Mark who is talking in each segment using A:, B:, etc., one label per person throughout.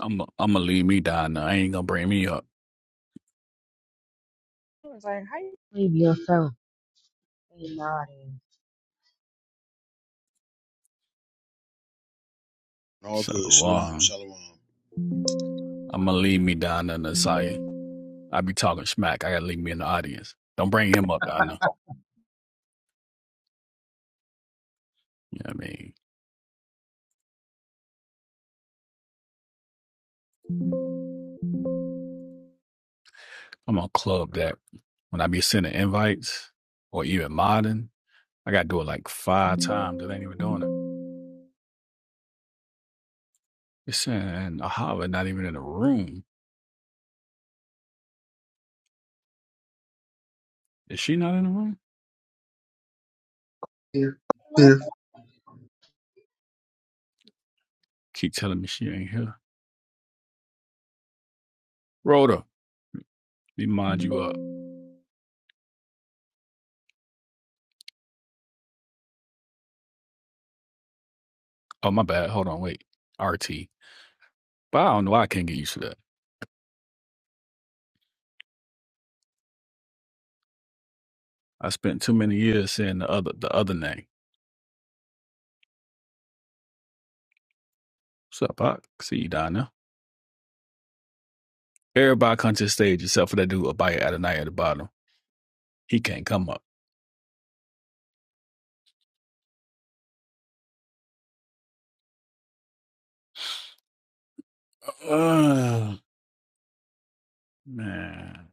A: I'm I'm gonna leave me down there. I ain't gonna bring me up.
B: I was like, how you Leave your phone. Hey, naughty.
C: All good. Shalom.
A: Shalom.
C: Shalom.
A: I'm gonna leave me down there, Nasai. I be talking smack. I gotta leave me in the audience. Don't bring him up down there. You know what I mean? I'm gonna club that when I be sending invites or even modding. I gotta do it like five times. That ain't even doing it. It's saying Ahava not even in the room. Is she not in the room? Here.
B: like
C: Clear.
A: Keep telling me she ain't here. Rhoda, let me mind you up. Oh my bad. Hold on, wait. RT. But I don't know. why I can't get used to that. I spent too many years saying the other the other name. What's up, Pac? See you down there. Everybody come to the stage except for that dude Abaya Adonai at the bottom. He can't come up. Uh, man.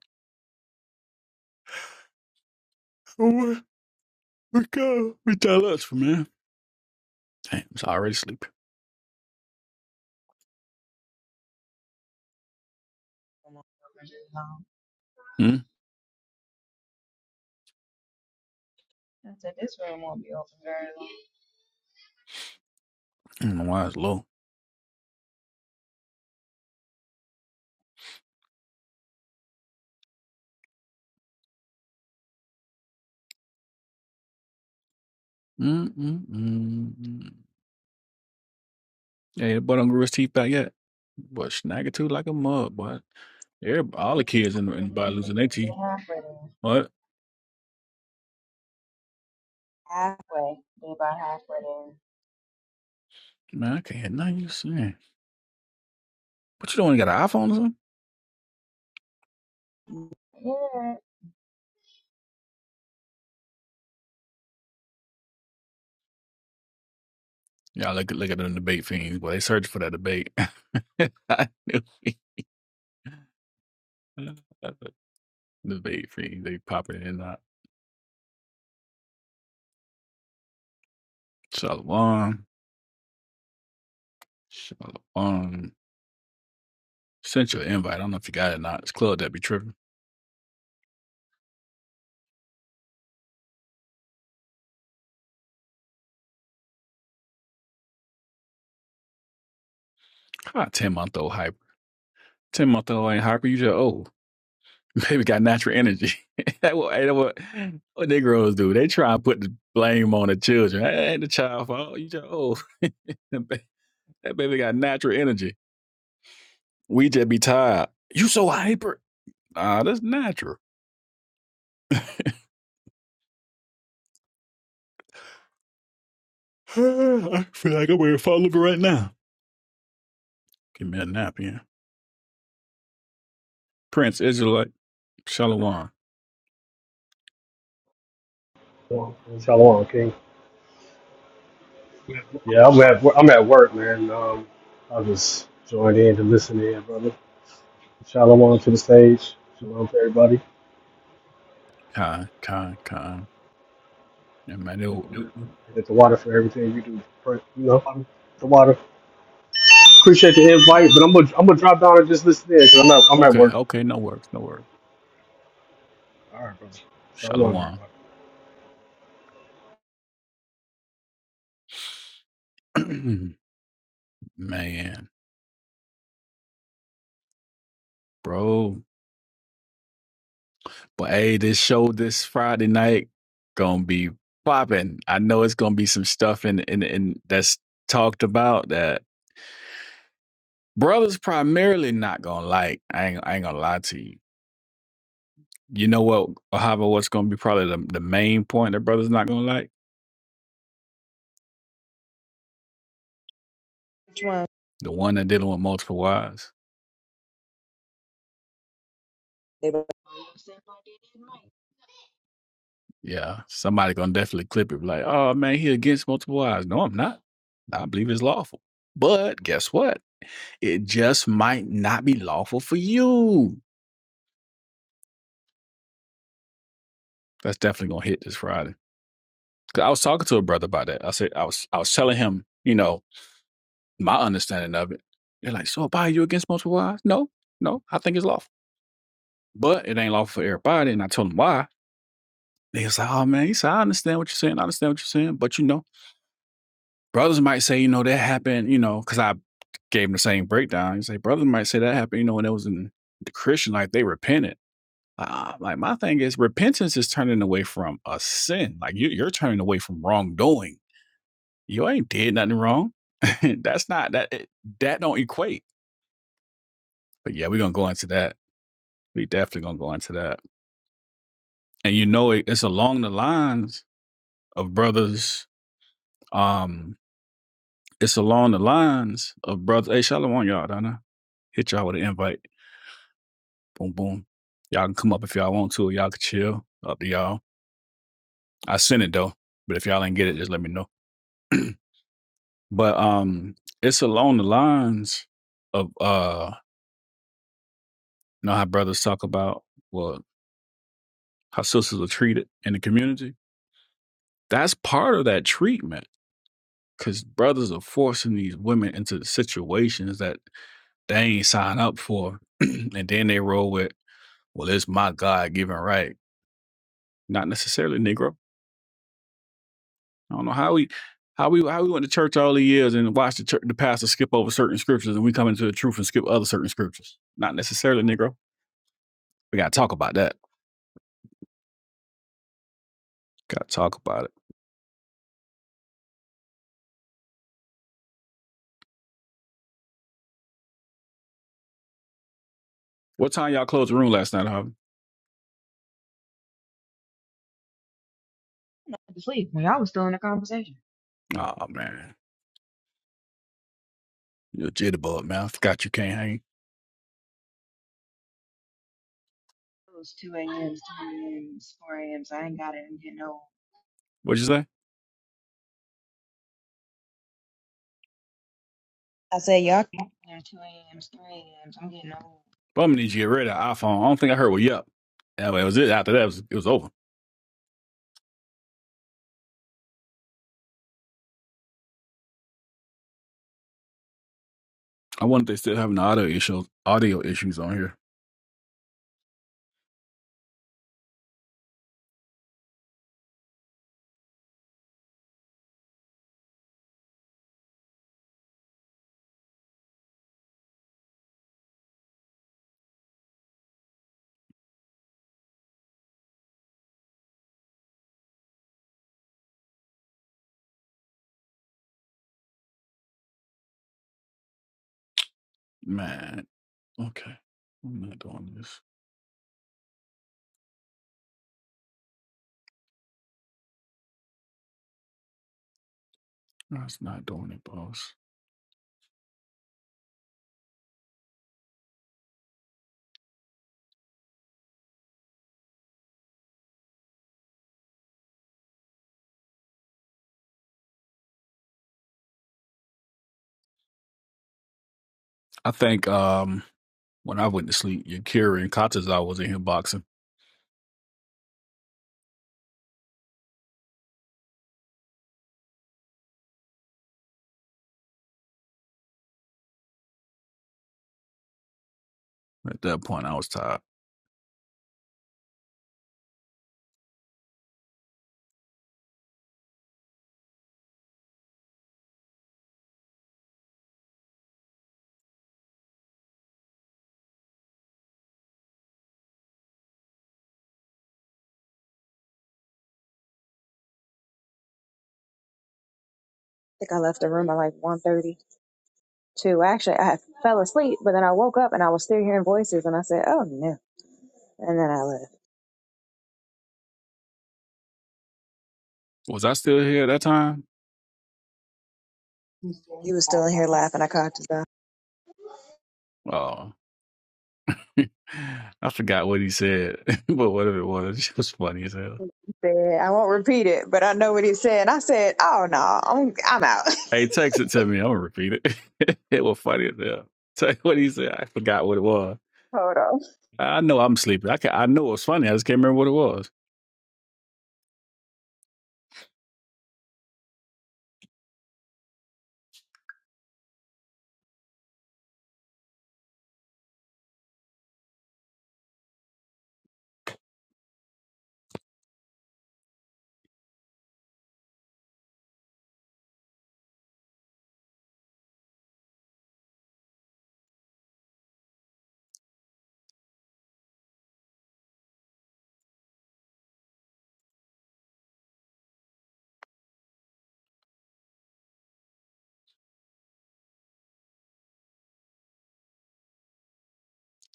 A: Oh, we go. We tell us for man. Damn, it's already sleepy.
B: come on over this long?
A: Hmm?
B: I said, this room won't be open very long.
A: I don't know why it's low. Mm-mm-mm. Hey, the butt on Goril's teeth back yet? But snag it too like a mug, boy. Everybody, all the kids in, the in by
B: They
A: losing their teeth.
B: halfway there.
A: What?
B: Halfway. They about halfway
A: Man, I can't hear nothing you saying. What you doing? You got an iPhone or something?
B: there. Yeah.
A: Yeah, look at look at them debate fiends. Boy, they search for that debate. I knew it. debate fiends. They popping in and out. Shalom. Shalom. Sent you an invite. I don't know if you got it or not. It's club that be tripping. Ah, 10 month old hyper. 10 month old ain't hyper. You just old. Baby got natural energy. that what, that what, what Negroes do. They try and put the blame on the children. That ain't the child fault. You just old. that baby got natural energy. We just be tired. You so hyper. Nah, that's natural. I feel like I'm wearing to fall over right now. Give me a nap, yeah. Prince Israelite, Shalom.
D: Shalom, King. Yeah, I'm at I'm at work, man. Um, I just joined in to listen in, brother. Shalom to the stage. Shalom to everybody.
A: Kai, Kai, Kai. Yeah, man,
D: Thank the water for everything you do. For, you know, the water. Appreciate the invite, but I'm gonna I'm gonna drop down and just listen in because I'm at I'm at
A: okay,
D: work.
A: okay, no worries, no worries.
D: All right, brother. Shalom, everybody.
A: Shalom. man, bro. But hey, this show this Friday night gonna be popping. I know it's gonna be some stuff in in, in that's talked about that brothers primarily not gonna like. I ain't, I ain't gonna lie to you You know what, Ahava, what's gonna be probably the, the main point that brother's not gonna like?
B: Which one?
A: The one that dealing with multiple wives.
B: They about Same like they did mine. I
A: Yeah. Somebody gonna definitely clip it like, oh man, he against multiple wives. No, I'm not. I believe it's lawful. But guess what? It just might not be lawful for you. That's definitely gonna hit this Friday. 'Cause I was talking to a brother about that. I said I was I was telling him, you know, my understanding of it. They're like, so Abaya, you against multiple wives? No, no, I think it's lawful. But it ain't lawful for everybody. And I told him why. They was like, oh man," he said, "I understand what you're saying, I understand what you're saying, but, you know, brothers might say, you know, that happened, you know, because I gave him the same breakdown. He say, "Brothers might say that happened, you know, when it was in the Christian life, they repented." Uh, like, my thing is repentance is turning away from a sin. Like, you you're turning away from wrongdoing. You ain't did nothing wrong. That's not that it that don't equate. But, yeah, we're gonna go into that. We definitely gonna go into that. And, you know, it it's along the lines of brothers, um it's along the lines of brothers. Hey, Shalom, want y'all, don't I? Hit y'all with an invite. Boom, boom. Y'all can come up if y'all want to. Y'all can chill. Up to y'all. I sent it though, but if y'all ain't get it, just let me know. but um, it's along the lines of uh, you know how brothers talk about well how sisters are treated in the community. That's part of that treatment because brothers are forcing these women into situations that they ain't sign up for, and then they roll with well, it's my God given right Not necessarily Negro. I don't know how we how we how we went to church all the years and watched the, chur the pastor skip over certain scriptures and we come into the truth and skip other certain scriptures. Not necessarily Negro. We gotta talk about that. Gotta talk about it. What time y'all closed the room last night, Harvey?
B: had to sleep when y'all was still in the conversation.
A: Oh man, you a jitterbug, man. I forgot you can't hang.
B: It was 2 a.m.s, 3 a.m.s, 4 a.m.s. I ain't got it. I'm getting old.
A: What'd you say?
B: I said, y'all. Yeah, 2 a.m.s, 3 a.m.s. I'm getting old. I
A: Well, I'm gonna need you to get rid of that iPhone. I don't think I heard what you up. Yeah, well, was it. After that, it was, it was over. I wonder if they still having audio issues audio issues on here. Man, okay. I'm not doing this. I was not doing it, boss. I think um when I went to sleep, Yakira and Kataza was in here boxing. At that point I was tired.
B: think I left the room by like one thirty. to actually I fell asleep, but then I woke up and I was still hearing voices and I said, Oh no and then I left.
A: Was I still here at that time?
B: He was still in here laughing. I caught his eye.
A: Oh I forgot what he said, but whatever it was, it was funny as hell.
B: He said, I won't repeat it, but I know what he said. And I said, Oh no, I'm I'm out.
A: Hey, text it to me. I'm gonna repeat it. it was funny as hell. Tell you what he said. I forgot what it was.
B: Hold on.
A: I know I'm sleepy. I can, I know it was funny. I just can't remember what it was.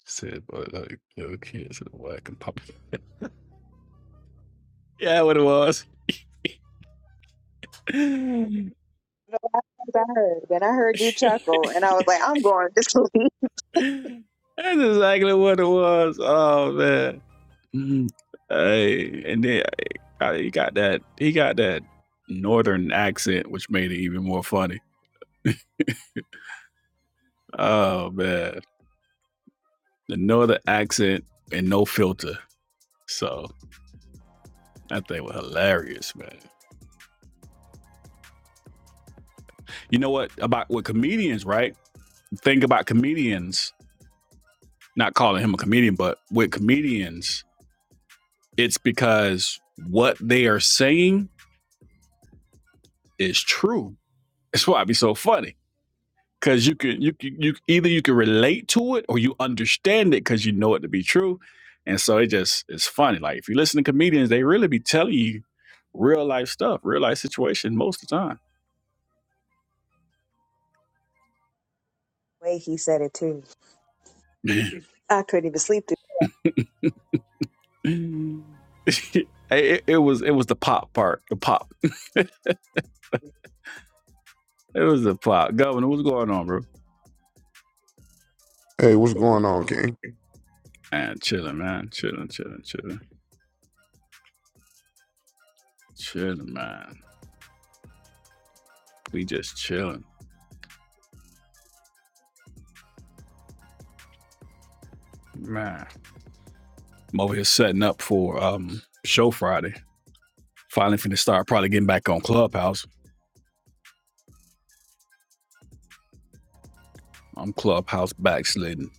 A: Said by like little kids at work and pop. Yeah, what it was. That's exactly
B: I heard then I heard you chuckle and I was like, I'm going to sleep.
A: what it was. Oh man. Mm-hmm. Hey, and then uh, he got that he got that northern accent, which made it even more funny. Oh man. The northern accent and no filter. So that thing was hilarious, man. You know what about with comedians, right? Think about comedians, not calling him a comedian, but with comedians, It's because what they are saying is true. That's why it be so funny. Cause you can you can you either you can relate to it or you understand it because you know it to be true. And so it just it's funny. Like if you listen to comedians, they really be telling you real life stuff, real life situation most of the time.
B: The way he said it too. I couldn't even sleep through
A: it, it, it was it was the pop part, the pop.
B: it.
A: It was the pop. Governor, what's going on, bro?
E: Hey, what's going on, King?
A: Man, chilling, man, chilling, chilling, chilling, chilling, man. We just chilling, man. I'm over here setting up for um show Friday. Finally finna start probably getting back on Clubhouse. I'm Clubhouse backslidden.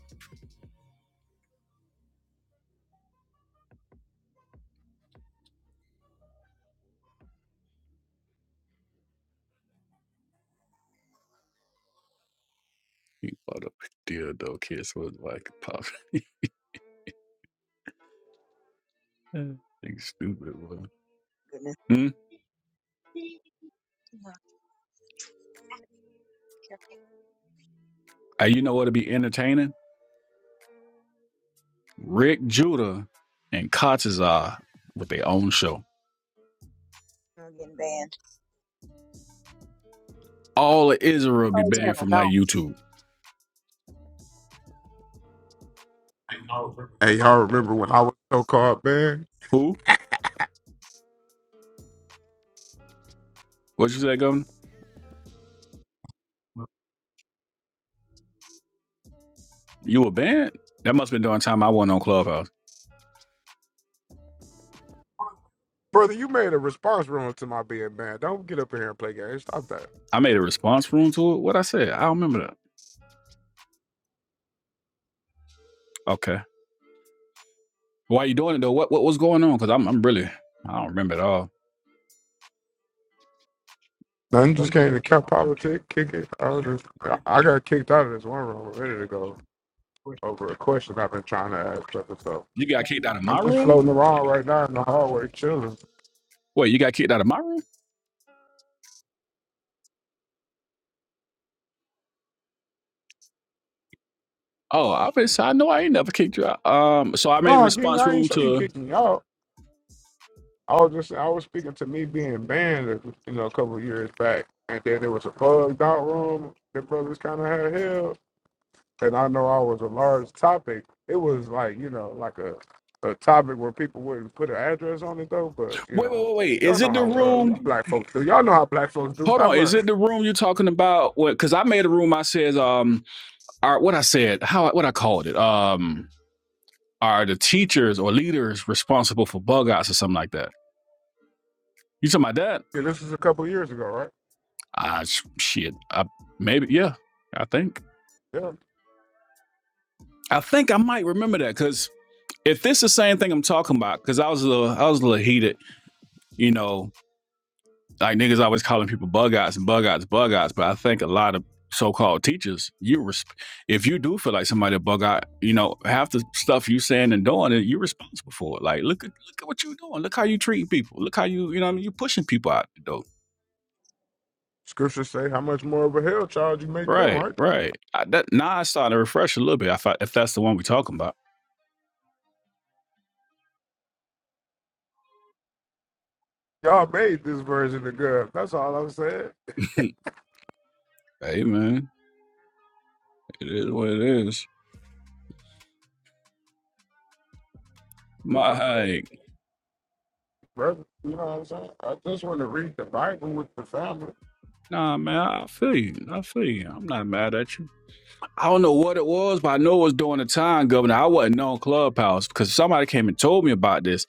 A: You bought up deal though, kids was like pop. Think stupid one.
B: goodness.
A: Hmm? Hey, you know what'll be entertaining? Rick Judah and Kotzazar with their own show.
B: No, I'm getting banned.
A: All of Israel be
B: Whole
A: banned
B: channel
A: from like
B: gone.
A: YouTube.
E: Hey, y'all remember when I was so called banned?
A: Who? What you say, Governor? You were banned? That must have been during the time I wasn't on Clubhouse.
E: Brother, you made a response wrong to my being banned. Don't get up in here and play games. Stop that.
A: I made a response room to it. What I said? I don't remember that. Okay. Why you doing it though? What what was going on? Because I'm I'm really I don't remember at all.
E: Nothing just came to cap politics, kick it. I, was just, I I got kicked out of this one room ready to go over a question I've been trying to ask brother. So
A: You got kicked out of
E: I'm
A: my
E: just floating around right now in the hallway chilling.
A: wait. You got kicked out of my room. Oh, I was, I know I ain't never kicked you out. Um, so I made a
E: No, King,
A: response
E: I ain't
A: room
E: say you
A: to
E: kicked me out. I was just I was speaking to me being banned, you know, a couple of years back. And then there was a bugged out room that brothers kind of had held. and I know I was a large topic. It was like you know, like a a topic where people wouldn't put an address on it though. But you
A: wait, wait,
E: know,
A: wait, wait.
E: y'all
A: Is
E: know
A: it the
E: how uh,
A: room?
E: black folks do. Y'all know how black folks do.
A: Hold
E: Stop
A: on. Is
E: lying.
A: it the room you're talking about? What? Because I made a room. I said, um, all right, what I said, how what I called it, um, are the teachers or leaders responsible for bug outs or something like that? You talking about that?
E: Yeah, this is a couple years ago, right?
A: Ah, sh- shit. I, maybe. Yeah, I think.
E: Yeah.
A: I think I might remember that because if this the same thing I'm talking about, because I was a little, I was a little heated, you know, like niggas always calling people bug eyes and bug eyes, bug eyes. But I think a lot of so-called teachers, you res- if you do feel like somebody a bug eye, you know, half the stuff you saying and doing, you're responsible for it. Like, look at look at what you're doing. Look how you treating people. Look how you, you know, what I mean, you pushing people out the door.
E: Scriptures say how much more of a hell child you make them,
A: Right,
E: right?
A: right. I, that, now I started to refresh a little bit. I thought if that's the one we're talking about,
E: Y'all made this version of God. That's all I'm saying,
A: hey man, it is what it is. My hey,
E: brother. You know what I'm saying? I just want to read the Bible with the family.
A: Nah, man, I feel you. I feel you. I'm not mad at you. I don't know what it was, but I know it was during the time, Governor. I wasn't on Clubhouse because somebody came and told me about this,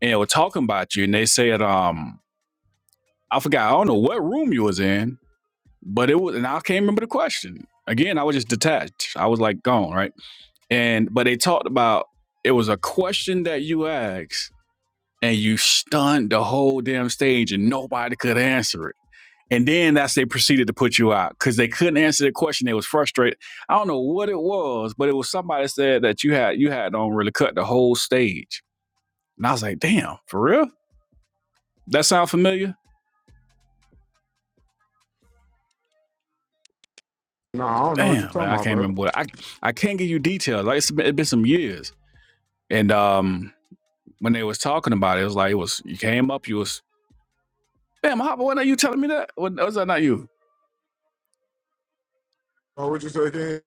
A: and they were talking about you, and they said, um, I forgot. I don't know what room you was in, but it was, and I can't remember the question. Again, I was just detached. I was like gone, right? And but they talked about it was a question that you asked, and you stunned the whole damn stage, and nobody could answer it. And then that's they proceeded to put you out because they couldn't answer the question. They was frustrated. I don't know what it was, but it was somebody said that you had you had on really cut the whole stage. And I was like, damn, for real? That sound familiar?
E: No, I don't know what you're
A: Damn, man,
E: talking
A: I
E: about,
A: can't
E: brother.
A: remember what I I can't give you details. Like it's been, it's been some years. And um when they was talking about it, it was like it was you came up, you was damn Hopper, why not you telling me that? What was that not you?
E: Oh, what you say again?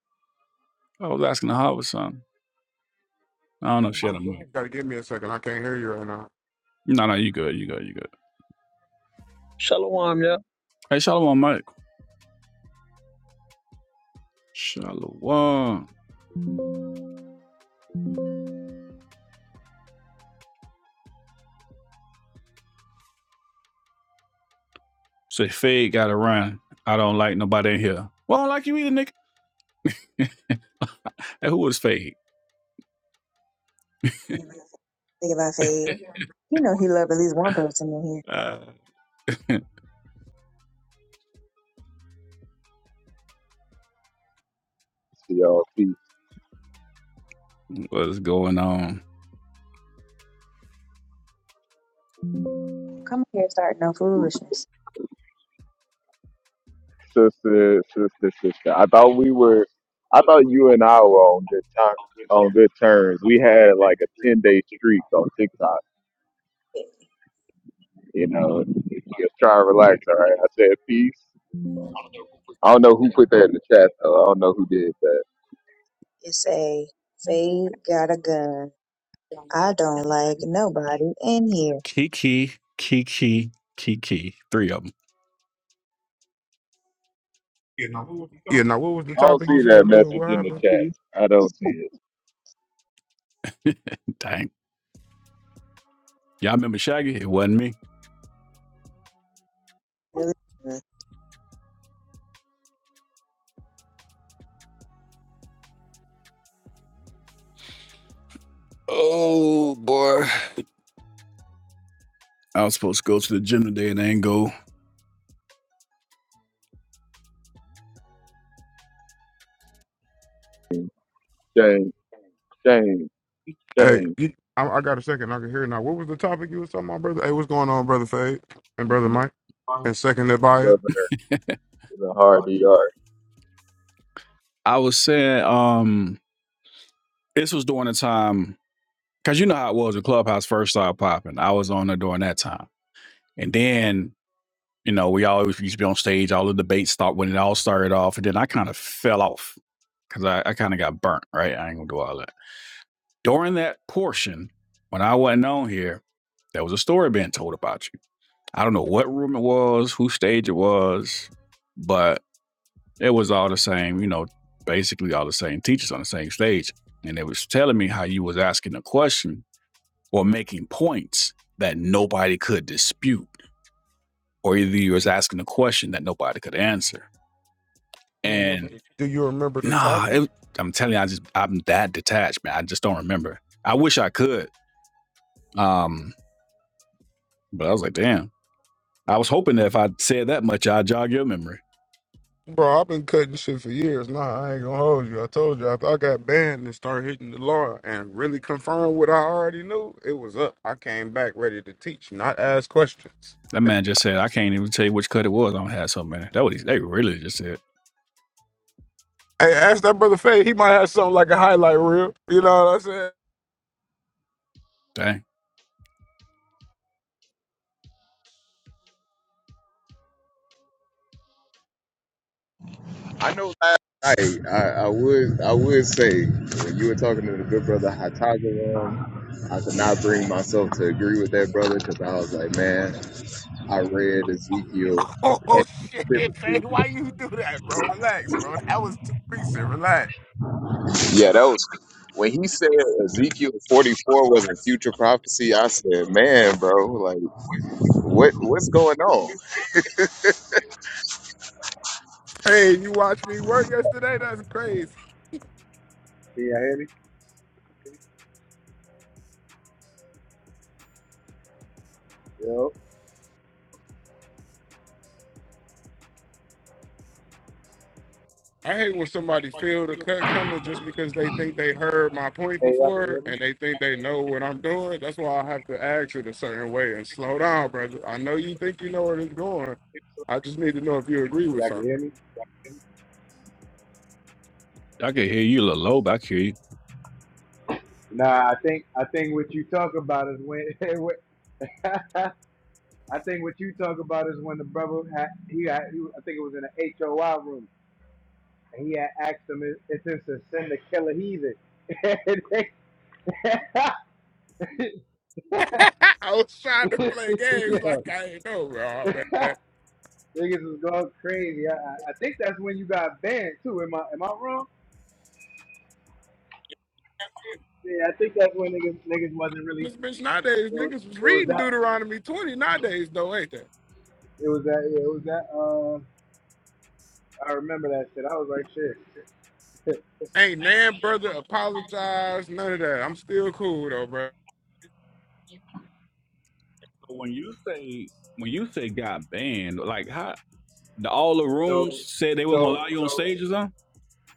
A: I was asking the Hopper something. I don't know.
E: Gotta give me a second. I can't hear you right now.
A: No, no, you good, you good, you good.
F: Shalom, yeah.
A: Hey, Shalom, Mike. Shalom. Say Fade got to run. I don't like nobody in here. Well, I don't like you either, nigga. And who was Fade?
B: Think about fade. You know he loved at least one person in here.
A: Uh,
G: Yo, peace.
A: what is going on?
B: Come here and start no foolishness.
G: Sister, sister, sister. I thought we were, I thought you and I were on good time, on good terms. We had like a 10 day streak on TikTok, you know, just try and relax. All right. I said peace. I don't know who put that in the chat though. I don't know who did that.
B: It's a Faye got a gun. I don't like nobody in here.
A: Kiki, Kiki, Kiki. Three of them.
E: Yeah, now what was the
G: I don't
E: topic you
G: see
E: said,
G: that
E: brother?
G: message
E: What
G: in the
E: happened?
G: chat.
B: He's
G: I don't see it.
A: Dang. Y'all remember Shaggy? It wasn't me.
B: really good.
A: Oh. I was supposed to go to the gym today and I didn't go.
G: Shame, shame,
E: Hey,
G: shame.
E: you, I, I got a second. I can hear it now. What was the topic you was talking about, brother? Hey, what's going on, brother Fade and brother Mike and second Abaya?
G: Governor is a hard ER.
A: I was saying, um, this was during the time because you know how it was. The clubhouse first started popping. I was on there during that time, and then You know, we always used to be on stage, all the debates stopped when it all started off, and then I kind of fell off because I, I kind of got burnt, right? I ain't gonna do all that. During that portion, when I wasn't on here, there was a story being told about you. I don't know what room it was, whose stage it was, but it was all the same, you know, basically all the same teachers on the same stage. And they was telling me how you was asking a question or making points that nobody could dispute, or either you was asking a question that nobody could answer.
E: Do you remember the
A: Nah,
E: topic,
A: it, I'm telling you, I just I'm that detached, man. I just don't remember. I wish I could. Um, but I was like, damn. I was hoping that if I said that much, I'd jog your memory.
E: Bro, I've been cutting shit for years. Nah, I ain't gonna hold you. I told you after I got banned and started hitting the law and really confirmed what I already knew, it was up. I came back ready to teach, not ask questions.
A: That man just said, I can't even tell you which cut it was. I don't have so many. That what he, they really just said.
E: Hey, ask that brother Fade. He might have something like a highlight reel. You know what I'm saying?
A: Dang.
G: I know last night I, I would I would say when you were talking to the good brother Hataga I could not bring myself to agree with that brother because I was like, man, I read Ezekiel and
E: Oh shit, Faye,
G: specifically.
E: why you do that, bro? Relax, bro. That was too recent. Relax.
G: Yeah, that was when he said Ezekiel 44 was a future prophecy. I said, man, bro, like what what's going on?
E: Hey, you watched me work yesterday? That's crazy.
H: Can y'all hear me? Yo.
E: I hate when somebody feel the cut coming just because they think they heard my point
H: Hey, y'all can
E: before
H: hear me?
E: and they think they know what I'm doing. That's why I have to act it a certain way and slow down, brother. I know you think you know where it's going. I just need to know if you agree with
H: Y'all can
E: something.
H: hear me?
A: I could hear you a little low, but I could hear you.
H: Nah, I think I think what you talk about is when. when- I think what you talk about is when the brother had he, had, he I think it was in the HOI room and he had asked him if if it's a sin to kill a heathen. And they-
E: I was trying to play games
H: yeah,
E: like I ain't know, bro, man.
H: niggas was going crazy. I, I I think that's when you got banned too. Am I am I wrong? Yeah, I think that's when niggas niggas wasn't really
E: This bitch nowadays,
H: It was,
E: niggas was
H: it was
E: reading
H: that.
E: Deuteronomy 20 nowadays, though, ain't they?
H: It was that. Yeah, it was that. Um, I remember that shit. I was like, shit.
E: Ain't nan brother apologize, none of that. I'm still cool though, bro.
A: When you say when you say got banned, like how the, all the
H: so,
A: rooms said they were gonna
H: so,
A: allow you on
H: so,
A: stage or something?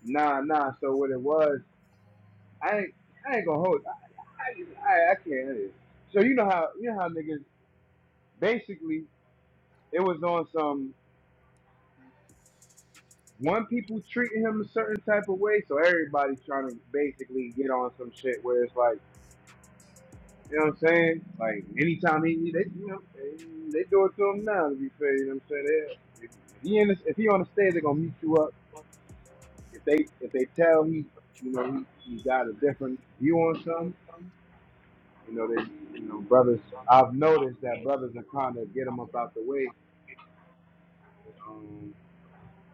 H: nah, nah. So what it was, I ain't, I ain't gonna hold. I, I, I, I can't. It. So you know how, you know how niggas. Basically, it was on some one people treating him a certain type of way, so everybody trying to basically get on some shit where it's like. You know what I'm saying? Like anytime he, they, you know, they, they do it to him now. To be fair, you know what I'm saying? They, if he in, the, if he on the stage, they're gonna meet you up. If they, if they tell he, you know, he, he got a different view on something, you know, they, you know, brothers. I've noticed that brothers are trying to get him up out the way. Um,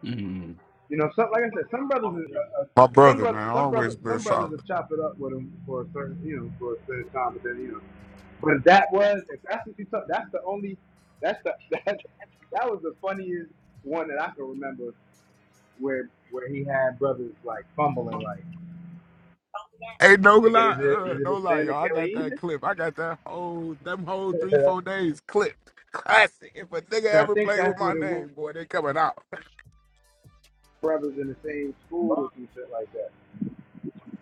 A: Mm.
H: You know, some, like I said, some brothers, are, uh, uh,
E: My
H: some
E: brother,
H: brother,
E: man,
H: some brother,
E: always been
H: some brothers
E: solid.
H: will chop it up with them for a certain, you know, for a certain time, but then you know, but if that was, if that's what you talk, that's the only, that's the that that was the funniest one that I can remember where where he had brothers like fumbling like,
E: Hey, no
H: nigga,
E: lie,
H: is it
E: uh,
H: is
E: no
H: it a
E: lie,
H: sin to
E: y'all. I
H: kill an
E: got that clip. I got that whole, them whole three, four days clip. Classic. If a nigga
H: and I
E: ever
H: think
E: played with
H: that's
E: my
H: what it was.
E: name, boy, they coming out.
H: Brothers in the same school or some shit like that.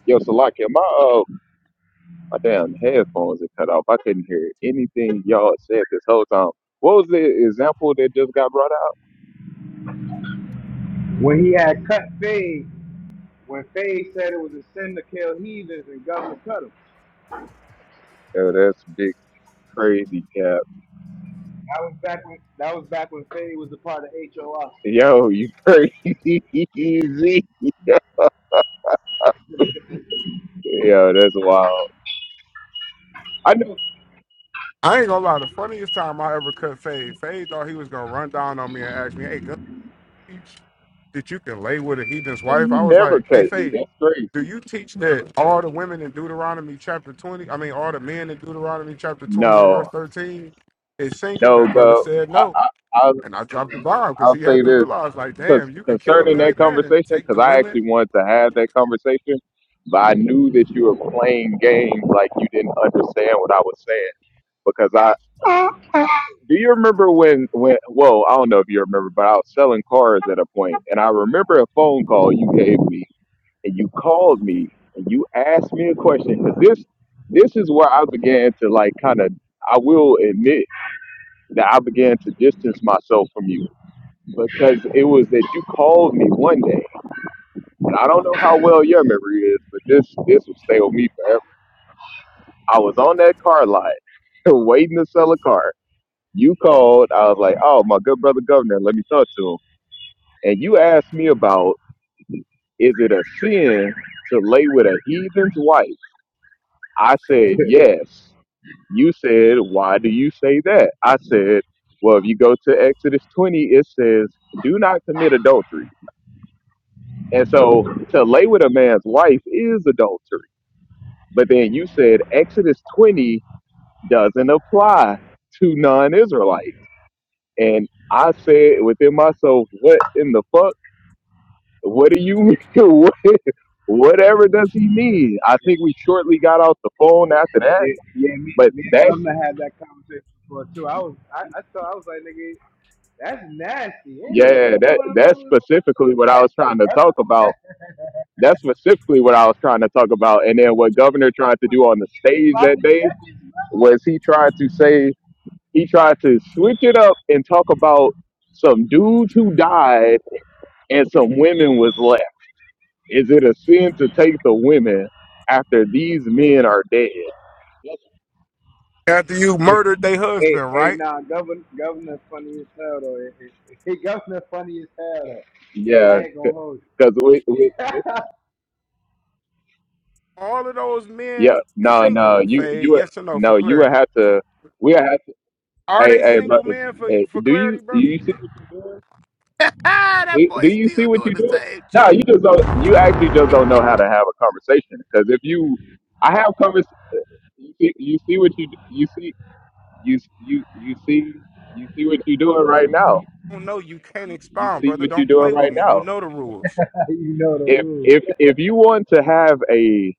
G: Yo, Salakia, my uh, my damn headphones are cut off. I couldn't hear anything y'all said this whole time. What was the example that just got brought out?
H: When he had cut Fade, when Fade said it was a sin to kill heathens and government cut him.
G: Yo, that's big crazy cap.
H: That was back when that was back when Faye was a part of HOR.
G: Yo, you crazy? Yo, that's wild. I know
E: I ain't gonna lie. The funniest time I ever cut Fade, Fade thought he was gonna run down on me and ask me, "Hey, teach that you can lay with a heathen's wife?
G: you
E: I was
G: never
E: like, hey,
G: cut me. That's
E: Faye, do
G: crazy.
E: you teach that all the women in Deuteronomy chapter 20, I mean, all the men in Deuteronomy chapter 20 and verse
G: No,
E: 13 is single?
G: no,
E: That brother
G: go.
E: said
G: I,
E: no.
G: I, I'll,
E: And I dropped the bomb because
G: I'll
E: he
G: say
E: had to
G: this
E: realize, like,
G: because
E: damn, you can kill a
G: concerning that
E: married man and
G: conversation,
E: take the
G: because I actually
E: women
G: wanted to have that conversation, but I knew that you were playing games like you didn't understand what I was saying. Because I do you remember when when well I don't know if you remember, but I was selling cars at a point, and I remember a phone call you gave me and you called me and you asked me a question. Cause this this is where I began to like kind of I will admit that I began to distance myself from you because it was that you called me one day and I don't know how well your memory is but this this will stay with me forever. I was on that car lot waiting to sell a car. You called. I was like, oh my good brother governor, let me talk to him. And you asked me about is it a sin to lay with a heathen's wife? I said
H: yeah,
G: yes You said, Why do you say that? I said, Well, if you go to Exodus 20, it says, Do not commit adultery. And so to lay with a man's wife is adultery. But then you said Exodus 20 doesn't apply to non Israelites. And I said within myself, What in the fuck? What do you mean? what, whatever does he mean? I think we shortly got off the phone after that.
H: yeah, me,
G: But
H: me and
G: that's
H: Governor had that conversation before too. I was I, I thought I was like, nigga, that's nasty. Anyway,
G: Yeah,
H: what you
G: that
H: want to
G: that's
H: brother with somebody
G: specifically
H: else's
G: what I was
H: life for,
G: trying to talk about.
H: brother?
G: That's specifically what I was trying to talk about. And then what Governor tried to
H: With
G: do
H: the
G: on the
H: heathen
G: stage that
H: sloppy
G: day
H: seconds, brother?
G: was he tried to say he tried to switch it up and talk about some dudes who died and some women was left. Is it a sin to take the women after these men are dead?
E: after you
H: Hey,
E: murdered their
H: hey,
E: husband,
H: hey,
E: right?
H: nah, governor, governor funny as hell though. Hey, hey, hey, governor funny as hell though. I
G: Yeah,
H: ain't gonna hold you.
G: because we, we, we-
E: All of those men
G: yeah, no, no,
E: single,
G: you
E: Faye,
G: you
E: yes or no, for
G: no, you would
E: clarity.
G: have to. We have.
E: Are
G: Hey,
E: they
G: hey,
E: single
G: brothers.
E: men for,
G: Hey,
E: for
G: do you
E: clarity,
G: do
E: brother?
G: you see what you're doing?
E: that
G: Do do
E: boy
G: you see
E: still
G: what you're
E: doing the
G: doing?
E: same
G: No,
E: shit.
G: you just don't. You actually just don't know how to have a conversation. Because if you, I have convers. You see, you see what you d- you see you you you see you see what you're doing right now.
E: don't know, you can't
G: You you
E: expound,
G: see
E: brother.
G: what you're
E: Don't
G: doing
E: play with
G: right
E: me. You
G: now.
E: know the rules.
H: you know the
G: If
H: rules.
G: if if you want to have a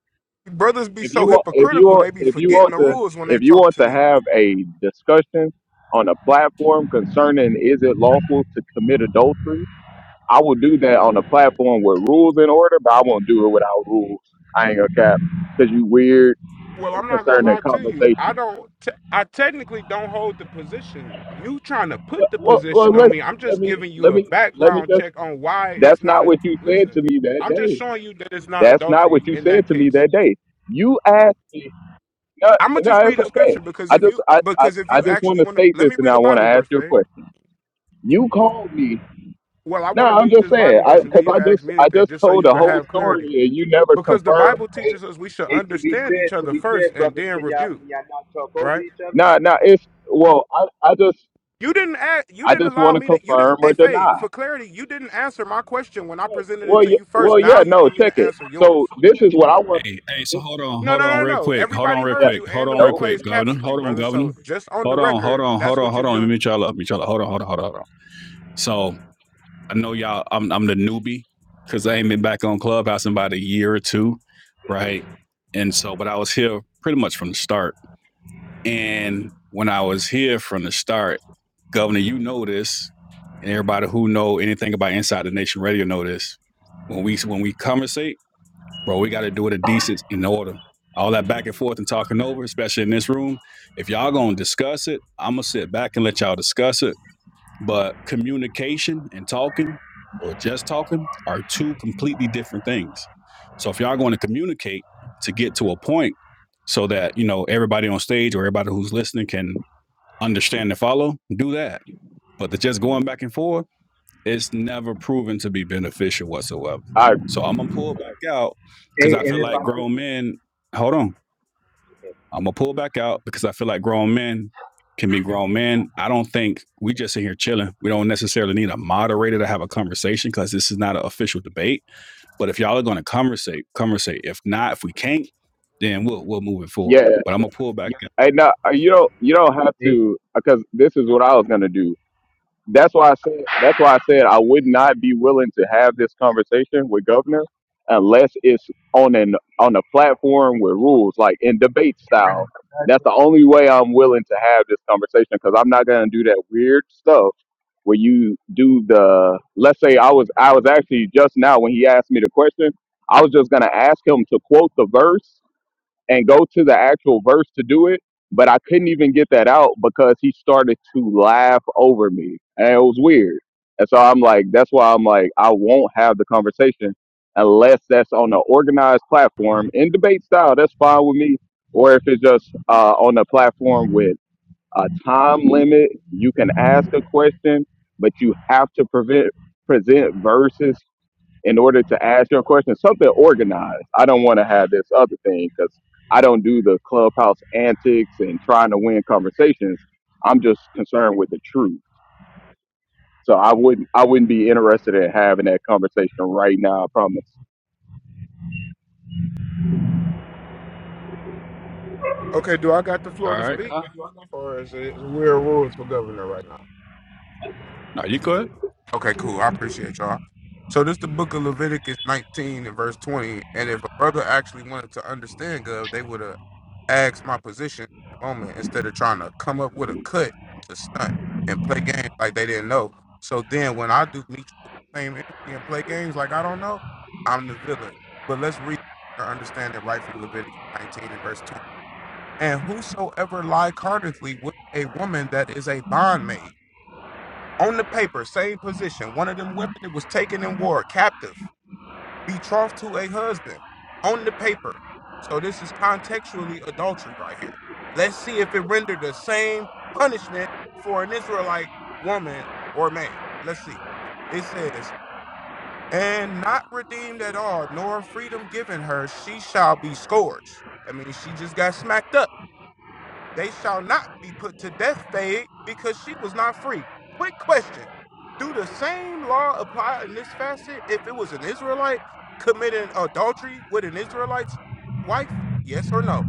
E: Brothers be
G: if
E: so
G: you want if you
E: hypocritical.
G: want
E: They be
G: if you
E: forgetting
G: want
E: the
G: to
E: rules when they
G: if you
E: talk
G: want
E: to
G: to
E: me.
G: have a discussion on a platform concerning is it lawful to commit adultery I will do that on a platform with rules in order, but I won't do it without rules. I ain't gonna cap because you weird
E: Well,
G: and
E: I'm not gonna
G: concerning
E: lie to you. I
G: conversations.
E: don't. T- I technically don't hold the position. You trying to
G: Well,
E: put the
G: well, well,
E: position on
G: let's
E: me? I'm
G: let
E: just
G: me
E: giving you
G: let
E: a
G: me let me
E: background
G: just.
E: check on why it's
G: That's
E: not
G: not
E: a.
G: what you said
E: Listen,
G: to me that
E: I'm just
G: day.
E: showing you that it's not
G: That's not what
E: adultery
G: you
E: in
G: said
E: that
G: to me
E: case.
G: that day. You asked me. No,
E: I'm gonna
G: no,
E: just
G: it's
E: read a
G: okay.
E: scripture because
G: I
E: if
G: just
E: you
G: I I,
E: because if
G: I
E: you
G: just want
E: actually
G: to
E: want to,
G: state
E: let me
G: this, and
E: read
G: I
E: a
G: want to
E: Bible
G: ask
E: verse,
G: you a
E: man.
G: question. You called me.
E: Well, I
G: No,
E: want to
G: I'm
E: read
G: just
E: this
G: saying.
E: Bible
G: I
E: verse, and then
G: because
E: you
G: I
E: can ask
G: just
E: me
G: I
E: anything,
G: just
E: just so
G: told
E: you
G: the
E: can
G: whole
E: have clarity.
G: story, and you never
E: Because the
G: confirmed
E: Bible
H: Hey,
E: teaches us we should
H: hey, to be
E: understand
H: fair,
E: each
H: to
E: other
H: be fair,
E: first and
H: brothers,
E: then
H: can y'all
E: rebuke,
H: can y'all not talk over
E: right?
H: each other?
G: Nah, nah. It's well, I, I just,
E: You didn't ask, you
G: I
E: didn't
G: just
E: allow
G: want to
E: me to you didn't
G: confirm or
E: hey Faye,
G: deny.
E: for clarity, you didn't answer my question when I presented it
G: Well,
E: to
G: yeah,
E: you first.
G: well, yeah.
E: Now you
G: No,
E: want me
G: check
E: to
G: it.
E: answer yours.
G: So this is what I want.
A: Hey, hey, so hold on,
E: No,
A: hold
E: no,
A: on
E: no, no.
A: real
E: no.
A: quick. Hold on
E: Everybody
A: real
G: Yeah.
E: heard you
A: quick. Hold
E: and the
A: on real
G: No.
E: replays
A: quick, Governor. Hold
E: captured you, brother. So just on the
A: Hold on, hold
E: record,
A: on, hold
E: that's
A: on,
E: what you're
A: hold on. Let me
E: doing.
A: meet y'all up. Meet y'all up. Hold on, hold on, hold on, hold on. So I know y'all. I'm I'm the newbie because I ain't been back on Clubhouse in about a year or two, right? And so, but I was here pretty much from the start. And when I was here from the start, Governor, you know this, and everybody who know anything about Inside the Nation Radio know this. When we when we conversate bro, we got to do it a decent in order. All that back and forth and talking over, especially in this room. If y'all gonna discuss it, I'm gonna sit back and let y'all discuss it. But communication and talking, or just talking, are two completely different things. So if y'all going to communicate to get to a point, so that you know everybody on stage or everybody who's listening can understand and follow, do that. But the just going back and forth, it's never proven to be beneficial whatsoever.
G: I
A: So I'm gonna pull back out because I
H: Hey, and
A: feel
H: if
A: like
H: I could,
A: grown men. Hold on, I'm gonna pull back out because I feel like grown men can be grown men. I don't think we just sit here chilling. We don't necessarily need a moderator to have a conversation because this is not an official debate. But if y'all are gonna conversate, conversate. If not, if we can't, then we'll we'll move it forward.
G: yeah.
A: But I'm gonna pull back. out.
G: And now you don't, you don't have
H: hey,
G: to because this is what I was gonna do. that's why I said that's why I said I would not be willing to have this conversation with governors unless it's on an on a platform with rules, like in debate style. That's the only way I'm willing to have this conversation because I'm not gonna do that weird stuff where you do the let's say I was I was actually just now when he asked me the question, I was just gonna ask him to quote the verse and go to the actual verse to do it, but I couldn't even get that out because he started to laugh over me. And it was weird. And so I'm like, that's why I'm like, I won't have the conversation unless that's on an organized platform in debate style. That's fine with me. Or if it's just uh, on a platform with a time limit, you can ask a question, but you have to prevent, present verses in order to ask your question, something organized. I don't want to have this other thing because I don't do the clubhouse antics and trying to win conversations. I'm just concerned with the truth. So I wouldn't I wouldn't be interested in having that conversation right now. I promise.
E: Okay, do I got the floor
A: All
E: to
A: right,
E: speak? Or is it weird rules for governor right now?
A: no, you go ahead.
E: Okay, cool. I appreciate y'all. So this the book of Leviticus 19 and verse 20. And if a brother actually wanted to understand God, they would have asked my position at the moment instead of trying to come up with a cut to stunt and play games like they didn't know. So then when I do meet you with the same energy and play games like I don't know, I'm the villain. But let's read or understand it right from Leviticus 19 and verse 20. And whosoever lie cardinally with a woman that is a bondmaid on the paper, same position. One of them women that was taken in war, captive, betrothed to a husband. On the paper. So this is contextually adultery right here. Let's see if it rendered the same punishment for an Israelite woman or man. Let's see. It says, and not redeemed at all, nor freedom given her, she shall be scourged. I mean, she just got smacked up. They shall not be put to death, Fade, because she was not free. Quick question. Do the same law apply in this facet if it was an Israelite committing adultery with an Israelite's wife? Yes or no?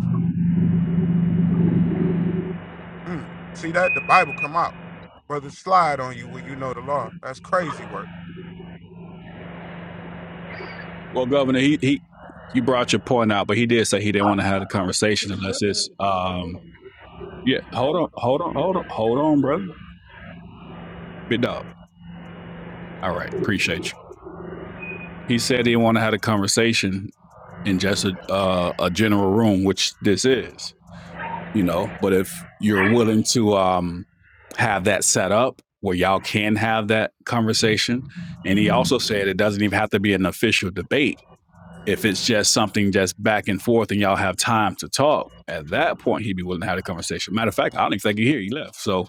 E: Mm. See that? The Bible come out. Brother slide on you when you know the law. That's crazy work.
A: Well, Governor, he he. You brought your point out, but he did say he didn't want to have a conversation unless it's um yeah. Hold on, hold on, hold on, hold on, brother. Big dog. All right, appreciate you. He said he want to have a conversation in just a uh, a general room, which this is, you know. But if you're willing to um, have that set up where y'all can have that conversation, and he also said it doesn't even have to be an official debate. If it's just something just back and forth, and y'all have time to talk, at that point he'd be willing to have a conversation. Matter of fact, I don't even think he here. He left, so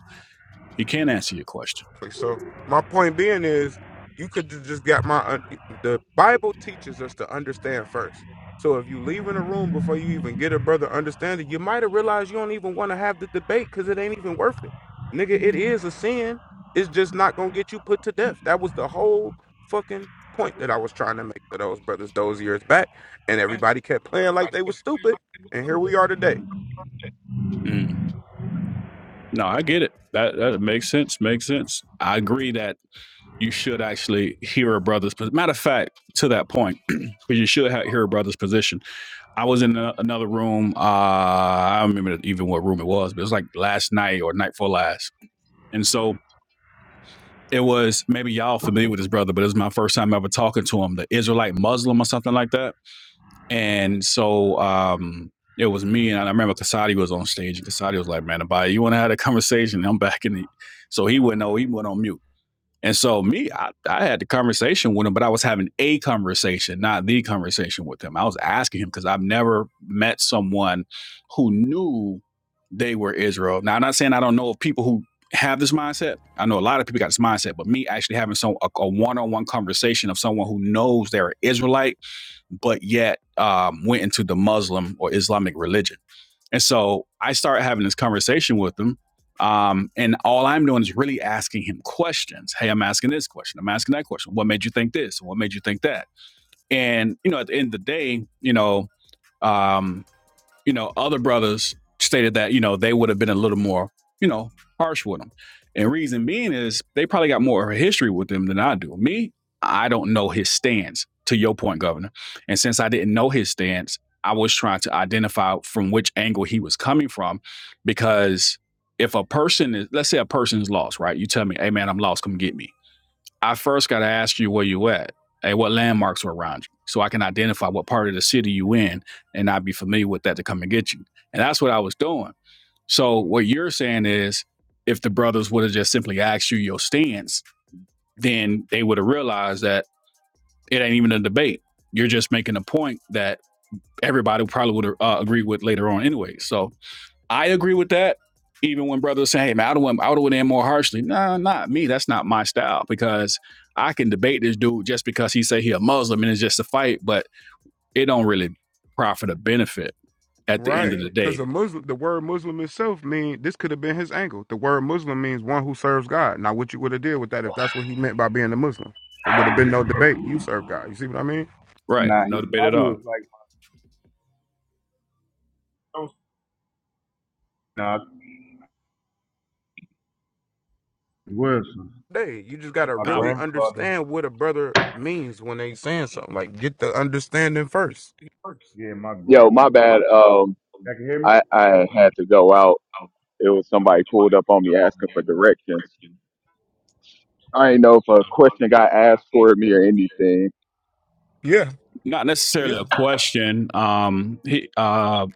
A: he can not answer your question.
E: Like, So my point being is, you could ju- just got my. un- The Bible teaches us to understand first. So if you leave in a room before you even get a brother understanding, you might have realized you don't even want to have the debate because it ain't even worth it, nigga. It is a sin. It's just not gonna get you put to death. That was the whole fucking point that I was trying to make to those brothers those years back, and everybody kept playing like they was stupid. And here we are today.
A: Mm. No, I get it. That that makes sense. Makes sense. I agree that you should actually hear a brother's pos- matter of fact to that point because you should have hear a brother's position i was in a, another room uh i don't remember even what room it was but it was like last night or night before last and so it was maybe y'all familiar with this brother but it was my first time ever talking to him the israelite muslim or something like that and so um it was me and i remember kasadi was on stage and kasadi was like man Abaya, you want to have a conversation And i'm back in the so he went no he went on mute and so me, I, I had the conversation with him, but I was having a conversation, not the conversation with him. I was asking him because I've never met someone who knew they were Israel. Now I'm not saying I don't know of people who have this mindset. I know a lot of people got this mindset, but me actually having some a, a one-on-one conversation of someone who knows they're an Israelite but yet um, went into the Muslim or Islamic religion. And so I started having this conversation with him. Um, and all I'm doing is really asking him questions. Hey, I'm asking this question. I'm asking that question. What made you think this? What made you think that? And, you know, at the end of the day, you know, um, you know, other brothers stated that, you know, they would have been a little more, you know, harsh with him. And reason being is they probably got more history with him than I do. Me, I don't know his stance, to your point, Governor. And since I didn't know his stance, I was trying to identify from which angle he was coming from because if a person is, let's say a person is lost, right? You tell me, hey man, I'm lost, come get me I first got to ask you where you at and what landmarks are around you so I can identify what part of the city you in and I'd be familiar with that to come and get you. And that's what I was doing. So what you're saying is if the brothers would have just simply asked you your stance, then they would have realized that it ain't even a debate. You're just making a point that everybody probably would have uh, agreed with later on anyway. So I agree with that. Even when brothers say, "Hey man, I don't want, I would have went in more harshly." Nah, not me. That's not my style because I can debate this dude just because he say he a Muslim and it's just a fight, but it don't really profit or benefit at the end
E: Right.
A: of the
E: Because
A: day.
E: a Muslim, the word Muslim itself mean this could have been his angle. The word Muslim means one who serves God. Now, what you would have did with that if that's what he meant by being a Muslim? It would have been no debate. You serve God. You see what I mean?
A: Right?
H: nah,
A: No
H: he
A: debate at
H: probably
A: all.
H: was like, Nah, he was
E: They, you just gotta
H: my
A: Power,
E: really
H: grandfather.
E: understand what a brother means when they saying something. Like, get the understanding first.
H: yeah, my grand.
G: Yo, my bad. Um,
H: Y'all can hear me?
G: I I had to go out. It was somebody pulled up on me asking for directions. I didn't know if a question got asked for me or anything.
E: Yeah,
A: not necessarily question. Um, he, uh,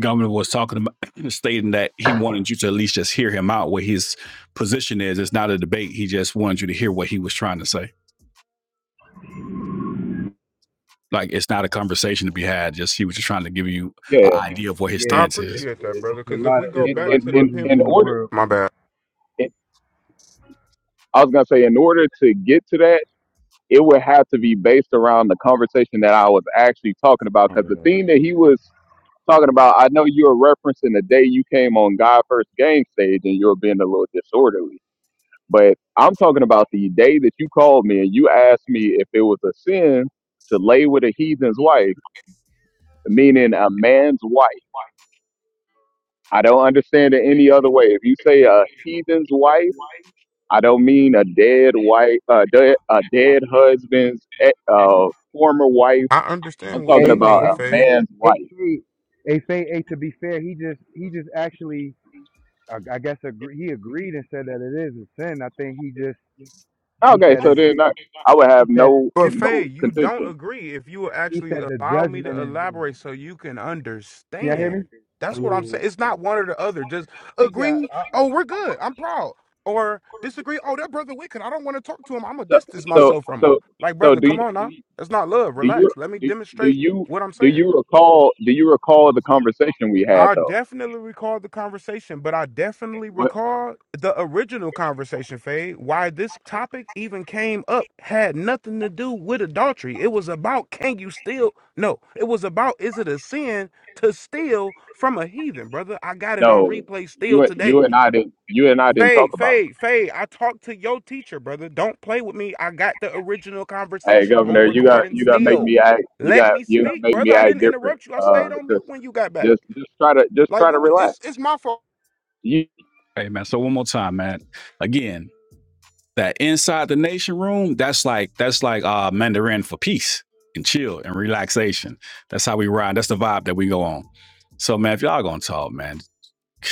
A: governor was talking about stating that he wanted you to at least just hear him out. What his position is, it's not a debate. He just wanted you to hear what he was trying to say. like it's not a conversation to be had. Just he was just trying to give you
G: Yeah.
A: an Mhm. idea of
H: But
A: what his
H: yeah,
E: I
A: stance is.
H: it,
E: appreciate that,
H: it, it's
E: brother.
H: a
E: Because if
H: lot
E: we
H: of
E: go
G: In
E: back
H: Israelite
G: in
E: to the
G: in,
H: Muslims
G: in
H: in
E: pinpoint,
H: the
G: order.
H: world.
E: my bad.
G: In, I was gonna say in order to get to that it would have to be based around the conversation that I was actually talking about.
H: I
G: Because
H: don't
G: the
H: know.
G: thing that he was talking about, I know you were referencing the day you came on God First Game stage and you were being a little disorderly. But I'm talking about the day that you called me and you asked me if it was a sin to lay with a heathen's wife, meaning a man's wife. I don't understand it any other way. If you say a heathen's wife, I don't mean a dead wife, uh, dead, a dead husband's eh, uh, former wife
E: I
G: I'm
E: understand what
G: talking
E: you
H: Hey,
G: about
E: mean,
H: hey,
G: a
E: Fade.
H: Faye,
G: man's
H: hey,
G: wife.
H: Faye, hey, Faye, hey, to be fair, he just, he just actually, I, I guess, agree, he agreed and said that it is a sin. I think he just, he
G: Okay,
H: said
G: so
H: it,
G: then I, I would
H: he
G: have
H: said
G: no
E: But
H: it's different.
E: Faye,
G: no
E: you don't
G: contention.
E: agree. If you will
H: He
E: actually
H: said the
E: allow me to
H: judgment is
E: elaborate so you can
H: Can y'all hear
E: understand.
H: me? Oh
E: That's what I'm
H: yeah. yeah.
E: saying. It's not one or the other. Just
H: Thank y'all.
E: agree.
H: Uh,
E: Oh, we're good. I'm proud. Or disagree. Oh, that brother wicked. I don't want to talk to him. I'm gonna
G: So
E: distance
G: so
E: myself from him.
G: so
E: Like,
G: so
E: brother,
G: do you,
E: come on
G: do
E: now.
G: you,
E: That's not love.
G: do you
E: Relax. Let me
G: do, do
E: demonstrate
G: you
E: what I'm
G: do
E: saying.
G: you recall do you recall the conversation we had
E: I
G: though?
E: definitely recall the conversation, but I definitely
G: What
E: recall the original conversation, Faye. Why this topic even came up had nothing to do with adultery. It was about can you steal? No, it was about is it a sin to steal from a heathen, brother? I got it on
G: no,
E: replay still
G: you you
E: today.
G: and I didn't you and I didn't
E: Faye,
G: talk about.
E: Faye, Faye, I talked to your teacher, brother. Don't play with me. I got the original
G: that. Hey,
E: conversation on
G: Governor, you got
E: recording
G: you got to make
E: still.
G: me act. You
E: Let
G: got
E: me
G: you got to
E: speak,
G: make
E: brother.
G: me
E: I
G: act
E: didn't
G: different.
E: interrupt you. I
G: Uh,
E: stayed on
G: just
E: mute when you got back.
G: just just try to just
E: Like
G: try to
E: what? Was,
G: relax.
E: it's it's my fault.
G: You,
A: Hey man, so one more time, man. Again, that inside the nation room, that's like that's like uh Mandarin for peace and chill and relaxation. That's how we ride. That's the vibe that we go on. So man, if y'all gonna talk, man,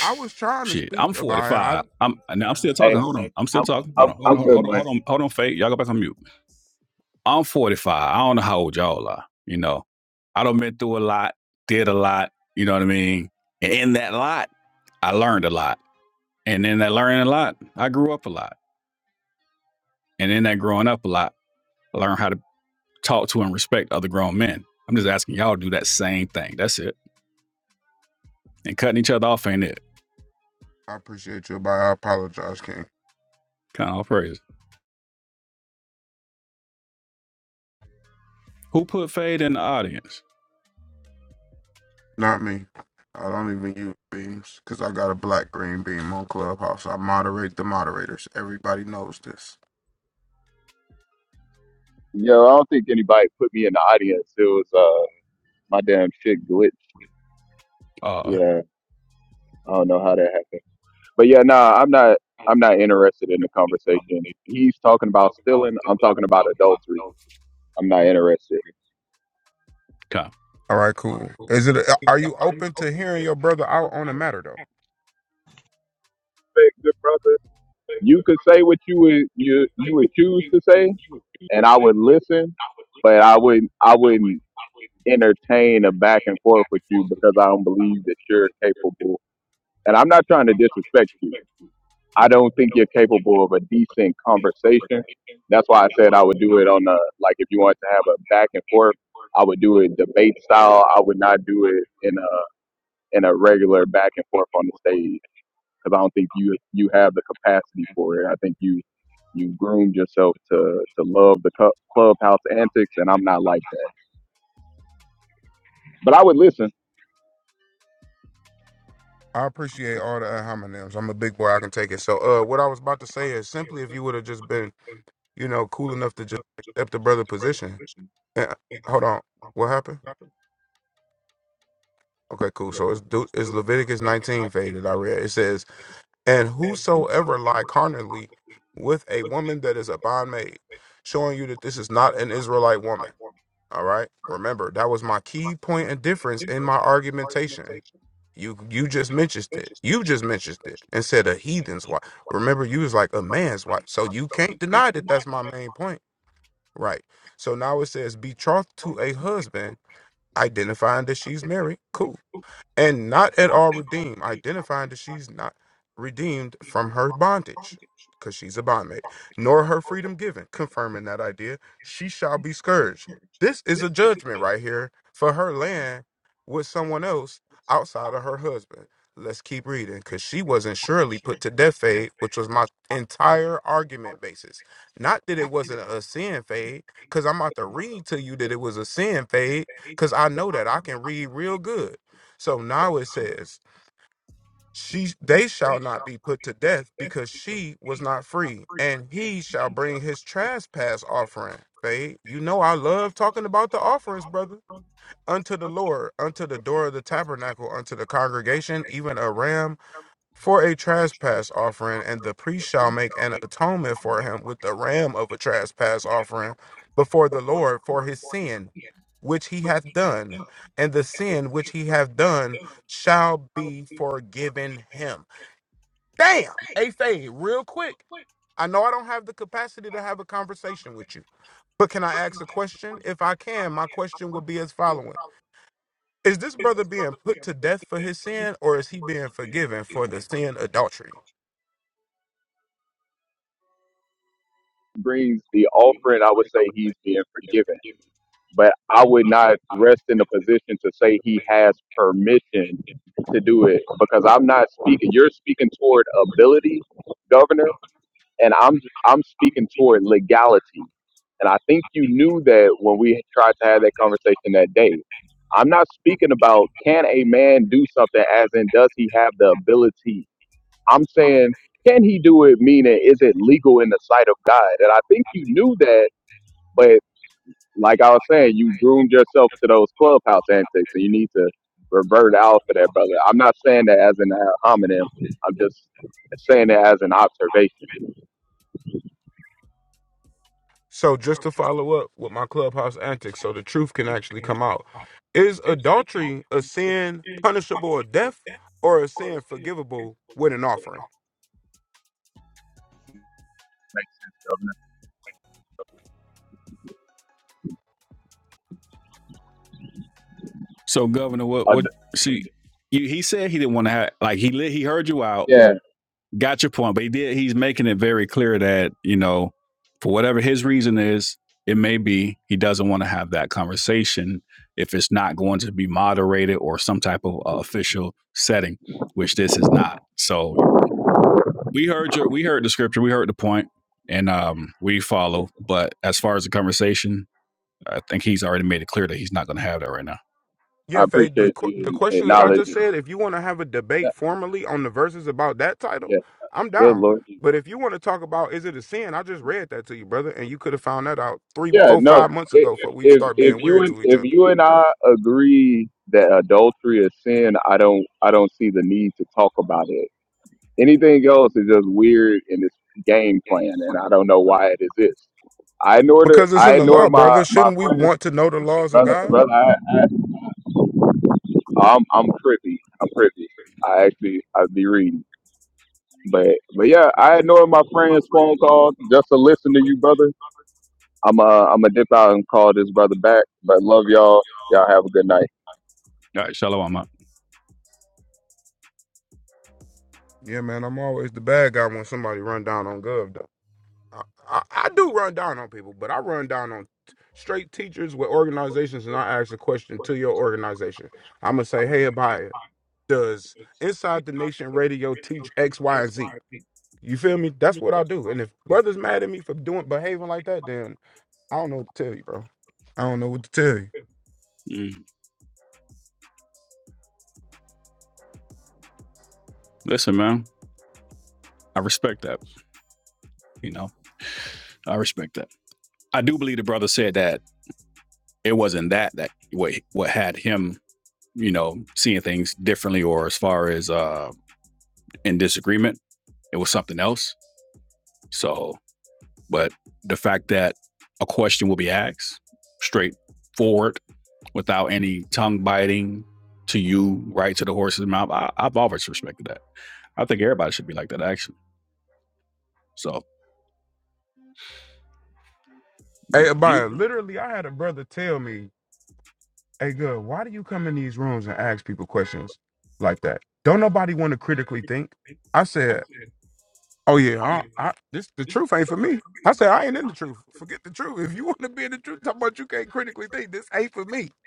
E: I was trying to
A: shit. I'm
E: speak about it.
A: 45. I'm now I'm still
G: hey,
A: talking. Hold on. I'm still
G: I'm
A: talking.
G: I'm
A: Hold on, hold
G: I'm
A: on,
G: good,
A: hold on, hold on,
G: buddy.
A: hold on, hold on, Faye. Y'all go back on mute. I'm 45. I don't know how old y'all are. You know, I don't been through a lot, did a lot. You know what I mean? And in that lot, I learned a lot. And in that learning a lot, I grew up a lot. And in that growing up a lot, I learned how to talk to and respect other grown men. I'm just asking y'all to do that same thing. That's it. And cutting each other off ain't it.
E: I, I appreciate you, but I apologize, King.
A: Kind of crazy. Who put Fade in the audience?
E: Not me. I don't even use beams because I got a black green beam on Clubhouse. I moderate the moderators. Everybody knows this.
G: Yo, I don't think anybody put me in the audience. It was uh my damn shit glitch.
A: Uh,
G: Yeah, I don't know how that happened. But yeah, nah, I'm not I'm not interested in the conversation. He's talking about stealing, I'm talking about adultery. I'm not interested.
A: kind. of.
E: All right, cool. Is it? Are you open to hearing your brother out on the matter though?
G: Hey, good brother. You could say what you would you you would choose to say and I would listen, but I wouldn't I wouldn't entertain a back and forth with you because I don't believe that you're capable and I'm not trying to disrespect you. I don't think you're capable of a decent conversation. That's why I said I would do it on a like if you wanted to have a back and forth, I would do it debate style. I would not do it in a in a regular back and forth on the stage because I don't think you you have the capacity for it. I think you you groomed yourself to to love the cu- clubhouse antics, and I'm not like that. But I would listen.
E: I appreciate all the uh, homonyms. I'm a big boy. I can take it. So, uh, what I was about to say is simply if you would have just been, you know, cool enough to just accept the brother position. Yeah. Hold on. What happened? Okay, cool. So it's Deut- it's Leviticus 19 fade that I read. It says, And whosoever lie carnally with a woman that is a bondmaid, showing you that this is not an Israelite woman. All right. Remember, that was my key point and difference in my argumentation. You you just mentioned it. You just mentioned it and said a heathen's wife. Remember, you was like a man's wife. So you can't deny that that's my main point. Right. So now it says betrothed to a husband, identifying that she's married. Cool and not at all redeemed, identifying that she's not redeemed from her bondage, because she's a bondmaid, nor her freedom given, confirming that idea, she shall be scourged. This is a judgment right here for her land with someone else outside of her husband. Let's keep reading, because she wasn't surely put to death fade, which was my entire argument basis. Not that it wasn't a sin fade, because I'm about to read to you that it was a sin fade, because I know that I can read real good so now it says, she they shall not be put to death because she was not free, and he shall bring his trespass offering. Fade, you know I love talking about the offerings, brother. Unto the Lord, unto the door of the tabernacle, unto the congregation, even a ram for a trespass offering, and the priest shall make an atonement for him with the ram of a trespass offering before the Lord for his sin which he hath done, and the sin which he hath done shall be forgiven him. Damn, a fade, real quick. I know I don't have the capacity to have a conversation with you, but can I ask a question? If I can, my question would be as following. Is this brother being put to death for his sin, or is he being forgiven for the sin adultery?
G: Brings the offering. I would say he's being forgiven but I would not rest in the position to say he has permission to do it because I'm not speaking. You're speaking toward ability, Governor, and I'm I'm speaking toward legality. And I think you knew that when we tried to have that conversation that day. I'm not speaking about can a man do something as in does he have the ability. I'm saying can he do it meaning is it legal in the sight of God? And I think you knew that, but like I was saying, you groomed yourself to those clubhouse antics, and you need to revert out for that, brother. I'm not saying that as an uh, homonym. I'm just saying that as an observation.
E: So just to follow up with my clubhouse antics, so the truth can actually come out. Is adultery a sin punishable with death or a sin forgivable with an offering?
A: So Governor, what
G: I d
A: what? See, you, he said he didn't want to have like he lit, he heard you out.
G: yeah,
A: got your point, but he did. He's making it very clear that you know, for whatever his reason is, it may be he doesn't want to have that conversation if it's not going to be moderated or some type of uh, official setting, which this is not. So we heard your, we heard the scripture, we heard the point, and um, we follow. But as far as the conversation, I think he's already made it clear that he's not going to have that right now.
E: Yeah,
G: I
E: Faye, the,
G: appreciate
E: qu- the
G: you
E: question that I just
G: acknowledging.
E: said, if you want to have a debate
G: That.
E: formally on the verses about that title,
G: Yeah, yeah.
E: I'm
G: good
E: down.
G: Lord. Jesus.
E: But if you want to talk about is it a sin, I just read that to you, brother, and you could have found that out three,
G: Yeah,
E: four,
G: no.
E: five months
G: i-
E: ago before
G: If
E: we
G: if
E: start
G: if
E: being
G: you
E: weird
G: and
E: to each
G: if
E: other.
G: you and I agree that adultery is sin, I don't I don't see the need to talk about it Anything else is just weird in this game plan, and I don't know why it exists. I ignored, the,
E: Because it's
G: I
E: in the law,
G: ignored my
E: brother.
G: my
E: Shouldn't we
G: friends,
E: want to know the laws of
G: brother,
E: God?
G: brother. I, I, I'm I'm trippy. I'm trippy. I actually I be reading, but but yeah, I ignored my friends' phone calls just to listen to you, brother. I'm uh I'm gonna dip out and call this brother back. But love y'all. Y'all have a good night.
A: All right, shalom.
E: Yeah, man, I'm always the bad guy when somebody run down on Gov. Though I, I, I do run down on people, but I run down on t- straight teachers with organizations, and I ask a question to your organization. I'm gonna say, "Hey, Abaya, does Inside the Nation Radio teach X, Y, and Z?" You feel me? That's what I do. And if brothers mad at me for doing behaving like that, then I don't know what to tell you, bro. I don't know what to tell you.
A: Mm. Listen, man, I respect that. You know, I respect that. I do believe the brother said that it wasn't that that what what had him, you know, seeing things differently or as far as uh in disagreement. It was something else. So, but the fact that a question will be asked straightforward without any tongue biting to you, right to the horse's mouth, I, I've always respected that. I think everybody should be like that, actually. So,
E: Hey,
A: yeah,
E: Abaya, literally, I had a brother tell me Hey, good. Why do you come in these rooms and ask people questions like that? Don't nobody want to critically think. I said, "Oh yeah, I, I, this the truth ain't for me." I said, "I ain't in the truth. Forget the truth. If you want to be in the truth, talk about you can't critically think. This ain't for me."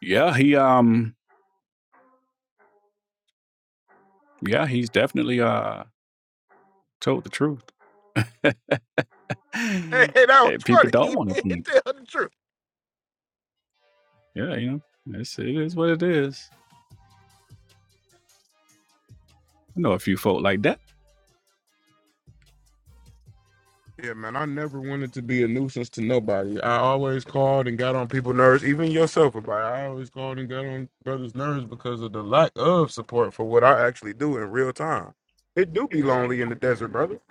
A: yeah he um, yeah, he's definitely uh told the truth.
E: Hey, that was
A: People
E: funny.
A: don't
E: He
A: want to
E: did
A: be
E: tell the truth.
A: Yeah, you know, it's, it is what it is. I know a few folk like that.
E: Yeah, man, I never wanted to be a nuisance to nobody. I always called and got on people's nerves, even yourself about it. I always called and got on brothers' nerves because of the lack of support for what I actually do in real time. It do be lonely in the desert, brother.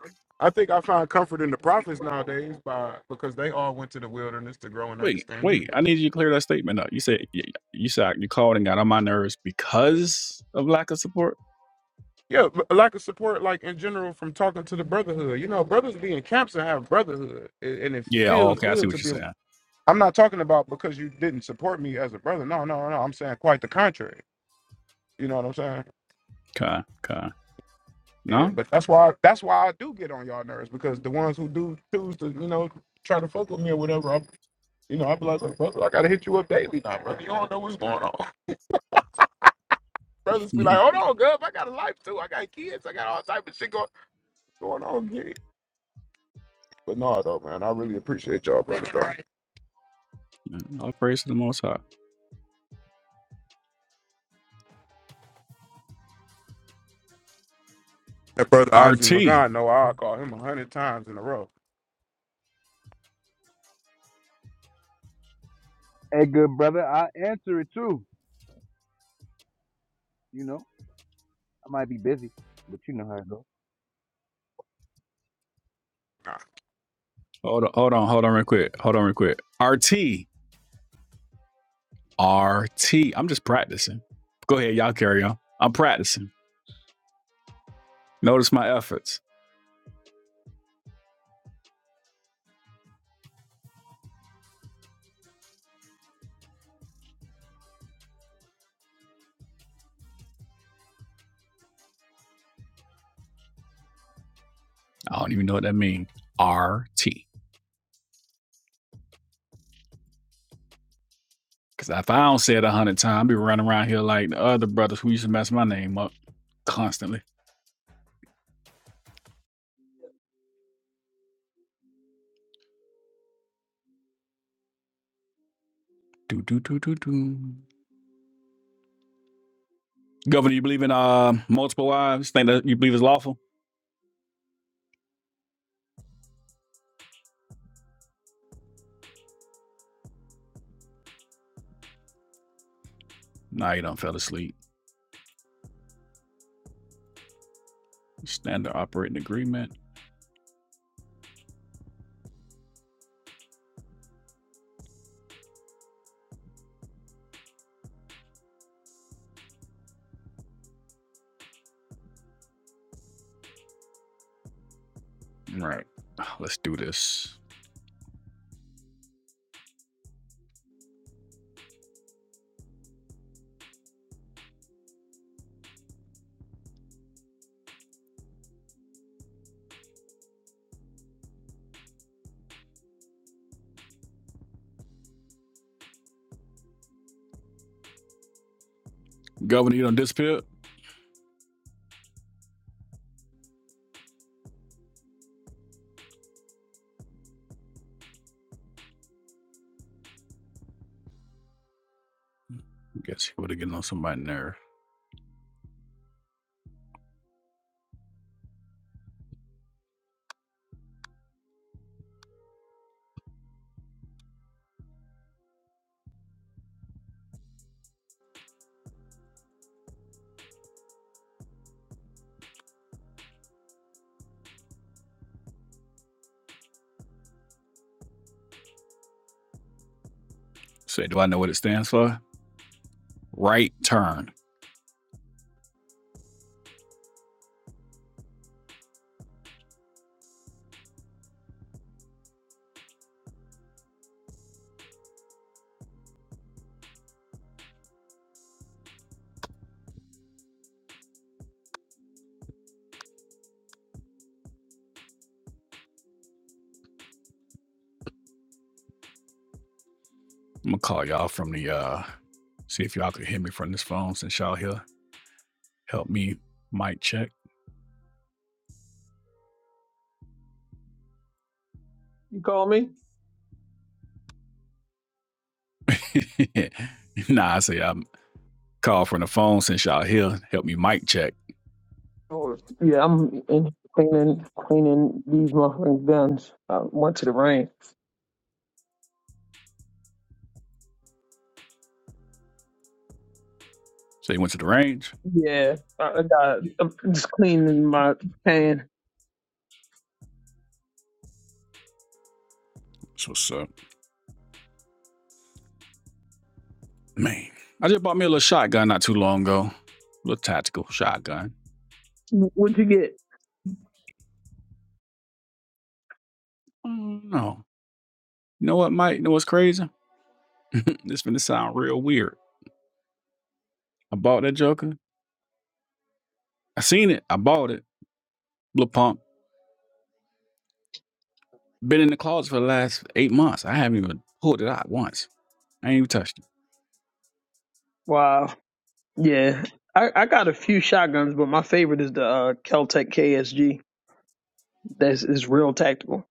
E: I think I find comfort in the prophets nowadays by because they all went to the wilderness to grow in
A: Wait,
E: understanding.
A: wait, I need you to clear that statement up. You said you, you said you called and got on my nerves because of lack of support.
E: Yeah, but lack of support, like in general, from talking to the brotherhood. You know, brothers be in camps and have brotherhood, and and it
A: Yeah, oh,
E: feels
A: okay, I see
E: good
A: what
E: to
A: you're
E: be.
A: saying.
E: I'm not talking about because you didn't support me as a brother. No, no, no. I'm saying quite the contrary. You know what I'm saying?
A: Okay, okay.
E: Yeah.
A: No,
E: But that's why that's why I do get on y'all nerves because the ones who do choose to you know try to fuck with me or whatever, I'm you know I be like, "Look, brother, I gotta hit you up daily now, brother. You don't know what's going on. Brothers be like,
A: Mhm.
E: hold on, Gov, I got a life too. I got kids. I got all type of shit going going on. Here. But no, though, man, I really appreciate y'all, brother. Though.
A: all praise to the Most High.
E: That brother Ozzy
A: RT,
E: McGon, no, I'll call him a hundred times in a row.
H: Hey, good brother. I will answer it too. You know, I might be busy, but you know how it goes.
A: hold on, hold on, hold on, real quick, hold on, real quick. RT, RT. I'm just practicing. Go ahead, y'all carry on. I'm practicing. Notice my efforts. I don't even know what that means. RT. Cause if I don't say it a hundred times, I'll be running around here like the other brothers who used to mess my name up constantly. Do do do do do. Governor, you believe in uh multiple wives? Think that you believe is lawful? Nah, you don't fell asleep. Standard operating agreement. All Right. Let's do this. Governor, you don't disappear? guess he would have gotten on somebody's nerve. Say, do I know what it stands for? Right turn. I'm gonna call y'all from the uh see if y'all can hear me from this phone since y'all here. Help me mic check.
F: You call me?
A: nah, I say I'm called from the phone since y'all here. Help me mic check.
F: Oh, yeah, I'm in cleaning cleaning these motherfucking guns. I went to the rain.
A: So you went to the range?
F: Yeah, I, I got. I'm just cleaning my pan.
A: That's what's up. Man. I just bought me a little shotgun not too long ago. A little tactical shotgun.
F: What'd you get?
A: Oh no. You know what, Mike? You know what's crazy? this finna sound real weird. I bought that joker. I seen it. I bought it. Little pump. Been in the closet for the last eight months. I haven't even pulled it out once. I ain't even touched it.
F: Wow. Yeah, I, I got a few shotguns, but my favorite is the uh, Kel-Tec KSG. That's is real tactical.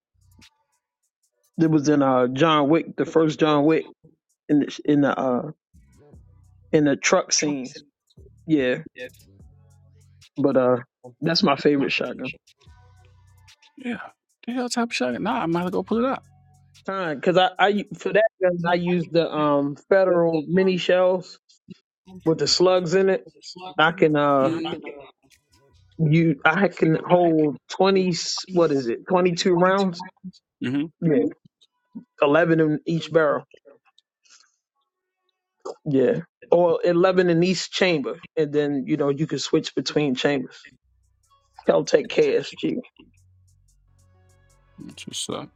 F: It was in uh John Wick, the first John Wick, in the in the uh in the truck scenes. Yeah, but uh, that's my favorite shotgun.
A: Yeah. The hell type of shotgun? Nah, I'm about to go pull it out.
F: Fine, because I, I u- for that gun I use the um federal mini shells with the slugs in it. I can uh you I can hold twenty s- what is it twenty two rounds?
A: Mm-hmm.
F: Yeah, eleven in each barrel. Yeah, or eleven in each chamber, and then you know you can switch between chambers. I'll take KSG.
A: That's what's up.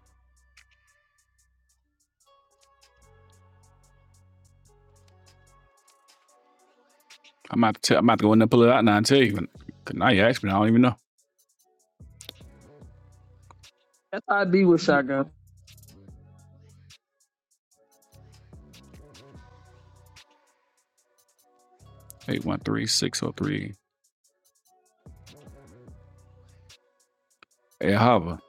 A: I'm about to tell, I'm about to go in there and pull it out now and tell you. Cause now you ask me, I don't even know.
F: That's how I be with shotgun.
A: Eight one three six oh three. Hey, Hava.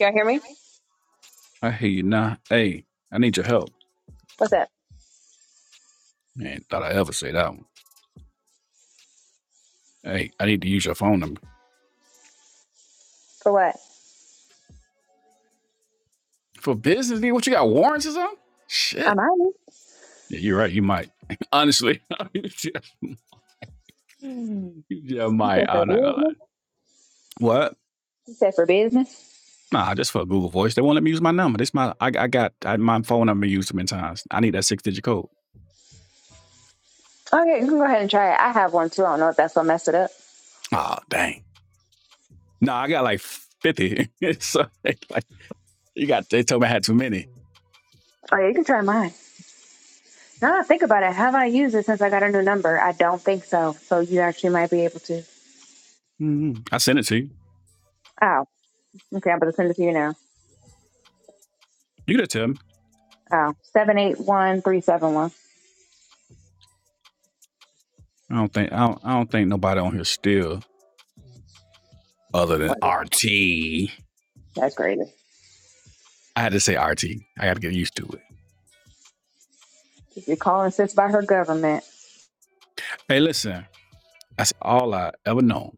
B: Y'all hear me?
A: I hear you now. Hey, I need your help.
B: What's that?
A: Man, thought I ever say that one. Hey, I need to use your phone number.
B: For what?
A: For business, dude, what you got? Warrants or something?
B: I'm
A: Shit.
B: on it.
A: Yeah, you're right. You might. Honestly. yeah,
B: You
A: might.
B: said for
A: I- don't know.
B: business.
A: What?
B: You said for business.
A: Nah, just for Google Voice. They won't let me use my number. This my I, I got I, my phone number used too many times. I need that six digit code.
B: Okay, you can go ahead and try it. I have one too. I don't know if that's gonna mess it up.
A: Oh, dang. No, I got like fifty. so they, like you got they told me I had too many.
B: Oh yeah, you can try mine. Now that I think about it, have I used it since I got a new number? I don't think so. So you actually might be able to.
A: Mhm. I sent it to you.
B: Oh, okay. I'm gonna send it to you now.
A: You could have tell me.
B: Oh, seven eight one three seven one.
A: I don't think I don't, I don't think nobody on here still other than
B: Well,
A: RT.
B: that's crazy.
A: I had to say RT. I got to get used to it.
B: If you're calling sis by her government.
A: Hey, listen, that's all I ever known.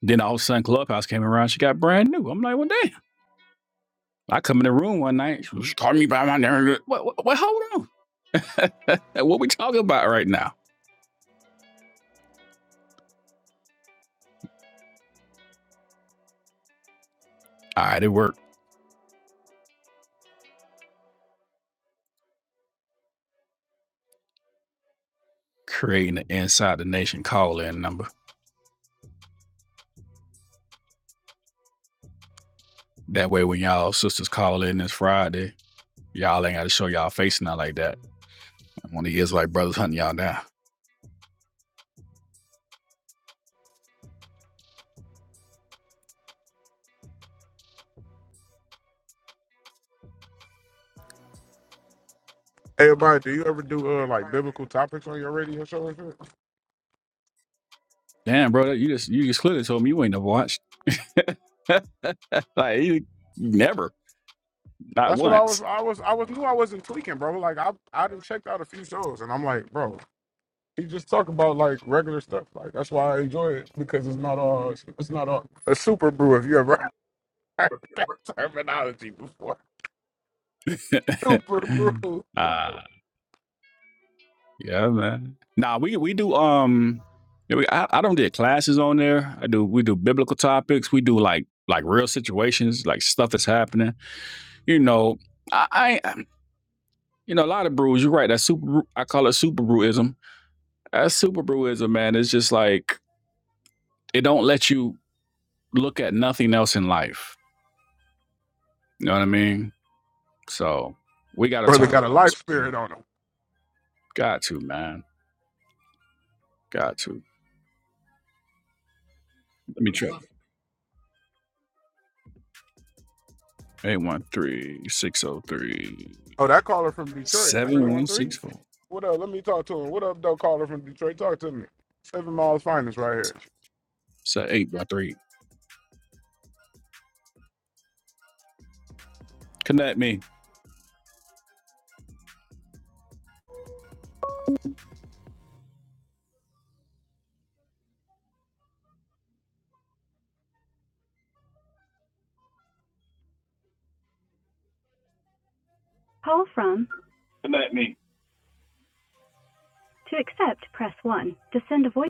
A: Then all of a sudden, Clubhouse came around. She got brand new. I'm like, well, damn. I come in the room one night. She called me by my name. What, what, what- hold on. what we talking about right now? All right, it worked. Creating the Inside the Nation call-in number. That way, when y'all sisters call in this Friday, y'all ain't got to show y'all face now like that. One of the Israelite brothers hunting y'all down.
E: Hey, Brian, do you ever do uh, like biblical topics on your radio show and shit?
A: Damn, bro, you just you just clearly told me you ain't never watched. like you never, not
E: That's what I
A: once.
E: was. I was. I was knew I wasn't tweaking, bro. Like I, I done checked out a few shows, and I'm like, bro, he just talk about like regular stuff. Like that's why I enjoy it because it's not all. It's not all a super brew. If you ever heard that terminology before, super brew.
A: uh, Yeah, man. Nah, we we do um yeah, we, I, I don't get classes on there. I do we do biblical topics. We do like like real situations, like stuff that's happening. You know, I, I um, you know, a lot of brews, you're right, that super brew- I call it super brewism. That super brewism, man, it's just like it don't let you look at nothing else in life. You know what I mean? So we gotta
E: Brother
A: talk.
E: got a life spirit on him.
A: Got to, man. Got to. Let me try eight one three six oh three
E: Oh, that caller from Detroit,
A: seven
E: three one
A: one
E: three.
A: six four.
E: What up? Let me talk to him. What up, though? Caller from Detroit, talk to me. Seven miles finest right here.
A: So eight by three. Connect me. Call from to accept, press 1. To send a voice.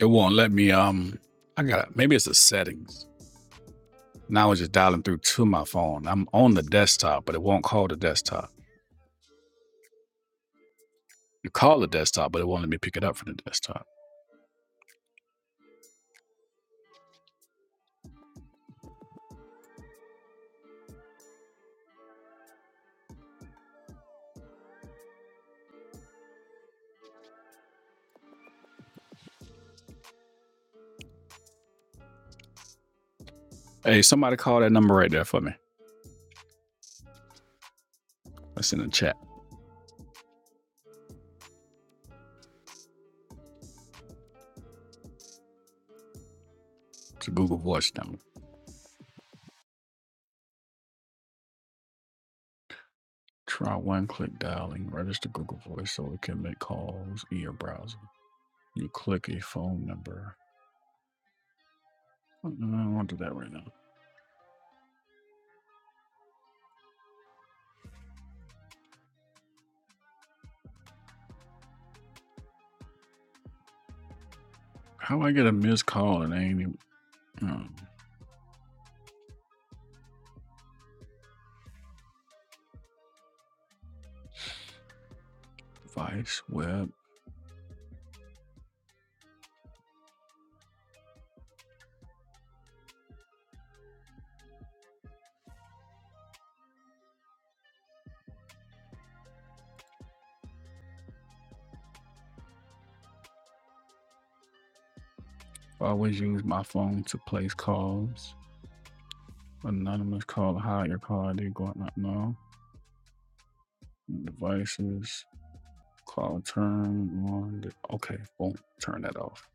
A: It won't let me. Um, I got it. maybe it's the settings. Now I was just dialing through to my phone. I'm on the desktop, but it won't call the desktop. You call the desktop, but it won't let me pick it up from the desktop. Hey, somebody call that number right there for me. That's in the chat. It's a Google Voice number. Try one click dialing. Register Google Voice so it can make calls in your browser. You click a phone number. Uh, I won't do that right now. How I get a missed call and I ain't even um, device, web. I always use my phone to place calls. Anonymous call, hide your call ID, go out not know. Devices, call turn on. Okay, boom, turn that off.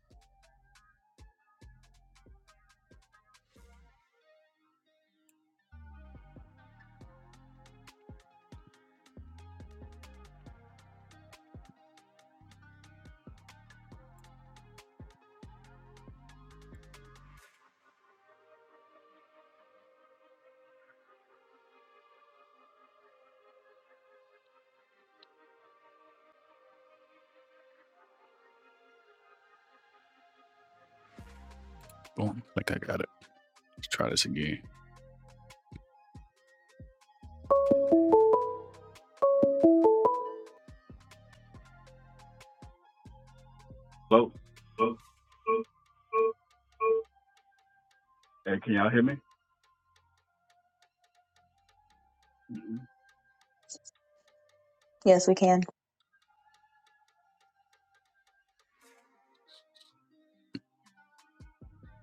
A: Boom, like I got it. Let's try this again. Hello,
B: Yes, we can.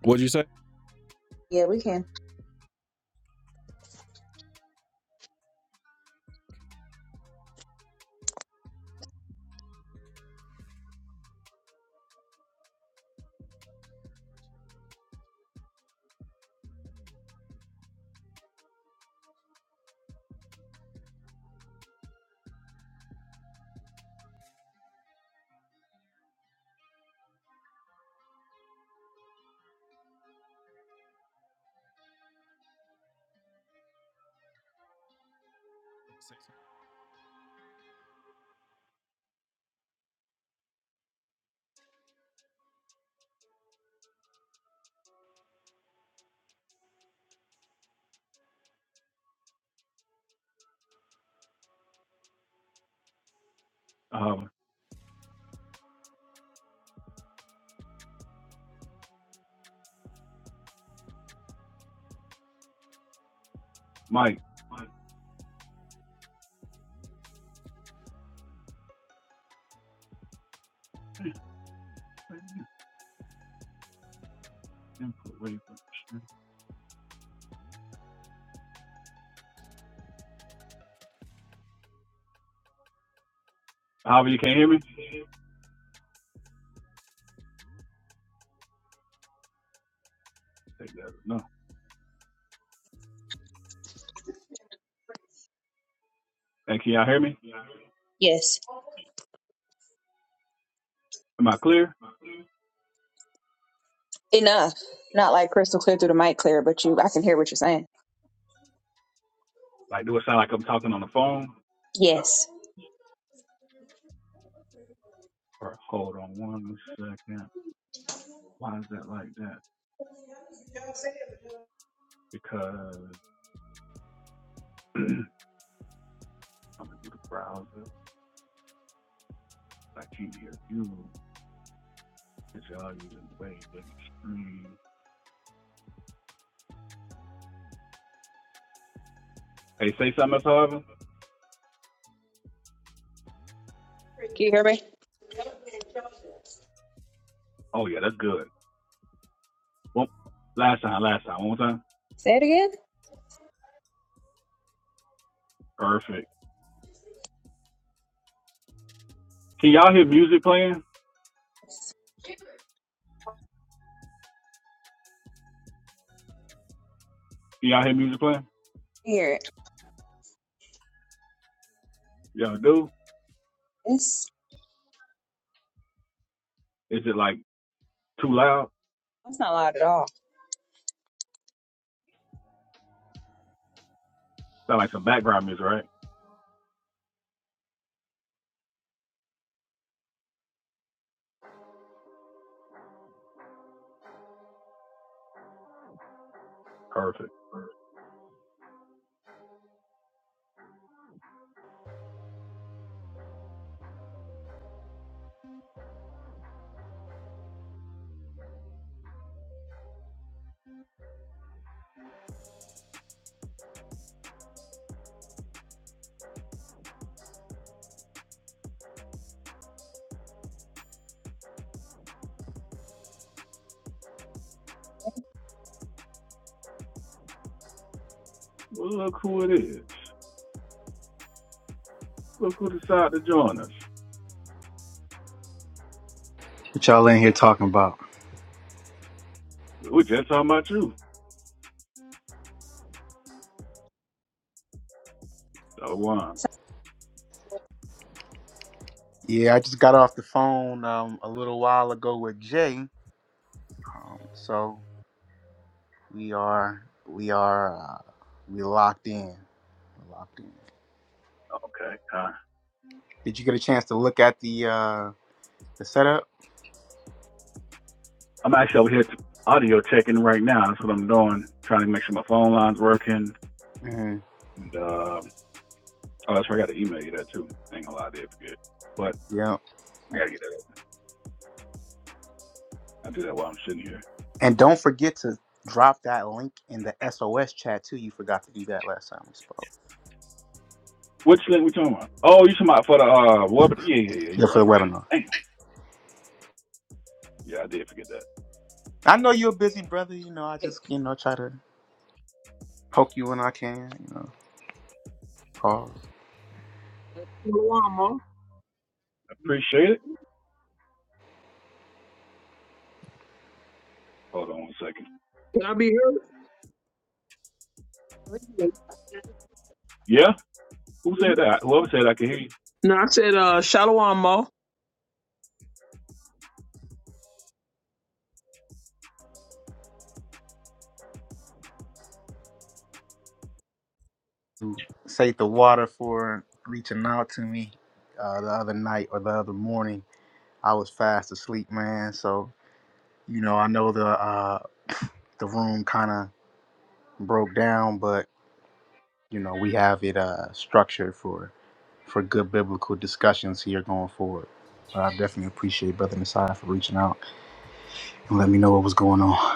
A: What'd you say?
B: Yeah, we can.
A: uh, Mike. Mike. Input wave However, you can't hear me? No. And can y'all hear me?
B: Yes.
A: Am I clear?
B: Enough. Not like crystal clear through the mic clear, but you I can hear what you're saying.
A: Like, do it sound like I'm talking on the phone?
B: Yes.
A: Or hold on one second. Why is that like that? Because I'm gonna do the browser. I can't hear you. Cause y'all using way bigger screen. Hey, say something else, however.
B: Can you hear me?
A: Oh yeah, that's good. Well, last time, last time, one more time.
B: Say it again.
A: Perfect. Can y'all hear music playing? Can y'all hear music playing?
B: Hear it.
A: Y'all do?
B: It's
A: Is it like too loud?
B: it's not loud at all.
A: Sound like some background music, right? Perfect. Well, look who it is. Look who decided to join us.
I: What y'all in here talking about?
A: We were just talking about you. So one.
B: Sorry.
I: Yeah, I just got off the phone um, a little while ago with Jay, so we are we are uh, we locked in. We're locked in.
A: Okay. Uh,
I: Did you get a chance to look at the uh, the setup?
A: I'm actually over here audio checking right now. That's what I'm doing. Trying to make sure my phone line's working.
I: hmm
A: And uh, oh, that's right. I got to email you that too. Ain't gonna lie, I did forget. But
I: Yeah.
A: yeah, I gotta get that. Up. I do that while I'm sitting here.
I: And don't forget to drop that link in the SOS chat too. You forgot to do that last time we spoke.
A: Which link we talking about? Oh, you talking about for the uh, what? Yeah, yeah, yeah. You're
I: Yeah, for
A: right.
I: the webinar.
A: Damn. Yeah, I did forget that.
I: I know you're a busy, brother. You know, I
F: Hey,
I: just you know try to poke you when I can. You know, pause.
F: Shalom, Mo.
A: Appreciate it. Hold on one second.
F: Can I be heard?
B: not really-
A: Yeah, who said that? Whoever said I can hear you.
F: No, I said uh Shalom, Mo.
I: Say the water for reaching out to me uh, the other night or the other morning. I was fast asleep, man. So you know, I know the uh, the room kind of broke down, but you know, we have it uh, structured for for good biblical discussions here going forward. But I definitely appreciate Brother Messiah for reaching out and letting me know what was going on.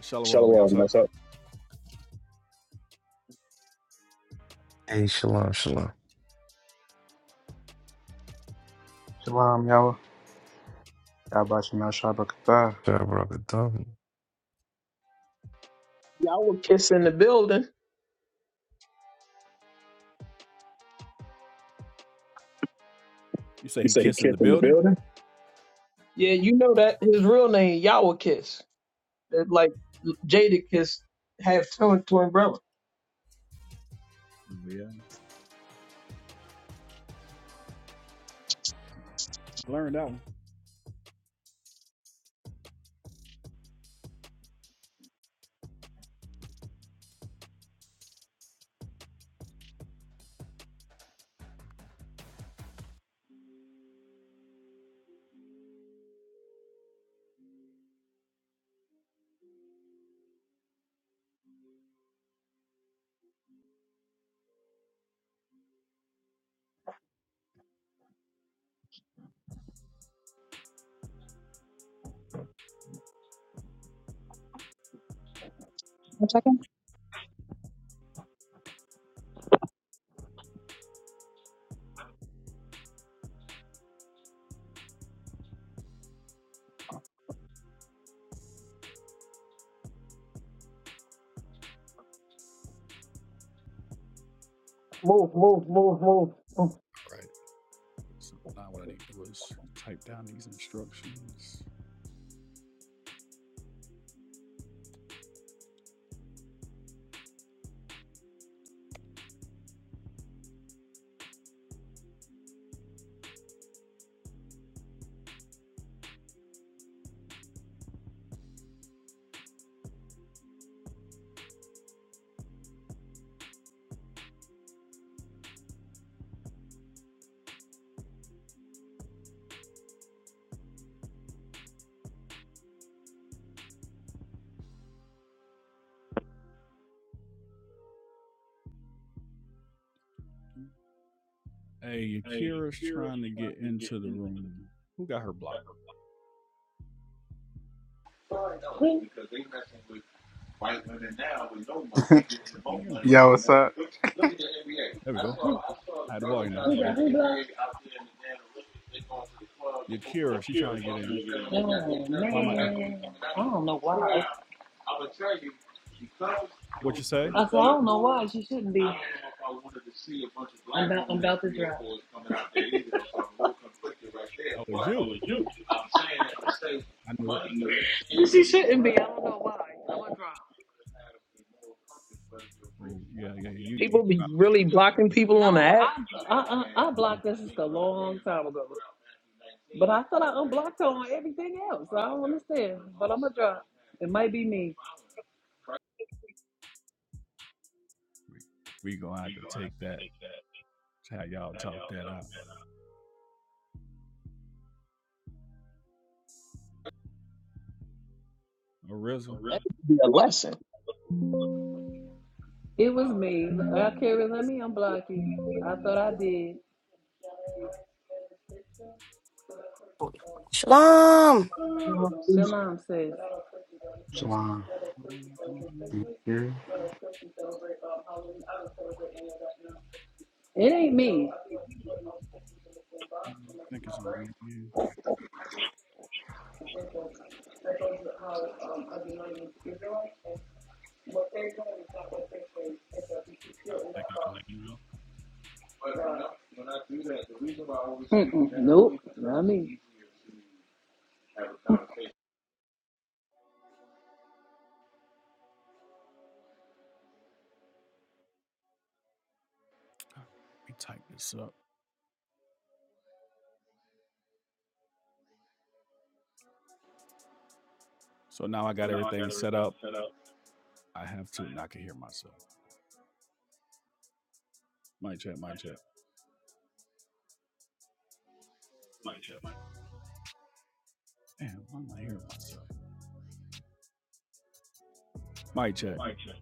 A: Shalom. Shalom.
J: Hey, shalom, shalom.
I: Shalom, y'all. God bless you, Mel Shabbat. Katah.
J: Shabbat Shalom.
F: Y'all were kissing the building.
A: You say
F: Yeah, you know that his real name Yawakiss, That, like Jadakiss, half tongue twin brother.
A: Yeah. Learn that one.
B: One
A: Right. So now what I need to do is type down these instructions. Hey, Akira's trying to get into the room. Who got her blocked? I can't hear nobody.
I: Yo, what's up?
A: There we go. I had the volume now. Yakira, she trying to get in.
K: Oh
A: Why am I echoing?
K: man, know I
A: What you say?
K: why she shouldn't I
A: Oh, it's you. I knew it. I knew it.
K: she shouldn't be. I don't know why. I'm drop.
A: Oh, yeah, yeah. You, you.
F: People be
A: got it. We-
F: really blocking people on the
K: No,
F: app.
K: I uh, uh, I blocked this sister a long time ago. But I thought I unblocked her on everything else. I don't understand. But I'm gonna drop. It might be me.
A: gonna have to take that. How y'all that out. Ariza,
F: A lesson.
K: It was me. Uh, Carrie, let me unblock you. I thought I did.
L: Shalom.
F: Hey,
K: Shalom says
I: Shalom. You here?
K: it ain't me.
A: I think it's on me. Yeah. I think it's on you.
K: Mm-mm, nope, not me.
A: We type this up. So now I got everything Set up. I have to. and I can hear myself. Mic check. Mic check. Mic check. Mic check. Damn, I'm not hearing myself. Mic check. mic check.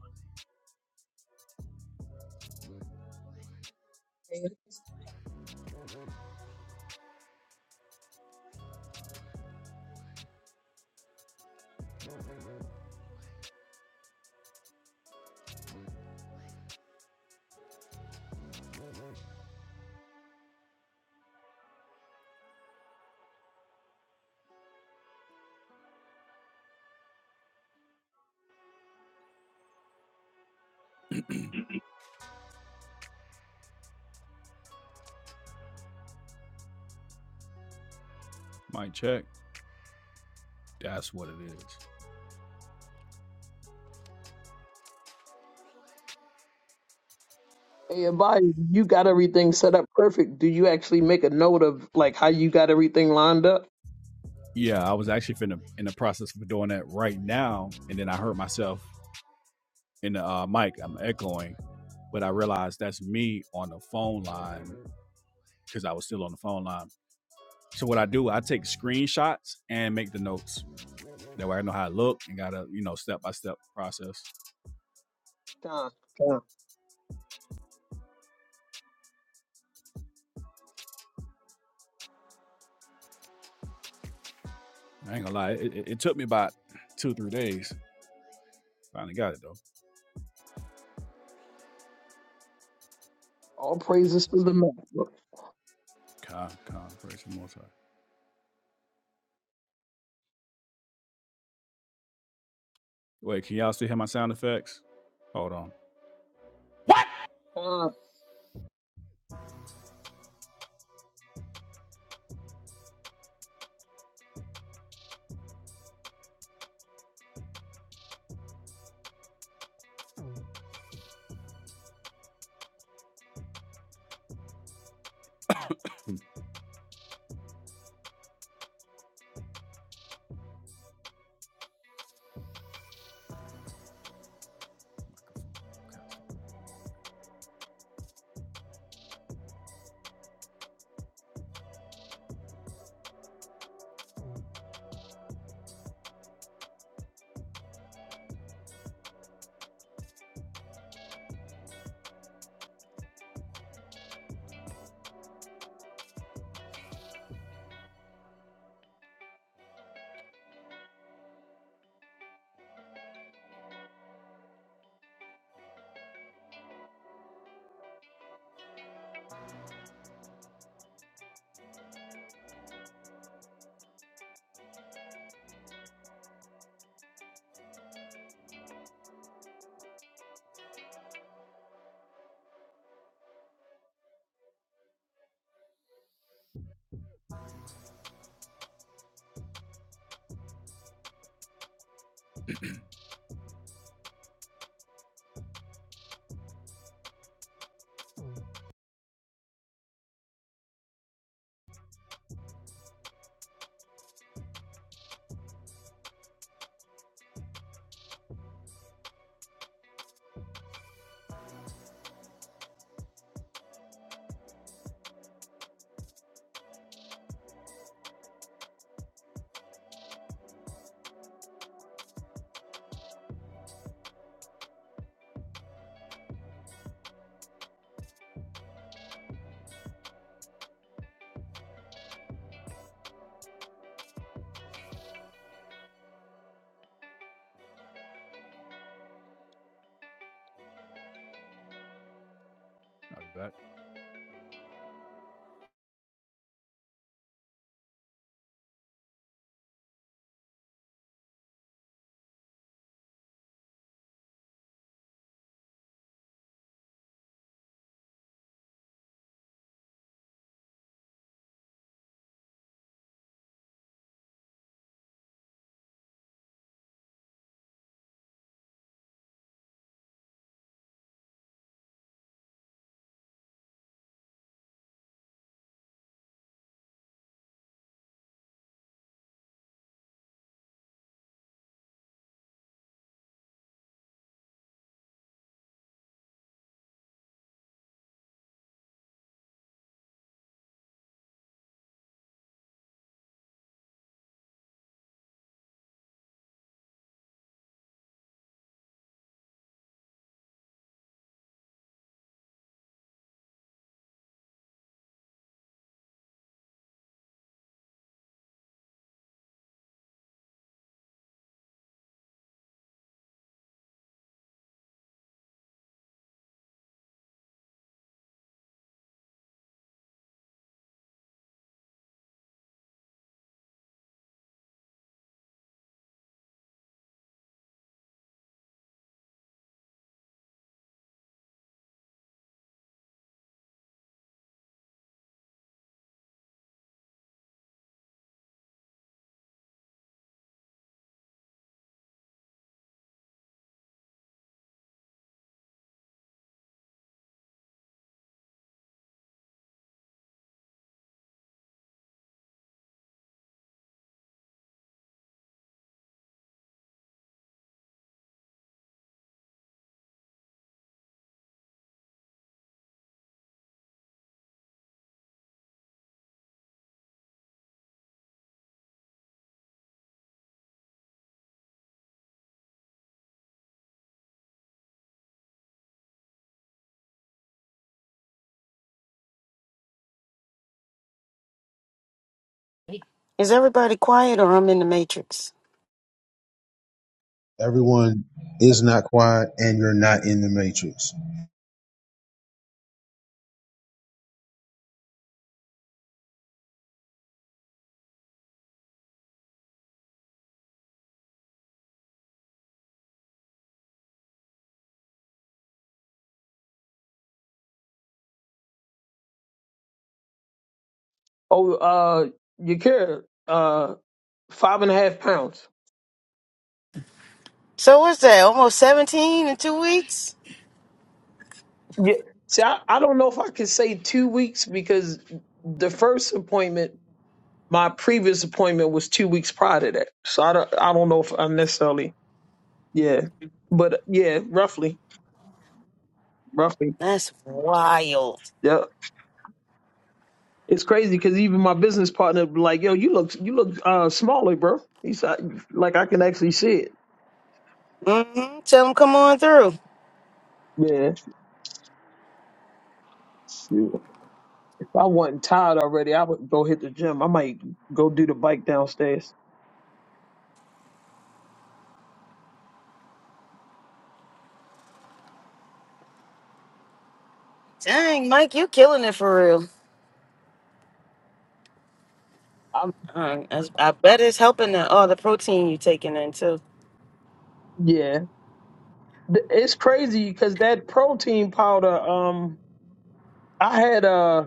A: Mic check. That's what it is.
F: Abaya, you got everything set up perfect. Do you actually make a note of like how you got everything lined up?
A: Yeah, I was actually finna, in the process of doing that right now, and then I heard myself in the uh, mic. I'm echoing, but I realized that's me on the phone line because I was still on the phone line. So what I do, I take screenshots and make the notes. That way, I know how it look and got a you know step by step process.
F: Con, con.
A: I ain't gonna lie, it, it, it took me about two three days. Finally got it though.
F: All praises to the man.
A: Con, con, version multi. Wait, can y'all still hear my sound effects? Hold on.
F: Con.
A: I'll be back.
L: Is everybody quiet or I'm in the matrix?
B: second.
C: Everyone is not quiet, and you're not in the matrix.
F: Oh, uh, Yakira, uh, five and a half pounds.
L: So what's that? Almost 17 in two weeks?
F: Yeah. See, I, I don't know if I could say two weeks because the first appointment. My previous appointment was two weeks prior to that, so I don't I don't know if I'm necessarily yeah, but yeah, roughly, roughly,
L: That's wild.
F: yeah. It's crazy because even my business partner be like, "Yo, you look you look uh smaller, bro." He's like, "Like I can actually see it."
L: Mm-hmm. Tell them come on through.
F: Yeah, shoot. If I wasn't tired already, I would go hit the gym. I might go do the bike downstairs.
L: Dang, Mike, you killing it for real.
F: I'm
L: Uh, I, I bet it's helping the all the protein you taking in too.
F: yeah. Th- It's crazy because that protein powder, um, I had a.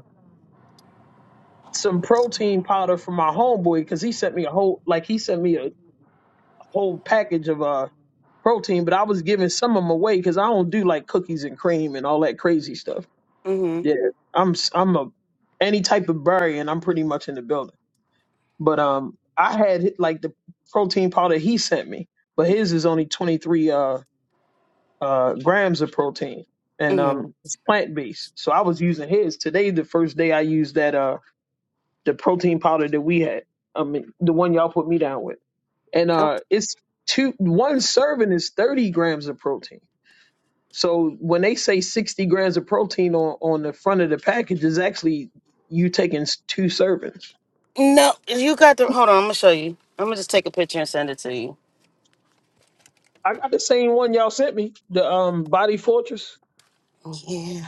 F: some protein powder from my homeboy because he sent me a whole like he sent me a whole package of uh protein, but I was giving some of them away because I don't do like cookies and cream and all that crazy stuff. Yeah,
L: Mm-hmm.
F: I'm s- I'm a any type of berry and I'm pretty much in the building. But um, I had like the protein powder he sent me, but his is only 23 uh uh grams of protein and
L: Mm-hmm.
F: um it's plant based. So I was using his today. The first day I used that uh, the protein powder that we had. I mean, the one y'all put me down with. And
L: Oh,
F: uh, it's two one serving is thirty grams of protein. So when they say sixty grams of protein on on the front of the package, is actually you taking s- two servings.
L: no, you got the. Hold on, I'm gonna show you. I'm gonna just take a picture and send it to you.
F: I got the same one y'all sent me, the um Body Fortress.
L: Yeah.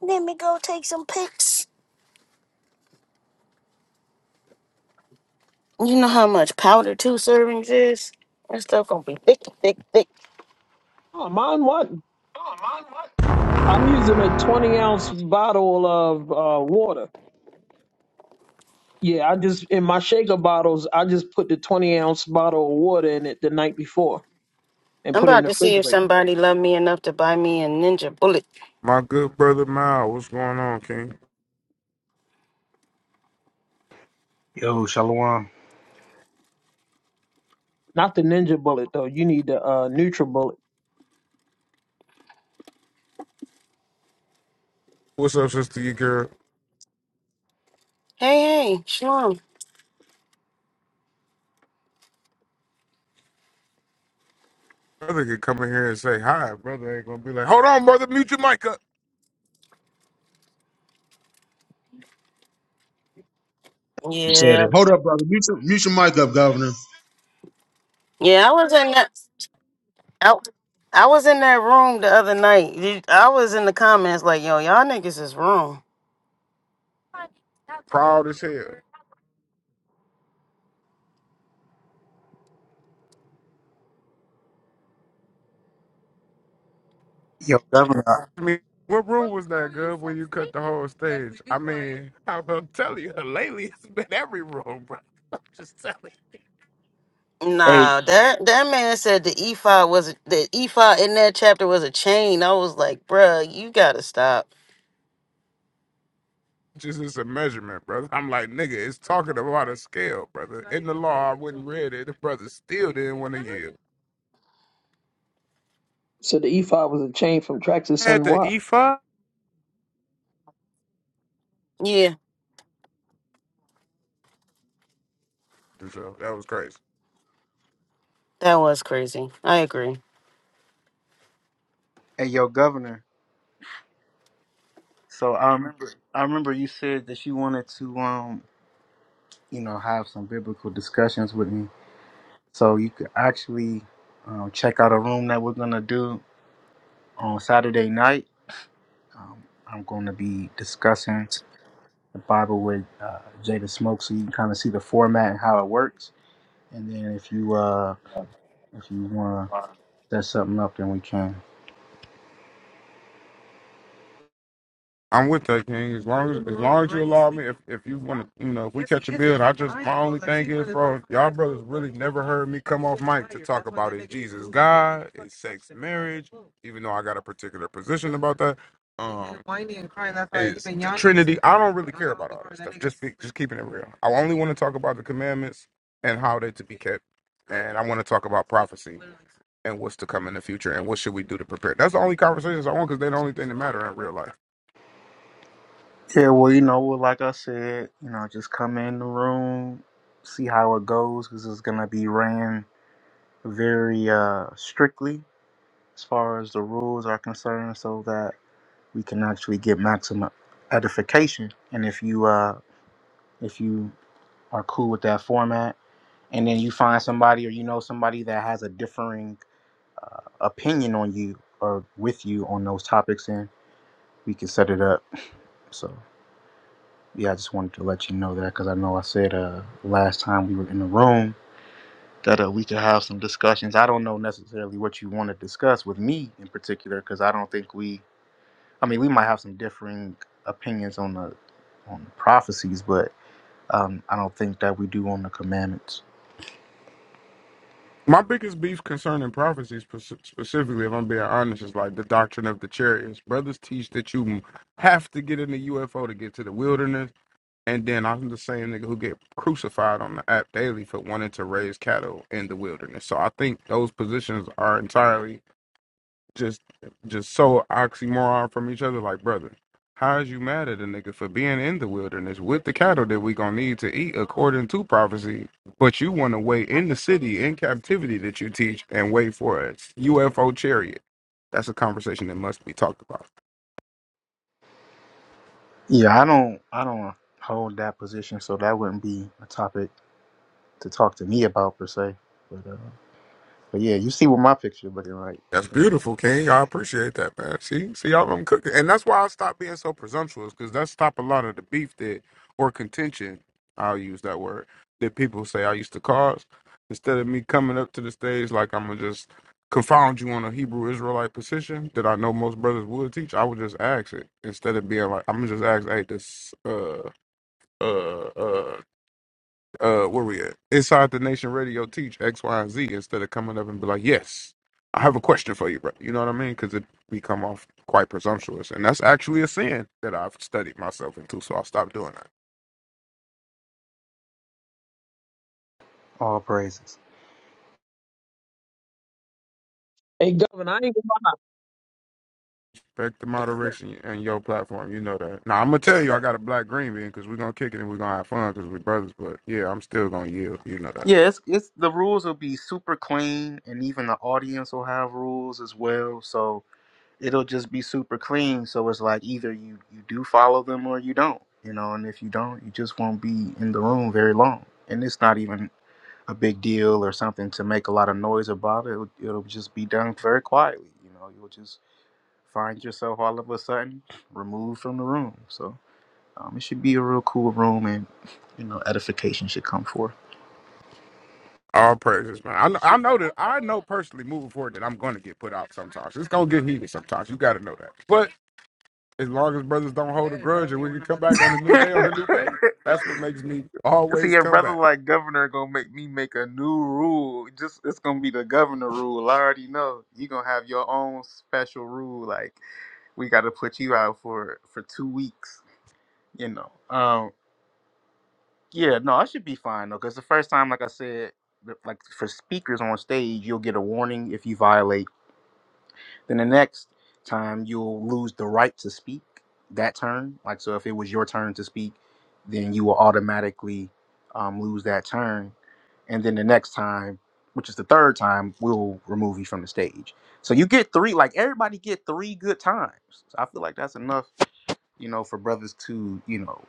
L: Let me go take some pics. You know how much powder two servings is? That stuff gonna be thick, thick, thick.
F: Oh, mine what? I'm using a twenty ounce bottle of uh, water. Yeah, I just in my shaker bottles, I just put the twenty ounce bottle of water in it the night before and
L: I'm
F: put it in
L: about
F: the
L: to see if
F: refrigerator.
L: somebody loved me enough to buy me a ninja bullet.
E: My good brother Mal, what's going on, King?
I: Yo, Shalom.
F: Not the ninja bullet though. You need the uh neutral bullet.
E: What's up, sister? Your girl,
L: Hey, hey, Shalom.
E: brother could come in here and say hi. Brother ain't gonna be like, hold on, brother, mute your mic up.
C: You said it.
L: Yeah,
C: Hold up, brother. Mute your, mute your mic up, Governor.
L: yeah. I was in that. I, I was in that room the other night. You- I was in the comments like, "Yo, y'all niggas is wrong."
E: Proud as hell.
I: Yo, governor.
E: I mean, what room was that, Gov, when you cut the whole stage? I mean, I'm, I'm telling you, lately it's been every room, bro. I'm just telling you.
I: Hey,
L: Nah, that that man said the ephod was the ephod in that chapter was a chain. I was like, "Bruh, you gotta stop."
E: Just it's a measurement, brother. I'm like, nigga, it's talking about a scale, brother. In the law, I wouldn't read it. The brother still didn't want to yield.
F: So the E5 was a chain from Traxxas
E: Had
F: and
E: the
F: Y.
E: E5?
L: Yeah,
E: So that was crazy.
L: that was crazy. I agree.
I: hey, yo, governor. So I remember, I remember you said that you wanted to, um, you know, have some biblical discussions with me. So you could actually um, check out a room that we're gonna do on Saturday night. Um, I'm going to be discussing the Bible with uh, Jada Smoke, so you can kind of see the format and how it works. And then if you, uh, if you wanna set something up, then we can.
E: I'm with that, King. As long as as long as you allow me, if if you want to, you know, if we catch a build, I just my only thing is, bro, y'all brothers really never heard me come off mic to talk about is Jesus God, is sex marriage, even though I got a particular position about that. Um, is the Trinity. I don't really care about all that stuff. Just be, just keeping it real. I only want to talk about the commandments and how they to be kept, and I want to talk about prophecy and what's to come in the future and what should we do to prepare. That's the only conversations I want because they're the only thing that matter in real life.
I: Yeah, well, you know, well, like I said, you know, just come in the room, see how it goes, because it's gonna be ran very uh, strictly as far as the rules are concerned, so that we can actually get maximum edification. And if you uh, if you are cool with that format, and then you find somebody or you know somebody that has a differing uh, opinion on you or with you on those topics, then we can set it up. So. Yeah, I just wanted to let you know that because I know I said uh, last time we were in the room that uh, we could have some discussions. I don't know necessarily what you want to discuss with me in particular because I don't think we. I mean, we might have some differing opinions on the on the prophecies, but um, I don't think that we do on the commandments.
E: My biggest beef concerning prophecy, spec- specifically, if I'm being honest, is like the doctrine of the chariots. Brothers teach that you have to get in the UFO to get to the wilderness, and then I'm the same nigga who get crucified on the app daily for wanting to raise cattle in the wilderness. So I think those positions are entirely just just so oxymoron from each other like brother how is you mad at a nigga for being in the wilderness with the cattle that we gonna need to eat according to prophecy but you want to wait in the city in captivity that you teach and wait for a ufo chariot that's a conversation that must be talked about
I: Yeah, I don't. I don't hold that position, so that wouldn't be a topic to talk to me about per se. But uh, but yeah, you see what my picture looking like.
E: That's
I: You know,
E: beautiful, King. I appreciate that, man. See, see, I'm, I'm cooking, and that's why I stopped being so presumptuous because that's stop a lot of the beef that or contention. I'll use that word that people say I used to cause. Instead of me coming up to the stage like I'm gonna just confound you on a Hebrew Israelite position that I know most brothers would teach, I would just ask it instead of being like I'm gonna just ask, hey, this uh uh uh uh where we at inside the nation radio teach x y and z instead of coming up and be like yes i have a question for you bro you know what i mean because it become off quite presumptuous and that's actually a sin that i've studied myself into so i'll stop doing that
I: all praises.
F: Hey, Governor, I ain't gonna lie.
E: Respect the moderation and your platform. You know that. Now I'm gonna tell you, I got a black green bean because we're gonna kick it and we're gonna have fun because we're brothers. But yeah, I'm still gonna yield. You know that.
I: Yeah, it's, it's the rules will be super clean, and even the audience will have rules as well. So it'll just be super clean. So it's like either you you do follow them or you don't, you know. And if you don't, you just won't be in the room very long. And it's not even a big deal or something to make a lot of noise about it. It'll, it'll just be done very quietly, you know. You'll just find yourself all of a sudden removed from the room. So um, it should be a real cool room, and you know, edification should come forth.
E: All praises, man. I know, I know that I know personally moving forward that I'm gonna get put out sometimes. It's gonna get heated sometimes. You gotta know that. But. as long as brothers don't hold a grudge and we can come back on a new day on a new page. That's what makes me
I: See,
E: always
I: your
E: come
I: brother
E: back.
I: like governor gonna make me make a new rule. Just it's gonna be the governor rule. I already know you gonna have your own special rule. Like we gotta put you out for for two weeks. You know. Um. Yeah. No, I should be fine though, because the first time, like I said, the- like for speakers on stage, you'll get a warning if you violate. Then the next time, you'll lose the right to speak that turn. Like so, if it was your turn to speak, then you will automatically um, lose that turn and then the next time, which is the third time, we'll remove you from the stage. So you get three, like everybody get three good times. So I feel like that's enough, you know, for brothers to, you know,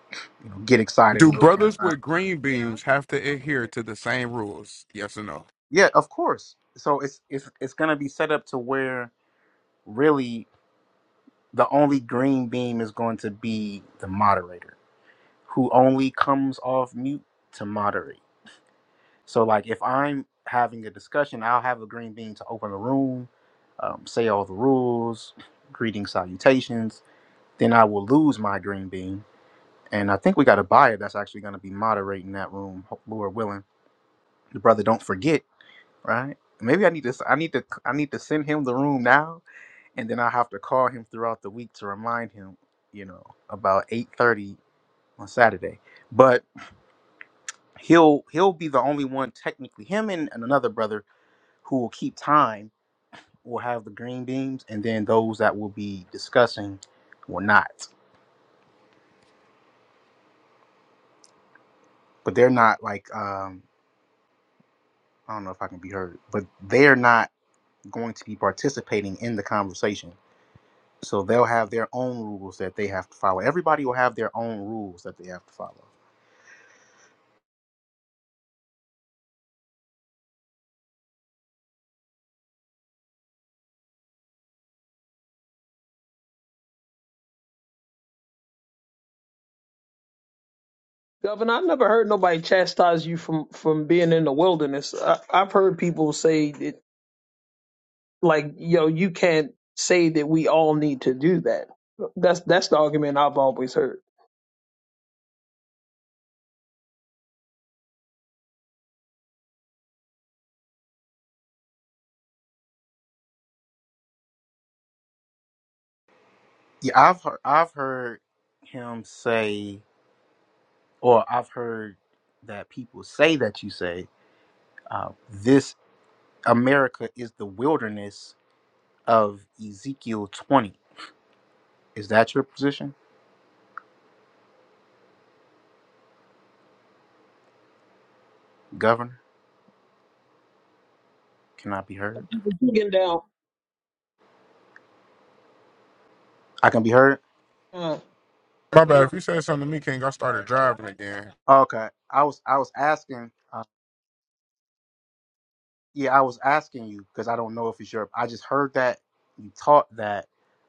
I: you know, get excited a
E: Do
I: little
E: brothers
I: sometimes.
E: with green beams have to adhere to the same rules? Yes or no?
I: Yeah, of course. So it's it's it's gonna be set up to where really the only green beam is going to be the moderator, who only comes off mute to moderate. So like if I'm having a discussion, I'll have a green bean to open the room, um, say all the rules, greeting salutations. Then I will lose my green bean, and I think we got a buyer that's actually going to be moderating that room, ho- Lord willing. The brother, don't forget, right? Maybe I need to. s- I need to. I need to send him the room now, and then I have to call him throughout the week to remind him. You know, about eight thirty on Saturday, but he'll he'll be the only one technically. Him and, and another brother who will keep time will have the green beams, and then those that will be discussing will not. But they're not like um, I don't know if I can be heard, but they're not going to be participating in the conversation. So they'll have their own rules that they have to follow. Everybody will have their own rules that they have to follow.
F: Governor, I never heard nobody chastise you from from being in the wilderness. I, I've heard people say that, like, yo, you can't say that we all need to do that. That's that's the argument I've always heard.
I: Yeah, I've heard I've heard him say, or I've heard that people say that you say uh, this America is the wilderness of Ezekiel 20 Is that your position? Governor cannot be heard.
F: People digging down.
I: I can be heard.
E: My bad. If you said something to me, King, I started driving again.
I: Okay. I was I was asking. Uh, yeah, I was asking you because I don't know if it's your. I just heard that you taught that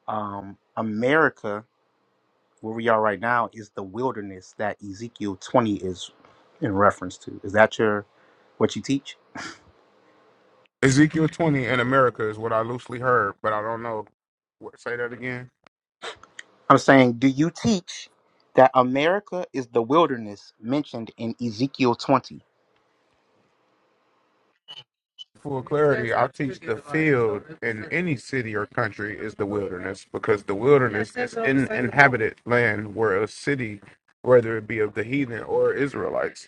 I: um, America, where we are right now, is the wilderness that Ezekiel twenty is in reference to. Is that your what you teach?
E: Ezekiel 20 in America is what I loosely heard, but I don't know. What, say that again.
I: I'm saying, do you teach that America is the wilderness mentioned in Ezekiel 20?
E: Full clarity, I teach the field in any city or country is the wilderness because the wilderness is in inhabited land where a city, whether it be of the heathen or Israelites,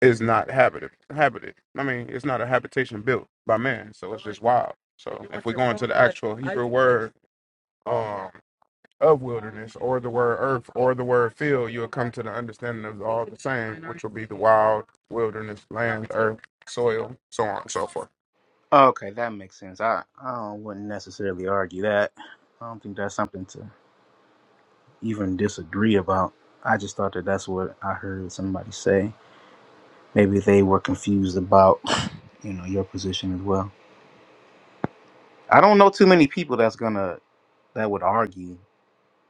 E: is not habited. Habited. I mean, it's not a habitation built by man, so it's just wild. So if we go into the actual Hebrew word um, of wilderness, or the word earth, or the word field, you'll come to the understanding of all the same, which will be the wild, wilderness, land, earth, soil, so on and so forth.
I: Okay, that makes sense. I, I wouldn't necessarily argue that. I don't think that's something to even disagree about. I just thought that that's what I heard somebody say. Maybe they were confused about, you know, your position as well. I don't know too many people that's gonna that would argue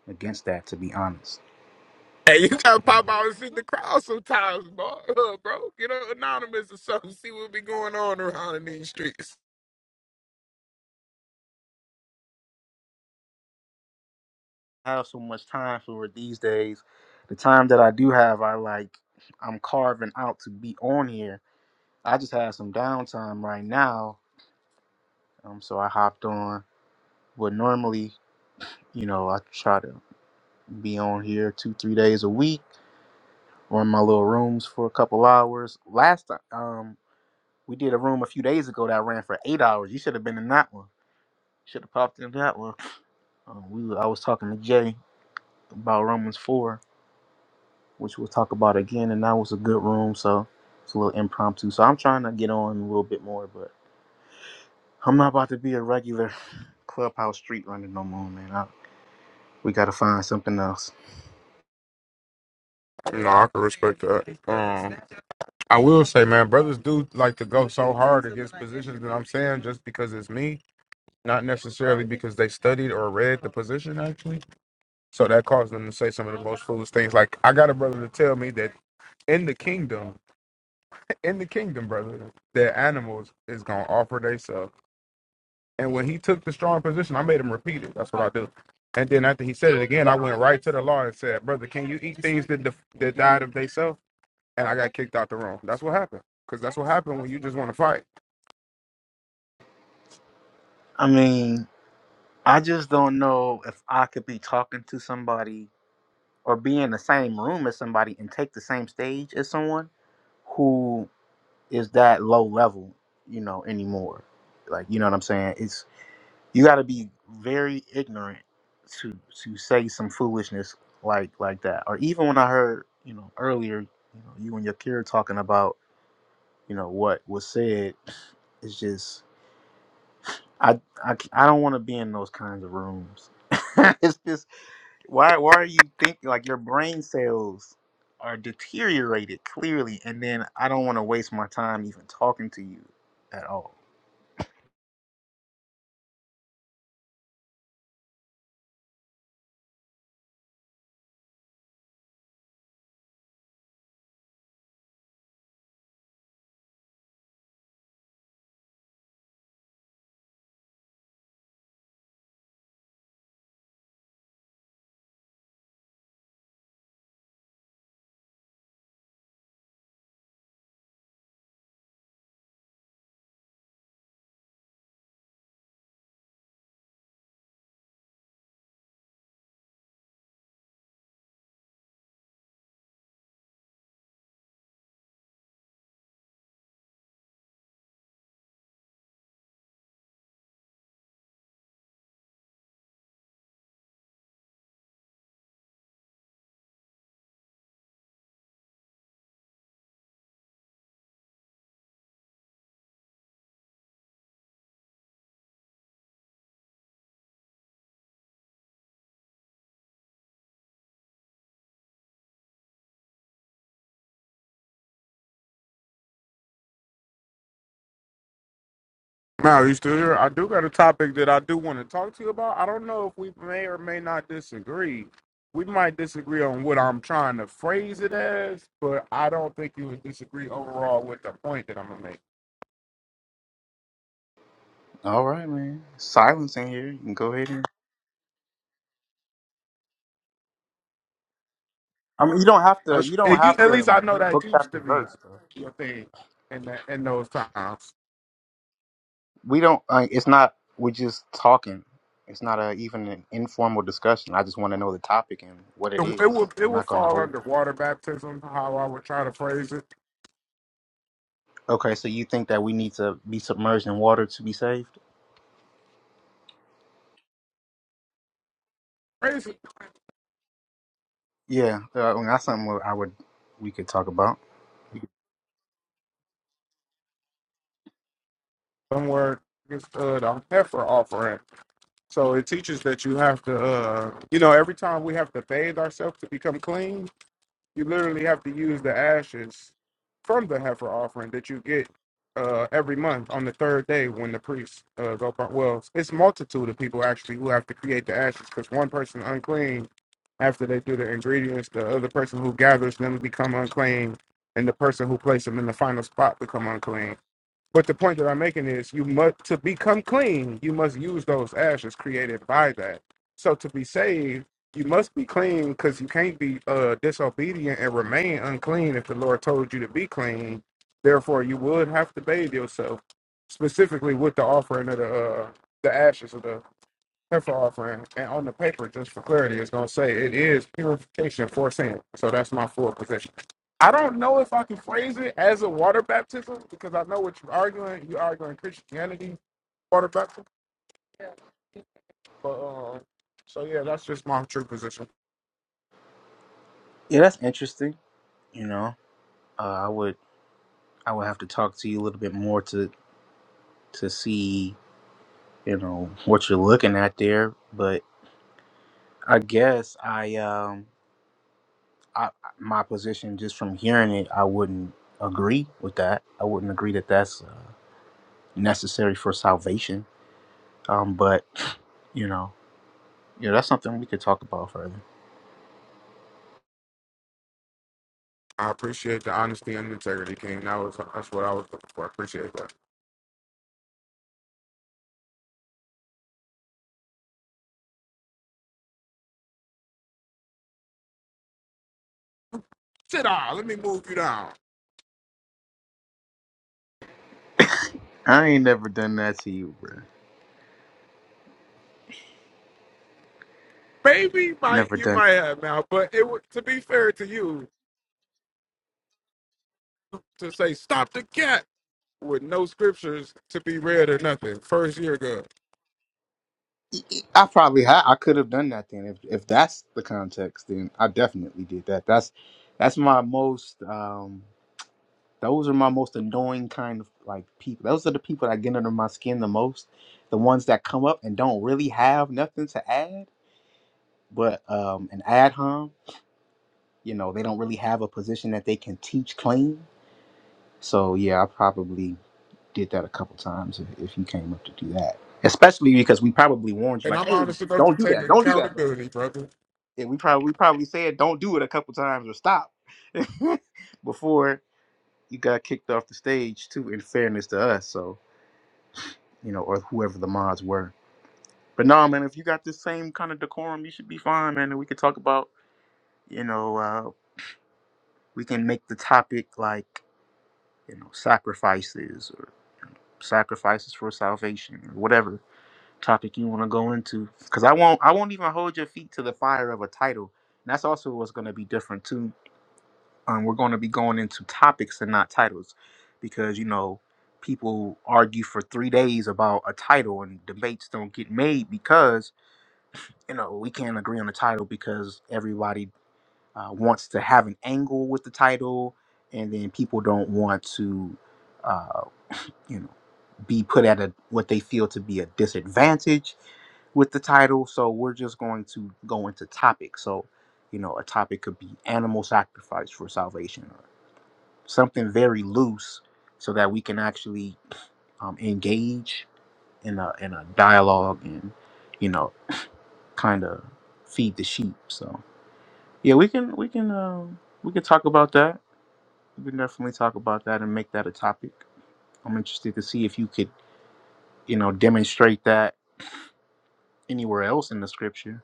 I: against that. To be honest,
E: Hey, you gotta
I: you know,
E: pop out and see the crowd sometimes, bro. Uh, bro. Get on anonymous or something, see what be going on around in these streets.
I: I have so much time for it these days. The time that I do have, I like I'm carving out to be on here. I just have some downtime right now, um, so I hopped on But normally, you know, I try to be on here two, three days a week, or in my little rooms for a couple hours. Last time, um, we did a room a few days ago that ran for eight hours. You should have been in that one. Should have popped in that one. Um, we, were- I was talking to Jay about Romans four, which we'll talk about again, and that was a good room. So it's a little impromptu. So I'm trying to get on a little bit more, but I'm not about to be a regular clubhouse street runner no more, man. I, we got to find something else.
E: No, I can respect that. Um, I will say, man, brothers do like to go so hard against positions that I'm saying just because it's me, not necessarily because they studied or read the position actually. So that caused them to say some of the most foolish things. Like I got a brother to tell me that in the kingdom, in the kingdom, brother, that animals is gonna offer themselves. And when he took the strong position, I made him repeat it. That's what I do. And then after he said it again, I went right to the law and said, "Brother, can you eat things that def- that died of themselves?" And I got kicked out the room. That's what happened. Because that's what happened when you just want to fight.
I: I mean. I just don't know if I could be talking to somebody or be in the same room as somebody and take the same stage as someone who is that low level, you know, anymore. Like, you know what I'm saying? It's you got to be very ignorant to to say some foolishness like like that. Or even when I heard, you know, earlier, you know, you and your kid talking about, you know, what was said, it's just I I I, c- I don't want to be in those kinds of rooms. it's just why why are you thinking like your brain cells are deteriorated clearly and then i don't want to waste my time even talking to you at all
E: Now, you still here? I do got a topic that I do want to talk to you about. I don't know if we may or may not disagree. We might disagree on what I'm trying to phrase it as, but I don't think you would disagree overall with the point that I'm gonna make.
I: all right man silence in here you can go ahead and i mean you don't have to
E: That's-
I: you don't
E: If you,
I: have
E: at
I: to
E: least I know
I: get
E: that
I: book
E: used to
I: chapter
E: be
I: verse bro.
E: your thing in the, in those times.
I: we don't uh, it's not we're just talking it's not a, even an informal discussion i just want to know the topic and what it
E: It it
I: is
E: would it
I: i'm
E: would
I: not going to
E: fall
I: hold
E: under
I: it.
E: water baptism. How I would try to phrase it.
I: okay so you think that we need to be submerged in water to be saved
E: Phrase it
I: Yeah, uh, well, that's something where I would we could talk about.
E: somewhere. Just uh, the heifer offering. So it teaches that you have to, uh, you know, every time we have to bathe ourselves to become clean, you literally have to use the ashes from the heifer offering that you get uh, every month on the third day when the priests uh, go. par- Well, it's multitude of people actually who have to create the ashes because one person unclean after they do the ingredients, the other person who gathers them become unclean, and the person who places them in the final spot become unclean. But the point that I'm making is you must to become clean, you must use those ashes created by that. So to be saved, you must be clean because you can't be uh disobedient and remain unclean if the Lord told you to be clean. Therefore you would have to bathe yourself specifically with the offering of the uh the ashes of the Heifer offering, and on the paper, just for clarity, it's gonna say it is purification for sin. So that's my full position. I don't know if I can phrase it as a water baptism because I know what you're arguing. You're arguing Christianity water baptism, but um, so yeah, that's just my true position.
I: Yeah, that's interesting. You know, uh, I would I would have to talk to you a little bit more to to see you know what you're looking at there. But I guess I um I my position just from hearing it, I wouldn't agree with that. I wouldn't agree that that's uh, necessary for salvation. Um, but you know, yeah, that's something we could talk about further.
E: I appreciate the honesty and integrity, King. That was that's what I was looking for. I appreciate that. Sit down. Let me move you down.
I: I ain't never done that to you, bro.
E: Maybe might
I: Never
E: you
I: done.
E: might have now, but it would to be fair to you to say stop the cat with no scriptures to be read or nothing. First year ago,
I: I probably had I could have done that then if if that's the context then I definitely did that. That's that's my most um those are my most annoying kind of like people. Those are the people that get under my skin the most. The ones that come up and don't really have nothing to add, but um an ad hom, you know, they don't really have a position that they can teach clean. So yeah, I probably did that a couple times if, if you came up to do that. Especially because we probably warned you
E: and
I: like,
E: I'm
I: hey,
E: honest enough to
I: don't do
E: take
I: that. Don't do that.
E: accountability, brother.
I: and we probably we probably said don't do it a couple times or stop before you got kicked off the stage too in fairness to us so you know or whoever the mods were but no man if you got the same kind of decorum you should be fine man and we could talk about you know uh, we can make the topic like you know sacrifices or sacrifices for salvation or whatever topic you want to go into because i won't i won't even hold your feet to the fire of a title and that's also what's going to be different too um, we're going to be going into topics and not titles because you know people argue for three days about a title and debates don't get made because you know we can't agree on the title because everybody uh, wants to have an angle with the title and then people don't want to uh, you know be put at a what they feel to be a disadvantage with the title so we're just going to go into topics so you know a topic could be animal sacrifice for salvation something very loose so that we can actually um, engage in a in a dialogue and you know kind of feed the sheep so yeah we can we can um we can talk about that we can definitely talk about that and make that a topic i'm interested to see if you could you know demonstrate that anywhere else in the scripture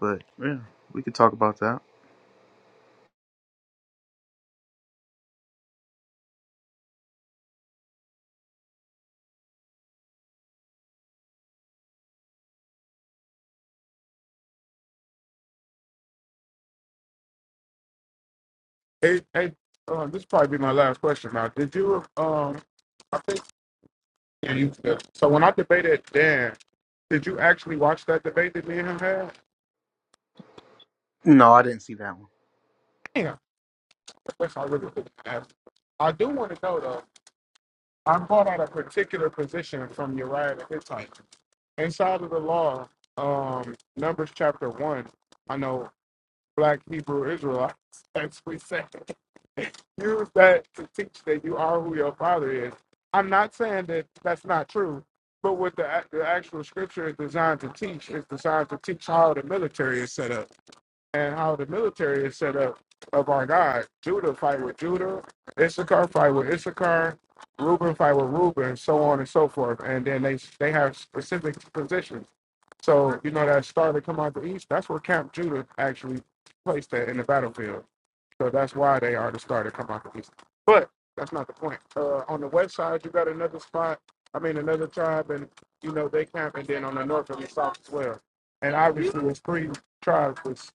I: But yeah, we could talk about that.
E: Hey, hey, uh, this probably be my last question. Now, did you um? I think yeah, you. yeah. So when I debated Dan, did you actually watch that debate that me and him had?
I: No, I didn't see that
E: Yeah, that's all I really wanted not ask. I do want to know though. I brought out a particular position from Uriah the Hittite inside of the law, um, Numbers chapter one. I know black Hebrew Israelites, as we say. use that to teach that you are who your father is. I'm not saying that that's not true, but what the, ac- the actual scripture is designed to teach is designed to teach how the military is set up and how the military is set up of our God. Judah fight with Judah, Issachar fight with Issachar, Reuben fight with Reuben, so on and so forth. And then they they have specific positions. So you know that star that come out the east, that's where Camp Judah actually placed that in the battlefield. So that's why they are the starter come out the East. But that's not the point. Uh, on the west side, you got another spot. I mean, another tribe, and you know they camp, and then on the north and the south as well. And obviously, it's three tribes that's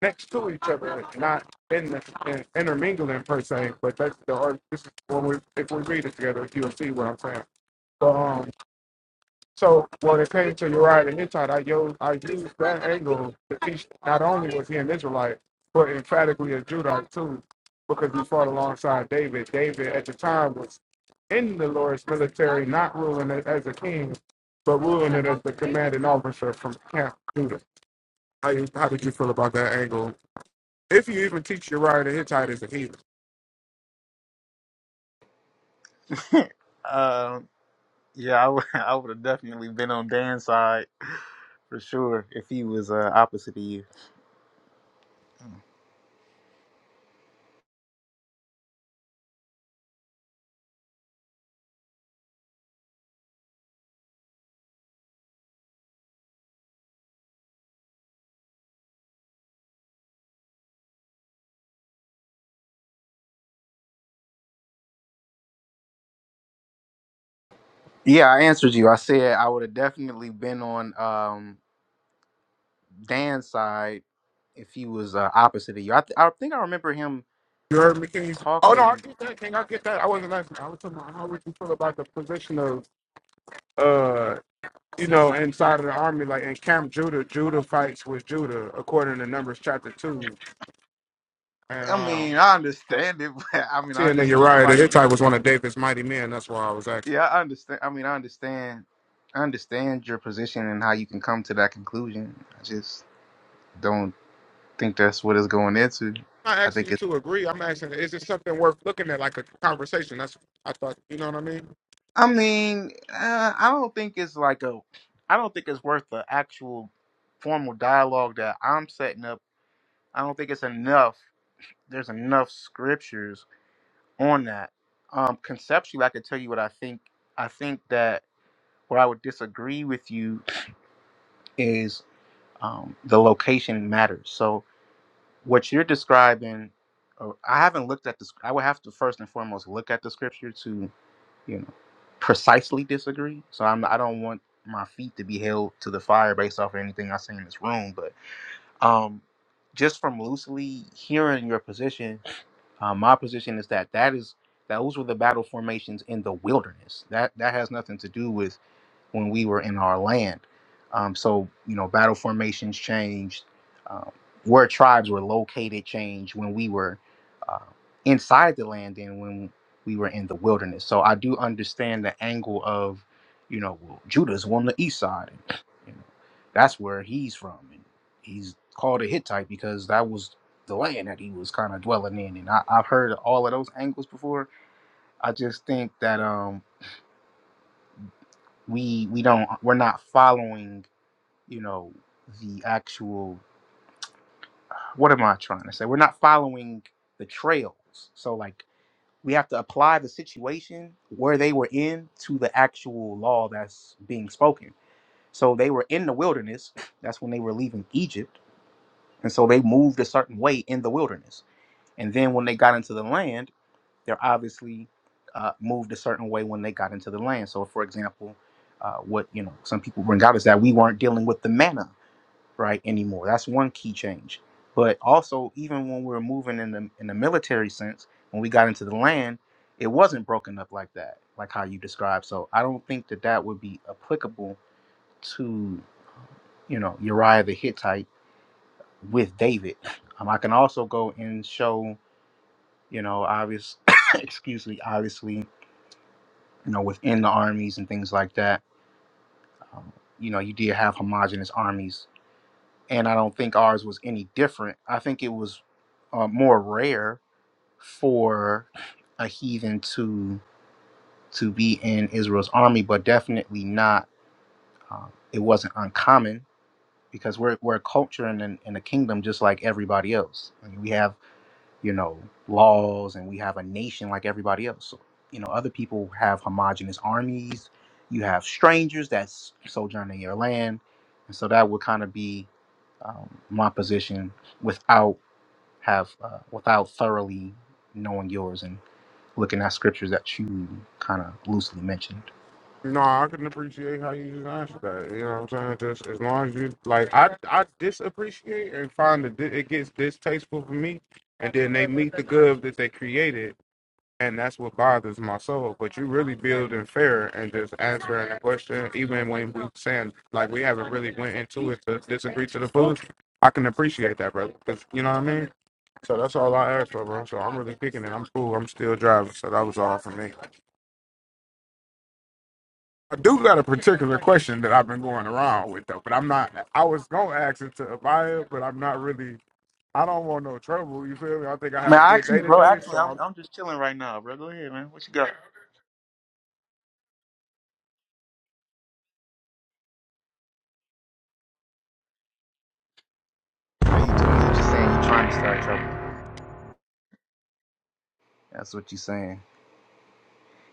E: next to each other, not in the in, intermingling per se. But that's the or this is when we if we read it together, you'll see what I'm saying. So um, so when it came to Uriah the Hittite, I used, I used that angle to teach not only was he an Israelite, but emphatically a Judite too, because he fought alongside David. David at the time was in the Lord's military, not ruling it as a king, but ruling it as the commanding officer from Camp Judah. How, you, how did you feel about that angle? If you even teach Uriah the Hittite as a heathen.
I: one. Um, yeah, I would have definitely been on Dan's side for sure if he was uh, opposite of you. Yeah, I answered you. I said I would have definitely been on um, Dan's side if he was uh, opposite of you. I, th- I think I remember him
E: You heard me, King? Oh, no, I
I: talking.
E: get that, King. I get that. I wasn't asking. I was talking about how would you feel about the position of uh you know, inside of the army, like in Camp Judah, Judah fights with Judah, according to Numbers chapter two. And
I: I
E: um,
I: mean, I understand it. But I mean, I
E: seeing that
I: understand
E: Uriah the
I: why you.
E: Hittite was one of David's mighty men, that's why I was asking.
I: Yeah, I understand. I mean, I understand. I understand your position and how you can come to that conclusion. I just don't think that's what it's going into.
E: I'm not
I: I
E: asking
I: think
E: you
I: it's.
E: to agree. I'm asking, is it something worth looking at, like a conversation? That's I thought. You know what I mean?
I: I mean, uh, I don't think it's like a. I don't think it's worth the actual formal dialogue that I'm setting up. I don't think it's enough. There's enough scriptures on that. Um, conceptually, I could tell you what I think. I think that where I would disagree with you is um, the location matters. So what you're describing, or I haven't looked at this. I would have to first and foremost look at the scripture to, you know, precisely disagree. So I'm. I don't want my feet to be held to the fire based off of anything I say in this room. But um, just from loosely hearing your position, um, my position is that that is those were the battle formations in the wilderness. That that has nothing to do with when we were in our land. Um, so, you know, battle formations changed. Um, where tribes were located changed when we were uh, inside the land and when we were in the wilderness. So I do understand the angle of, you know, well, Judah's on the east side. And, you know, that's where he's from. And he's called a Hittite because that was the land that he was kind of dwelling in. And I, I've heard all of those angles before. I just think that um, we we don't we're not following you know, the actual what am I trying to say? We're not following the trails. So like we have to apply the situation where they were in to the actual law that's being spoken. So they were in the wilderness. That's when they were leaving Egypt. And so they moved a certain way in the wilderness. And then when they got into the land, they're obviously uh, moved a certain way when they got into the land. So, for example, uh, what you know, some people bring out is that we weren't dealing with the manna right anymore. That's one key change. But also, even when we were moving in the in the military sense, when we got into the land, it wasn't broken up like that, like how you described. So I don't think that that would be applicable to you know Uriah the Hittite with David. Um, I can also go and show you know obvious excuse me obviously you know within the armies and things like that. Um, you know you did have homogenous armies and I don't think ours was any different. I think it was uh, more rare for a heathen to to be in Israel's army, but definitely not. Um, it wasn't uncommon because we're we're a culture and an- and a kingdom just like everybody else. I mean, we have you know, laws and we have a nation like everybody else. So, you know, other people have homogenous armies. You have strangers that s- sojourn in your land. And so that would kind of be um, my position without have uh, without thoroughly knowing yours and looking at scriptures that you kind of loosely mentioned.
E: No, I can appreciate how you answer that. You know what I'm saying? Just as long as you like, I I disappreciate and find that it gets distasteful for me, and then they meet the good that they created and that's what bothers my soul. But you really building fair and just answering the question, even when we saying like we haven't really went into it to disagree to the fullest. I can appreciate that, brother. 'cause you know what I mean. So that's all I asked for, bro. So I'm really picking it. I'm cool. I'm still driving. So that was all for me. I do got a particular question that I've been going around with though, but I'm not. I was gonna ask it to Abaya, but I'm not really. I don't want no trouble. You feel me? I think I had
I: Man,
E: a good day
I: actually, bro,
E: today,
I: actually,
E: so I'm
I: I'm I'm just chilling right now, bro. Go ahead, man. What you got? Are you are you just saying you trying to start trouble? That's what you saying.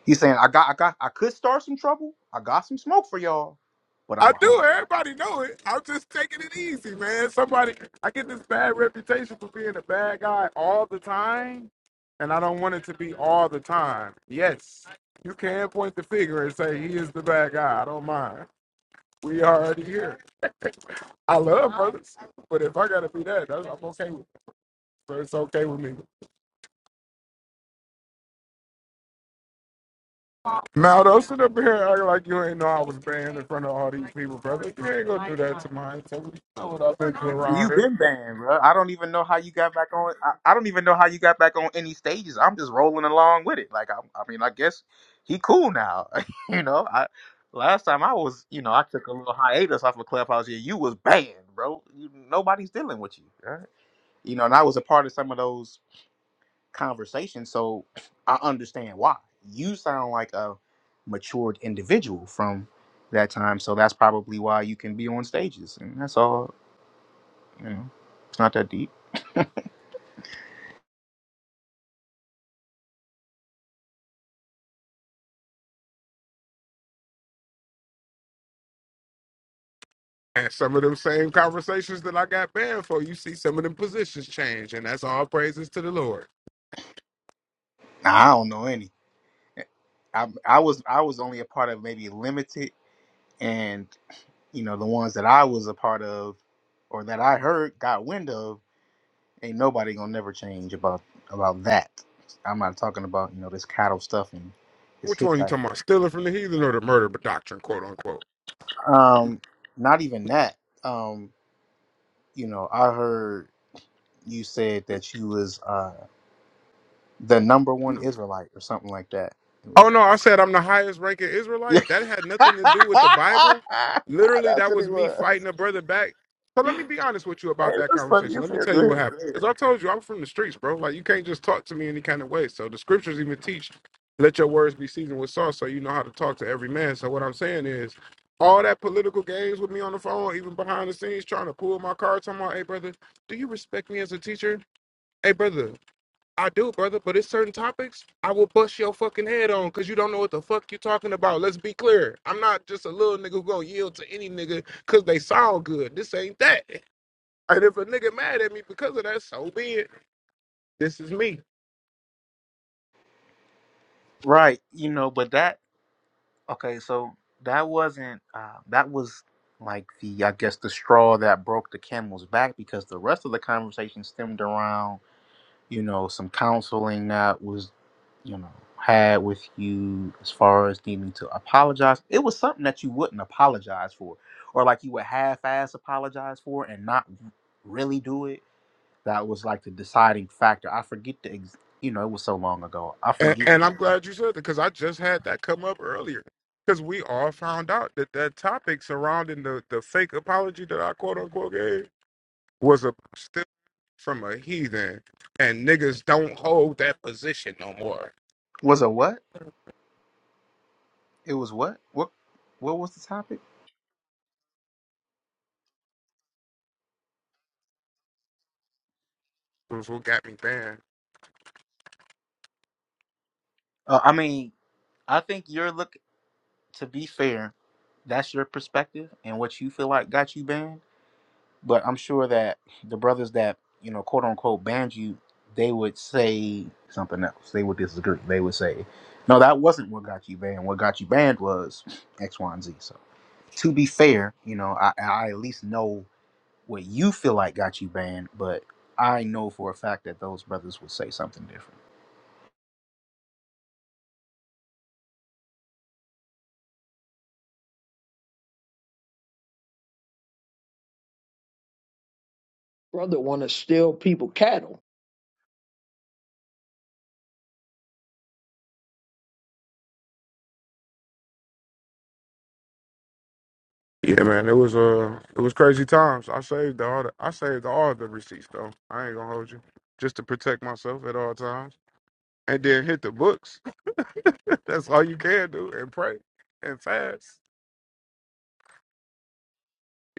I: He's saying I got I got I could start some trouble. I got some smoke for y'all, but
E: I
I: I'ma hold
E: do.
I: it.
E: Everybody know it. I'm just taking it easy, man. Somebody, I get this bad reputation for being a bad guy all the time, and I don't want it to be all the time. Yes, you can point the finger and say he is the bad guy. I don't mind. We already here. I love brothers, but if I gotta be that, that's, I'm okay with it. So it's okay with me. Maldo, sit up here and act like you ain't know I was banned in front of all these people, brother. You ain't gonna do that to mine. So we know what I've been through around
I: You
E: here.
I: been banned, bro. I don't even know how you got back on. I, I don't even know how you got back on any stages. I'm just rolling along with it. Like I, I mean, I guess he cool now. you know, I last time I was, you know, I took a little hiatus off of Clubhouse. Yeah, you was banned, bro. You, nobody's dealing with you. you know, and I was a part of some of those conversations, so I understand why. You sound like a matured individual from that time, so that's probably why you can be on stages, and that's all. You know, it's not that deep.
E: And some of them same conversations that I got banned for, you see some of them positions change, and that's all praises to the Lord.
I: I don't know any. I I was I was only a part of maybe limited, and you know the ones that I was a part of, or that I heard got wind of. Ain't nobody gonna never change about about that. I'm not talking about you know this cattle stuff and this
E: Which one you talking
I: Hittite.
E: about? Stealing from the heathen or the murder doctrine, quote unquote?
I: Um, not even that. Um, you know, I heard you said that you was uh the number one Israelite or something like that. It
E: Oh
I: was
E: no,
I: like
E: I said I'm the highest ranking
I: Yeah.
E: Israelite. That had nothing to do
I: That's
E: with the Bible. Literally, that
I: what it
E: was me
I: was.
E: fighting a brother back. So
I: Hey,
E: let me be honest with you about that
I: that's funny
E: conversation.
I: you
E: Let
I: said
E: me tell you what happened. As
I: that.
E: I told you, I'm from the streets, bro. Like you can't just talk to me any kind of way. So the scriptures even teach, let your words be seasoned with salt, so you know how to talk to every man. So what I'm saying is, all that political games with me on the phone, even behind the scenes, trying to pull my card, talking about, hey brother, do you respect me as a teacher? Hey brother, I do, brother, but it's certain topics I will bust your fucking head on because you don't know what the fuck you talking about. Let's be clear. I'm not just a little nigga who gonna yield to any nigga because they sound good. This ain't that. And if a nigga mad at me because of that, so be it. This is me.
I: Right, you know, but that okay, so that wasn't uh that was like the I guess the straw that broke the camel's back because the rest of the conversation stemmed around you know, some counseling that was, you know, had with you as far as needing to apologize. It was something that you wouldn't apologize for, or like you would half ass apologize for and not really do it. That was like the deciding factor. I forget the, ex- you know, it was so long ago. I
E: And,
I: forget.
E: and
I: the
E: I'm
I: exact-
E: glad you said that because I just had that come up earlier. Because we all found out that that topic surrounding the, the fake apology that I quote unquote gave was a still from a heathen. And niggas don't hold that position no more
I: Was a what? It was what? What? What was the topic?
E: was what got me banned.
I: Uh, I mean, I think you're look. To be fair, that's your perspective and what you feel like got you banned But I'm sure that the brothers that, you know, quote unquote banned you, they would say something else. They would disagree. They would say, no, that wasn't what got you banned. What got you banned was X, Y, and Z. So to be fair, you know, I, I at least know what you feel like got you banned, but I know for a fact that those brothers would say something different.
F: brother want to steal people cattle.
E: Yeah, man, it was uh, it was crazy times. I saved all the, I saved all the receipts though. I ain't gonna hold you, just to protect myself at all times, and then hit the books. That's all you can do, and pray and fast.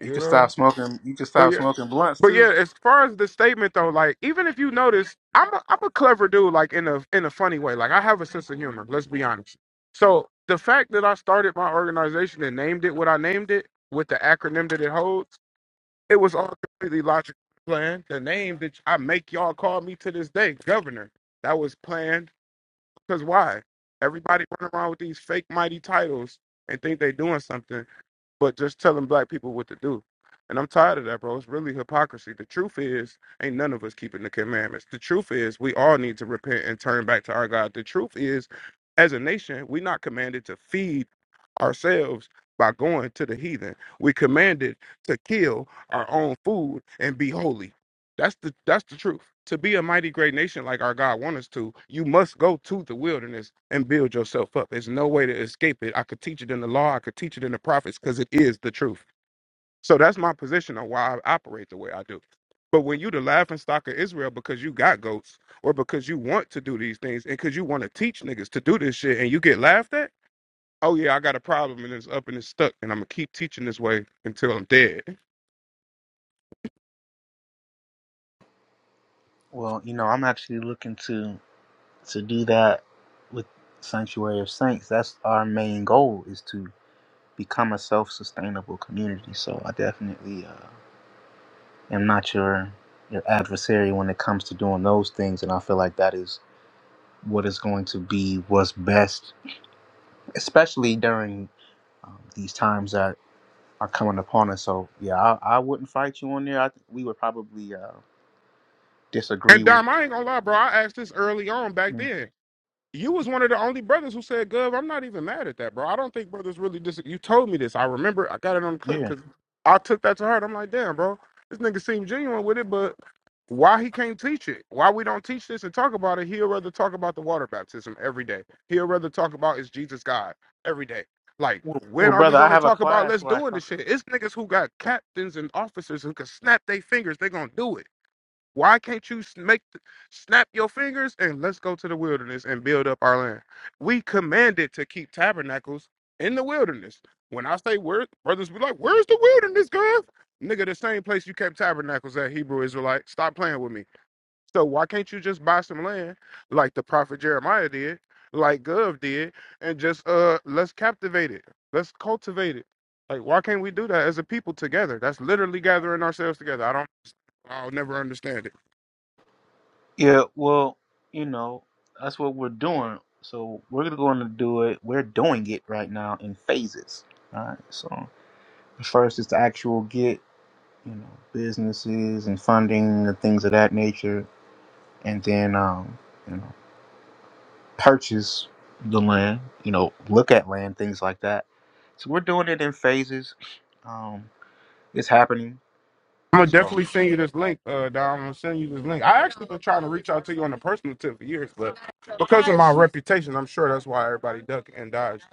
I: You can
E: know,
I: stop smoking. You can
E: but
I: stop
E: yeah,
I: smoking blunts
E: but
I: too.
E: yeah. As far as the statement though, like even if you notice, I'm a, I'm a clever dude, like in a in a funny way. Like I have a sense of humor. Let's be honest. So the fact that I started my organization and named it what I named it with the acronym that it holds It was all completely logical plan. The name that I make y'all call me to this day, Governor, that was planned. Because why? Everybody running around with these fake mighty titles and think they doing something but just telling black people what to do. And I'm tired of that, bro. It's really hypocrisy. The truth is, ain't none of us keeping the commandments. The truth is, we all need to repent and turn back to our God. The truth is, as a nation, we're not commanded to feed ourselves by going to the heathen. We're commanded to kill our own food and be holy. That's the that's the truth. To be a mighty great nation like our God wants us to, you must go to the wilderness and build yourself up. There's no way to escape it. I could teach it in the law, I could teach it in the prophets, because it is the truth. So that's my position on why I operate the way I do. But when you the laughing stock of Israel because you got goats or because you want to do these things and because you want to teach niggas to do this shit and you get laughed at, oh yeah, I got a problem and it's up and it's stuck and I'm gonna keep teaching this way until I'm dead.
I: Well, you know, I'm actually looking to to do that with Sanctuary of Saints. That's our main goal is to become a self-sustainable community. So I definitely uh, am not your your adversary when it comes to doing those things, and I feel like that is what is going to be what's best, especially during um, these times that are coming upon us. So yeah, I, I wouldn't fight you on there. I think we would probably uh,
E: And
I: disagree with.
E: Dom, I ain't gonna lie, bro. I asked this early on back
I: Mm,
E: then. You was one of the only brothers who said, "Gov, I'm not even mad at that, bro. I don't think brothers really dis." You told me this. I remember. I got it on the clip
I: Yeah.
E: because I took that to heart. I'm like, damn, bro, this nigga seemed genuine with it, but why he can't teach it? Why we don't teach this and talk about it? He'll rather talk about the water baptism every day. He'll rather talk about is Jesus God every day. Like,
I: Well,
E: when
I: well,
E: are we
I: brother, I
E: going to
I: have a
E: talk about
I: class
E: let's
I: where I
E: doing this
I: talk.
E: shit? It's niggas who got captains and officers who can snap their fingers. They're going to do it. Why can't you s- make th- snap your fingers and let's go to the wilderness and build up our land? We commanded to keep tabernacles in the wilderness. When I say where brothers be like, where's the wilderness, girl? Nigga, the same place you kept tabernacles at, Hebrew Israelite. Stop playing with me. So why can't you just buy some land like the prophet Jeremiah did, like Gov did, and just uh let's captivate it. Let's cultivate it. Like why can't we do that as a people together? That's literally gathering ourselves together. I don't I'll never understand it.
I: Yeah, well, you know, that's what we're doing. So we're going to do it. We're doing it right now in phases. All right. So the first is to actual get, you know, businesses and funding and things of that nature, and then, um, you know, purchase the land. You know, look at land, things like that. So we're doing it in phases. Um, it's happening.
E: I'm gonna
I: So
E: definitely send you this link, uh, Dom. I'm gonna send you this link. I actually been trying to reach out to you on a personal tip for years, but because of my reputation, I'm sure that's why everybody ducked and dodged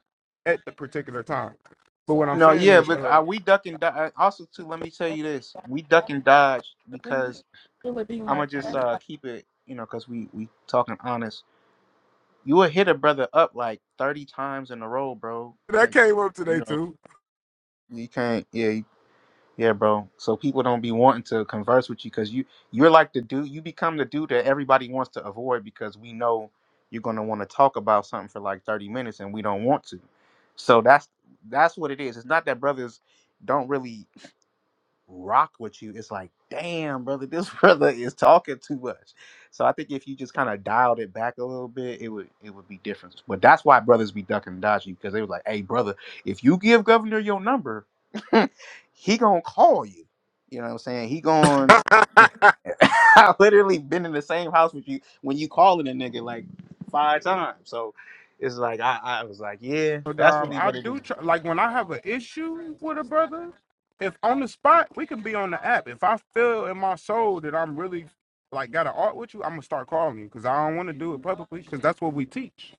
E: at the particular time. But what I'm
I: no,
E: saying
I: yeah,
E: is,
I: but
E: uh,
I: are we duck and dodge? Also, too, let me tell you this: we duck and dodge because I'm gonna just uh, keep it, you know, cause we we talking honest. You will hit a brother up like 30 times in a row, bro.
E: that
I: Like,
E: came up
I: you
E: today
I: know,
E: too.
I: you can't. Yeah, you- yeah, bro. So people don't be wanting to converse with you because you you're like the dude. You become the dude that everybody wants to avoid because we know you're gonna want to talk about something for like 30 minutes and we don't want to. So that's that's what it is. It's not that brothers don't really rock with you, it's like, damn, brother, this brother is talking too much. So I think if you just kind of dialed it back a little bit, it would it would be different. But that's why brothers be ducking and dodging because they was like, hey, brother, if you give governor your number, he gonna call you. You know what I'm saying? He going. I literally been in the same house with you when you calling a nigga like five times. So it's like I, I was like, yeah,
E: But,
I: that's
E: um,
I: really
E: I
I: what it
E: do
I: is.
E: try, like when I have an issue with a brother. If on the spot, we can be on the app. If I feel in my soul that I'm really like got an art with you, I'm gonna start calling you because I don't want to do it publicly because that's what we teach.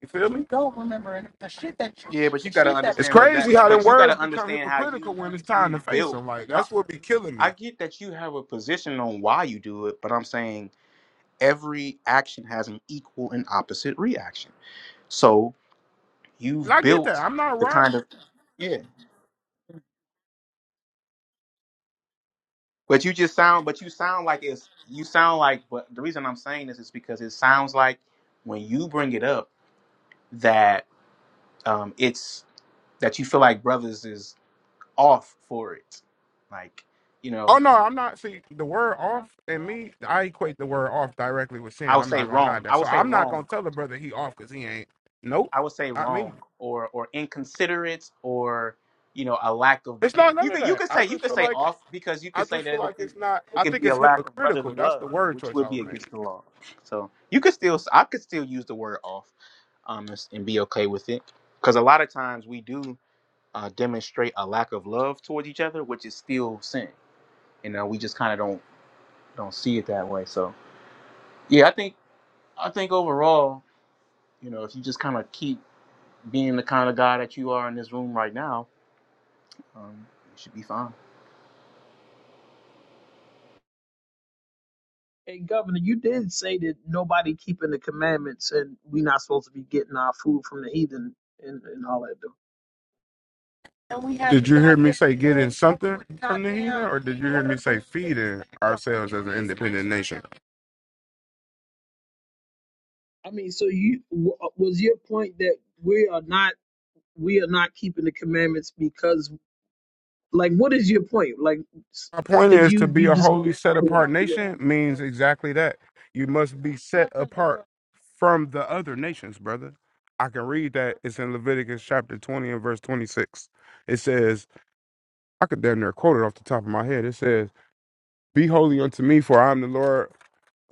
E: You feel me? don't remember any- the shit that you,
I: Yeah, but you
E: the
I: gotta
E: shit that It's
I: understand, but that,
E: crazy how them
I: but you
E: words
I: gotta
E: become
I: understand how you
E: hypocritical when it's time
I: you
E: to face
I: built.
E: them. Like
I: No,
E: that's what be killing me.
I: I get that you have a position on why you do it, but I'm saying every action has an equal and opposite reaction. So
E: And
I: you've
E: I get that.
I: built
E: I'm not
I: the
E: right.
I: kind of yeah. But you just sound, but you sound like it's you sound like. But the reason I'm saying this is because it sounds like when you bring it up that um it's that you feel like brothers is off for it, like you know
E: Oh no, I'm not. See, the word off and me, I equate the word off directly with
I: I
E: sin.
I: would
E: I'm
I: say
E: not gonna hide
I: wrong.
E: that.
I: I
E: So
I: would say
E: I'm not
I: wrong.
E: gonna tell the brother he off because he ain't. Nope,
I: I would say
E: not me.
I: wrong or or inconsiderate or you know a lack of.
E: It's not none
I: You
E: of
I: could you
E: that.
I: could
E: I
I: say you
E: just
I: could
E: feel
I: say
E: like
I: off because you
E: I
I: could say
E: just feel
I: that
E: like
I: it could
E: it's not.
I: it
E: I
I: could
E: think
I: be a
E: it's
I: lack of
E: hypocritical.
I: brotherly
E: That's the
I: love,
E: word
I: which
E: choice
I: would
E: I
I: be
E: would make.
I: against the law. So you could still I could still use the word off um and, and be okay with it because a lot of times we do uh, demonstrate a lack of love towards each other, which is still sin. You know, we just kind of don't don't see it that way. So yeah, I think I think overall, you know, if you just kind of keep being the kind of guy that you are in this room right now, um, you should be fine.
F: Hey, Governor, you did say that nobody keeping the commandments and we not supposed to be getting our food from the heathen and, and all that. Though.
E: And we have Did you hear me say getting something from the heathen, or did you hear me say feeding ourselves as an independent nation?
F: I mean, so you w- was your point that we are not we are not keeping the commandments because like what is your point? Like,
E: My point
F: because
E: is to
F: you
E: be
F: you
E: a
F: just
E: holy, set apart nation means exactly that. You must be set apart from the other nations, brother. I can read that. It's in Leviticus chapter 20 and verse 26. It says, I could damn near quote it off the top of my head. It says, Be holy unto me, for I am the Lord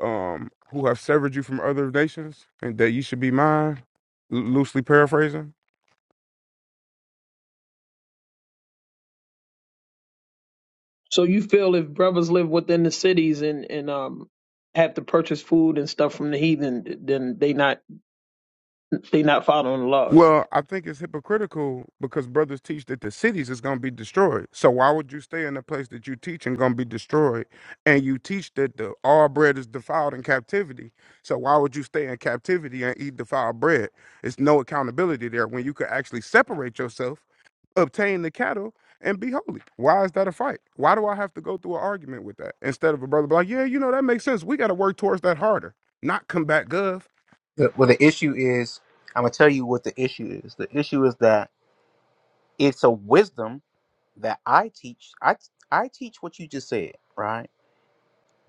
E: um, who have severed you from other nations, and that you should be mine. L- loosely paraphrasing.
F: so you feel if brothers live within the cities and and um have to purchase food and stuff from the heathen, then they not they not following the laws.
E: Well, I think it's hypocritical because brothers teach that the cities is going to be destroyed. So why would you stay in a place that you teach and going to be destroyed? And you teach that the all bread is defiled in captivity. So why would you stay in captivity and eat defiled bread? It's no accountability there when you could actually separate yourself, obtain the cattle, and be holy. Why is that a fight? Why do I have to go through an argument with that instead of a brother be like, yeah, you know that makes sense. We got to work towards that harder, not combat Gov.
I: The, well, the issue is, I'm gonna tell you what the issue is. The issue is that it's a wisdom that I teach. I I teach what you just said, right?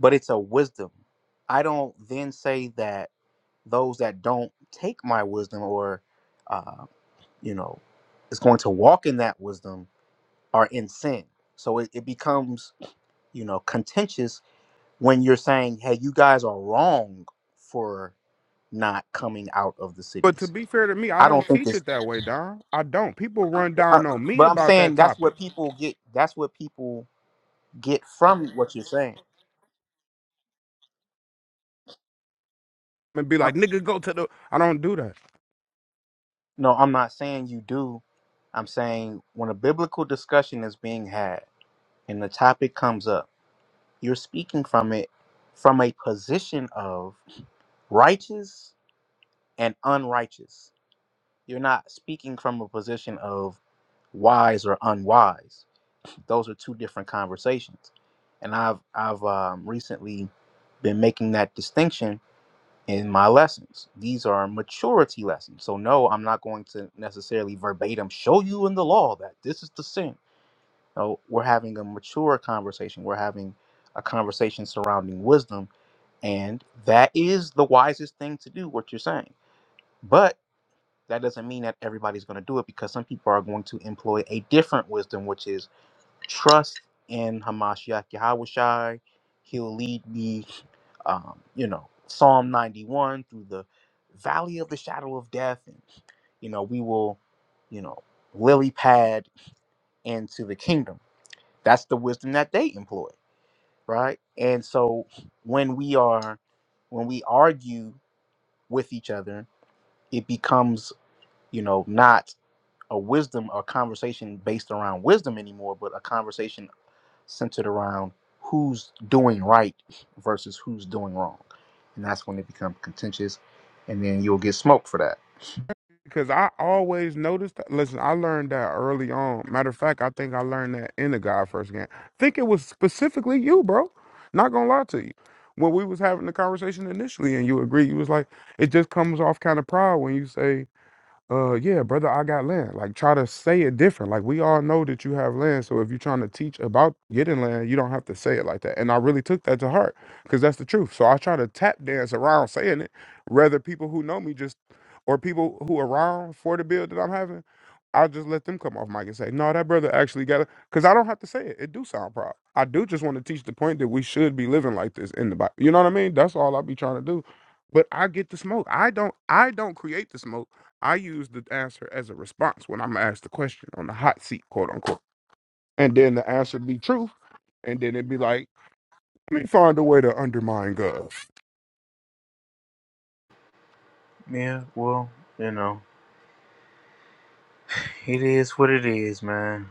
I: But it's a wisdom. I don't then say that those that don't take my wisdom or, uh, you know, is going to walk in that wisdom are in sin. So it, it becomes, you know, contentious when you're saying, "Hey, you guys are wrong for not coming out of the
E: But to
I: cities."
E: be fair to me, I
I: I don't
E: don't
I: think
E: teach
I: it's,
E: it that way, Don. I don't. People run
I: uh,
E: down on me
I: but I'm
E: about that
I: saying that's
E: topic
I: what people get. That's what people get from what you're saying.
E: and be
I: Uh,
E: like, nigga, go to the. I don't do that
I: no, I'm not saying you do. I'm saying when a biblical discussion is being had and the topic comes up, you're speaking from it from a position of righteous and unrighteous. You're not speaking from a position of wise or unwise. those are two different conversations and i've i've um, recently been making that distinction in my lessons these are maturity lessons so no i'm not going to necessarily verbatim show you in the law that this is the sin no we're having a mature conversation we're having a conversation surrounding wisdom and that is the wisest thing to do what you're saying but that doesn't mean that everybody's going to do it because some people are going to employ a different wisdom which is trust in Hamashiach Yahawashai. He'll lead me, um, you know, Psalm 91 through the valley of the shadow of death. And, you know, we will, you know, lily pad into the kingdom. That's the wisdom that they employ, right? And so when we are, when we argue with each other, it becomes, you know, not a wisdom or conversation based around wisdom anymore, but a conversation centered around who's doing right versus who's doing wrong. And that's when it becomes contentious, and then you'll get smoked for that.
E: because I always noticed that. Listen, I learned that early on. Matter of fact, I think I learned that in the God First Game. I think it was specifically you, bro. Not gonna lie to you. When we was having the conversation initially, and you agreed, you was like, it just comes off kind of proud when you say uh yeah brother i got land like try to say it different like we all know that you have land so if you're trying to teach about getting land you don't have to say it like that and i really took that to heart because that's the truth so i try to tap dance around saying it rather people who know me just or people who around for the bill that i'm having i'll just let them come off mic and say no that brother actually got it because i don't have to say it it do sound proud i do just want to teach the point that we should be living like this in the Bible. you know what i mean that's all i be trying to do but i get the smoke i don't i don't create the smoke I use the answer as a response when I'm asked the question on the hot seat, quote unquote. And then the answer be truth. And then it'd be like, let me find a way to undermine God.
I: Yeah, well, you know, it is what it is, man.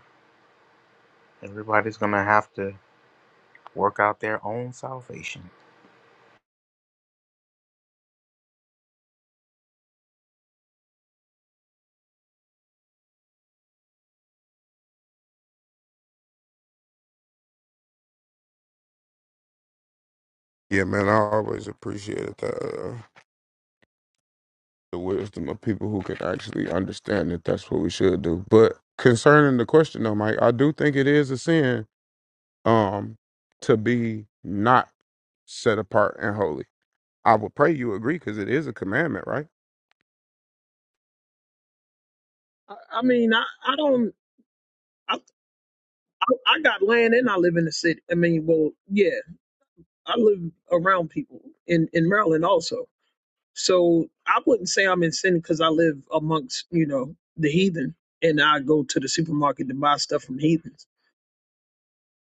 I: Everybody's gonna have to work out their own salvation.
E: Yeah, man, I always appreciated the, uh, the wisdom of people who can actually understand that that's what we should do. But concerning the question, though, Mike, I do think it is a sin um, to be not set apart and holy. I would pray you agree because it is a commandment, right?
F: I I mean, I, I don't. I, I I got land and I live in the city. I mean, well, yeah, I live around people in in Maryland also. So I wouldn't say I'm in sin because I live amongst you know the heathen, and I go to the supermarket to buy stuff from heathens.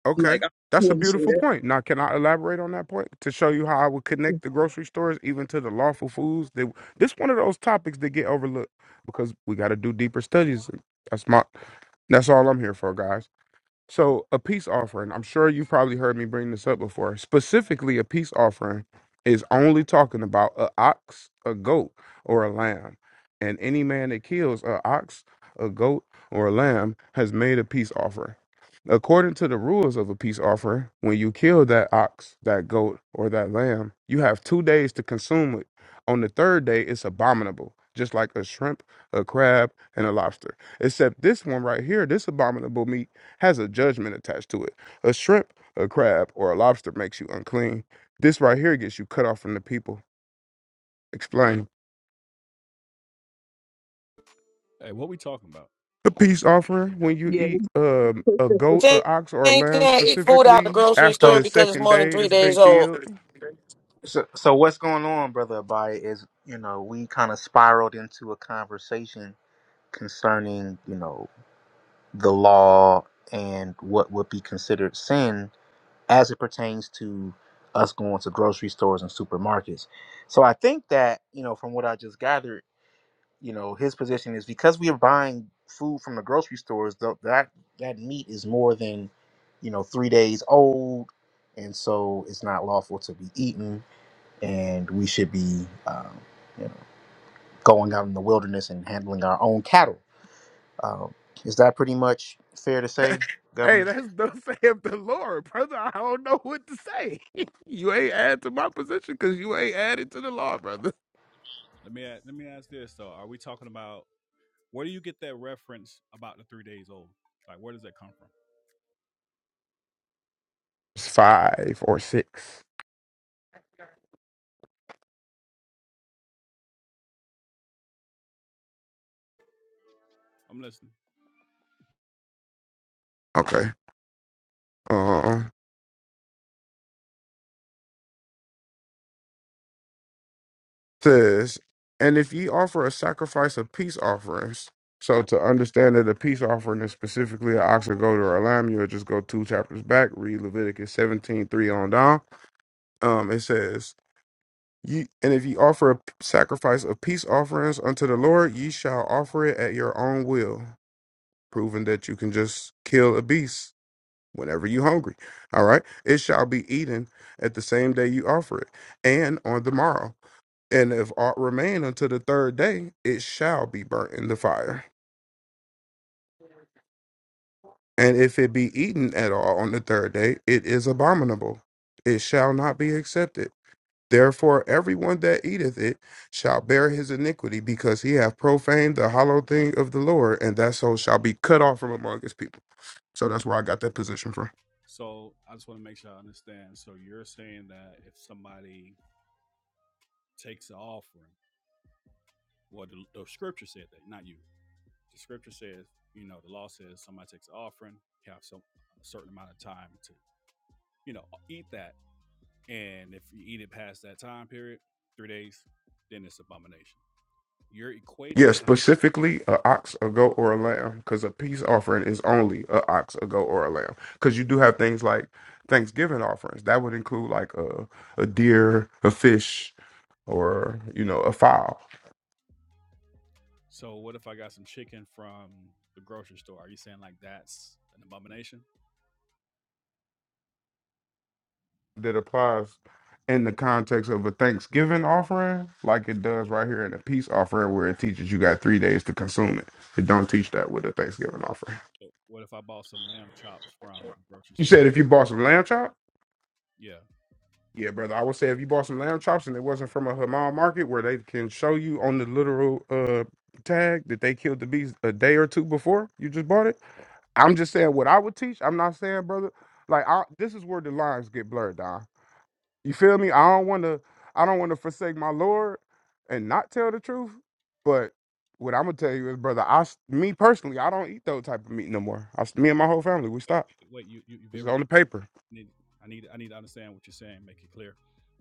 E: Okay.
F: Like I
E: That's a
F: wouldn't say
E: beautiful
F: that.
E: point. Now, can I elaborate on that point to show you how I would connect the grocery stores even to the lawful foods? That this one of those topics that get overlooked because we got to do deeper studies. That's my. That's all I'm here for, guys. So, a peace offering, I'm sure you probably heard me bring this up before. Specifically, a peace offering is only talking about a ox, a goat, or a lamb. And any man that kills a ox, a goat, or a lamb has made a peace offering. According to the rules of a peace offering, when you kill that ox, that goat, or that lamb, you have two days to consume it. On the third day, it's abominable, just like a shrimp, a crab, and a lobster. Except this one right here, this abominable meat has a judgment attached to it. A shrimp, a crab, or a lobster makes you unclean. This right here gets you cut off from the people. Explain.
A: Hey, what we talking about?
E: A peace offering when you
F: Yeah,
E: eat um, a goat,
L: Ten-
E: a ox, or a lamb
L: can't eat food out the
E: specifically
L: grocery
E: after
I: So,
L: store
E: the
L: because it's
E: second
L: more than
E: day
L: three
E: it's been
L: days old.
E: killed.
I: so, so what's going on, brother Abai? Is you know we kind of spiraled into a conversation concerning you know the law and what would be considered sin, as it pertains to us going to grocery stores and supermarkets. So I think that, you know, from what I just gathered, you know, his position is because we are buying food from the grocery stores, tho- that that meat is more than, you know, 3 days old and so it's not lawful to be eaten and we should be um, you know, going out in the wilderness and handling our own cattle. Um, is that pretty much fair to say, governor?
E: Hey, that's the say of the Lord, brother. I don't know what to say. you ain't add to my position because you ain't added to the law, brother.
A: Let me let me ask this though. Are we talking about where do you get that reference about the three days old? Like, where does that come from?
E: It's five or six.
A: I'm listening.
E: Okay. Uh. says, and if ye offer a sacrifice of peace offerings, so to understand that a peace offering is specifically an ox or goat or a lamb, you'll just go two chapters back, read Leviticus 17 3 on down. Um, it says, ye, and if ye offer a p- sacrifice of peace offerings unto the Lord, ye shall offer it at your own will, proving that you can just kill a beast whenever you hungry. All right. It shall be eaten at the same day you offer it and on the morrow. And if aught remain until the third day, it shall be burnt in the fire. And if it be eaten at all on the third day, it is abominable. It shall not be accepted. Therefore, everyone that eateth it shall bear his iniquity, because he hath profaned the hollow thing of the Lord, and that soul shall be cut off from among his people. So that's where I got that position from.
A: So I just want to make sure I understand. So you're saying that if somebody takes an offering, well, the, the scripture said that, not you. The scripture says, you know, the law says somebody takes an offering, you have some a certain amount of time to, you know, eat that And if you eat it past that time period, three days, then it's abomination. You're
E: Yeah,
A: equating Yes. that.
E: specifically a ox, a goat, or a lamb, because a peace offering is only a ox, a goat, or a lamb. Because you do have things like Thanksgiving offerings that would include like a a deer, a fish, or you know a fowl
A: So what if I got some chicken from the grocery store? Are you saying like that's an abomination?
E: that applies in the context of a Thanksgiving offering, like it does right here in a peace offering, where it teaches you got three days to consume it. It don't teach that with a Thanksgiving offering.
A: What if I bought some lamb chops from the grocery
E: You said
A: store?
E: if you bought some lamb chop.
A: Yeah.
E: Yeah, brother. I would say if you bought some lamb chops and it wasn't from a halal market where they can show you on the literal uh tag that they killed the beast a day or two before you just bought it. I'm just saying what I would teach. I'm not saying, brother. Like I, this is where the lines get blurred, Don. You feel me? I don't want to. I don't want to forsake my Lord and not tell the truth. But what I'm gonna tell you is, brother. I, s- me personally, I don't eat those type of meat no more. I, s- me and my whole family, we stopped.
A: Wait, you you, you
E: It's
A: ever
E: on the paper.
A: I need I need I need to understand what you're saying. Make it clear.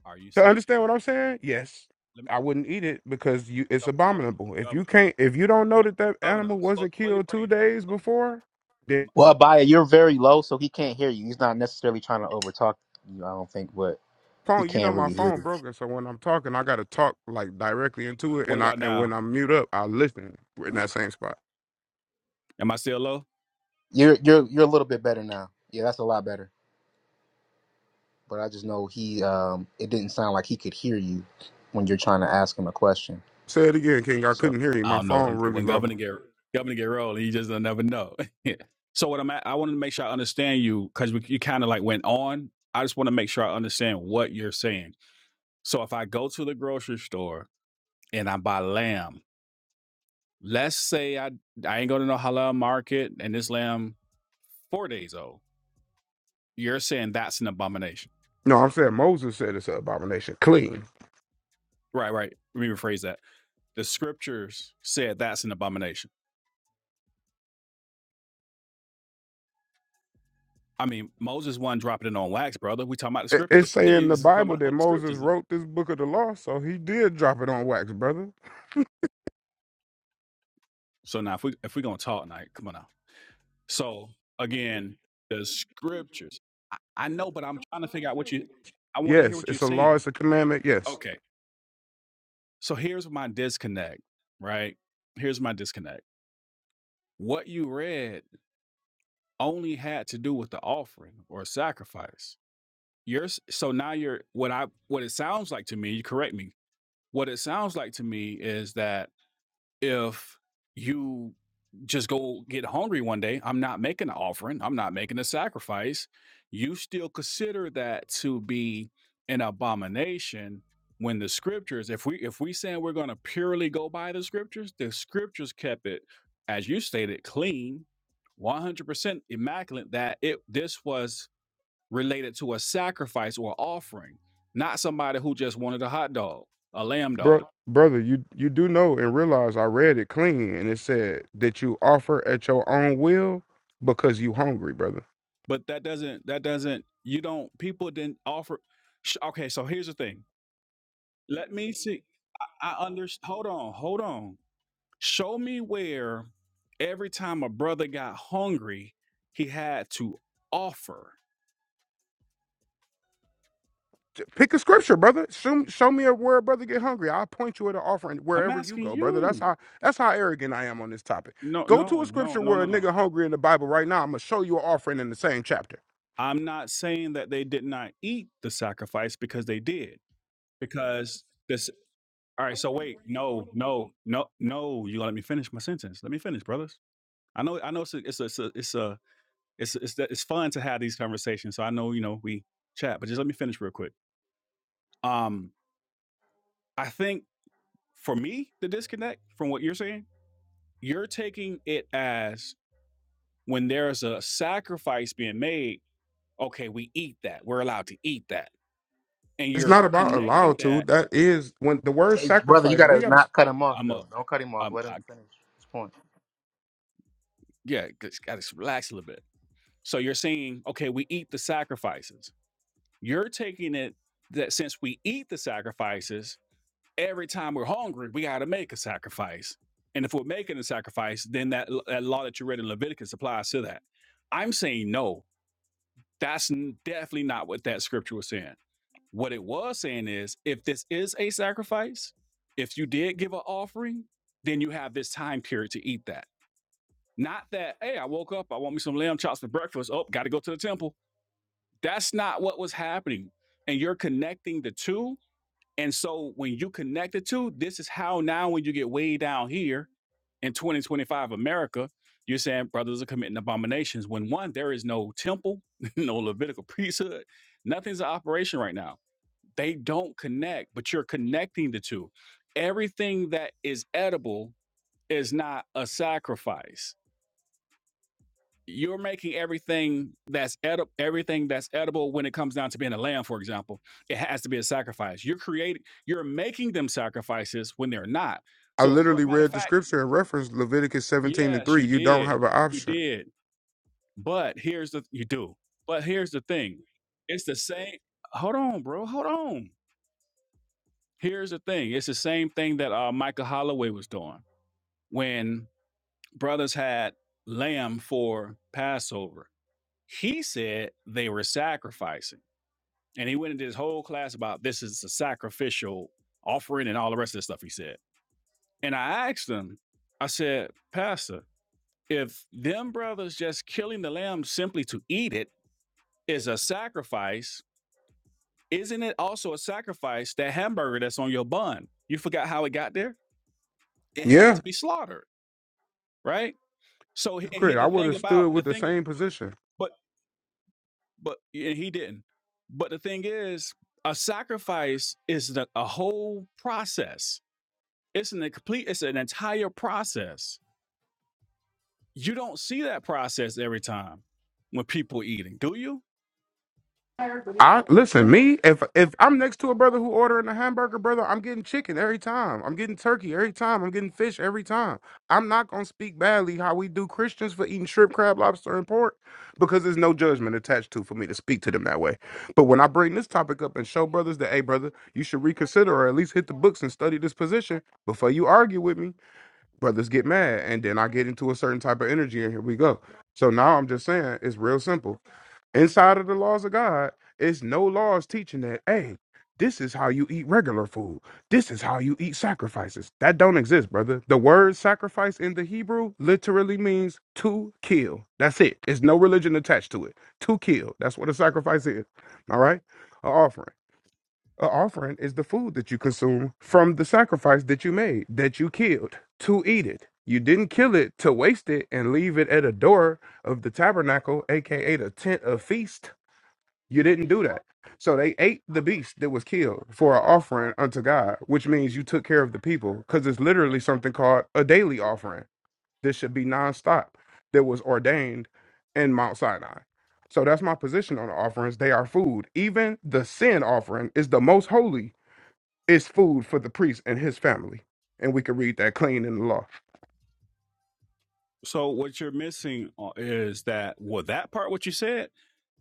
A: Are you
E: To
A: saying,
E: understand what I'm saying? Yes.
A: let me,
E: I wouldn't eat it because you it's abominable. If you can't if you don't know that that
A: Governor?
E: animal wasn't killed 2 days before, then
I: Well, Abaya, you're very low, so he can't hear you. He's not necessarily trying to overtalk you, I don't think, but he
E: phone you know
I: can't
E: my
I: really hear
E: phone
I: you.
E: broken so when I'm talking I got to talk like directly into it
A: what
E: and I
A: about
E: and when
A: now?
E: I mute up I listen in that same spot.
A: Am I still low?
I: You're you're you're a little bit better now. Yeah, that's a lot better. But I just know he um it didn't sound like he could hear you when you're trying to ask him a question.
E: Say it again, King. I
I: So
E: couldn't hear you.
A: I
E: My
A: don't know
E: phone
A: when,
E: really
A: when
E: low.
A: Governor get Governor get rolled, you just don't never know. so what I'm at, I wanted to make sure I understand you because you kind of like went on. I just want to make sure I understand what you're saying. So if I go to the grocery store and I buy lamb, let's say I I ain't going to no halal market and this lamb four days old, you're saying that's an abomination.
E: No, I'm saying Moses said it's an abomination. Clean. It-
A: Right, right. Let me rephrase that. The scriptures said that's an abomination. I mean, Moses wasn't dropping it on wax, brother. We talking about the
E: It's
A: scriptures.
E: saying in the
A: He's talking
E: Bible
A: about
E: that
A: the scriptures.
E: Moses wrote this book of the law, so he did drop it on wax, brother.
A: So now, if we if we're gonna talk tonight, come on now. So again, the scriptures. I, I know, but I'm trying to figure out what you. I want to hear
E: Yes,
A: what you're
E: it's a law,
A: saying.
E: it's a commandment. Yes.
A: Okay. So here's my disconnect. Right. Here's my disconnect. What you read only had to do with the offering or sacrifice. You're s- so now you're what I what it sounds like to me. You correct me. What it sounds like to me is that if you just go get hungry one day, I'm not making an offering, I'm not making a sacrifice, you still consider that to be an abomination when the scriptures, if we if we saying we're gonna purely go by the scriptures, the scriptures kept it, as you stated, clean, 100% immaculate, that it this was related to a sacrifice or offering, not somebody who just wanted a hot dog, a lamb
E: Bro,
A: dog
E: brother, you you do know and realize I read it clean, and it said that you offer at your own will because you hungry, brother.
A: but that doesn't that doesn't you don't people didn't offer sh- okay so here's the thing let me see i under. hold on hold on show me where every time a brother got hungry he had to offer
E: J- Pick a scripture, brother. Show, show me a word, brother. Get hungry. I'll point you at an offering
A: i'm
E: wherever you
A: asking
E: go, brother. That's
A: you
E: how that's how arrogant I am on this topic.
A: no
E: Go to a
A: no no
E: scripture
A: no
E: where
A: no
E: a
A: no
E: nigga hungry in the Bible right now. I'm gonna show you an offering in the same chapter.
A: i'm not saying that they did not eat the sacrifice because they did because this all right so wait no no no no you gonna let me finish my sentence let me finish brothers i know i know it's a it's a it's a, it's a It's it's it's fun to have these conversations. So I know you know we chat, but just let me finish real quick. Um, I think for me the disconnect from what you're saying, you're taking it as when there's a sacrifice being made. Okay, we eat that. We're allowed to eat that, and
E: It's
A: you're
E: not about
A: connecting
E: allowed to.
A: that.
E: That is when the word
I: Hey brother, you
E: sacrifice. We
I: gotta
E: gotta.
I: not cut him off
A: I'm a,
I: though. Don't cut him off.
A: um,
I: Let him
A: I,
I: finish his point.
A: yeah, just gotta relax a little bit. So you're saying, okay, we eat the sacrifices. You're taking it that since we eat the sacrifices, every time we're hungry, we got to make a sacrifice. And if we're making a sacrifice, then that, that law that you read in Leviticus applies to that. I'm saying no, that's n- definitely not what that scripture was saying. What it was saying is if this is a sacrifice, if you did give an offering, then you have this time period to eat that. Not that, hey, I woke up, I want me some lamb chops for breakfast. Oh, got to go to the temple. That's not what was happening. And you're connecting the two and so when you connect the two, this is how now when you get way down here in 2025 America, you're saying brothers are committing abominations when one, there is no temple, no Levitical priesthood, nothing's in operation right now. They don't connect, but you're connecting the two. Everything that is edible is not a sacrifice you're making everything that's edible everything that's edible when it comes down to being a lamb for example it has to be a sacrifice you're creating you're making them sacrifices when they're not
E: I
A: so if,
E: literally
A: but matter of
E: read the
A: fact
E: scripture and referenced Leviticus 17 and
A: yes
E: 3.
A: you
E: You don't
A: did
E: have an
A: you
E: option.
A: did but here's the you do but here's the thing it's the same hold on bro hold on here's the thing it's the same thing that uh, michael holloway was doing when brothers had lamb for passover he said they were sacrificing And he went into his whole class about this is a sacrificial offering and all the rest of the stuff he said. And I asked him, I said, Pastor, if them brothers just killing the lamb simply to eat it is a sacrifice, isn't it also a sacrifice that hamburger that's on your bun? You forgot how it got there? It had
E: Yeah.
A: Yeah. to be slaughtered, right? So and he,
E: Crit, I
A: the
E: would
A: thing
E: have stood
A: about the
E: with the
A: thing,
E: same position.
A: but but and he didn't. But the thing is, a sacrifice is the, a whole process It's an complete, it's an entire process. You don't see that process every time when people are eating, do you?
E: I listen, me, if if I'm next to a brother who ordering a hamburger, brother, I'm getting chicken every time. I'm getting turkey every time. I'm getting fish every time. I'm not gonna speak badly how we do Christians for eating shrimp, crab, lobster, and pork, because there's no judgment attached to for me to speak to them that way. But when I bring this topic up and show brothers that, hey brother, you should reconsider or at least hit the books and study this position before you argue with me, brothers get mad and then I get into a certain type of energy and here we go. So now I'm just saying it's real simple. Inside of the laws of God, it's no laws teaching that, hey, this is how you eat regular food. This is how you eat sacrifices. That don't exist, brother. The word sacrifice in the Hebrew literally means to kill. That's it. There's no religion attached to it. To kill. That's what a sacrifice is. All right? An offering. An offering is the food that you consume from the sacrifice that you made, that you killed, to eat it. You didn't kill it to waste it and leave it at a door of the tabernacle, aka the tent of feast you didn't do that. So they ate the beast that was killed for an offering unto God, which means you took care of the people because it's literally something called a daily offering. This should be nonstop that was ordained in Mount Sinai. So that's my position on the offerings. They are food. Even the sin offering is the most holy, is food for the priest and his family. And we can read that clean in the law.
A: So what you're missing uh, is that well, that part what you said,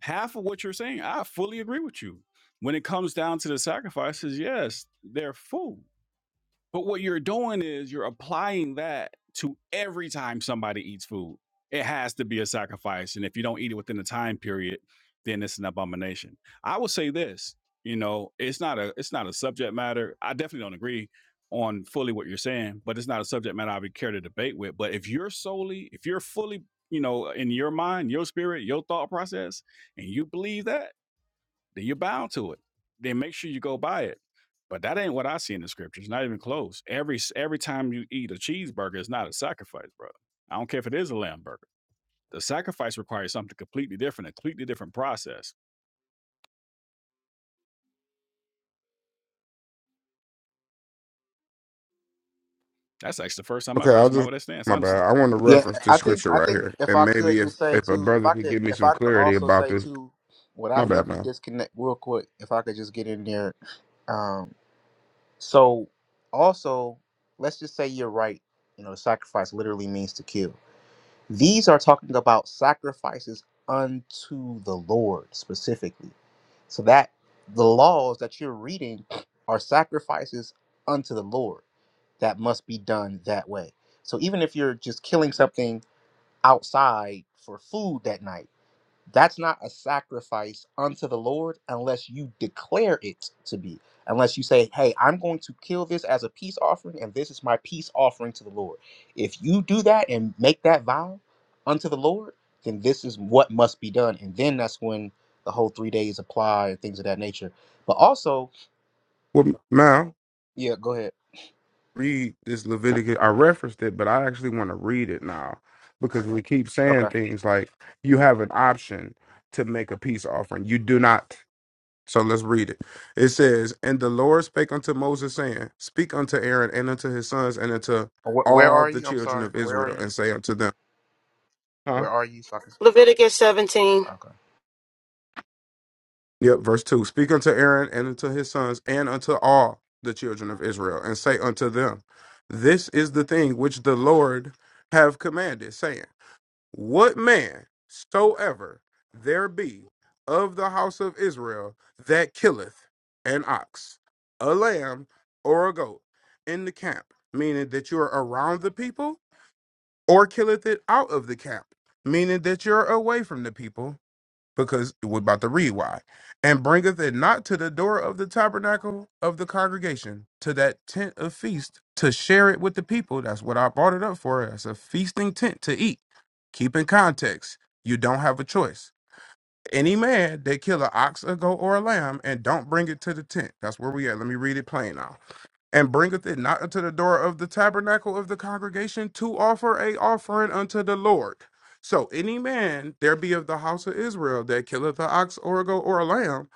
A: half of what you're saying, I fully agree with you. When it comes down to the sacrifices, yes, they're food. But what you're doing is you're applying that to every time somebody eats food. It has to be a sacrifice. And if you don't eat it within the time period, then it's an abomination. I will say this, you know, it's not a it's not a subject matter. I definitely don't agree on fully what you're saying, but it's not a subject matter I would care to debate with. But if you're solely, if you're fully, you know, in your mind, your spirit, your thought process, and you believe that, then you're bound to it. Then make sure you go buy it. But that ain't what I see in the scriptures. Not even close. Every every time you eat a cheeseburger, it's not a sacrifice, brother. I don't care if it is a lamb burger. The sacrifice requires something completely different, a completely different process. That's actually the first time I've
E: Okay,
A: heard
E: I'll
A: somebody
E: just
A: with that stance,
E: my
A: honestly.
E: bad. I want to
I: Yeah,
E: reference this
I: I think
E: scripture
I: I
E: right
I: think
E: here.
I: if
E: And
I: I could
E: maybe if
I: just say
E: if a
I: too, if
E: brother
I: I
E: could
I: could
E: give me
I: if
E: some
I: I could
E: clarity
I: also
E: about
I: say
E: this,
I: too what I
E: my bad
I: think the
E: man.
I: disconnect real quick, if I could just get in there um, So also, let's just say you're right. You know, sacrifice literally means to kill. These are talking about sacrifices unto the Lord specifically. So that the laws that you're reading are sacrifices unto the Lord that must be done that way. So even if you're just killing something outside for food that night, that's not a sacrifice unto the Lord unless you declare it to be. Unless you say, hey, I'm going to kill this as a peace offering, and this is my peace offering to the Lord. If you do that and make that vow unto the Lord, then this is what must be done. And then that's when the whole three days apply and things of that nature. But also,
E: Well, now
I: yeah, go ahead.
E: read this Leviticus. I referenced it, but I actually want to read it now because we keep saying
I: Okay.
E: things like you have an option to make a peace offering. You do not. So let's read it. It says, And the Lord spake unto Moses, saying, Speak unto Aaron and unto his sons and unto
I: Wh- Where
E: all
I: are
E: the
I: you? I'm
E: children
I: sorry.
E: of
I: Where are
E: Israel,
I: you?
E: and say unto them, Huh?
I: Where are you? So I can-
L: Leviticus 17.
I: Okay.
E: Yep, verse 2. Speak unto Aaron and unto his sons and unto all the children of Israel, and say unto them, This is the thing which the Lord have commanded, saying, What man soever there be of the house of Israel that killeth an ox, a lamb, or a goat in the camp, meaning that you are around the people, or killeth it out of the camp, meaning that you're away from the people, because we're about to read why. And bringeth it not to the door of the tabernacle of the congregation, to that tent of feast, to share it with the people. That's what I brought it up for. That's a feasting tent to eat. Keep in context, you don't have a choice. Any man that kill an ox, a goat, or a lamb and don't bring it to the tent. That's where we at. Let me read it plain now and bringeth it not unto the door of the tabernacle of the congregation to offer a offering unto the Lord. So any man there be of the house of Israel that killeth an ox or a goat or a lamb,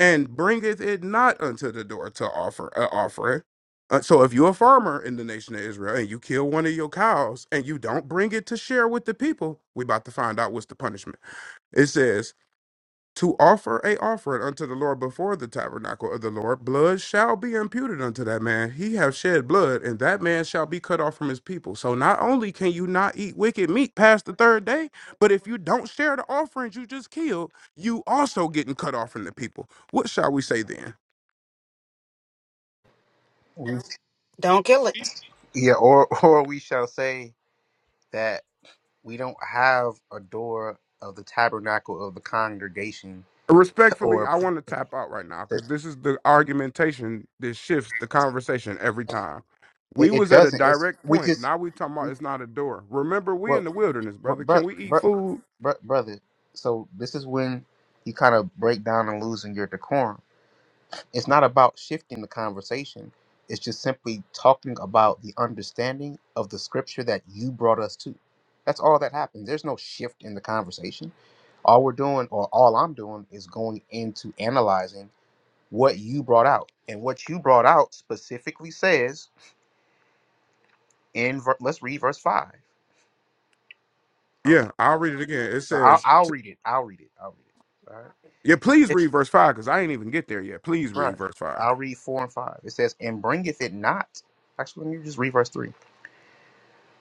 E: and bringeth it not unto the door to offer an offering. Uh, so if you're a farmer in the nation of Israel and you kill one of your cows and you don't bring it to share with the people, we about to find out what's the punishment. It says, to offer a offering unto the Lord before the tabernacle of the Lord, blood shall be imputed unto that man. He have shed blood, and that man shall be cut off from his people. So not only can you not eat wicked meat past the third day, but if you don't share the offerings you just killed, you also getting cut off from the people. What shall we say then?
I: We-
L: Don't kill it.
I: Yeah, or, or we shall say that. We don't have a door of the tabernacle of the congregation or
E: Respectfully,
I: a
E: I want to tap out right now because
I: priesthood.
E: this is the argumentation that shifts the conversation every time. We
I: It, it
E: was at a
I: doesn't. It's
E: direct
I: we
E: point.
I: just
E: Now we talking about
I: we
E: it's not a door. Remember, we in
I: well,
E: the wilderness, brother.
I: but
E: Can
I: but
E: we eat food?
I: brother. So this is when you kind of break down and losing your decorum. It's not about shifting the conversation. It's just simply talking about the understanding of the scripture that you brought us to. That's all that happens. There's no shift in the conversation. All we're doing, or all I'm doing, is going into analyzing what you brought out. And what you brought out specifically says in ver- let's read verse five. I was-
E: Yeah, I'll read it again. It
I: no, I'll,
E: says,
I: I'll
E: t-
I: read it. I'll read it. I'll read it. All right.
E: "Yeah, please
I: It's
E: read verse five because I ain't even get there yet. Please read
I: right.
E: verse five.
I: I'll read four and five. It says, "And bringeth it not." Actually, let me just read verse three.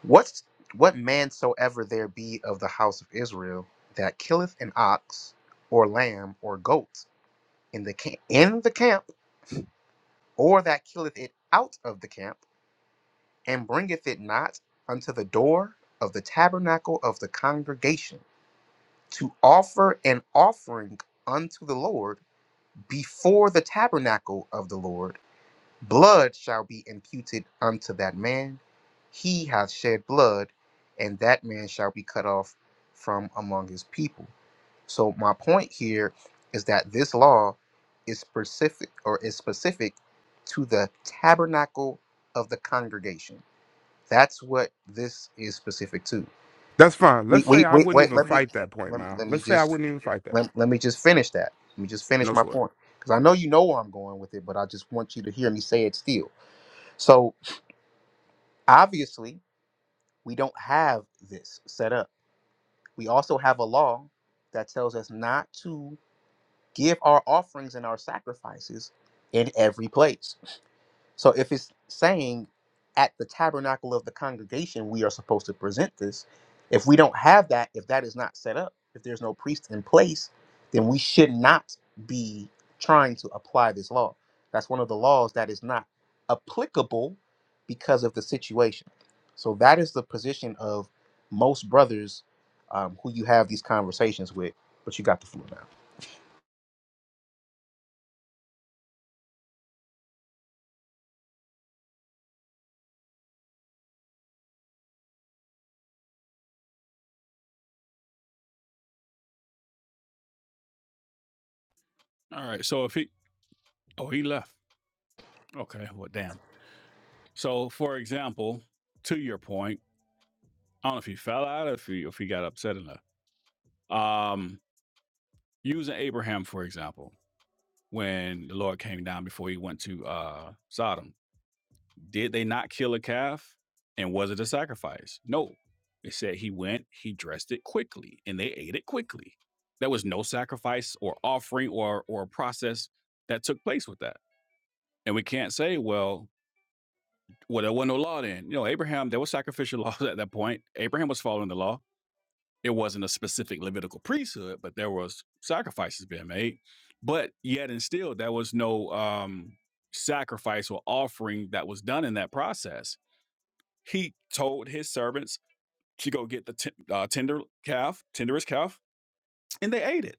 I: What's what man soever there be of the house of Israel that killeth an ox or lamb or goat in the camp in the camp, or that killeth it out of the camp and bringeth it not unto the door of the tabernacle of the congregation to offer an offering unto the Lord before the tabernacle of the Lord, blood shall be imputed unto that man. He hath shed blood, and that man shall be cut off from among his people. So my point here is that this law is specific or is specific to the tabernacle of the congregation that's what this is specific to.
E: That's fine. Let's
I: Wait,
E: say
I: wait,
E: I
I: wait,
E: wouldn't
I: wait.
E: even
I: Let me
E: fight that point,
I: let,
E: man.
I: let me
E: Let's say I
I: just
E: wouldn't even fight that.
I: let, let me just finish that. Let me just
E: No
I: finish my
E: sweat.
I: point because I know you know where I'm going with it, but I just want you to hear me say it still. So obviously, we don't have this set up. We also have a law that tells us not to give our offerings and our sacrifices in every place. So if it's saying at the tabernacle of the congregation, we are supposed to present this, if we don't have that, if that is not set up, if there's no priest in place, then we should not be trying to apply this law. That's one of the laws that is not applicable because of the situation. So that is the position of most brothers um, who you have these conversations with. But you got the floor now.
A: All right. So if he oh he left. Okay. Well, damn. So for example, to your point, I don't know if he fell out or if he if he got upset enough. Um, using Abraham for example. when the Lord came down before he went to uh, Sodom. Did they not kill a calf? And was it a sacrifice? No. It said he went, he dressed it quickly, and they ate it quickly. There was no sacrifice or offering or or process that took place with that. And we can't say, well, well, there wasn't no law then. You know, Abraham, there was sacrificial laws at that point. Abraham was following the law it wasn't a specific Levitical priesthood, but there was sacrifices being made. But yet and still, there was no um, sacrifice or offering that was done in that process. He told his servants to go get the t- uh, tender calf, tenderest calf, and they ate it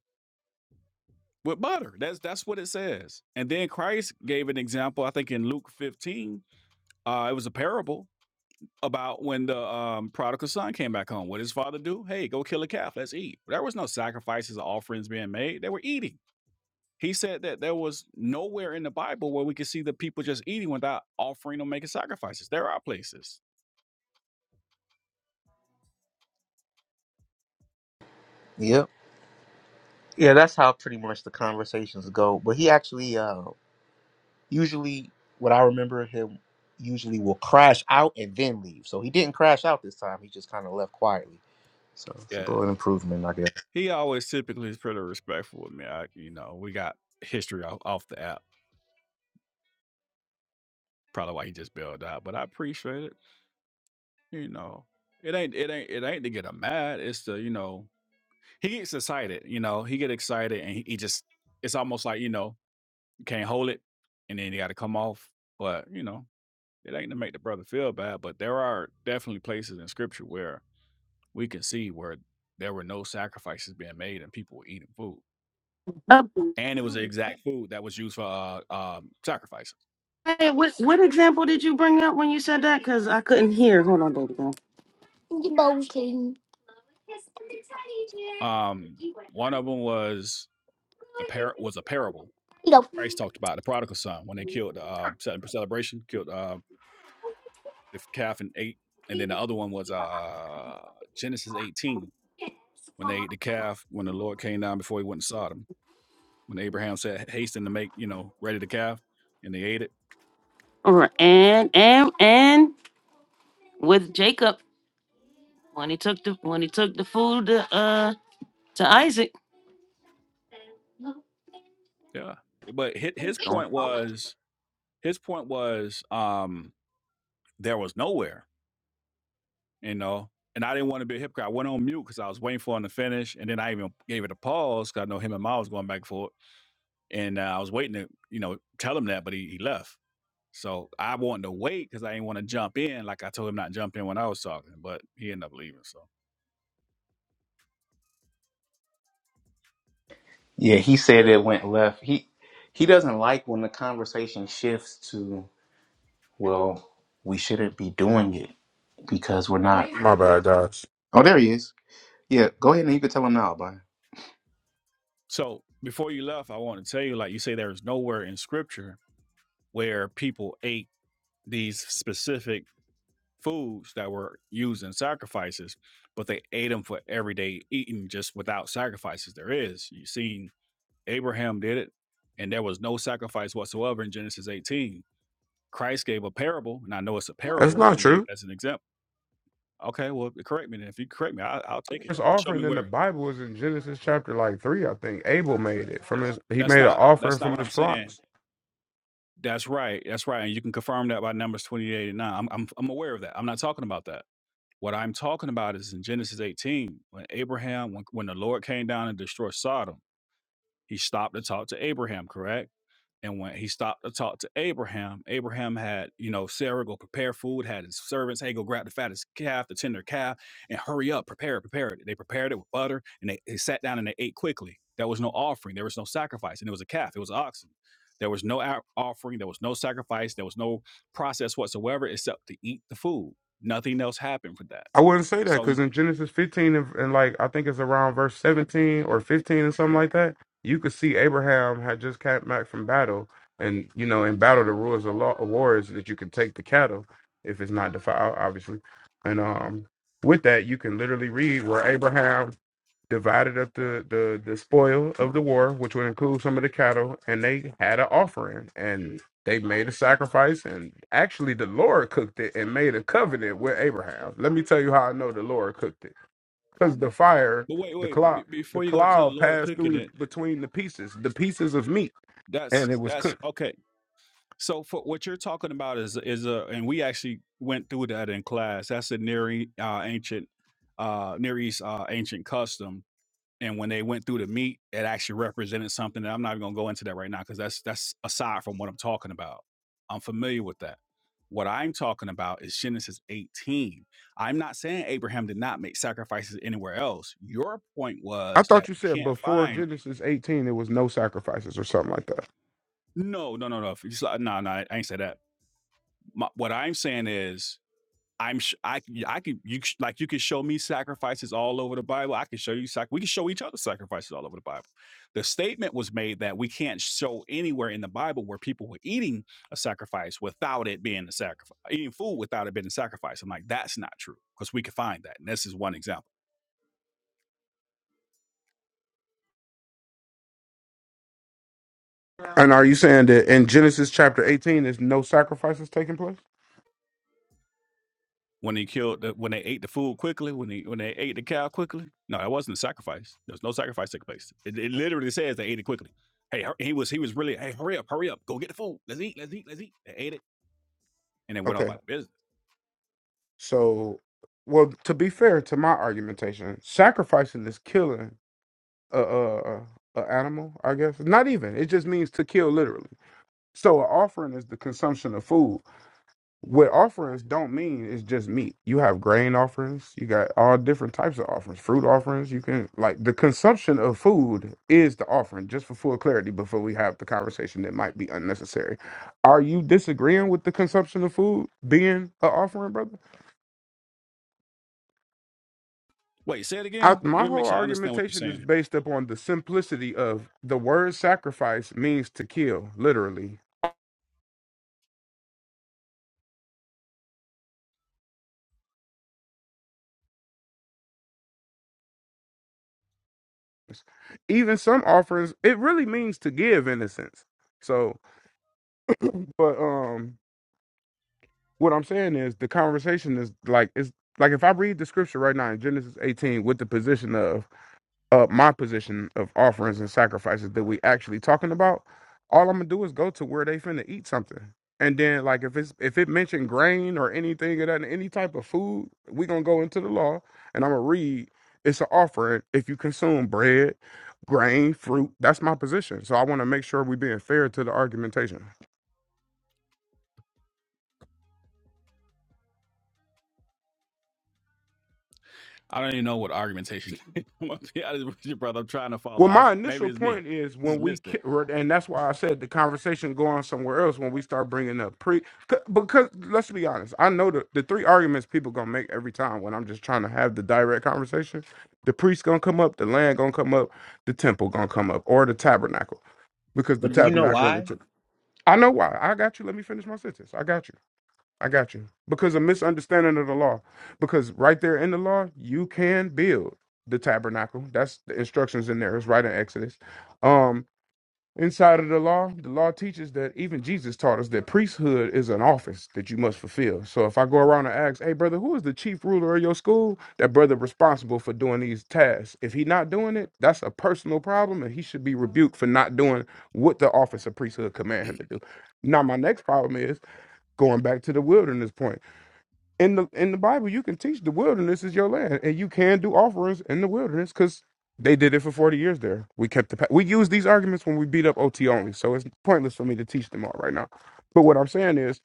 A: with butter. That's that's what it says. And then Christ gave an example. I think in Luke 15, uh, it was a parable about when the um, prodigal son came back home. What did his father do? Hey, go kill a calf. Let's eat. There was no sacrifices or offerings being made. They were eating. He said that there was nowhere in the Bible where we could see the people just eating without offering or making sacrifices. There are places.
I: Yep. Yeah, that's how pretty much the conversations go. But he actually uh usually what I remember him usually will crash out and then leave. So he didn't crash out this time. He just kind of left quietly. So it's a
A: Yeah.
I: little improvement, I guess.
A: He always typically is pretty respectful with me. I, you know, we got history off, off the app. Probably why he just bailed out, but I appreciate it. You know, it ain't it ain't it ain't to get him mad. It's to you know he gets excited, you know, he get excited and he, he just it's almost like, you know, you can't hold it and then you gotta come off. But, you know, it ain't to make the brother feel bad. But there are definitely places in scripture where we can see where there were no sacrifices being made and people were eating food.
L: Uh,
A: And it was the Oh, yeah. exact yeah. food that was used for uh, um, sacrifices.
L: hey, what what example did you bring up when you said that? Because I couldn't hear. Hold on, baby girl.
A: Um, one of them was a par- was a parable Christ talked about the prodigal son when they killed the um, cele- celebration killed uh, the calf and ate, and then the other one was uh Genesis 18 when they ate the calf when the Lord came down before he went to Sodom when Abraham said hasten to make you know ready the calf and they ate it.
L: All right, and and and with Jacob when he took the when he took the food to uh to Isaac.
A: Yeah, but his, his
I: Don't-
A: point was his point was um there was nowhere you know. And I didn't want to be a hypocrite. I went on mute because I was waiting for him to finish, and then I even gave it a pause because I know him and Miles was going back and forth, and uh, I was waiting to, you know, tell him that, but he, he left. So I wanted to wait because I didn't want to jump in, like I told him not jump in when I was talking, but he ended up leaving. So,
I: Yeah, he said it went left. He he doesn't like when the conversation shifts to well, we shouldn't be doing it because we're not.
E: My bad, guys.
I: Oh, there he is. Yeah, go ahead and you can tell him now, bye.
A: so before you left, I want to tell you, like you say, there's nowhere in Scripture where people ate these specific foods that were used in sacrifices, but they ate them for everyday eating, just without sacrifices. There is. You seen Abraham did it, and there was no sacrifice whatsoever in Genesis 18. Christ gave a parable, and I know it's a
E: That's
A: parable,
E: not true.
A: an example Okay, well, correct me then. If you correct me, I, I'll take it.
E: first
A: Show
E: offering
A: me
E: in the
A: where.
E: Bible is in Genesis chapter like three, I think. Abel made it from his. He
A: That's
E: made an
A: not.
E: offering
A: That's not
E: from
A: what
E: his
A: I'm saying.
E: flocks.
A: That's right. That's right. And you can confirm that by Numbers 28 and 9. I'm, I'm, I'm aware of that. I'm not talking about that. What I'm talking about is in Genesis 18, when Abraham, when, when the Lord came down and destroyed Sodom, he stopped to talk to Abraham, correct? And when he stopped to talk to Abraham, Abraham had, you know, Sarah go prepare food, had his servants, hey, go grab the fattest calf, the tender calf, and hurry up, prepare it, prepare it. They prepared it with butter and they, they sat down and they ate quickly. There was no offering, there was no sacrifice, and it was a calf, it was oxen. There was no o- offering, there was no sacrifice, there was no process whatsoever except to eat the food. Nothing else happened for that.
E: I wouldn't say that
A: So, you-
E: because in Genesis 15 and, and like I think it's around verse 17 or 15 and something like that, you could see Abraham had just came back from battle, and you know in battle the rules of law of war is that you can take the cattle if it's not defiled, obviously, and um with that you can literally read where Abraham divided up the, the, the spoil of the war, which would include some of the cattle, and they had an offering and they made a sacrifice. And actually, the Lord cooked it and made a covenant with Abraham. Let me tell you how I know the Lord cooked it because the fire,
A: but wait,
E: the
A: wait,
E: cloud,
A: be-
E: the
A: before you go to the
E: cloud
A: Lord
E: passed
A: cooking
E: through the,
A: it,
E: between the pieces, the pieces of meat,
A: that's
E: and it was
A: that's
E: cooked.
A: okay. So for what you're talking about is is a and we actually went through that in class. That's a near E- uh, ancient uh, Near East uh, ancient custom. And when they went through the meat, it actually represented something that I'm not even gonna go into that right now because that's that's aside from what I'm talking about. I'm familiar with that. What I'm talking about is Genesis 18. I'm not saying Abraham did not make sacrifices anywhere else. Your point
E: I
A: was that
E: thought you
A: we
E: said
A: can't
E: before
A: find.
E: Genesis 18 there was no sacrifices or something like that.
A: No, no, no, no. If you s- No, no. I ain't say that. My, what I'm saying is I'm sh- I c- yeah, I could you c- like you could show me sacrifices all over the Bible. I can show you sac- we can show each other sacrifices all over the Bible. The statement was made that we can't show anywhere in the Bible where people were eating a sacrifice without it being a sacrifice, eating food without it being a sacrifice. I'm like that's not true because we can find that, and this is one example.
E: And are you saying that in Genesis chapter 18 there's no sacrifices taking place?
A: When he killed, the, when they ate the food quickly, when he when they ate the cow quickly, no, that wasn't a sacrifice. There was no sacrifice took place. It, it literally says they ate it quickly. Hey, he was he was really hey, hurry up, hurry up, go get the food. Let's eat, let's eat, let's eat. They ate it and then went on
E: Okay.
A: about their business.
E: So, well, to be fair to my argumentation, sacrificing is killing a, a, a animal, I guess. Not even. It just means to kill literally. So, an offering is the consumption of food. what offerings don't mean is just meat. You have grain offerings, you got all different types of offerings, fruit offerings. You can like the consumption of food is the offering, just for full clarity before we have the conversation that might be unnecessary. Are you disagreeing with the consumption of food being an offering, brother?
A: Wait, say it
E: I,
A: again.
E: my
A: Let me make
E: whole
A: sure I understand what you're
E: argumentation is
A: saying.
E: based upon the simplicity of the word sacrifice means to kill, literally. Even some offerings, it really means to give in a sense. So, but um what I'm saying is the conversation is like it's like if I read the scripture right now in Genesis 18 with the position of uh my position of offerings and sacrifices that we actually talking about, all I'm gonna do is go to where they finna eat something. And then like if it's if it mentioned grain or anything of that any type of food, we gonna go into the law and I'm gonna read it's an offering if you consume bread, grain, fruit. That's my position. So I wanna make sure we being fair to the argumentation.
A: I don't even know what argumentation. is. I'm gonna be honest with you, brother. I'm trying to
E: Well,
A: follow. I,
E: my
A: maybe
E: initial
A: it's me.
E: point is
A: I
E: when
A: Just
E: we,
A: missed it.
E: ki- or- and that's why I said the conversation go on somewhere else when we start bringing up pre, c- because let's be honest, I know the, the three arguments people gonna make every time when I'm just trying to have the direct conversation. The priest gonna come up, the land gonna come up, the temple gonna come up, or the tabernacle because the
I: But do you know
E: tabernacle and the
I: why?
E: temple. I know why. I got you. Let me finish my sentence. I got you. I got you. Because a misunderstanding of the law. Because right there in the law, you can build the tabernacle. That's the instructions in there. It's right in Exodus. Um, inside of the law, the law teaches that even Jesus taught us that priesthood is an office that you must fulfill. So if I go around and ask, hey brother, who is the chief ruler of your school? That brother responsible for doing these tasks. If he not doing it, that's a personal problem and he should be rebuked for not doing what the office of priesthood command him to do. Now my next problem is going back to the wilderness point in the in the Bible, you can teach the wilderness is your land, and you can do offerings in the wilderness because they did it for forty years. There, we kept the pa- we use these arguments when we beat up OT only, so it's pointless for me to teach them all right now. But what I'm saying is,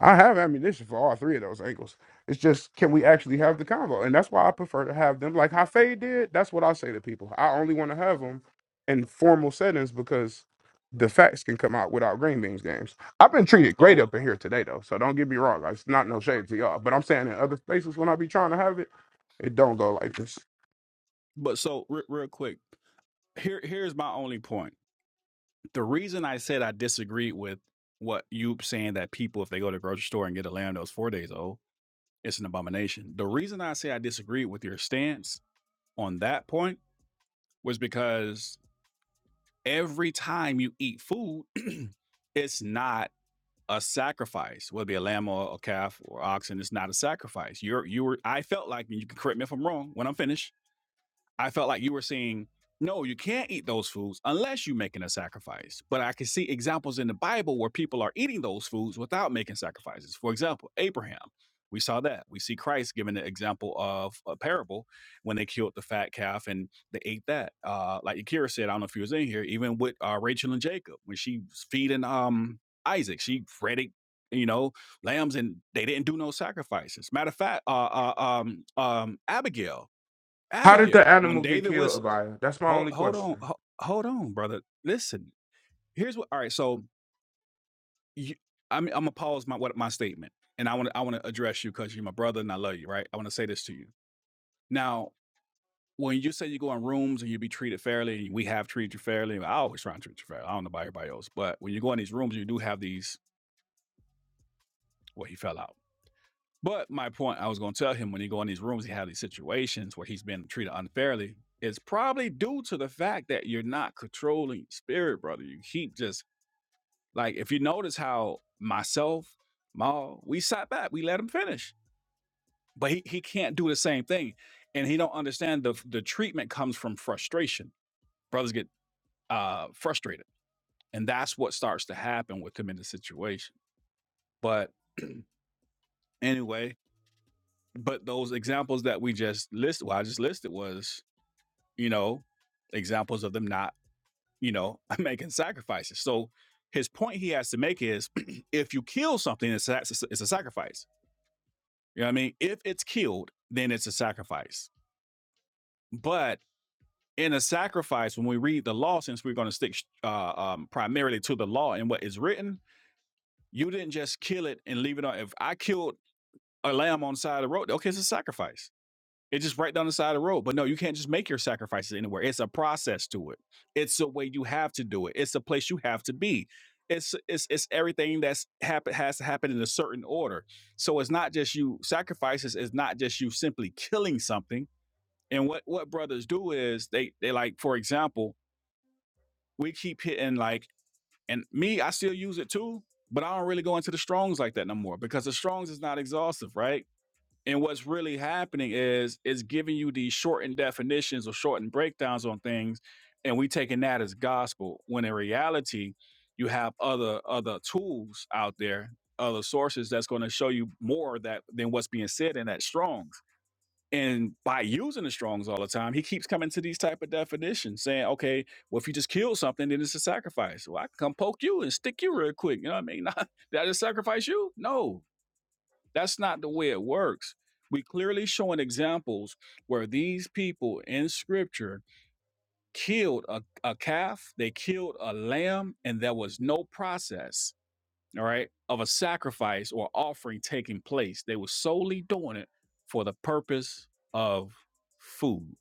E: I have ammunition for all three of those angles. It's just can we actually have the convo, and that's why I prefer to have them like Hafe did. That's what I say to people. I only want to have them in formal settings because the facts can come out without green beans games. I've been treated great
A: So,
E: up in here today, though. So don't get me wrong. Like, It's not no shade to y'all. But I'm saying in other spaces when I be trying to have it, it don't go like this.
A: but so re- real quick. Here, here's my only point. the reason I said I disagreed with what you saying that people, if they go to the grocery store and get a lamb that's four days old, it's an abomination. The reason I say I disagreed with your stance on that point was because every time you eat food, it's not a sacrifice, whether it be a lamb or a calf or oxen, it's not a sacrifice. You're you were I felt like and you can correct me if I'm wrong when I'm finished I felt like you were saying, no, you can't eat those foods unless you're making a sacrifice. But I can see examples in the Bible where people are eating those foods without making sacrifices. For example, Abraham. We saw that. We see Christ giving the example of a parable when they killed the fat calf and they ate that. Uh, like Akira said, I don't know if he was in here, even with uh, Rachel and Jacob, when she was feeding um, Isaac, she fed it, you know, lambs and they didn't do no sacrifices. Matter of fact, uh, uh, um, um, Abigail,
E: How did
A: Abigail.
E: the
A: When
E: animal get
A: David
E: killed,
A: was
E: Abaya? That's my
A: hold
E: only
A: hold on
E: question.
A: ho- hold on, brother. Listen, here's what. All right, so you, I'm I'm gonna pause my what my statement, and I want to I want to address you because you're my brother and I love you, right? I want to say this to you now. When you say you go in rooms and you be treated fairly, we have treated you fairly. I always try to treat you fairly. I don't know about everybody else, but when you go in these rooms, you do have these. Well, he fell out But my point I was going to tell him when he go in these rooms, he have these situations where he's been treated unfairly. It's probably due to the fact that you're not controlling spirit, brother. You keep just like if you notice how myself, Maul, we sat back, we let him finish, but he, he can't do the same thing, and he don't understand the the treatment comes from frustration. Brothers get uh frustrated, and that's what starts to happen with him in the situation. But anyway, but those examples that we just listed, well, I just listed was you know, examples of them not, you know, making sacrifices. So his point he has to make is if you kill something, it's a, it's a sacrifice. You know what I mean? If it's killed, then it's a sacrifice. But in a sacrifice, when we read the law, since we're going to stick uh, um, primarily to the law and what is written, you didn't just kill it and leave it on. If I killed a lamb on the side of the road, okay, it's a sacrifice. It's just right down the side of the road. But no, you can't just make your sacrifices anywhere. It's a process to it. It's a way you have to do it. It's a place you have to be. It's it's it's everything that's happen has to happen in a certain order. So it's not just you sacrifices. It's not just you simply killing something. And what what brothers do is they they like for example we keep hitting like and me I still use it too, but I don't really go into the strongs like that no more because the strongs is not exhaustive, right? And what's really happening is it's giving you these shortened definitions or shortened breakdowns on things, and we taking that as gospel. When in reality, you have other other tools out there, other sources that's going to show you more that than what's being said in that Strong's. And by using the Strong's all the time, he keeps coming to these type of definitions, saying, "Okay, well, if you just kill something, then it's a sacrifice. Well, I can come poke you and stick you real quick. You know what I mean? did I just sacrifice you? No, that's not the way it works. We clearly showing examples where these people in scripture killed a, a calf, they killed a lamb, and there was no process, all right, of a sacrifice or offering taking place. They were solely doing it for the purpose of food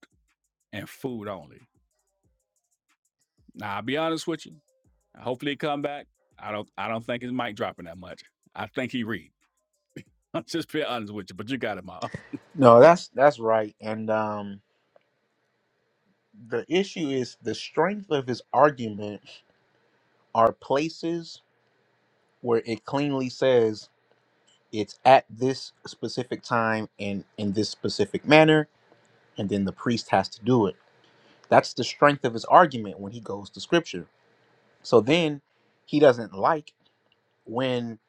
A: and food only. Now I'll be honest with you. Hopefully he come back. I don't I don't think his mic dropping that much. I think he read. I'm just being honest with you, but you got it, Ma.
I: No, that's that's right. And um the issue is the strength of his argument are places where it cleanly says it's at this specific time and in this specific manner, and then the priest has to do it. That's the strength of his argument when he goes to scripture. So then he doesn't like when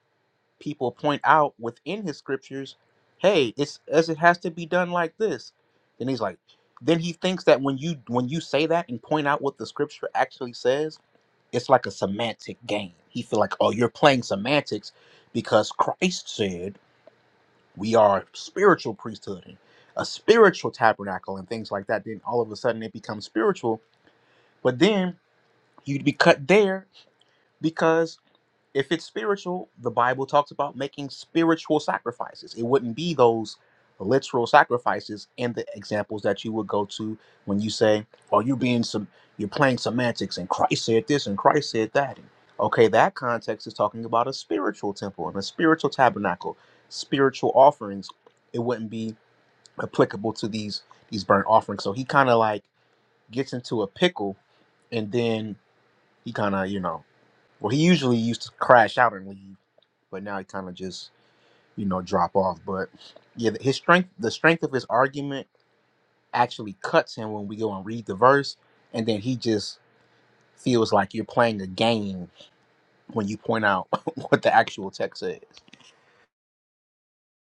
I: people point out within his scriptures, hey, it's as it has to be done like this. Then he's like, then he thinks that when you when you say that and point out what the scripture actually says, it's like a semantic game. He feel like, oh, you're playing semantics because Christ said. we are spiritual priesthood and a spiritual tabernacle and things like that then all of a sudden it becomes spiritual but then you'd be cut there because if it's spiritual the bible talks about making spiritual sacrifices it wouldn't be those literal sacrifices and the examples that you would go to when you say oh you're being some you're playing semantics and christ said this and christ said that and, okay that context is talking about a spiritual temple and a spiritual tabernacle spiritual offerings it wouldn't be applicable to these these burnt offerings. So he kind of like gets into a pickle, and then he kind of you know, well he usually used to crash out and leave, but now he kind of just you know drop off. But yeah, his strength, the strength of his argument actually cuts him when we go and read the verse, and then he just feels like you're playing a game when you point out what the actual text says.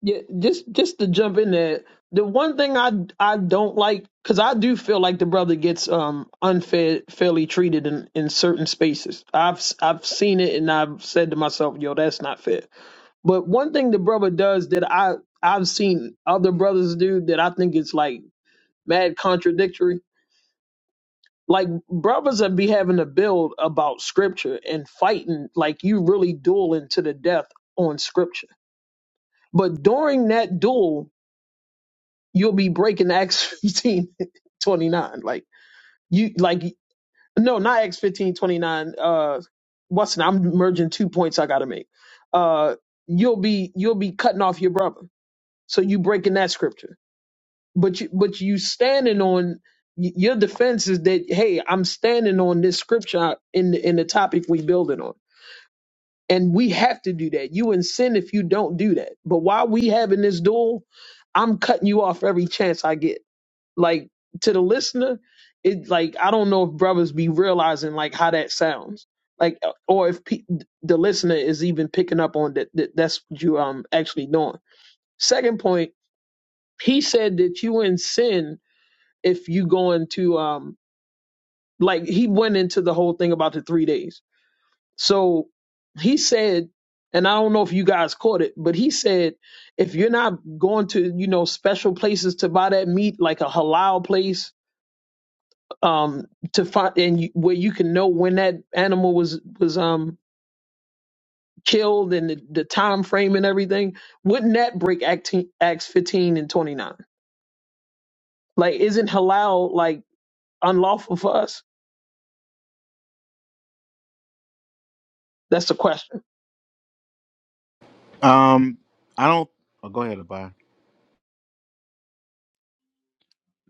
F: yeah. Just just to jump in there, the one thing I I don't like because I do feel like the brother gets um unfair fairly treated in in certain spaces. I've I've seen it and I've said to myself, yo, that's not fair But one thing the brother does that I I've seen other brothers do that I think is like mad contradictory. Like brothers that be having a build about scripture and fighting, like you really dueling to the death on scripture. But during that duel, you'll be breaking Acts 15 29. Like you like no, not Acts fifteen twenty nine. 29. Uh Watson, I'm merging two points I gotta make. Uh you'll be you'll be cutting off your brother. So you breaking that scripture but you but you standing on y- your defense is that hey i'm standing on this scripture in the, in the topic we building on and we have to do that you in sin if you don't do that but while we having this duel i'm cutting you off every chance i get like to the listener it like i don't know if brothers be realizing like how that sounds like uh, or if pe- the listener is even picking up on that, that that's what you um actually doing second point he said that you in sin if you go into um like he went into the whole thing about the three days. So he said, and I don't know if you guys caught it, but he said if you're not going to you know special places to buy that meat, like a halal place, um, to find and you, where you can know when that animal was was um killed and the, the time frame and everything, wouldn't that break Act- Acts 15 and 29? Like, isn't halal like unlawful for us? That's the question.
I: Um, I don't. Oh, go ahead, Abaya.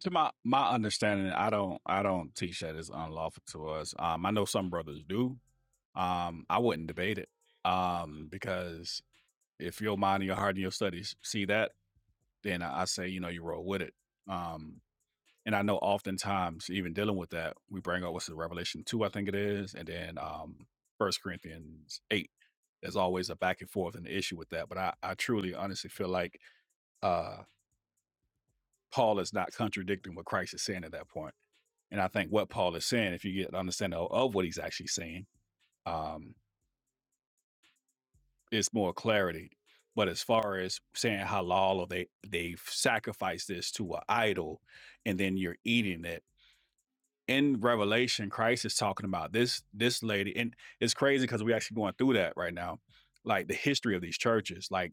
A: To my my understanding, I don't I don't teach that it's unlawful to us. Um, I know some brothers do. Um, I wouldn't debate it. Um, because if your mind and your heart and your studies see that, then I, I say you know you roll with it. Um, And I know oftentimes, even dealing with that, we bring up what's the Revelation 2, I think it is, and then um First Corinthians 8. There's always a back and forth and the issue with that. But I, I truly honestly feel like uh Paul is not contradicting what Christ is saying at that point. And I think what Paul is saying, if you get an understanding of, of what he's actually saying, um, it's more clarity. But as far as saying halal or they they've sacrificed this to an idol and then you're eating it in Revelation, Christ is talking about this this lady, and it's crazy because we're actually going through that right now. Like the history of these churches, like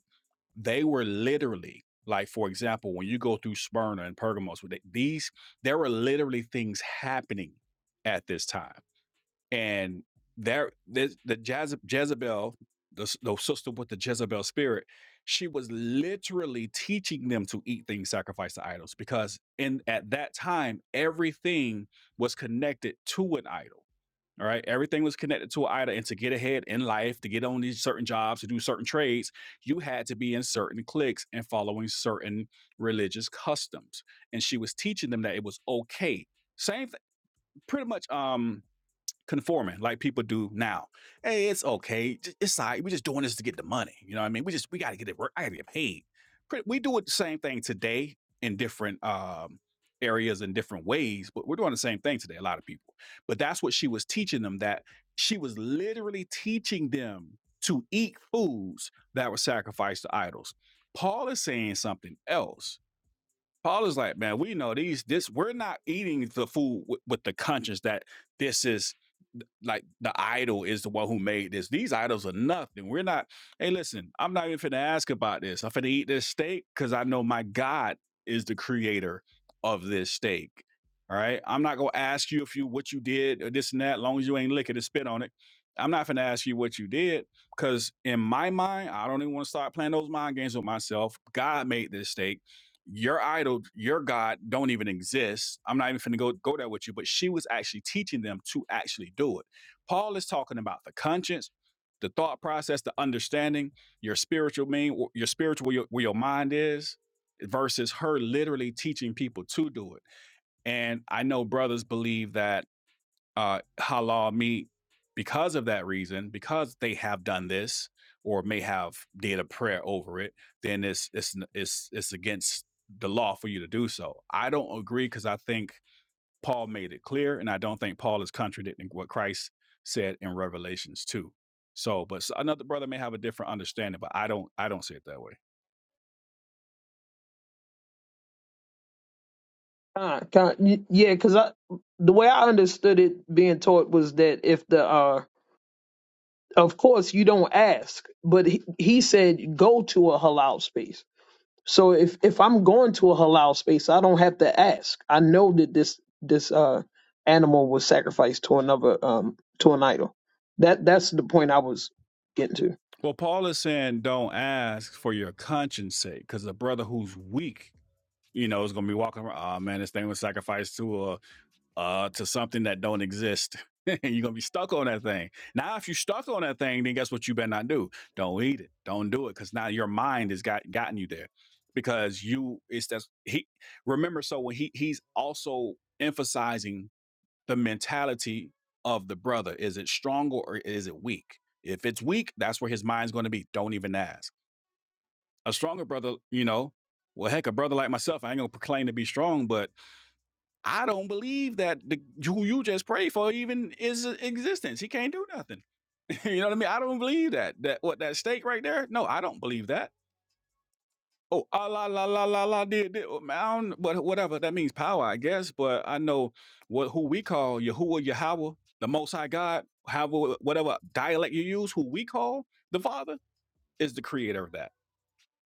A: they were literally like, for example, when you go through Smyrna and Pergamos, with these there were literally things happening at this time and there the Jeze- Jezebel, the, the sister with the Jezebel spirit, she was literally teaching them to eat things sacrificed to idols because in at that time everything was connected to an idol. All right, everything was connected to an idol, and to get ahead in life, to get on these certain jobs, to do certain trades, you had to be in certain cliques and following certain religious customs. And she was teaching them that it was okay. Same, th- pretty much. Um, conforming like people do now. Hey, it's okay. It's all right. We're just doing this to get the money. You know what I mean? We just we gotta get it work. I gotta get paid. We do it the same thing today in different um areas in different ways, but we're doing the same thing today, a lot of people. But that's what she was teaching them that she was literally teaching them to eat foods that were sacrificed to idols. Paul is saying something else. Paul is like, man, we know these. This we're not eating the food with, with the conscience that this is th- like the idol is the one who made this. These idols are nothing. We're not. Hey, listen, I'm not even finna ask about this. I'm finna eat this steak because I know my God is the creator of this steak. All right, I'm not gonna ask you if you what you did or this and that. long as you ain't licking and spit on it, I'm not finna ask you what you did because in my mind, I don't even want to start playing those mind games with myself. God made this steak your idol, your God don't even exist. I'm not even finna go go there with you. But she was actually teaching them to actually do it. Paul is talking about the conscience, the thought process, the understanding, your spiritual mean, your spiritual where your, where your mind is, versus her literally teaching people to do it. And I know brothers believe that uh, halal meat because of that reason, because they have done this or may have did a prayer over it, then it's it's it's it's against the law for you to do so. I don't agree because I think Paul made it clear, and I don't think Paul is contradicting what Christ said in Revelations two. So, but another brother may have a different understanding, but I don't I don't see it that way.
F: Kind, kind, y- yeah, because I the way I understood it being taught was that if the uh, of course you don't ask, but he, he said go to a halal space. So if if I'm going to a halal space, I don't have to ask. I know that this this uh animal was sacrificed to another um to an idol. That that's the point I was getting to.
A: Well, Paul is saying don't ask for your conscience sake because a brother who's weak, you know, is going to be walking around. Oh man, this thing was sacrificed to a uh, to something that don't exist. You're gonna be stuck on that thing. Now, if you're stuck on that thing, then guess what? You better not do. Don't eat it. Don't do it, because now your mind has got gotten you there. Because you, it's that he. Remember, so when he he's also emphasizing the mentality of the brother. Is it stronger or is it weak? If it's weak, that's where his mind's going to be. Don't even ask. A stronger brother, you know, well, heck, a brother like myself, I ain't gonna proclaim to be strong, but I don't believe that the who you just prayed for even is in existence. He can't do nothing. you know what I mean? I don't believe that. That what that stake right there? No, I don't believe that. Oh, ah la la la la la did did oh, I don't, but whatever that means power, I guess. But I know what who we call Yahuwah Yahweh, the Most High God, however whatever dialect you use, who we call the Father is the creator of that.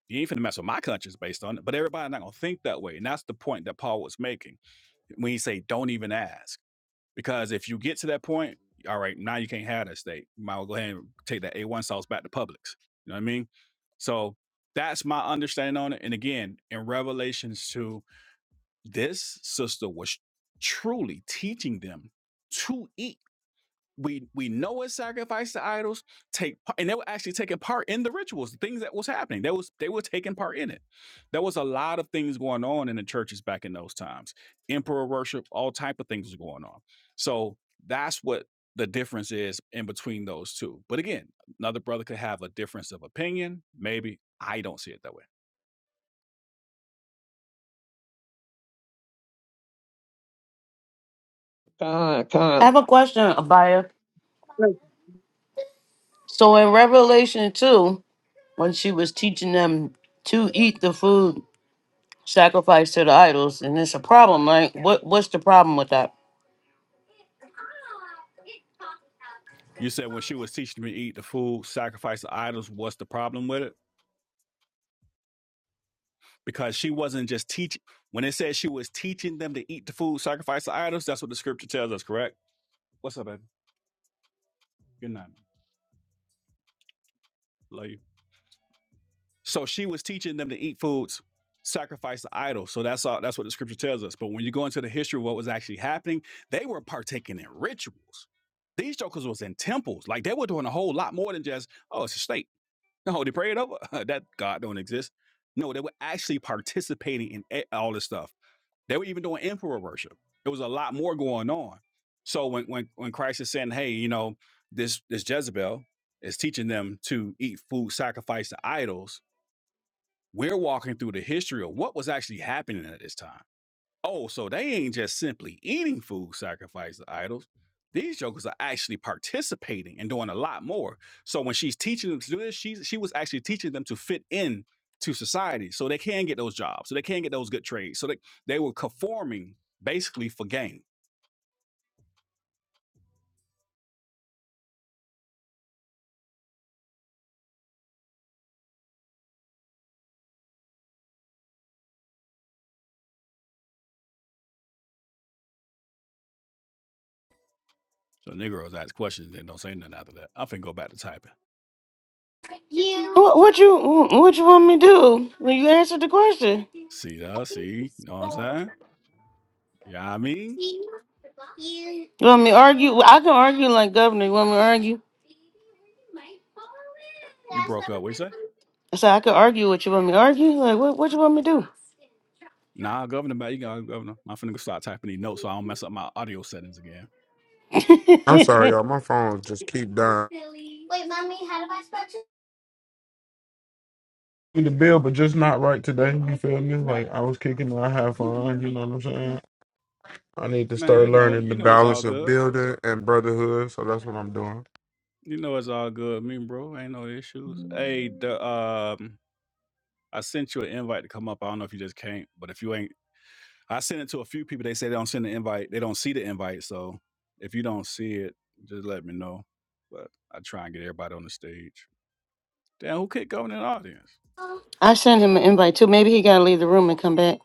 A: You ain't finna mess with my conscience based on it, but everybody not gonna think that way. And that's the point that Paul was making when he say, "Don't even ask." Because if you get to that point, all right, now you can't have that steak. You might well go ahead and take that A1 sauce back to Publix. You know what I mean? So that's my understanding on it. And again, in Revelations 2, this sister was truly teaching them to eat we we know it sacrificed to idols take part and they were actually taking part in the rituals the things that was happening they was they were taking part in it there was a lot of things going on in the churches back in those times emperor worship all type of things was going on so that's what the difference is in between those two but again another brother could have a difference of opinion maybe i don't see it that way
F: Kind,
L: I
F: kind.
L: have a question, Abaya. So in Revelation two, when she was teaching them to eat the food sacrificed to the idols, and it's a problem, right? What what's the problem with that?
A: you said when she was teaching me to eat the food sacrifice the idols what's the problem with it because she wasn't just teach. When it says she was teaching them to eat the food sacrificed to idols, that's what the scripture tells us, correct? What's up, baby? Good night. Love you. So she was teaching them to eat foods sacrificed to idols. So that's all. That's what the scripture tells us. But when you go into the history of what was actually happening, they were partaking in rituals. These jokers was in temples. Like they were doing a whole lot more than just oh, it's a snake. No, they prayed over that God don't exist. No, they were actually participating in e- all this stuff. They were even doing emperor worship. There was a lot more going on. So when when when Christ is saying, "Hey, you know, this this Jezebel is teaching them to eat food sacrificed to idols," we're walking through the history of what was actually happening at this time Oh, so they ain't just simply eating food sacrificed to idols. These jokers are actually participating and doing a lot more. So when she's teaching them to do this, she's she was actually teaching them to fit in to society so they can get those jobs, so they can get those good trades. So they, they were conforming basically for gain. So Negroes ask questions and don't say nothing after that. I finna go back to typing.
L: What, what you what you want me to do? Well, you answered the question.
A: See that? See? You know what I'm saying? Yeah, I mean,
L: You want me to argue? I can argue like governor. You want me to argue?
A: you broke up. What you say?
L: I said I can argue with you. Want me to argue? Like what? What you want me to
A: Nah, Governor, man, you got Governor. I'm finna go start typing these notes so I don't mess up my audio settings again.
L: do?
E: I'm sorry, y'all. My phone just keep dying. The bill, but just not right today. You feel me? Like I was kicking it. I have fun. You know what I'm saying? I need to
A: Man,
E: start
A: you know,
E: learning the
A: you know it's all
E: balance of
A: good.
E: building and brotherhood. So that's what I'm doing.
A: You know it's all good, me bro. Ain't no issue. Hey, the um, I sent you an invite to come up. I don't know if you just can't, but if you ain't, I sent it to a few people. They say they don't send the invite. They don't see the invite. So if you don't see it, just let me know. But I try and get everybody on the stage. Damn, who kicked governor in the audience?
L: I sent him an invite too. Maybe he gotta leave the room and come back.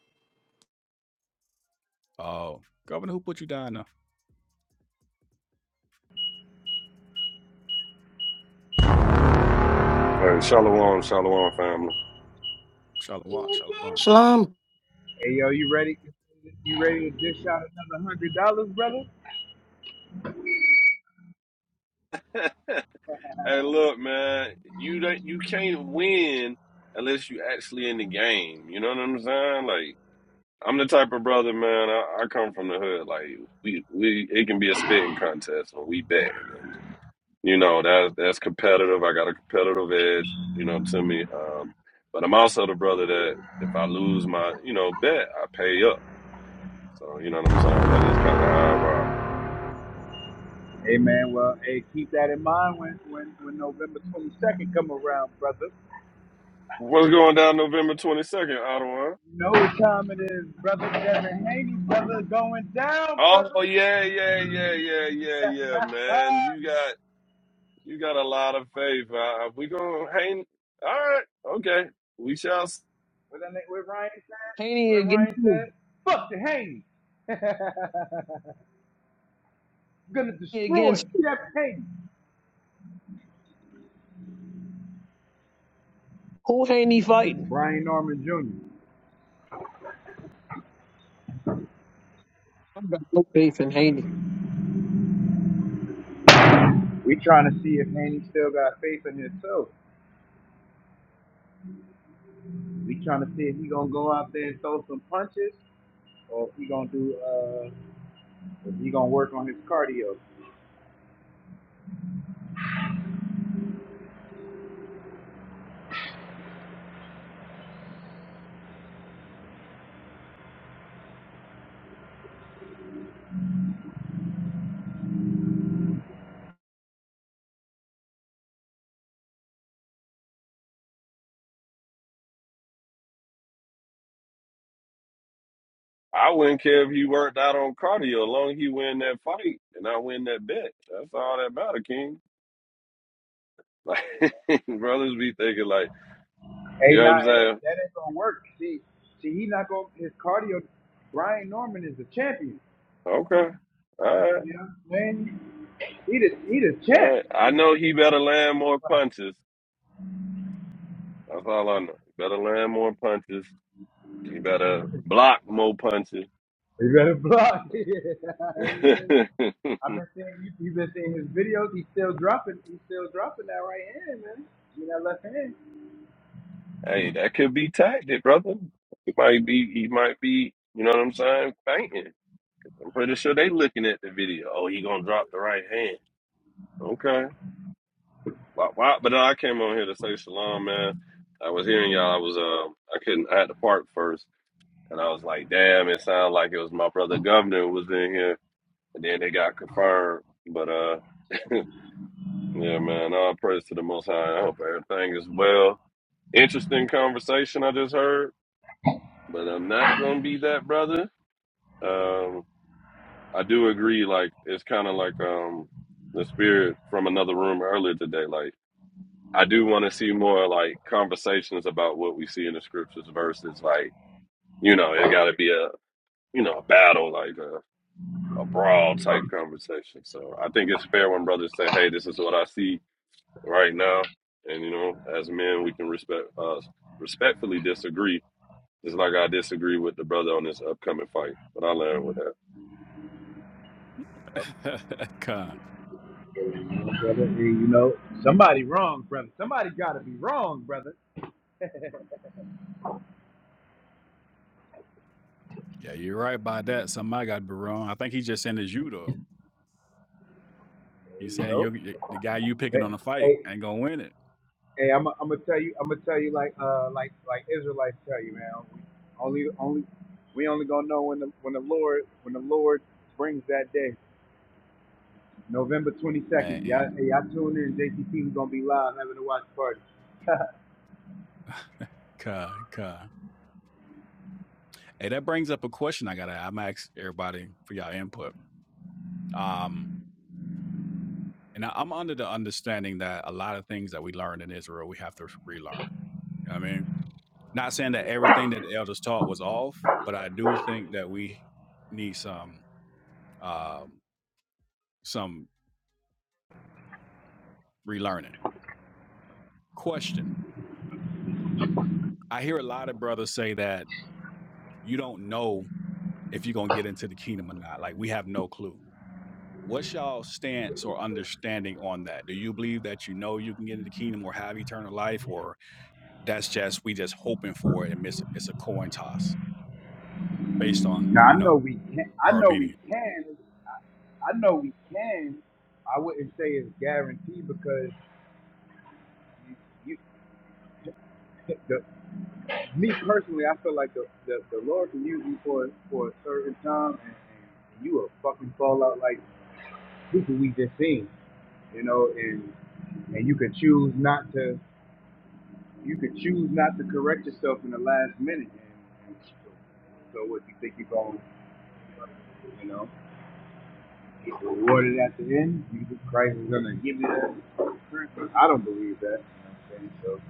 A: Oh, governor, who put you down now?
M: Hey, shalom, shalom, family.
A: Shalom, shalom.
L: Shalom.
H: Hey yo, you ready? You ready to dish out another hundred dollars, brother?
M: Hey, look, man, you don't, you can't win unless you actually in the game. You know what I'm saying? Like, I'm the type of brother, man. I, I come from the hood. Like, we we it can be a spitting contest when we bad, and you know that's that's competitive. I got a competitive edge, you know, to me. Um, but I'm also the brother that if I lose my, you know, bet, I pay up. So you know what I'm saying? That's just kind of how I rock.
H: Hey man, well, hey, keep that in mind when when when November twenty second come around, brother.
M: What's going down November 22nd, Ottawa?
H: You know what time it is, brother. Devin Haney, brother, going down, brother.
M: Oh yeah, yeah, yeah, yeah, yeah,
H: what,
M: yeah, man. You got you got a lot of faith. Uh, uh, we gonna hang. All right, okay. We shall. s-
H: that, nigga- what Ryan said?
F: Haney
H: What
F: against
H: Ryan
F: who?
H: said? Fuck the Haney. gonna
F: Haney
H: destroy
F: against
H: Jeff Haney.
F: who? Haney fighting?
H: Brian Norman Jr.
F: I got no faith in Haney.
H: We trying to see if Haney still got faith in himself. We trying to see if he gonna go out there and throw some punches, or if he gonna do, uh, if he gonna work on his cardio.
M: I wouldn't care if he worked out on cardio, as long as he win that fight and I win that bet. That's all that matter, King. Like brothers be thinking, like you
H: Hey,
M: know what
H: nah,
M: I'm
H: that,
M: saying.
H: that ain't gonna work. See, see, he not gonna his cardio. Brian Norman is the champion.
M: Okay, all right,
H: You know what I'm saying? He the he the
M: all
H: champ
M: right. I
H: in this
M: know he
H: in
M: better
H: this
M: land more
H: class.
M: punches. That's all I know. Better land more punches. He better block more punches.
H: You better block. I've been seeing you. You've been seeing his videos. He's still dropping. He's still dropping that right hand, man. You know, that left hand.
M: Hey, that could be tactic, brother. He might be, he might be, you know what I'm saying, fainting. I'm pretty sure they looking at the video. Oh, he gonna drop the right hand. Okay. Wop, wop. But no, I came on here to say shalom, man. I was hearing y'all. I was, um, I couldn't, I had to park first. And I was like, damn, it sounded like it was my brother governor who was in here. And then they got confirmed. But, uh, yeah, man, all praise to the Most High. I hope everything is well. Interesting conversation I just heard, but I'm not gonna be that brother. Um, I do agree. Like it's kind of like um the spirit from another room earlier today. Like I do want to see more like conversations about what we see in the scriptures versus like you know it got to be a you know a battle like a a brawl type conversation. So I think it's fair when brothers say, "Hey, this is what I see right now," and you know as men we can respect uh respectfully disagree. Just like I disagree with the brother on this upcoming fight, but I learned with that.
A: Con.
H: Hey, brother. Hey, you know, somebody wrong, brother. Somebody got to be wrong, brother.
A: Yeah, you're right by that. Somebody got to be wrong. I think he just sent his you though. You
H: Hey, you
A: saying
H: know.
A: you the the guy you picking
H: Hey,
A: on the fight
H: hey,
A: ain't gonna win it.
H: hey I'm. I'm gonna tell you. I'm gonna tell you like, uh, like, like Israelites tell you, man. We only, only, we only gonna know when the when the Lord when the Lord brings that day. November 22nd.
A: Man,
H: Y'all, hey, y'all tune in. JTT, we gonna be live having a watch party.
A: God, God. Hey, that brings up a question I gotta. I'm ask everybody for y'all input. Um, and I, I'm under the understanding that a lot of things that we learned in Israel, we have to relearn. You know what I mean, not saying that everything that the elders taught was off, but I do think that we need some. um, some relearning. Question I hear a lot of brothers say that you don't know if you're going to get into the kingdom or not. Like, we have no clue. What's y'all stance or understanding on that? Do you believe that you know you can get into the kingdom or have eternal life, or that's just we just hoping for it and miss it? It's a coin toss based on
H: now
A: you
H: I
A: know
H: know we can. I
A: our
H: know we
A: obedience.
H: can. I, I know we can. I wouldn't say it's guaranteed because you, you the, me personally, I feel like the, the, the Lord can use you for for a certain time, and, and you will fucking fall out like people we just seen, you know, and and you can choose not to. You could choose not to correct yourself in the last minute. And and so what you think you're going, you know, get rewarded at the end? Jesus Christ is going to give you that. I don't believe that. You know what I'm saying? So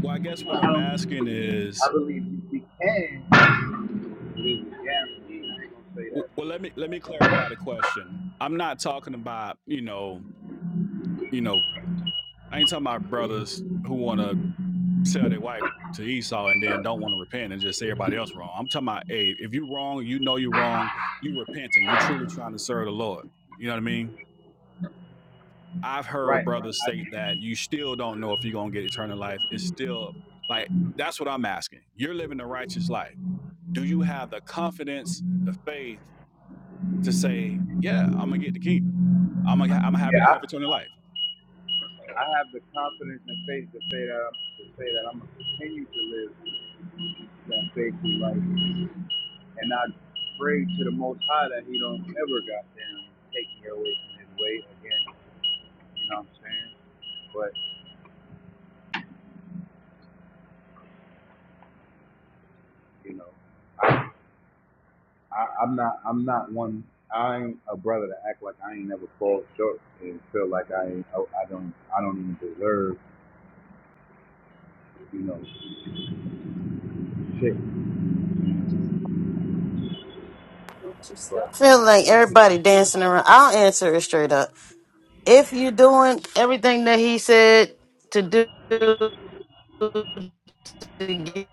A: Well, I guess what
H: I
A: I'm asking
H: don't. I
A: is,
H: believe we can. live with I ain't gonna say
A: w- well,
H: that.
A: let me let me clarify the question. I'm not talking about you know, you know, I ain't talking about brothers who want to sell their wife to Esau and then don't want to repent and just say everybody else wrong. I'm talking about, hey, if you wrong, you know you wrong, you repenting, you truly trying to serve the Lord. You know what I mean? I've heard
H: Right.
A: brothers state that
H: I,
A: you still don't know if you're gonna get eternal life. It's still like that's what I'm asking. You're living a righteous life. Do you have the confidence, the faith? to say, yeah, I'm gonna get the kingdom. I'm gonna, I'm gonna have,
H: yeah.
A: it-
H: I
A: have eternal life.
H: I have the confidence and faith to say that I'm, to say that I'm gonna continue to live that faithful life, and I pray to the Most High that He don't ever goddamn take me away from His way again. You know what I'm saying? But you know, I, I'm not I'm not one. I ain't a brother to act like I ain't never fall short and feel like I ain't, I, I don't I don't even deserve you know shit. But
L: Feel like
H: that's just
L: everybody
H: me.
L: dancing around. I'll answer it straight up. If you're doing everything that he said to do to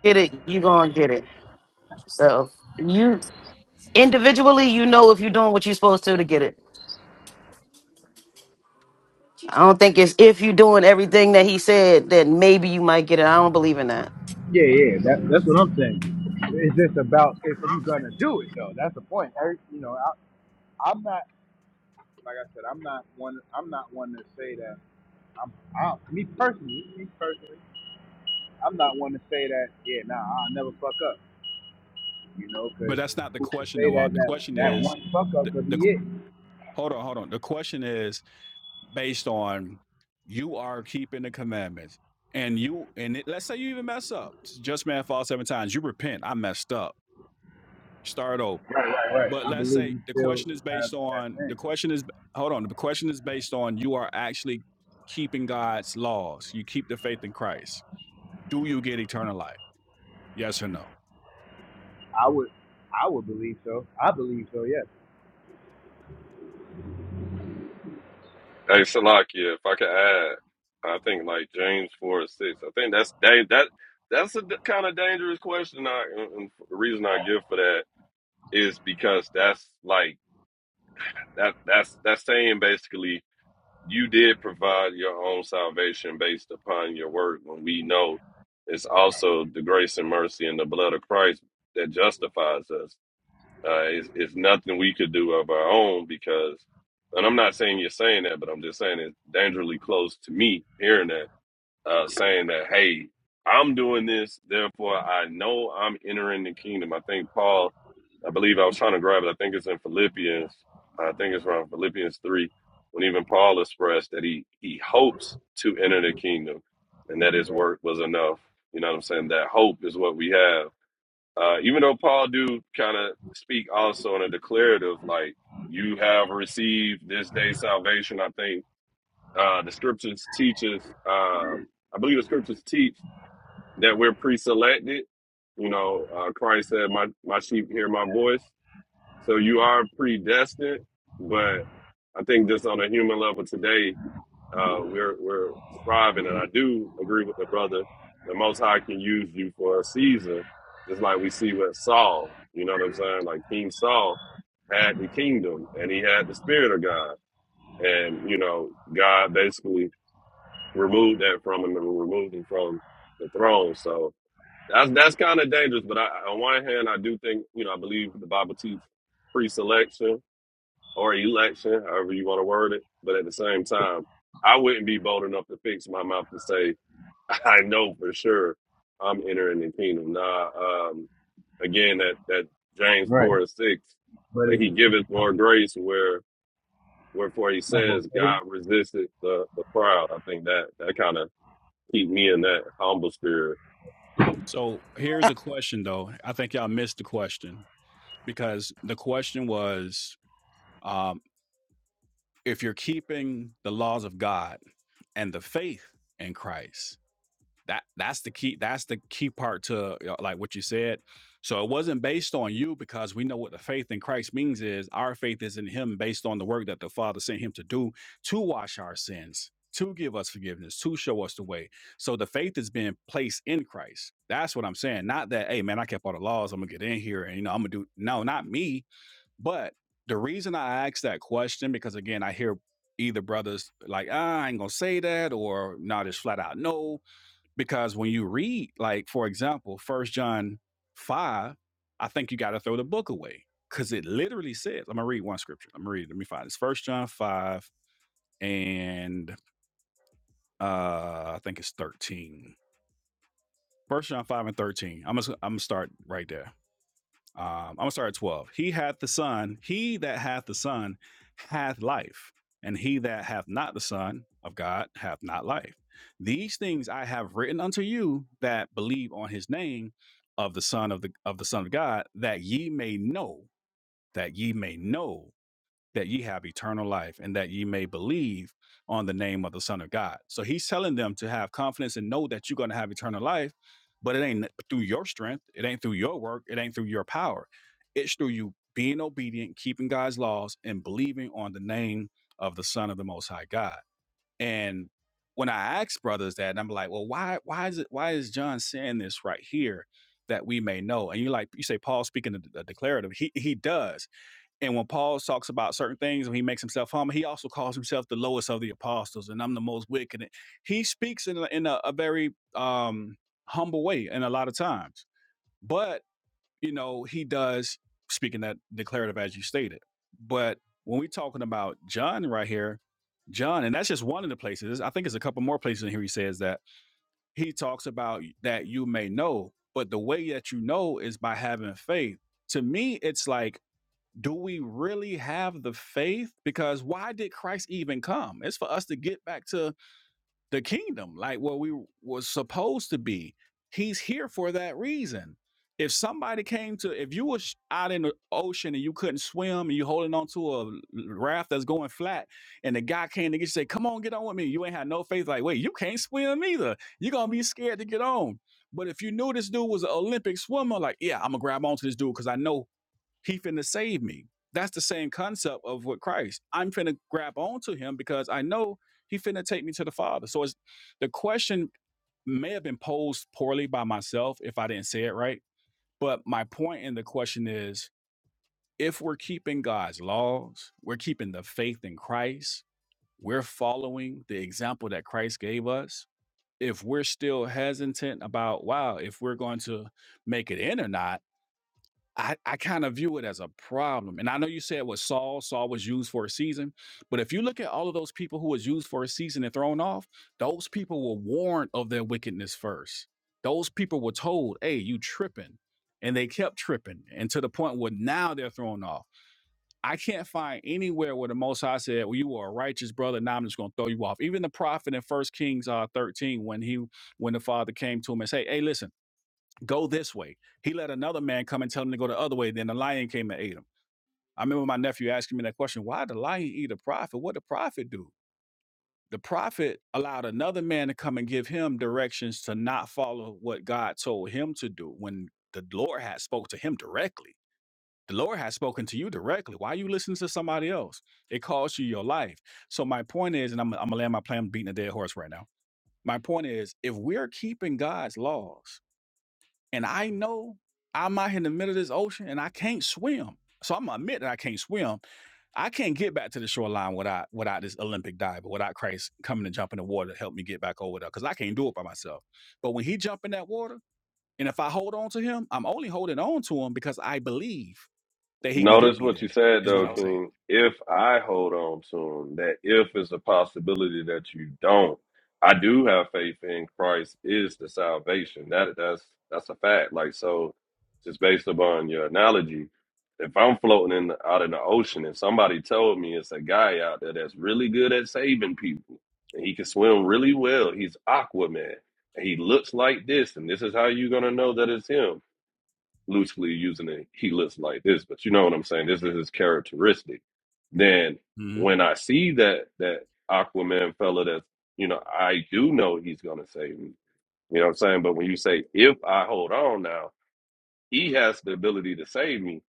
L: get it, you gonna get it. So you individually, you know if you're doing what you're supposed to to get it. I don't think it's if you doing everything that he said, then maybe you might get it. I don't believe in that.
H: Yeah, yeah, that, that's what I'm saying. It's just about if you gonna do it though. That's the point. Every- You know, I, I'm not like I said. I'm not one. I'm not one to say that. I'm I, me personally. Me personally, I'm not one to say that. Yeah, nah, I'll never fuck up. You know,
A: But
H: because
A: that's not the
H: who to
A: question,
H: say
A: though. Uh,
H: that
A: The
H: that
A: question
H: that
A: is,
H: one fuck
A: the,
H: up could
A: the
H: be
A: qu-
H: it?
A: hold on, hold on. The question is based on you are keeping the commandments, and you and it, let's say you even mess up. Just man falls seven times. You repent. I messed up. Start over.
H: Right, right, right.
A: But
H: I
A: let's
H: believe
A: say
H: you
A: the
H: still
A: question is
H: have
A: based
H: that
A: on the
H: chance.
A: question is hold on. The question is based on you are actually keeping God's laws. You keep the faith in Christ. Do you get eternal life? Yes or no?
H: I would, I would believe so. I believe so. Yes.
M: Hey, Salakia, if I could add, I think like James four or six. I think that's da- that that's a kind of dangerous question. I and and the reason I give for that is because that's like that that's that's saying basically you did provide your own salvation based upon your work. When we know it's also the grace and mercy and the blood of Christ that justifies us. Uh, it's, it's nothing we could do of our own because, and I'm not saying you're saying that, but I'm just saying it's dangerously close to me hearing that, uh, saying that, hey, I'm doing this, therefore I know I'm entering the kingdom. I think Paul, I believe I was trying to grab it. I think it's in Philippians. I think it's around Philippians 3, when even Paul expressed that he, he hopes to enter the kingdom and that his work was enough. You know what I'm saying? That hope is what we have uh, even though Paul do kind of speak also in a declarative, like you have received this day salvation. I think uh, the scriptures teaches. Uh, I believe the scriptures teach that we're pre-selected. You know, uh, Christ said, "My my sheep hear my voice." So you are predestined, but I think just on a human level today, uh, we're we're striving, and I do agree with the brother. The Most High can use you for a season, just like we see with Saul. You know what I'm saying? Like King Saul had the kingdom, and he had the Spirit of God, and you know God basically removed that from him and removed him from the throne. So that's that's kind of dangerous. But I, on one hand, I do think you know I believe the Bible teaches pre-selection or election, however you want to word it. But at the same time, I wouldn't be bold enough to fix my mouth and say, I know for sure I'm entering the kingdom. Nah, um, again, that, that James
H: Right.
M: 4 and 6,
H: But
M: but
H: it's
M: he giveth more grace where, wherefore he
H: my fault.
M: says,
H: They
M: God resisteth the, the proud. I think that, that kind of keep me in that humble spirit
A: So here's
L: Uh,
A: a question though. I think y'all missed the question because the question was um, if you're keeping the laws of God and the faith in Christ, that that's the key that's the key part to you like what you said so it wasn't based on you because we know what the faith in christ means is our faith is in him based on the work that the father sent him to do to wash our sins to give us forgiveness to show us the way so the faith is being placed in christ that's what i'm saying not that hey man i kept all the laws i'm gonna get in here and you know i'm gonna do no not me but the reason i asked that question because again i hear either brothers like ah, i ain't gonna say that or not nah, just flat out no because when you read like for example first john 5 i think you got to throw the book away because it literally says i'm gonna read one scripture i'm gonna read it. let me find this first john 5 and uh i think it's 13 first john 5 and 13 i'm gonna i'm gonna start right there Um, I'm gonna start at 12. He hath the Son, he that hath the Son hath life, and he that hath not the Son of God hath not life. These things I have written unto you that believe on his name of the Son of the of the Son of God, that ye may know, that ye may know that ye have eternal life and that ye may believe on the name of the Son of God. So he's telling them to have confidence and know that you're going to have eternal life, but it ain't through your strength, it ain't through your work, it ain't through your power. It's through you being obedient, keeping God's laws, and believing on the name of the Son of the Most High God. And when I ask brothers that, and I'm like, well, why, why is it, why is John saying this right here that we may know? And you like, you say Paul speaking a declarative. He he does and when Paul talks about certain things, when he makes himself humble, he also calls himself the lowest of the apostles, and I'm the most wicked. He speaks in a, in a, a very um, humble way, and a lot of times, but you know he does speak in that declarative as you stated. But when we're talking about John right here, John, and that's just one of the places. I think there's a couple more places in here. He says that he talks about that you may know, but the way that you know is by having faith. To me, it's like do we really have the faith? Because why did Christ even come? It's for us to get back to the kingdom, like what we was supposed to be. He's here for that reason. If somebody came to, if you were sh- out in the ocean and you couldn't swim and you holding on to a raft that's going flat, and the guy came to get you, say, "Come on, get on with me." You ain't had no faith. Like, wait, you can't swim either. You're gonna be scared to get on. But if you knew this dude was an Olympic swimmer, like, yeah, I'm gonna grab onto this dude because I know he finna save me. That's the same concept of what Christ. I'm finna grab onto him because I know he finna take me to the Father. So it's the question may have been posed poorly by myself if I didn't say it right. But my point in the question is if we're keeping God's laws, we're keeping the faith in Christ, we're following the example that Christ gave us. If we're still hesitant about, wow, if we're going to make it in or not, I, I kind of view it as a problem. And I know you said with Saul, Saul was used for a season, but if you look at all of those people who was used for a season and thrown off, those people were warned of their wickedness first. Those people were told, hey, you tripping. And they kept tripping and to the point where now they're thrown off. I can't find anywhere where the Most High said, well, you are a righteous brother. Now I'm just going to throw you off. Even the prophet in First Kings uh, 13, when he, when the father came to him and say, hey, listen, go this way. He let another man come and tell him to go the other way. Then the lion came and ate him. I remember my nephew asking me that question why did the lion eat a prophet? What did the prophet do? The prophet allowed another man to come and give him directions to not follow what God told him to do when the Lord had spoke to him directly. The Lord has spoken to you directly. Why are you listening to somebody else? It costs you your life. So my point is, and I'm, I'm gonna land my plan beating a dead horse right now. My point is, if we're keeping God's laws, and I know I'm out here in the middle of this ocean and I can't swim. So I'm gonna admit that I can't swim. I can't get back to the shoreline without without this Olympic diver, without Christ coming and jumping in the water to help me get back over there, because I can't do it by myself. But when he jump in that water, and if I hold on to him, I'm only holding on to him because I believe that he can get
M: Notice
A: me
M: what you
A: there.
M: said
A: Is what
M: though,
A: I'm Loaded. saying.
M: King. If I hold on to him, that if is a possibility that you don't. I do have faith in Christ is the salvation. That that's that's a fact. Like so, just based upon your analogy, if I'm floating in the, out in the ocean and somebody told me it's a guy out there that's really good at saving people and he can swim really well, he's Aquaman and he looks like this, and this is how you're gonna know that it's him loosely using it, he looks like this, but you know what I'm saying? This is his characteristic. Then
A: hmm
M: when I see that that Aquaman fella that's you know, I do know he's gonna save me. You know what I'm saying? But when you say if I hold on now, he has the ability to save me.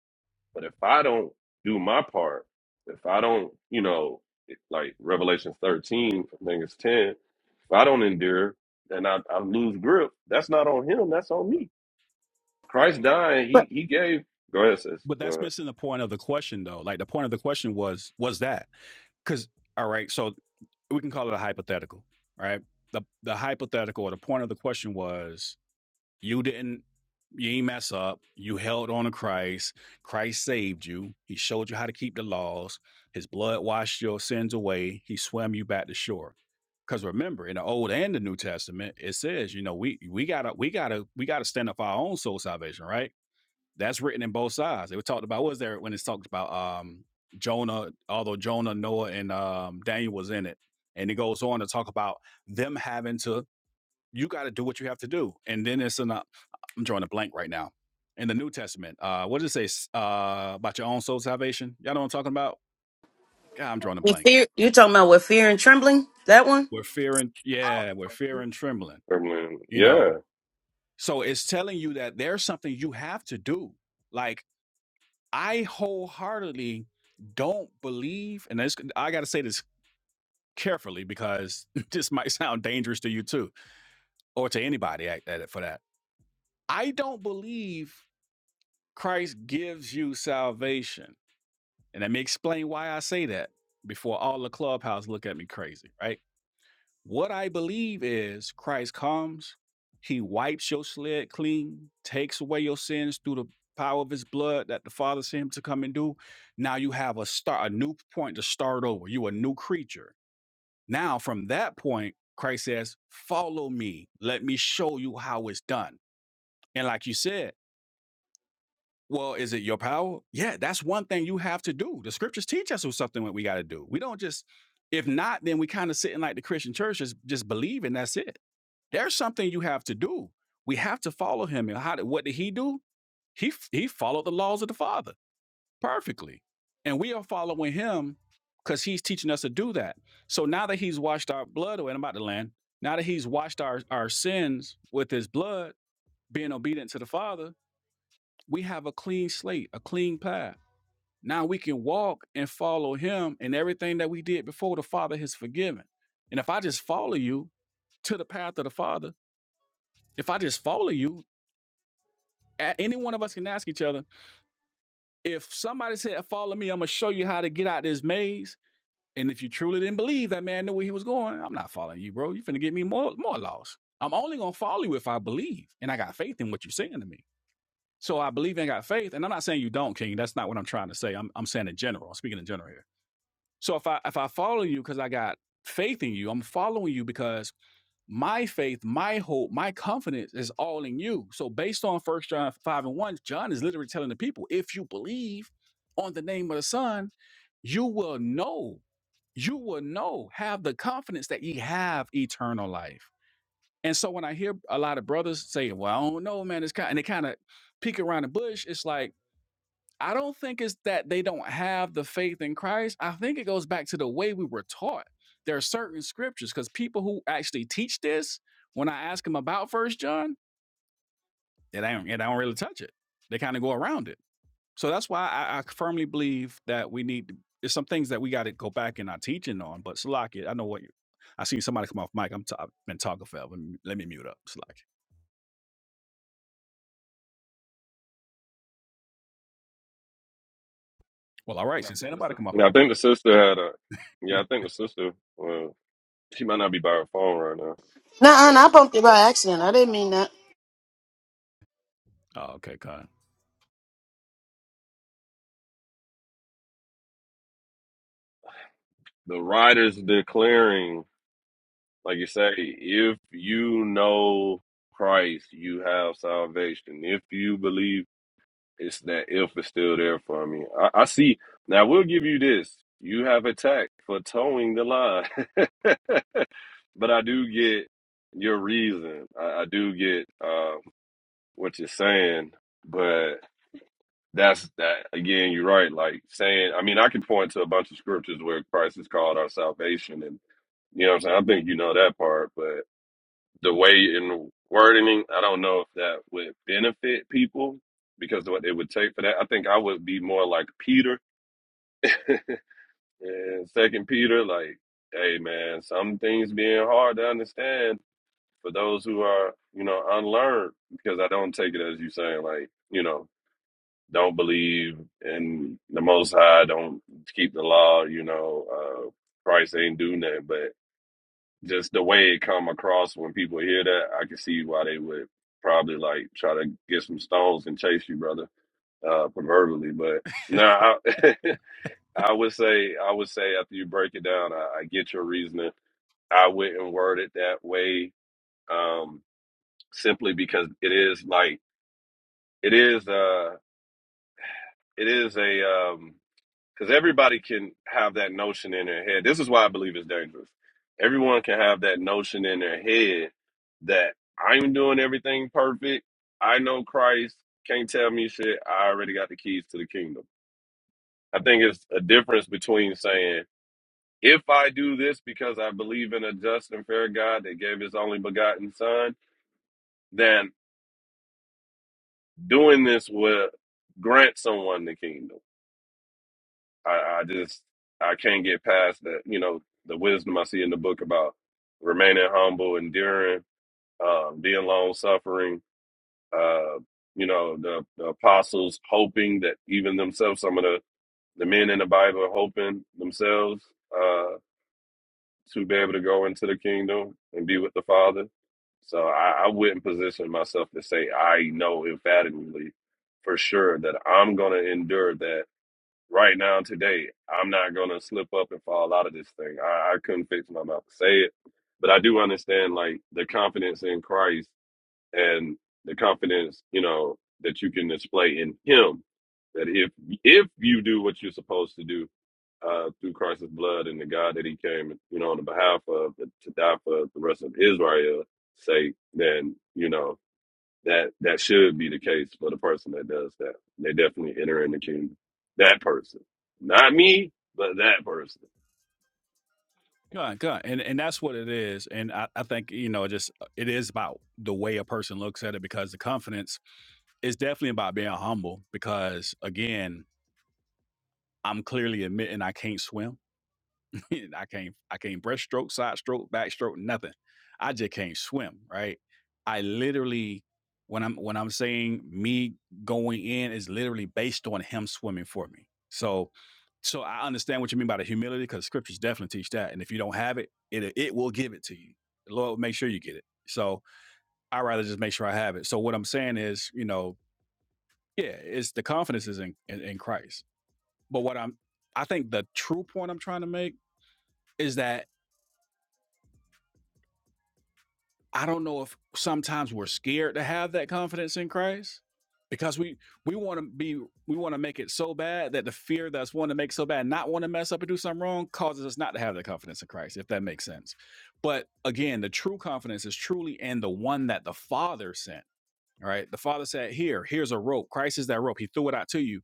M: But if I don't do my part, if I don't, you know, it- like Revelation 13, I think it's 10, if I don't endure, then I, I lose grip. That's not on him, that's on me. Christ dying, he
L: But
M: he gave go ahead, sis.
A: But
M: Go
A: that's
M: ahead.
A: missing the point of the question, though. Like the point of the question was was that because all right, so we can call it a hypothetical, right? The the hypothetical or the point of the question was you didn't you ain't mess up. You held on to Christ. Christ saved you. He showed you how to keep the laws. His blood washed your sins away. He swam you back to shore. Because remember, in the Old and the New Testament, it says, you know, we we gotta we gotta we gotta stand up for our own soul salvation, right? That's written in both sides. They were talked about. What was there when it's talked about um, Jonah? Although Jonah, Noah, and um, Daniel was in it, and it goes on to talk about them having to. You got to do what you have to do, and then it's an. uh, I'm drawing a blank right now. In the New Testament, uh, what does it say uh, about your own soul salvation? Y'all know what I'm talking about? God, I'm drawing a
L: you
A: blank.
L: fear you talking about with fear and trembling? That one?
A: We're fearing, yeah, we're fearing, trembling.
M: I
A: You
M: yeah.
A: know, so it's telling you that there's something you have to do. Like I wholeheartedly don't believe, and this, I got to say this carefully because this might sound dangerous to you too, or to anybody at, at it for that. I don't believe Christ gives you salvation, and let me explain why I say that before all the clubhouse look at me crazy, right? What I believe is Christ comes, he wipes your slate clean, takes away your sins through the power of his blood that the Father sent him to come and do. Now you have a start, a new point to start over. You a new creature. Now from that point, Christ says, follow me. Let me show you how it's done. And like you said, well, is it your power? Yeah, that's one thing you have to do. The scriptures teach us what's something that we got to do. We don't just, if not, then we kind of sitting like the Christian church, just, just believe and that's it. There's something you have to do. We have to follow him. And how did, what did he do? He, f- he followed the laws of the Father perfectly. And we are following him because he's teaching us to do that. So now that he's washed our blood away, and I'm about to land, now that he's washed our, our sins with his blood, being obedient to the Father, we have a clean slate, a clean path now we can walk and follow him, and everything that we did before the Father has forgiven. And if I just follow you to the path of the Father, if I just follow you, a- any one of us can ask each other, if somebody said, Follow me, I'm gonna show you how to get out of this maze. And if you truly didn't believe that man knew where he was going, I'm not following you, bro. You're finna get me more more lost. I'm only gonna follow you if I believe and I got faith in what you're saying to me. So I believe and got faith. And I'm not saying you don't, King. That's not what I'm trying to say. I'm, I'm saying in general. I'm speaking in general here. So if I if I follow you because I got faith in you, I'm following you because my faith, my hope, my confidence is all in you. So based on First John five and one, John is literally telling the people, if you believe on the name of the Son, you will know, you will know, have the confidence that ye have eternal life. And so when I hear a lot of brothers say, "Well, I don't know, man," it's kind and they kind of peek around the bush. It's like I don't think it's that they don't have the faith in Christ. I think it goes back to the way we were taught. There are certain scriptures because people who actually teach this, when I ask them about First John, they don't, they don't really touch it. They kind of go around it. So that's why I, I firmly believe that we need to- there's some things that we got to go back in our teaching on. But Salaki, I know what you. I seen somebody come off mic. I'm t- I've been talking forever. Let me let me mute up, Salaki. Well, all right. Since say ain't nobody come something?
M: Yeah, I think the sister had a yeah,
A: off.
M: I think the sister well, she might not be by her phone right now.
L: Nah, I bumped it by accident. I didn't mean that.
A: oh, okay, Con.
M: The writer's declaring, like you say, if you know Christ, you have salvation. If you believe it's that if is still there for me. I, I see now we'll give you this. You have a tax for towing the line. but I do get your reason. I, I do get. uh, what you're saying, but that's that again, you're right. Like saying, I mean, I can point to a bunch of scriptures where Christ is called our salvation, and you know what I'm saying? I think you know that part, but the way in wording, I don't know if that would benefit people because of what it would take for that. I think I would be more like Peter and Second Peter, like, hey man, some things being hard to understand for those who are, you know, unlearned because I don't take it as you saying, like, you know, don't believe in the Most High, don't keep the law. You know, uh, Christ ain't do nothing. But just the way it come across when people hear that, I can see why they would probably like try to get some stones and chase you, brother, uh, proverbially. But no, I, I would say I would say after you break it down, I, I get your reasoning. I wouldn't word it that way um, simply because it is like it is uh it is a um Because everybody can have that notion in their head. This is why I believe it's dangerous. Everyone can have that notion in their head that I'm doing everything perfect. I know Christ. Can't tell me shit. I already got the keys to the kingdom. I think it's a difference between saying, if I do this because I believe in a just and fair God that gave his only begotten son, then doing this will grant someone the kingdom I, I just I can't get past that. You know, the wisdom I see in the book about remaining humble, enduring, um, being long suffering. Uh, you know, the, the apostles hoping that even themselves, some of the the men in the Bible hoping themselves uh, to be able to go into the kingdom and be with the Father. So I, I wouldn't position myself to say I know emphatically for sure that I'm going to endure that right now today. I'm not gonna slip up and fall out of this thing. I, I couldn't fix my mouth to say it, but I do understand like the confidence in Christ and the confidence you know that you can display in Him. That if if you do what you're supposed to do uh, through Christ's blood and the God that He came, you know, on the behalf of to die for the rest of Israel's sake, then you know. That that should be the case for the person that does that. They definitely enter in the kingdom. That person, not me, but that person.
A: Good, good. And and that's what it is. And I, I think, you know, just uh, it is about the way a person looks at it because the confidence is definitely about being humble because again, I'm clearly admitting I can't swim. I can't I can't breaststroke, side stroke, backstroke, nothing. I just can't swim, right? I literally when I'm when I'm saying me going in is literally based on him swimming for me. So so I understand what you mean by the humility because scriptures definitely teach that. And if you don't have it, it it will give it to you. The Lord will make sure you get it. So I rather just make sure I have it. So what I'm saying is, you know, yeah, it's the confidence is in, in, in Christ. But what I'm I think the true point I'm trying to make is that I don't know if sometimes we're scared to have that confidence in Christ because we we want to be we want to make it so bad that the fear that's wanting to make so bad not want to mess up and do something wrong causes us not to have the confidence in Christ if that makes sense. But again, the true confidence is truly in the one that the Father sent. All right, the Father said, "Here, here's a rope. Christ is that rope. He threw it out to you."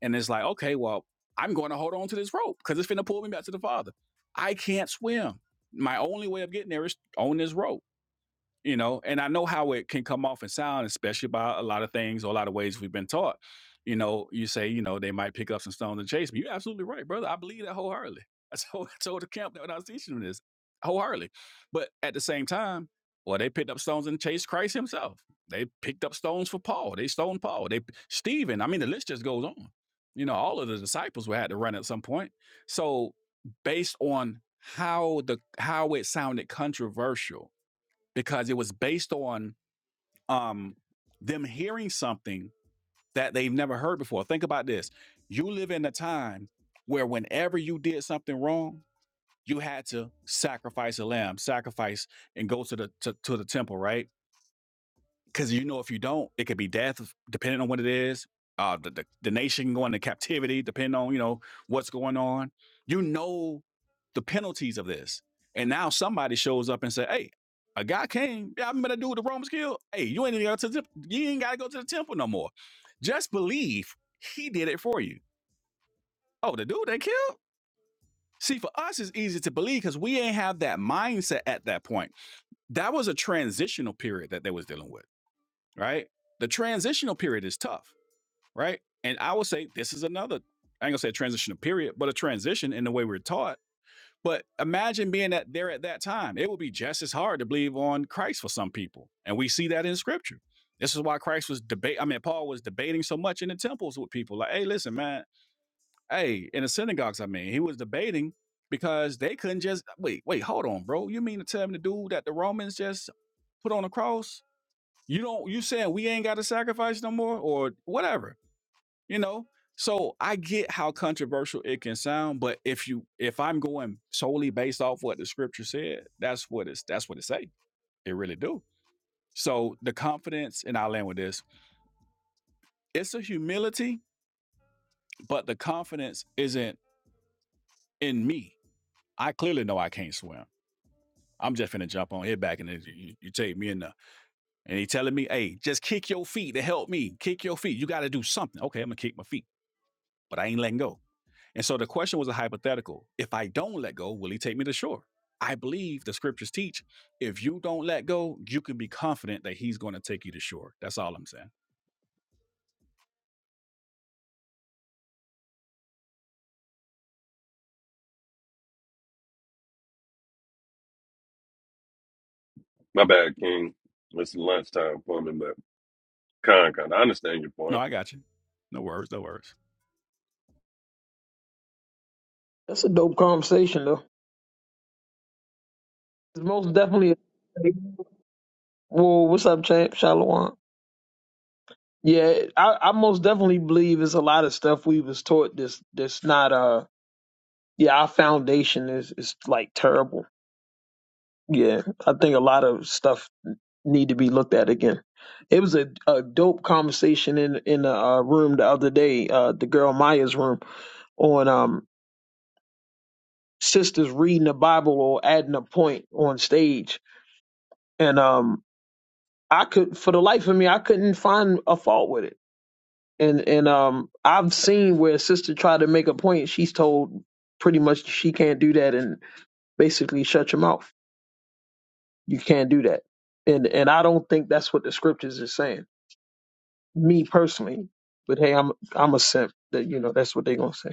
A: And it's like, okay, well, I'm going to hold on to this rope because it's finna pull me back to the Father. I can't swim. My only way of getting there is on this rope you know and i know how it can come off and sound especially by a lot of things or a lot of ways we've been taught you know you say you know they might pick up some stones and chase me you're absolutely right brother i believe that wholeheartedly i told, I told the camp that when i was teaching them this wholeheartedly but at the same time well they picked up stones and chased christ himself they picked up stones for paul they stoned paul they stephen i mean the list just goes on you know all of the disciples were had to run at some point so based on how the how it sounded controversial because it was based on um, them hearing something that they've never heard before. Think about this: you live in a time where whenever you did something wrong, you had to sacrifice a lamb, sacrifice, and go to the to, to the temple, right? because you know if you don't, it could be death, depending on what it is. Uh, the, the the nation going to captivity, depending on you know what's going on. You know the penalties of this, and now somebody shows up and say, "Hey, a guy came. Yeah, I'm gonna do what the Romans killed. Hey, you ain't even got to the, you ain't got to go to the temple no more. Just believe he did it for you. Oh, the dude they killed." See, for us, it's easy to believe because we ain't have that mindset at that point. That was a transitional period that they was dealing with right? The transitional period is tough, right? And I would say this is another, I ain't gonna say a transitional period, but a transition in the way we're taught. But imagine being that there at that time. It would be just as hard to believe on Christ for some people. And we see that in scripture. This is why Christ was debate. I mean, Paul was debating so much in the temples with people. Like, hey, listen, man, hey, in the synagogues, I mean, he was debating because they couldn't just wait, wait, hold on, bro. You mean to tell me the dude that the Romans just put on a cross you don't you saying we ain't got to sacrifice no more or whatever you know so i get how controversial it can sound but if you if i'm going solely based off what the scripture said that's what it's that's what it say it really do so the confidence and i'll end with this it's a humility but the confidence isn't in me i clearly know i can't swim i'm just finna jump on here back and then you, you take me in the and he telling me hey just kick your feet to help me kick your feet you gotta do something okay i'm gonna kick my feet but i ain't letting go And so the question was a hypothetical. If I don't let go, will he take me to shore? I believe the scriptures teach if you don't let go, you can be confident that he's going to take you to shore. That's all I'm saying.
M: My bad, King. It's lunchtime for me, but con kind. I understand your
A: No,
M: point.
A: I got you. No worries, no worries.
F: That's a dope conversation though. It's most definitely. Well, what's up, champ? Shalom. Yeah, I, I most definitely believe it's a lot of stuff we was taught that's that's not uh yeah our foundation is is like terrible. Yeah, I think a lot of stuff need to be looked at again. It was a, a dope conversation in in a uh, room the other day, uh, the girl Maya's room on um sisters reading the Bible or adding a point on stage, and um I could for the life of me I couldn't find a fault with it and and um I've seen where a sister tried to make a point, she's told pretty much she can't do that and basically shut your mouth. You can't do that. And and I don't think that's what the scriptures is saying. Me personally. But hey, I'm I'm a simp. That you know, that's what they're gonna say.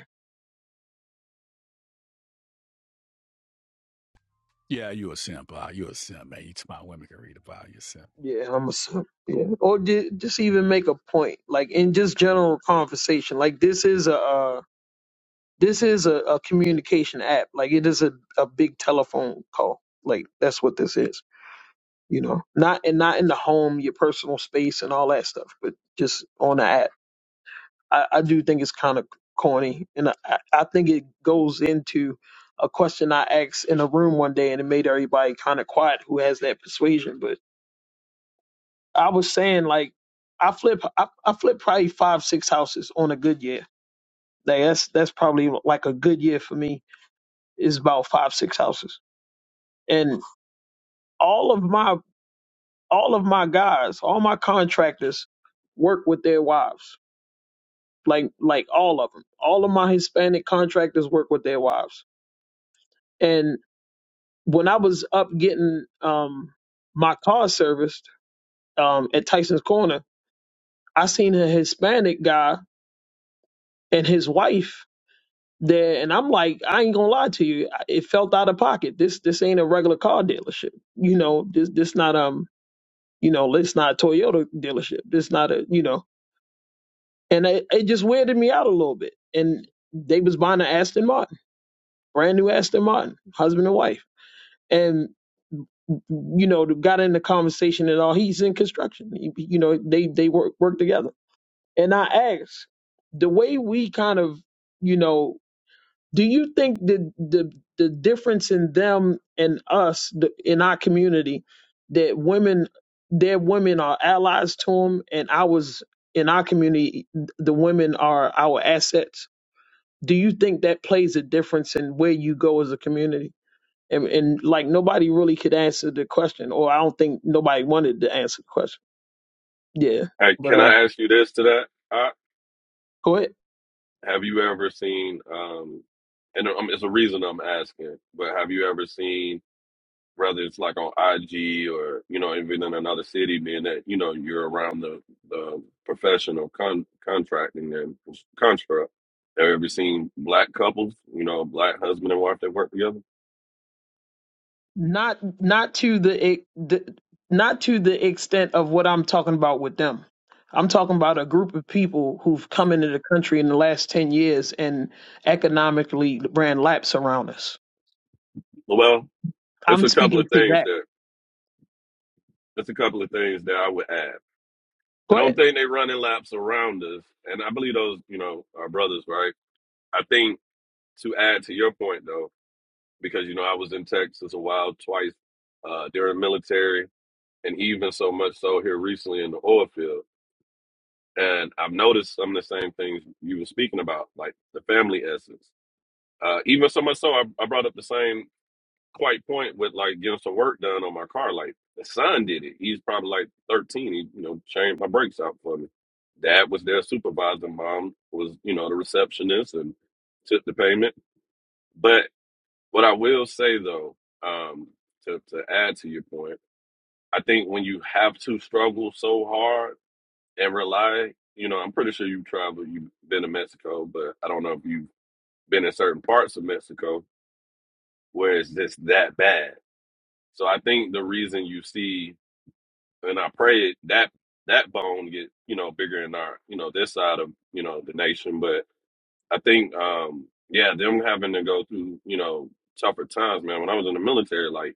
A: Yeah, you a simp, uh, you a simp, man. You about women can read about you simp.
F: Yeah, I'm a simp. Yeah. Or ju- just even make a point, like in just general conversation. Like this is a uh, this is a, a communication app. Like it is a, a big telephone call. Like that's what this is. you know, not and not in the home, your personal space and all that stuff, but just on the app. I, I do think it's kind of corny, and I, I think it goes into a question I asked in a room one day, and it made everybody kind of quiet who has that persuasion. But I was saying like, I flip, I, I flip probably five, six houses on a good year. Like that's that's probably like a good year for me is about five, six houses, and all of my all of my guys, all my contractors work with their wives. like like all of them. All of my Hispanic contractors work with their wives. And when I was up getting um my car serviced um at Tyson's Corner, I seen a Hispanic guy and his wife there, and I'm like, I ain't gonna lie to you, it felt out of pocket. This this ain't a regular car dealership, you know. This this not um you know it's not a Toyota dealership. This not a you know, and it, it just weirded me out a little bit. And they was buying an Aston Martin, brand new Aston Martin, husband and wife and you know got in the conversation and all he's in construction He- you know they they work work together and i asked the way we kind of you know do you think the the the difference in them and us the, in our community that women their women are allies to them and i was in our community the women are our assets do you think that plays a difference in where you go as a community and, and like nobody really could answer the question, or I don't think nobody wanted to answer the question. Yeah,
M: Hey,
F: but
M: can
F: uh,
M: I ask you this to that? I,
F: go ahead.
M: have you ever seen um, and um, it's a reason I'm asking, but have you ever seen whether it's like on IG or you know even in another city, being that you know you're around the the professional con- contracting and construct. Have you ever seen black couples, you know, black husband and wife that work together?
F: Not not to the, e- the not to the extent of what I'm talking about with them. I'm talking about a group of people who've come into the country in the last ten years and economically ran laps around us.
M: Well, it's
F: I'm
M: a couple
F: speaking
M: of
F: to
M: things
F: that.
M: that it's a couple of things that I would add. I
F: Go ahead.
M: don't think they running laps around us, and I believe those you know are brothers, right? I think to add to your point though, because you know I was in Texas a while twice uh, during military. and even so much so here recently in the oil field. And I've noticed some of the same things you were speaking about, like the family essence. Uh, even so much so, I, I brought up the same quite point with like getting some work done on my car. Like the son did it. He's probably like 13. He, you know, changed my brakes out for me. Dad was their supervisor. Mom was, you know, the receptionist and took the payment. But what I will say though, um, to, to add to your point, I think when you have to struggle so hard And rely, you know, I'm pretty sure you've traveled, you've been to Mexico, but I don't know if you've been in certain parts of Mexico where it's just that bad. So I think the reason you see, and I pray that that bone get, you know, bigger in our, you know, this side of, you know, the nation. But I think, um, yeah, them having to go through, you know, tougher times, man. When I was in the military, like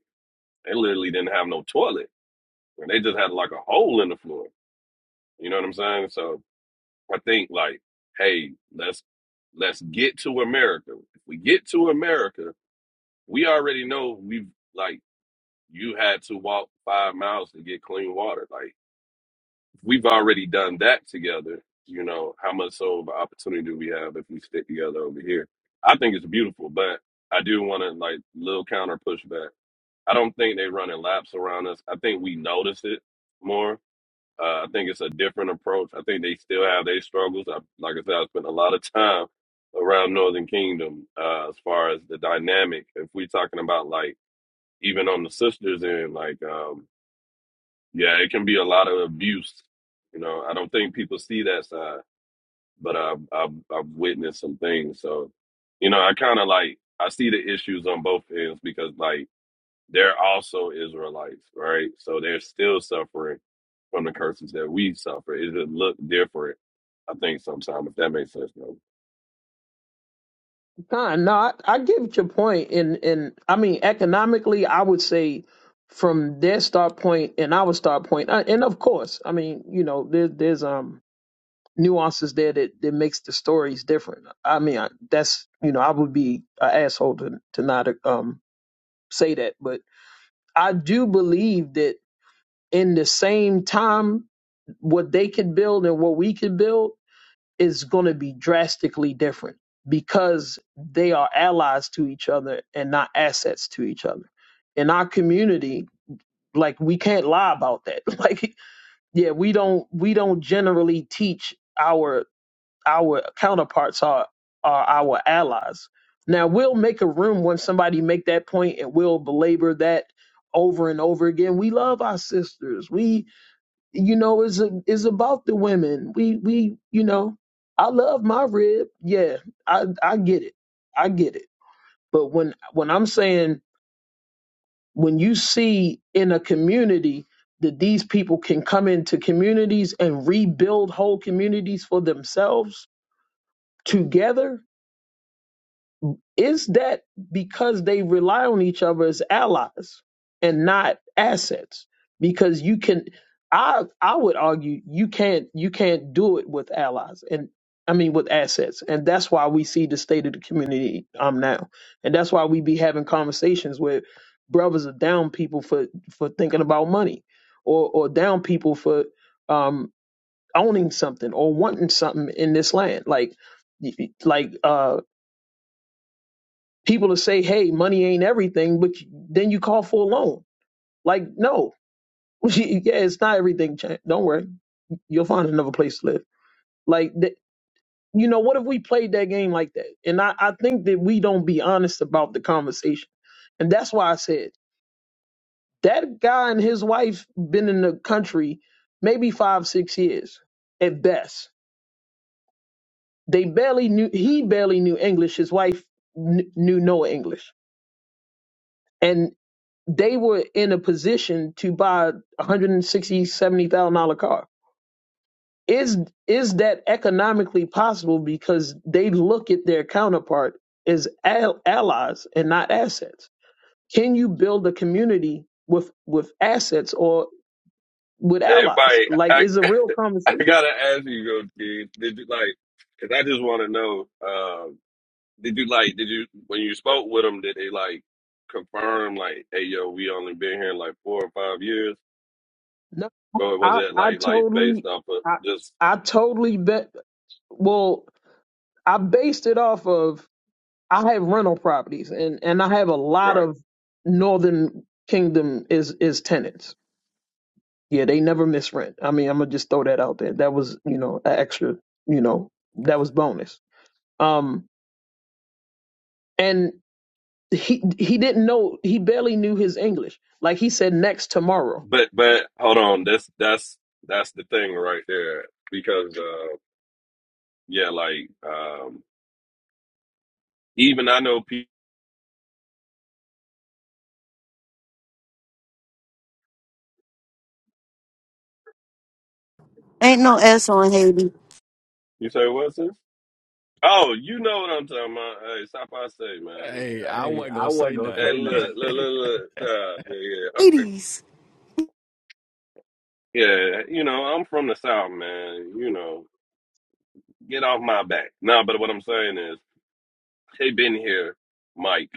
M: they literally didn't have no toilet, and they just had like a hole in the floor. You know what I'm saying? So I think like, hey, let's let's get to America. If we get to America, we already know we've like you had to walk five miles to get clean water. Like we've already done that together. You know how much so of an opportunity do we have if we stick together over here? I think it's beautiful, but I do want to like little counter pushback. I don't think they running laps around us. I think we notice it more uh, I think it's a different approach. I think they still have their struggles. I, like I said, I spent a lot of time around Northern Kingdom uh, as far as the dynamic. If we're talking about like even on the sisters end, like um, yeah, it can be a lot of abuse. You know, I don't think people see that side, but I've I've, I've witnessed some things. So, you know, I kind of like I see the issues on both ends because like they're also Israelites, right? So they're still suffering from the curses that we suffer. It just look different, I think, sometimes, if that makes sense, though.
F: Nah, no, I, I get your point, and and I mean economically, I would say from their start point and our start point, uh, and of course, I mean you know there, there's um nuances there that that makes the stories different. I mean I, that's you know I would be an asshole to to not um say that, but I do believe that in the same time, what they could build and what we could build is going to be drastically different because they are allies to each other and not assets to each other. In our community, like we can't lie about that. Like yeah, we don't we don't generally teach our our counterparts are are our allies. Now we'll make a room when somebody make that point and we'll belabor that over and over again. We love our sisters. We you know, is is about the women. We we you know, I love my rib. Yeah, I I get it. I get it. But when when I'm saying when you see in a community that these people can come into communities and rebuild whole communities for themselves together Is that because they rely on each other as allies and not assets? Because you can, I I would argue you can't you can't do it with allies and I mean with assets, and that's why we see the state of the community um now, and that's why we be having conversations where brothers are down people for for thinking about money, or or down people for um owning something or wanting something in this land, like like uh people to say, "Hey, money ain't everything," but you- then you call for a loan. Like, no, yeah, it's not everything. Chan. Don't worry, you'll find another place to live. Like, th- you know, what if we played that game like that? And I, I think that we don't be honest about the conversation, and that's why I said that guy and his wife been in the country maybe five, six years at best. They barely knew. He barely knew English. His wife kn- knew no English and. they were in a position to buy a hundred and sixty, seventy thousand dollar car. Is is that economically possible because they look at their counterpart as al- allies and not assets? Can you build a community with with assets or with
M: Hey,
F: allies?
M: Mike,
F: Like, is a real
M: I, I
F: conversation.
M: gotta ask you, though, dude, did you like, because I just want to know, uh, did you like, did you, when you spoke with them, did they like confirm, like, hey, yo, we only been here like four or five years?
F: No,
M: Or was
F: I
M: it
F: I
M: like, like based
F: totally
M: off of
F: I
M: just,
F: I totally bet. Well, I based it off of I have rental properties and and I have a lot
M: right?
F: of Northern Kingdom is is tenants. Yeah, they never miss rent. I mean, I'm gonna just throw that out there. That was you know an extra you know that was bonus. Um, and he he didn't know he barely knew his English. Like he said, next tomorrow.
M: But but hold on, that's that's that's the thing right there because uh yeah, like um even I know people.
L: Ain't no S on Haiti.
M: You say what's this? Oh, you know what I'm talking about. Hey, stop! I say, man.
A: Hey, I Hey, wasn't I gonna say wasn't gonna
M: Hey,
A: say nothing.
M: look, look, look,
A: nothing.
M: look. Uh, yeah, yeah, I'm-
L: Hades.
M: yeah. You know, I'm from the south, man. You know, get off my back. Nah, but what I'm saying is, they've been here, Mike,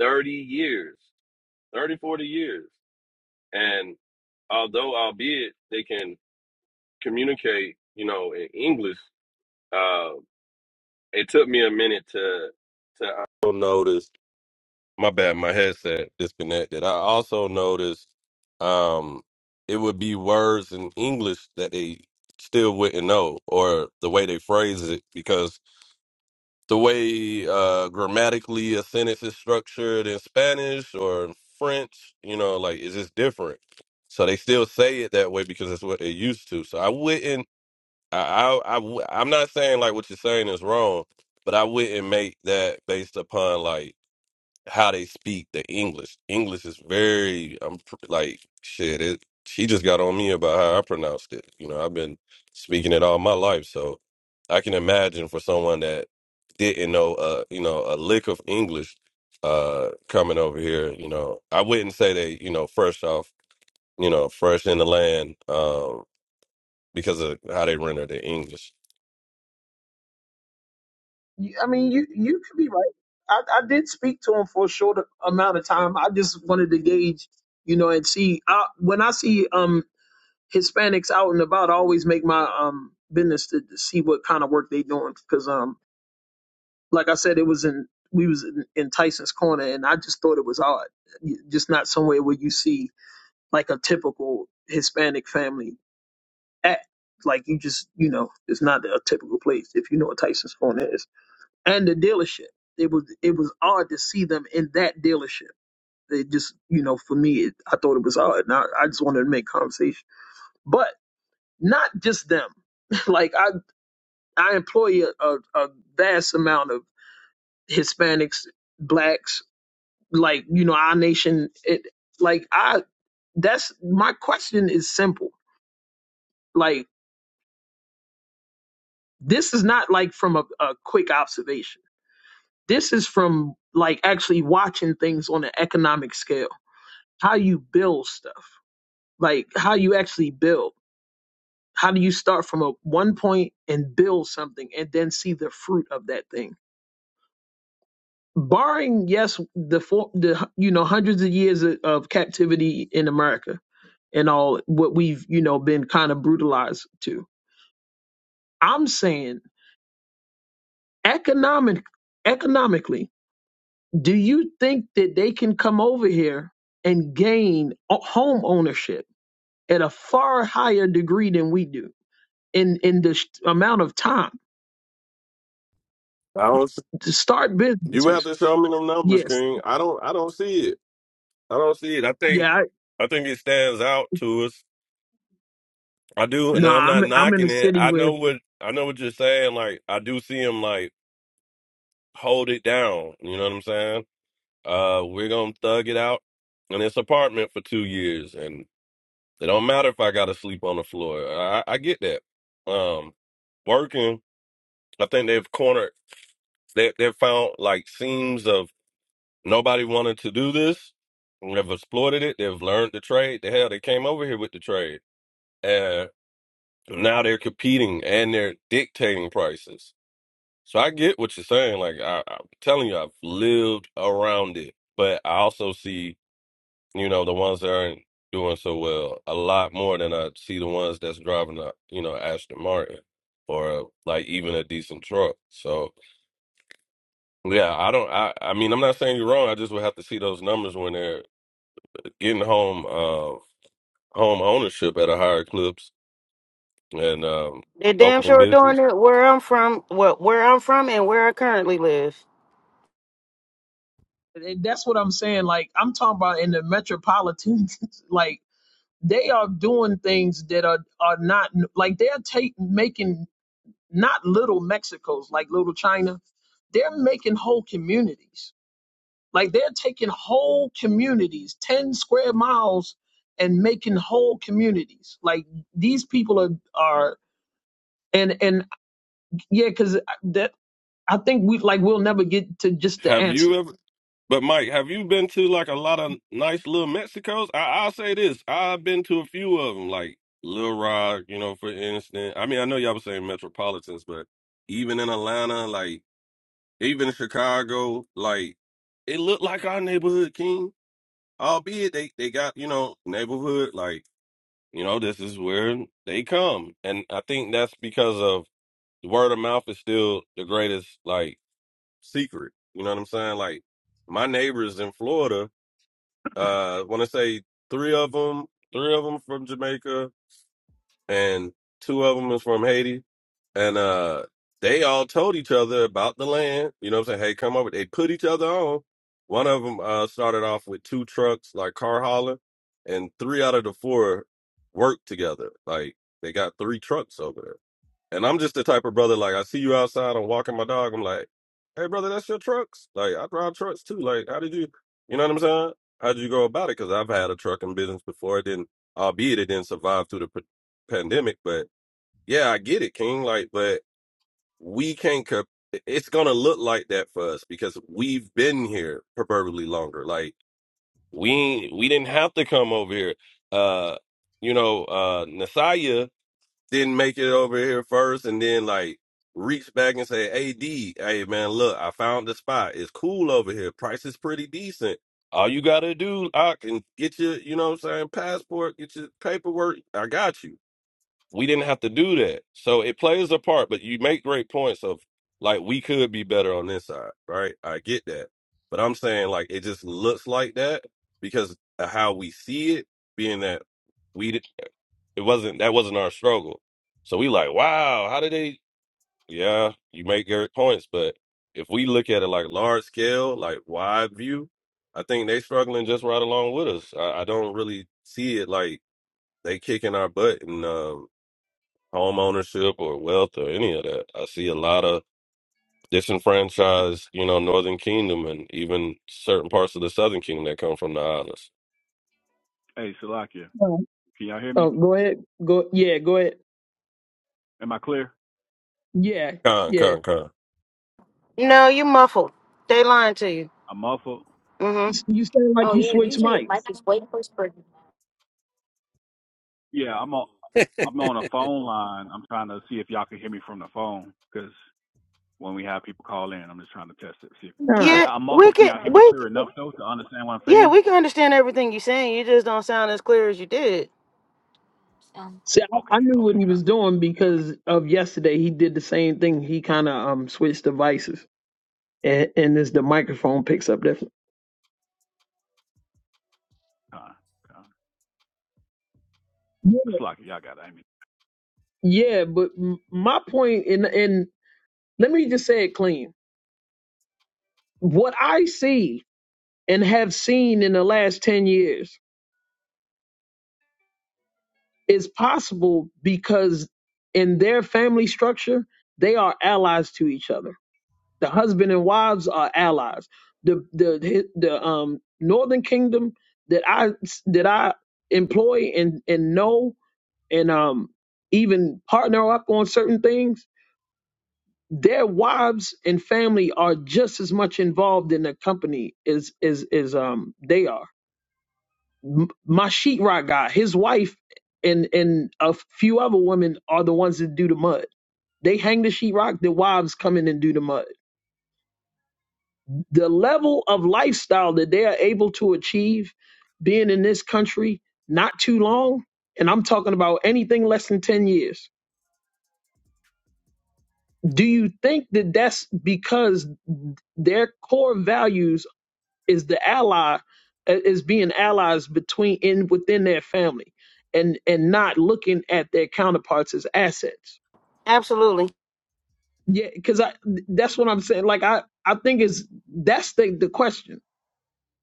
M: 30 years, 30, 40 years, and although albeit they can communicate, you know, in English, uh, it took me a minute to to also notice. My bad, my headset disconnected. I also noticed um, it would be words in English that they still wouldn't know, or the way they phrase it, because the way uh, grammatically a sentence is structured in Spanish or in French, you know, like it's just different. So they still say it that way because that's what they're used to. So I wouldn't I, I, I w- I'm not saying like what you're saying is wrong, but I wouldn't make that based upon like how they speak the English. English is very, I'm pr- like shit. It. She just got on me about how I pronounced it. You know, I've been speaking it all my life, so I can imagine for someone that didn't know, uh, you know, a lick of English, uh, coming over here. You know, I wouldn't say they, you know, fresh off, you know, fresh in the land, um, because of how they render their English.
F: You- I mean, you you could be right. I, I did speak to him for a short amount of time. I just wanted to gauge, you know, and see. I, when I see um Hispanics out and about, I always make my um business to, to see what kind of work they doing because um like I said, it was in we was in, in Tyson's corner and I just thought it was odd, Y- just not somewhere where you see like a typical Hispanic family at. Like you just you know, it's not a typical place if you know what Tyson's corner is and the dealership. It was it was odd to see them in that dealership. It just you know for me, it, I thought it was odd, and I, I just wanted to make conversation, but. not just them. like I, I employ a, a, a vast amount of Hispanics, blacks, like you know our nation. It, like I, that's my question is simple. Like this is not like from a, a quick observation. This is from like actually watching things on an economic scale. How you build stuff, like how you actually build. How do you start from a one point and build something and then see the fruit of that thing? barring yes the for, the you know hundreds of years of, of captivity in America and all what we've you know been kind of brutalized to. I'm saying economic economically, do you think that they can come over here and gain o- home ownership at a far higher degree than we do in in the sh- amount of time to start
M: You have
F: businesses?
M: to show me them numbers,
F: Yes.
M: King. I don't I don't see it. I don't see it. I think
F: Yeah. I,
M: I think it stands out to us. I do, and
F: nah.
M: I'm not
F: I'm I'm in
M: knocking
F: a
M: it.
F: city
M: I
F: where
M: know what I know what you're saying. Like I do see him like hold it down. You know what I'm saying? Uh we're gonna thug it out in this apartment for two years and it don't matter if I gotta sleep on the floor. I, I get that. Um working, I think they've cornered they they've found like seams of Nobody wanted to do this. They've exploited it. They've learned the trade. The hell, they came over here with the trade. And now they're competing and they're dictating prices. So I get what you're saying. Like, I, I'm telling you, I've lived around it. But I also see, you know, the ones that aren't doing so well a lot more than I see the ones that's driving a, you know, Aston Martin or like even a decent truck. So, yeah, I don't, I, I mean, I'm not saying you're wrong. I just would have to see those numbers when they're getting home uh home ownership at a higher clips and um
L: They damn
M: opening
L: sure doing
M: business.
L: it where I'm from, where, where I'm from, and where I currently live.
F: And that's what I'm saying. Like I'm talking about in the metropolitan, like they are doing things that are are not like they're take making not little Mexicos like little China. They're making whole communities. Like they're taking whole communities, ten square miles, and making whole communities. Like these people are are and and yeah, because that I think we like we'll never get to just the
M: Have
F: answer.
M: you ever but Mike, have you been to like a lot of nice little Mexicos? I I'll say this. I've been to a few of them, like Little Rock, you know, for instance. I mean, I know y'all were saying metropolitans, but even in Atlanta, like even in Chicago, like it looked like our neighborhood king. Albeit they, they got, you know, neighborhood, like, you know, this is where they come. And I think that's because of word of mouth is still the greatest like secret. You know what I'm saying? Like my neighbors in Florida, uh, want to say three of them, three of them from Jamaica, and two of them is from Haiti, and uh, they all told each other about the land. You know what I'm saying? Hey, come over. They put each other on. One of them uh, started off with two trucks, like car hauler, and three out of the four worked together. Like they got three trucks over there. And I'm just the type of brother, like, I see you outside, I'm walking my dog, I'm like, hey, brother, that's your trucks? Like, I drive trucks too. Like, how did you, you know what I'm saying? How did you go about it? Because I've had a trucking business before. It didn't, albeit it didn't survive through the p- pandemic, but yeah, I get it, King. Like, but we can't, co- it's going to look like that for us because we've been here proverbially longer. Like, we, ain't- we didn't have to come over here. Uh, you know, uh, Nasaya didn't make it over here first and then like reach back and say, Hey D, hey man, look, I found the spot. It's cool over here. Price is pretty decent. All you gotta do, I can get your, you know what I'm saying, passport, get your paperwork. I got you. We didn't have to do that. So it plays a part, but you make great points of like we could be better on this side, right? I get that. But I'm saying like it just looks like that because of how we see it, being that we it wasn't that wasn't our struggle. So we like, wow, how did they? Yeah, you make good points, but if we look at it like large scale, like wide view, I think they struggling just right along with us. I, I don't really see it like they kicking our butt in um, home ownership or wealth or any of that. I see a lot of disenfranchised, you know, Northern Kingdom and even certain parts of the Southern Kingdom that come from the islands.
A: hey, Salakia,
F: Oh,
A: can y'all hear
F: oh
A: me?
F: go ahead, go yeah, go ahead.
A: Am I clear?
F: Yeah,
M: Con,
F: yeah.
M: con, con.
L: No, you muffled. They lying to you.
A: I'm muffled.
L: hmm
F: You s- you sound like you switched mics.
A: Yeah, I'm on. I'm on a phone line. I'm trying to see if y'all can hear me from the phone because when we have people call in, I'm just trying to test it. See if,
F: Huh.
A: but
L: Yeah,
A: I'm
L: we
A: muffled. Can
L: can.
A: y'all hear me
L: We
A: clear enough though to understand what I'm
L: yeah,
A: saying?
L: we can understand everything you're saying. You just don't sound as clear as you did.
F: See, I, I
A: Okay,
F: knew what
A: okay,
F: he
A: kind,
F: was doing because of yesterday. He did the same thing. He kind of um switched devices, and and this the microphone picks up different.
A: kind, kind.
F: Yeah,
A: Salakia, y'all got it. I mean,
F: yeah. But m- my point, and and let me just say it clean. What I see and have seen in the last ten years is possible because in their family structure, they are allies to each other The husband and wives are allies. The the the um northern kingdom that I that I employ and and know and um even partner up on certain things. Their wives and family are just as much involved in the company as as as um they are. M- My sheetrock guy, his wife and and a few other women are the ones that do the mud. They hang the sheetrock. The wives come in and do the mud the level of lifestyle that they are able to achieve being in this country not too long and i'm talking about anything less than 10 years do you think that that's because their core values is the ally uh, is being allies between in within their family and and not looking at their counterparts as assets
L: Absolutely.
F: yeah because i that's what i'm saying like i i think is that's the the question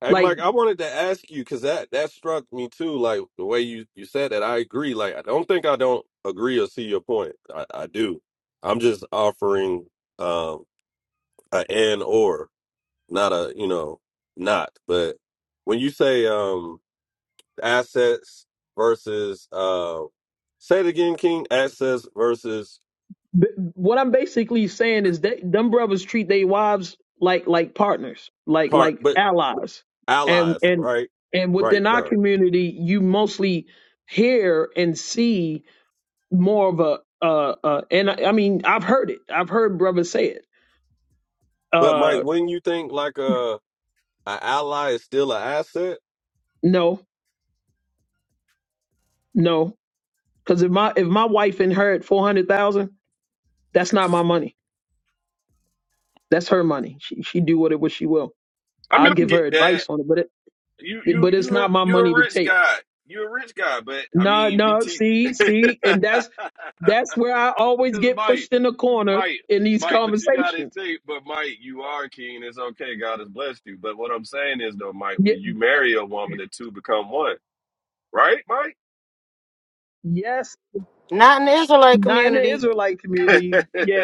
M: Hey,
F: like
M: Mike, I wanted to ask you because that that struck me too. Like the way you you said that, I agree. Like I don't think I don't agree or see your point. I, I do. I'm just offering um a and or, not a you know not. But when you say um assets versus uh, say it again, King. Assets versus
F: B- what I'm basically saying is that them brothers treat their wives like like partners, like
M: part,
F: like
M: but
F: allies, and
M: allies,
F: and
M: right?
F: and
M: Right,
F: within our
M: Kurt.
F: community, you mostly hear and see more of a uh uh and I, I mean I've heard it, I've heard brothers say it.
M: But Mike,
F: Uh,
M: wouldn't you think like uh, a an ally is still an asset?
F: no, no, because if my if my wife inherit four hundred thousand, that's not my money. That's her money. She she do with it what she will.
M: I mean,
F: I'll
M: I
F: give her
M: get that.
F: advice on it, but
M: You
F: it
M: you
F: but it's
M: you a-
F: not my
M: you
F: money
M: a
F: to
M: rich
F: take.
M: guy. You a rich guy, but I
F: No,
M: mean, we
F: no,
M: teach
F: see,
M: because
F: see, and that's that's where I always get
M: Mike,
F: pushed in the corner
M: Mike,
F: in these
M: Mike. But you got to
F: conversations.
M: think. But Mike, you are a king. It's okay. God has blessed you. But what I'm saying is, though, Mike,
F: Y-
M: when you marry a woman, the two become one, right, Mike?
F: yes,
L: Not in the Israelite
F: not in the
L: community.
F: Israelite community. Yeah,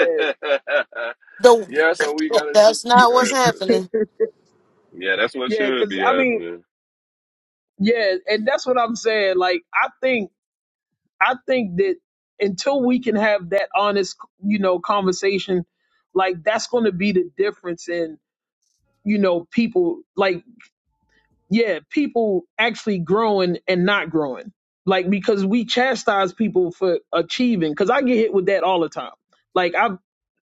L: The
M: yeah. So we got to teach.
L: that's not
M: Go
L: what's
M: ahead, sis.
L: happening.
M: Yeah, that's
F: yeah,
M: what should
F: because
M: be
F: I mean,
M: happening,
F: yeah, and that's what I'm saying. Like, I think, I think that until we can have that honest, you know, conversation, like that's going to be the difference in, you know, people. Like, yeah, people actually growing and not growing. Like because we chastise people for achieving. Because I get hit with that all the time. Like I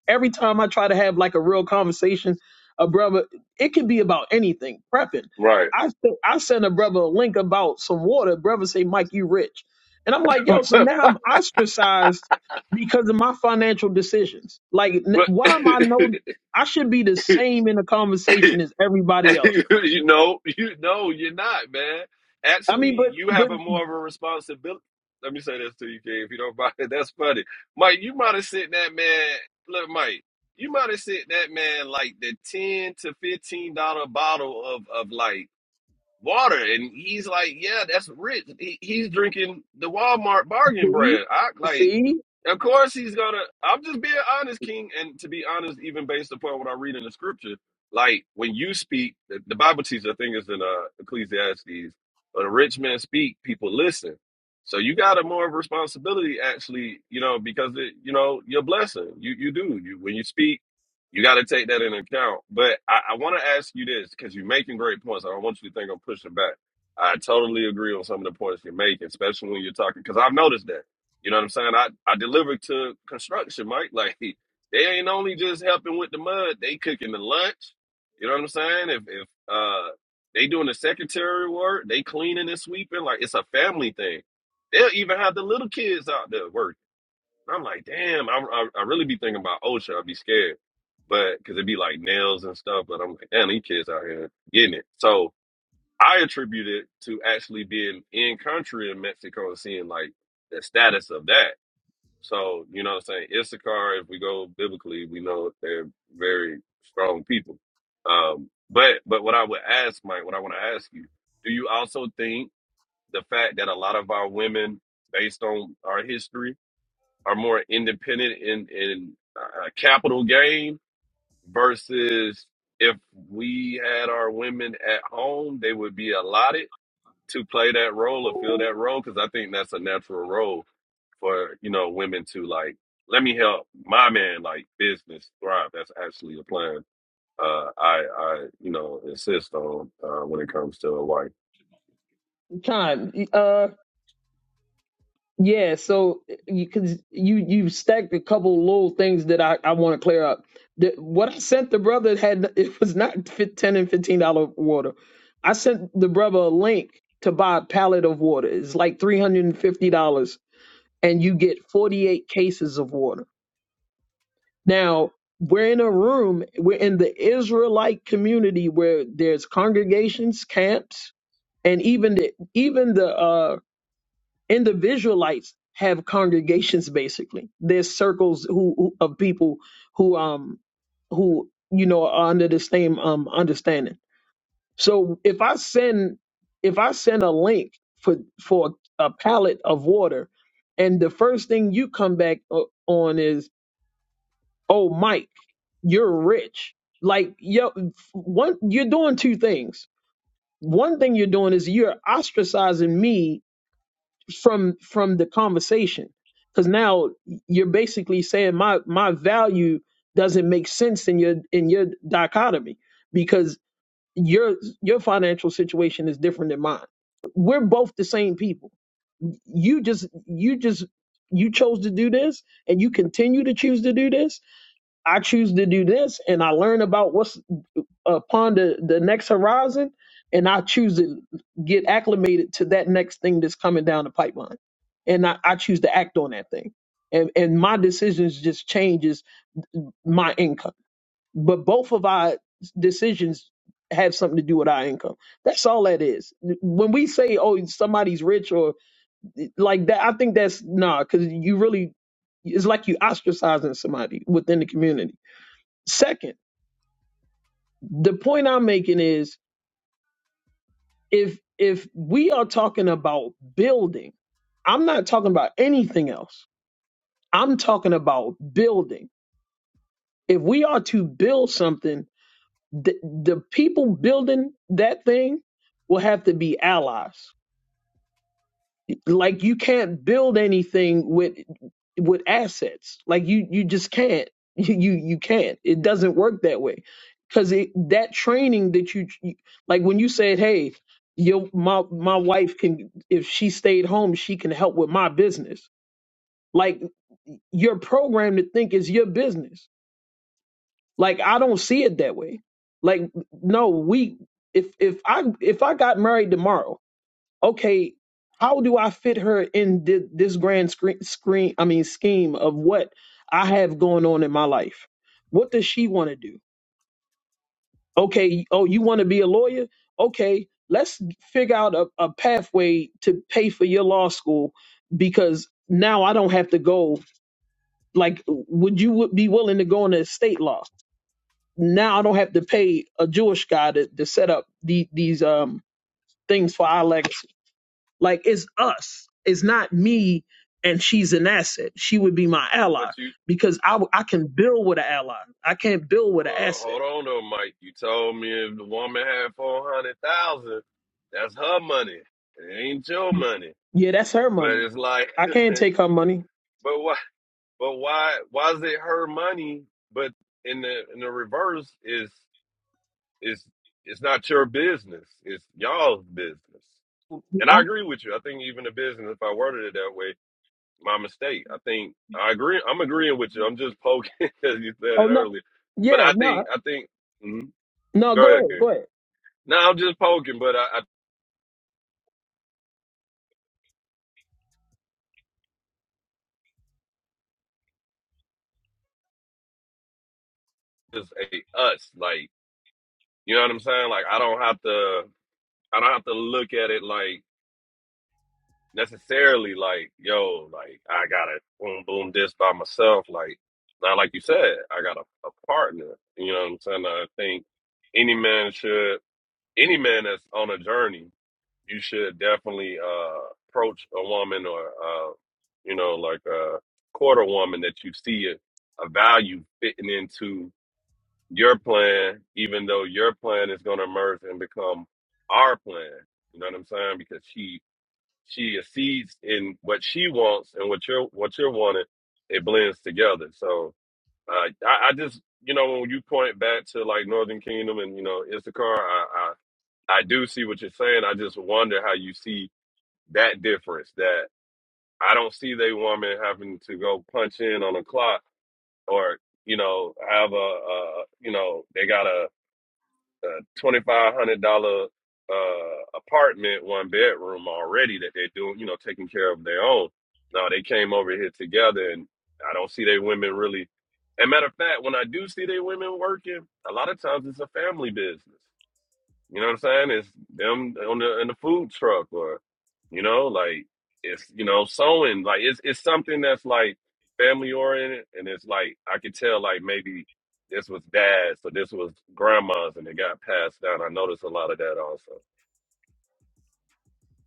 F: every time I try to have like a real conversation, a brother, it can be about anything. Prepping.
M: right?
F: I sent- I sent a brother a link about some water. Brother say, Mike, you rich, and I'm like, yo. So now I'm ostracized because of my financial decisions. Like, n-
M: but
F: why am I no? I should be the same in the conversation as everybody else.
M: you know, you know, you're not, man.
F: I mean,
M: Actually,
F: but
M: you have
F: but
M: a more of a responsibility. Let me say this to you, King, if you don't mind. That's funny, Mike. You might have sent that man. Look, Mike. You might have sent that man like the ten to fifteen dollar bottle of of like water, and he's like, "Yeah, that's rich." He, he's drinking the Walmart bargain
F: See,
M: brand. I like,
F: see,
M: of course he's gonna. I'm just being honest, King, and to be honest, even based upon what I read in the scripture, like when you speak, the, the Bible teaches. I think it's in uh, Ecclesiastes, when a rich man speak, people listen. So you got a more of a responsibility, actually, you know, because it, you know, your blessing. You you do. You when you speak you got to take that into account. But I, I want to ask you this because you're making great points. I don't want you to think I'm pushing back. I totally agree on some of the points you're making, especially when you're talking, because I've noticed that. You know what I'm saying? I, I deliver to construction, Mike. Like, they ain't only just helping with the mud, they cooking the lunch. You know what I'm saying? If, if uh, they doing the secretary work, they cleaning and sweeping. Like, it's a family thing. They'll even have the little kids out there working. And I'm like, damn, I, I, I really be thinking about OSHA. I'd be scared. But because it'd be like nails and stuff. But I'm like, damn, these kids out here getting it. So I attribute it to actually being in country in Mexico and seeing like the status of that. So, you know what I'm saying? Issachar, if we go biblically, we know they're very strong people. Um, but but what I would ask, Mike, what I want to ask you, do you also think the fact that a lot of our women, based on our history, are more independent in in uh, capital gain versus if we had our women at home, they would be allotted to play that role or fill that role because I think that's a natural role for you know women to like let me help my man like business thrive. That's actually a plan uh, I I you know insist on uh, when it comes to a wife.
F: time. Uh, yeah. So eh, you cause you you stacked a couple little things that I I want to clear up. The, what I sent the brother had it was not fi- ten and fifteen dollar water. I sent the brother a link to buy a pallet of water. It's like three hundred and fifty dollars, and you get forty eight cases of water. Now we're in a room. We're in the Israelite community where there's congregations, camps, and even the even the uh And the Visualites have congregations basically. There's circles who, who of people who um who you know are under the same um understanding. So if I send if I send a link for for a pallet of water, and the first thing you come back o- on is, "Oh, Mike, you're rich." Like yo, one you're doing two things. One thing you're doing is you're ostracizing me from from the conversation because now you're basically saying my my value doesn't make sense in your in your dichotomy because your your financial situation is different than mine we're both the same people you just you just you chose to do this and you continue to choose to do this i choose to do this and i learn about what's upon the, the next horizon and I choose to get acclimated to that next thing that's coming down the pipeline. And I, I choose to act on that thing. And and my decisions just changes my income. But both of our decisions have something to do with our income. That's all that is. When we say, oh, somebody's rich or like that, I think that's nah, because you really it's like you ostracizing somebody within the community. Second, the point I'm making is If if we are talking about building, I'm not talking about anything else. I'm talking about building. If we are to build something, the, the people building that thing will have to be allies. Like you can't build anything with with assets. Like you you just can't. You you, can't. It doesn't work that way. Cuz that training that you like when you said, "Hey, your my my wife can if she stayed home, she can help with my business." Like you're programmed to think it's your business. Like I don't see it that way. Like no, we if if I if I got married tomorrow okay, how do I fit her in thi- this grand screen, screen? I mean, scheme of what I have going on in my life. What does she want to do? Okay, oh, you want to be a lawyer? Okay, let's figure out a, a pathway to pay for your law school because now I don't have to go. Like, would you would be willing to go into state law? Now I don't have to pay a Jewish guy to, to set up the, these um things for our Like it's us. It's not me and she's an asset. She would be my
M: But
F: ally
M: you.
F: because I, w- I can build with an ally. I can't build with an
M: Well,
F: asset.
M: hold on though, Mike. You told me if the woman had four hundred thousand, that's her money. It ain't your money.
F: Yeah, that's her
M: But
F: money.
M: it's like,
F: I can't
M: but
F: take her money.
M: why? But why? Why is it her money? But in the in the reverse is is it's not your business. It's y'all's business. And
F: I-
M: I agree with you. I think even the business, if I worded it that way, my mistake. I think I agree. I'm agreeing with you. I'm just poking as you said it
F: oh no.
M: earlier. But
F: Yeah,
M: I think
F: no.
M: I think. mhm.
F: No,
M: Go
F: go
M: ahead,
F: ahead.
M: King.
F: Go ahead.
M: No, I'm just poking, but I, I just hey, us, like you know what I'm saying. Like I don't have to, I don't have to look at it like necessarily like yo, like I gotta boom boom this by myself. Like now, like you said, I got a, a partner. You know what I'm saying. I think any man should, any man that's on a journey, you should definitely uh approach a woman or uh you know like a quarter woman that you see a, a value fitting into your plan, even though your plan is going to merge and become our plan. You know what I'm saying? Because she she exceeds in what she wants and what you're what you're wanting. It blends together. So uh, I, I just you know when you point back to like Northern Kingdom and you know Issachar, I, I I do see what you're saying. I just wonder how you see that difference. That I don't see they woman having to go punch in on a clock or you know have a, a you know they gotta a $2,500 uh, apartment, one bedroom already that they're doing, you know, taking care of their own. Now they came over here together and I don't see their women really. And matter of fact, when I do see their women working, a lot of times it's a family business. You know what I'm saying? It's them on the in the food truck or you know, like it's you know, sewing. Like it's it's something that's like family oriented and it's like I could tell like maybe this was dad's or this was grandma's and it got passed down. I noticed a lot of that also.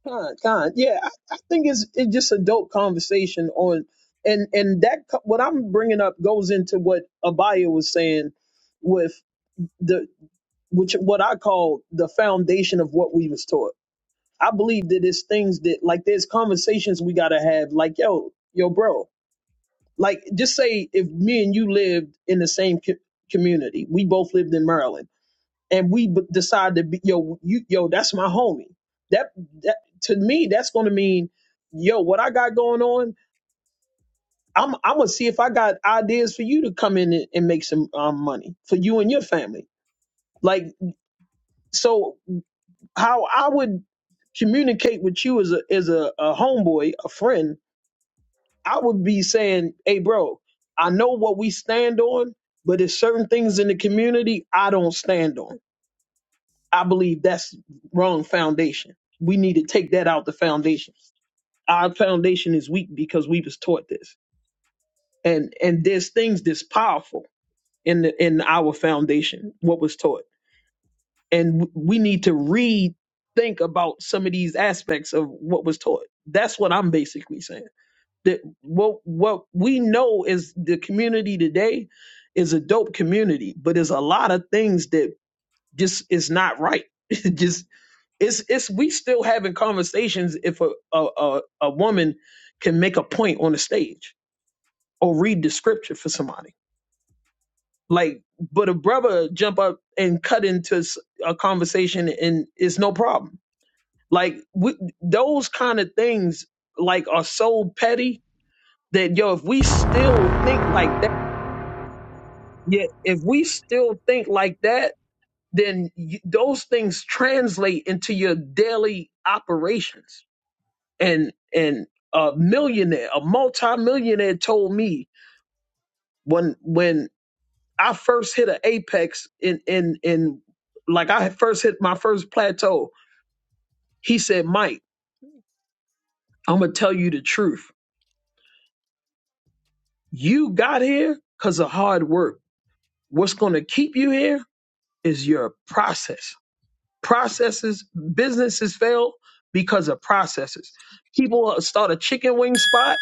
F: Con, con. Yeah, I, I think it's it's just a dope conversation on and and that co- what I'm bringing up goes into what Abaya was saying with the which what I call the foundation of what we was taught I believe that it's things that like there's conversations we gotta have. Like yo, yo, bro. Like just say if me and you lived in the same co- community, we both lived in Maryland, and we b- decide to be yo, you yo, that's my homie. That that to me, that's gonna mean yo, what I got going on. I'm I'm gonna see if I got ideas for you to come in and, and make some um, money for you and your family. Like so, how I would communicate with you as a as a, a homeboy, a friend I would be saying, hey, bro, I know what we stand on, but there's certain things in the community I don't stand on. I believe that's wrong foundation. We need to take that out the foundation. Our foundation is weak because we was taught this. And and there's things that's powerful in the, in our foundation, what was taught. And w- we need to rethink about some of these aspects of what was taught. That's what I'm basically saying. that what what we know is the community today is a dope community, but there's a lot of things that just is not right. It just it's it's we still having conversations if a a, a a woman can make a point on the stage or read the scripture for somebody. Like, but a brother jump up and cut into s- a conversation and it's no problem. Like we, those kind of things like are so petty that yo, if we still think like that. Yet, if we still think like that, then y those things translate into your daily operations. And and a millionaire, a multimillionaire, told me when when I first hit an apex in in in like I had first hit my first plateau. He said, "Mike, I'm gonna tell you the truth. You got here because of hard work. What's gonna keep you here is your process." processes businesses fail because of processes people start a chicken wing spot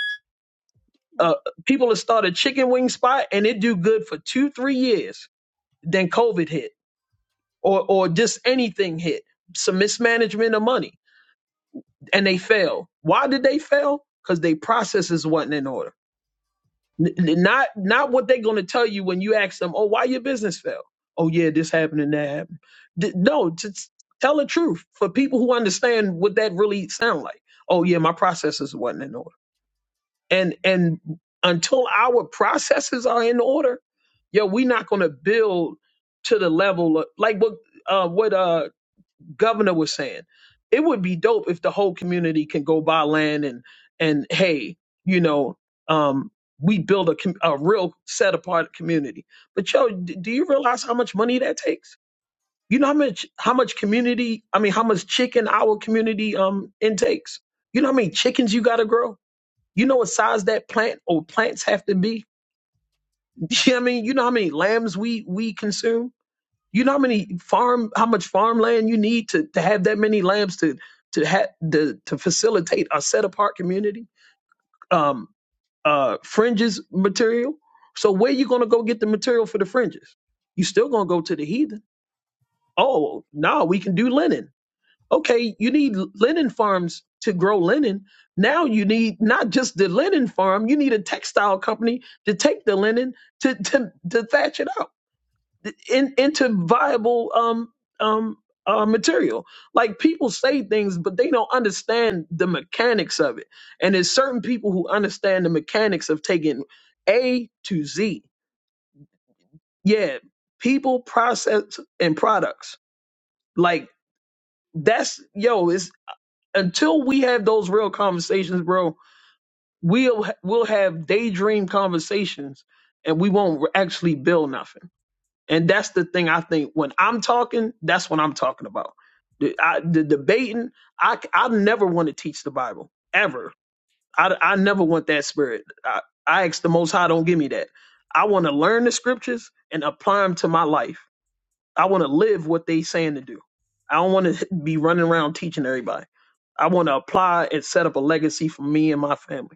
F: uh, people will start a chicken wing spot and it do good for two three years then covid hit or or just anything hit some mismanagement of money and they fail why did they fail because they processes wasn't in order N- n- not not what they're going to tell you when you ask them, "Oh, why your business fell?" "Oh, yeah, this happened and that happened." D- no, just tell the truth for people who understand what that really sound like. "Oh, yeah, my processes wasn't in order." And and until our processes are in order, yo, we're not going to build to the level of, like what uh what uh governor was saying. It would be dope if the whole community can go buy land and and hey, you know, um, we build a com- a real set apart community. But yo, d- do you realize how much money that takes? You know how much how much community? I mean, how much chicken our community um intakes? You know how many chickens you got to grow? You know what size that plant or plants have to be? You know what I mean, you know how many lambs we we consume? You know how many farm, how much farmland you need to, to have that many lambs to to ha- to, to facilitate a set apart community. Um, uh, fringes material. So where you gonna go get the material for the fringes? You still gonna go to the heathen? Oh no, we can do linen. Okay, you need linen farms to grow linen. Now you need not just the linen farm, you need a textile company to take the linen to to, to thatch it out in, into viable um um uh, material. Like people say things, but they don't understand the mechanics of it. And there's certain people who understand the mechanics of taking A to Z. Yeah, people, process, and products. Like that's yo. It's until we have those real conversations, bro. We'll we'll have daydream conversations, and we won't actually build nothing. And that's the thing I think when I'm talking, that's what I'm talking about. The, I, the debating, I, I never want to teach the Bible ever. I, I never want that spirit. I, I ask the Most High, don't give me that. I want to learn the scriptures and apply them to my life. I want to live what they saying to do. I don't want to be running around teaching everybody. I want to apply and set up a legacy for me and my family.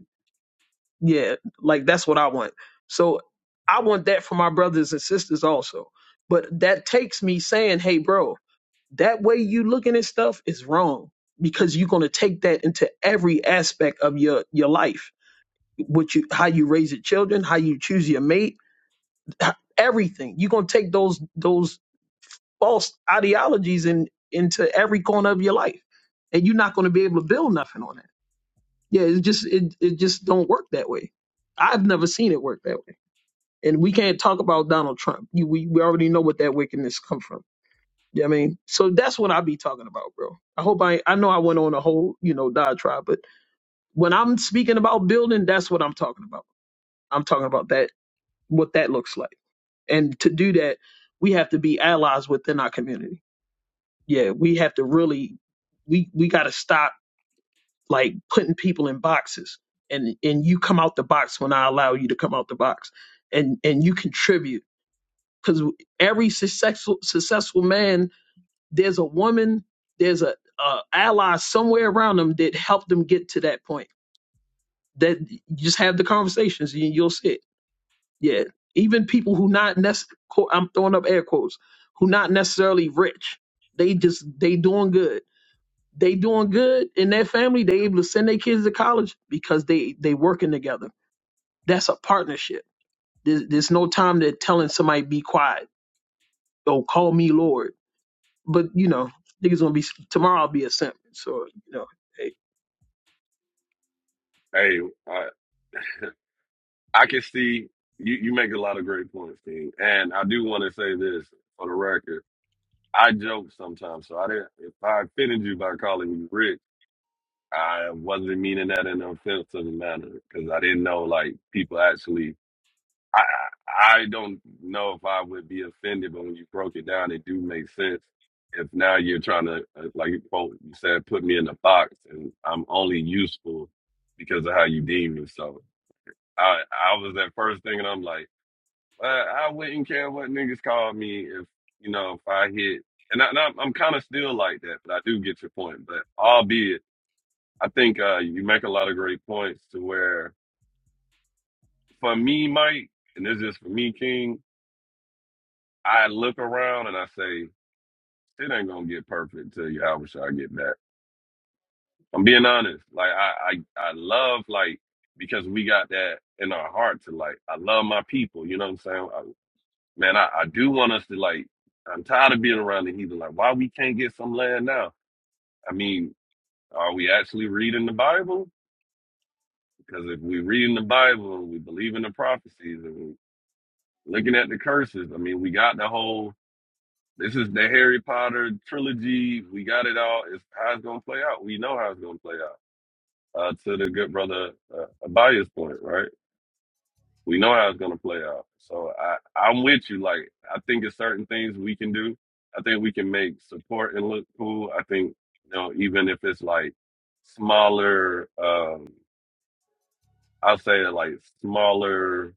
F: Yeah, like that's what I want. So I want that for my brothers and sisters also. But that takes me saying, hey, bro, that way you looking at stuff is wrong because you're gonna take that into every aspect of your your life. What you how you raise your children, how you choose your mate, h- everything. You're gonna take those those false ideologies in into every corner of your life. And you're not gonna be able to build nothing on that. Yeah, it just it it just don't work that way. I've never seen it work that way. And we can't talk about Donald Trump. You, we, we already know what that wickedness come from. You know what I mean? So that's what I be talking about, bro. I hope I I know I went on a whole, you know, diatribe, but when I'm speaking about building, that's what I'm talking about. I'm talking about that what that looks like. And to do that, we have to be allies within our community. Yeah, we have to really we we gotta stop like putting people in boxes. And and you come out the box when I allow you to come out the box. And and you contribute because every successful successful man there's a woman there's a, a ally somewhere around them that helped them get to that point that you just have the conversations and you'll see it yeah even people who not nec- i'm throwing up air quotes who not necessarily rich they just they doing good they doing good in their family they able to send their kids to college because they they working together that's a partnership there's, there's no time to telling somebody be quiet or call me lord But you know, niggas gonna be tomorrow. I'll be a simp. So you know, hey,
M: Hey, I I can see you, you make a lot of great points, King. And I do want to say this for the record. I joke sometimes, so I didn't if I offended you by calling you Rick. I wasn't meaning that in an offensive manner because I didn't know like people actually. I I I don't know if I would be offended, but when you broke it down, it do make sense. If now you're trying to uh, like you quote- you said, put me in a box, and I'm only useful because of how you deem me. So I I was that first thing, and I'm like, well, I wouldn't care what niggas call me if you know if I hit. And I, and I'm, I'm kind of still like that, but I do get your point. But albeit I think uh, you make a lot of great points to where, for me, Mike, and this is for me, King, I look around and I say, it ain't gonna get perfect till Yahweh Shai get back. I'm being honest. Like I, I, I love like because we got that in our heart to like. I love my people. You know what I'm saying? I, man, I, I do want us to like. I'm tired of being around the heathen. Like, why we can't get some land now? I mean, are we actually reading the Bible? Because if we reading the Bible and we believe in the prophecies and looking at the curses. I mean, we got the whole this is the Harry Potter trilogy. We got it all. It's how it's gonna play out. We know how it's gonna play out. Uh, to the good brother uh, Abaya's point, right? We know how it's gonna play out. So I, I'm with you. Like I think it's certain things we can do. I think we can make support and look cool. I think you know even if it's like smaller. um I'll say like smaller.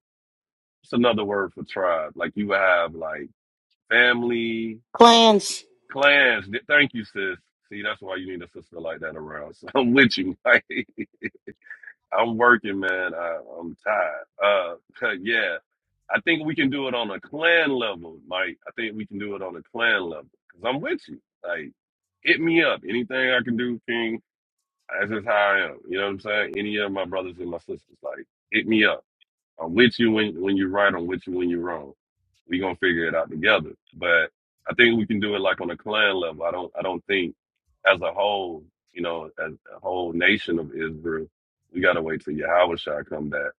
M: It's another word for tribe. Like you would have like family
L: Plans.
M: Class. Thank you, sis. See, that's why you need a sister like that around. So I'm with you. Mike. I'm working, man. I, I'm tired. Uh, yeah. I think we can do it on a clan level, Mike. I think we can do it on a clan level because I'm with you. Like, hit me up. Anything I can do, King. That's just how I am. You know what I'm saying? Any of my brothers and my sisters, like, hit me up. I'm with you when, when you're right. I'm with you when you're wrong. We gonna figure it out together. But I think we can do it like on a clan level. I don't I don't think as a whole, you know, as a whole nation of Israel, we gotta wait till Yahweh Shah come back.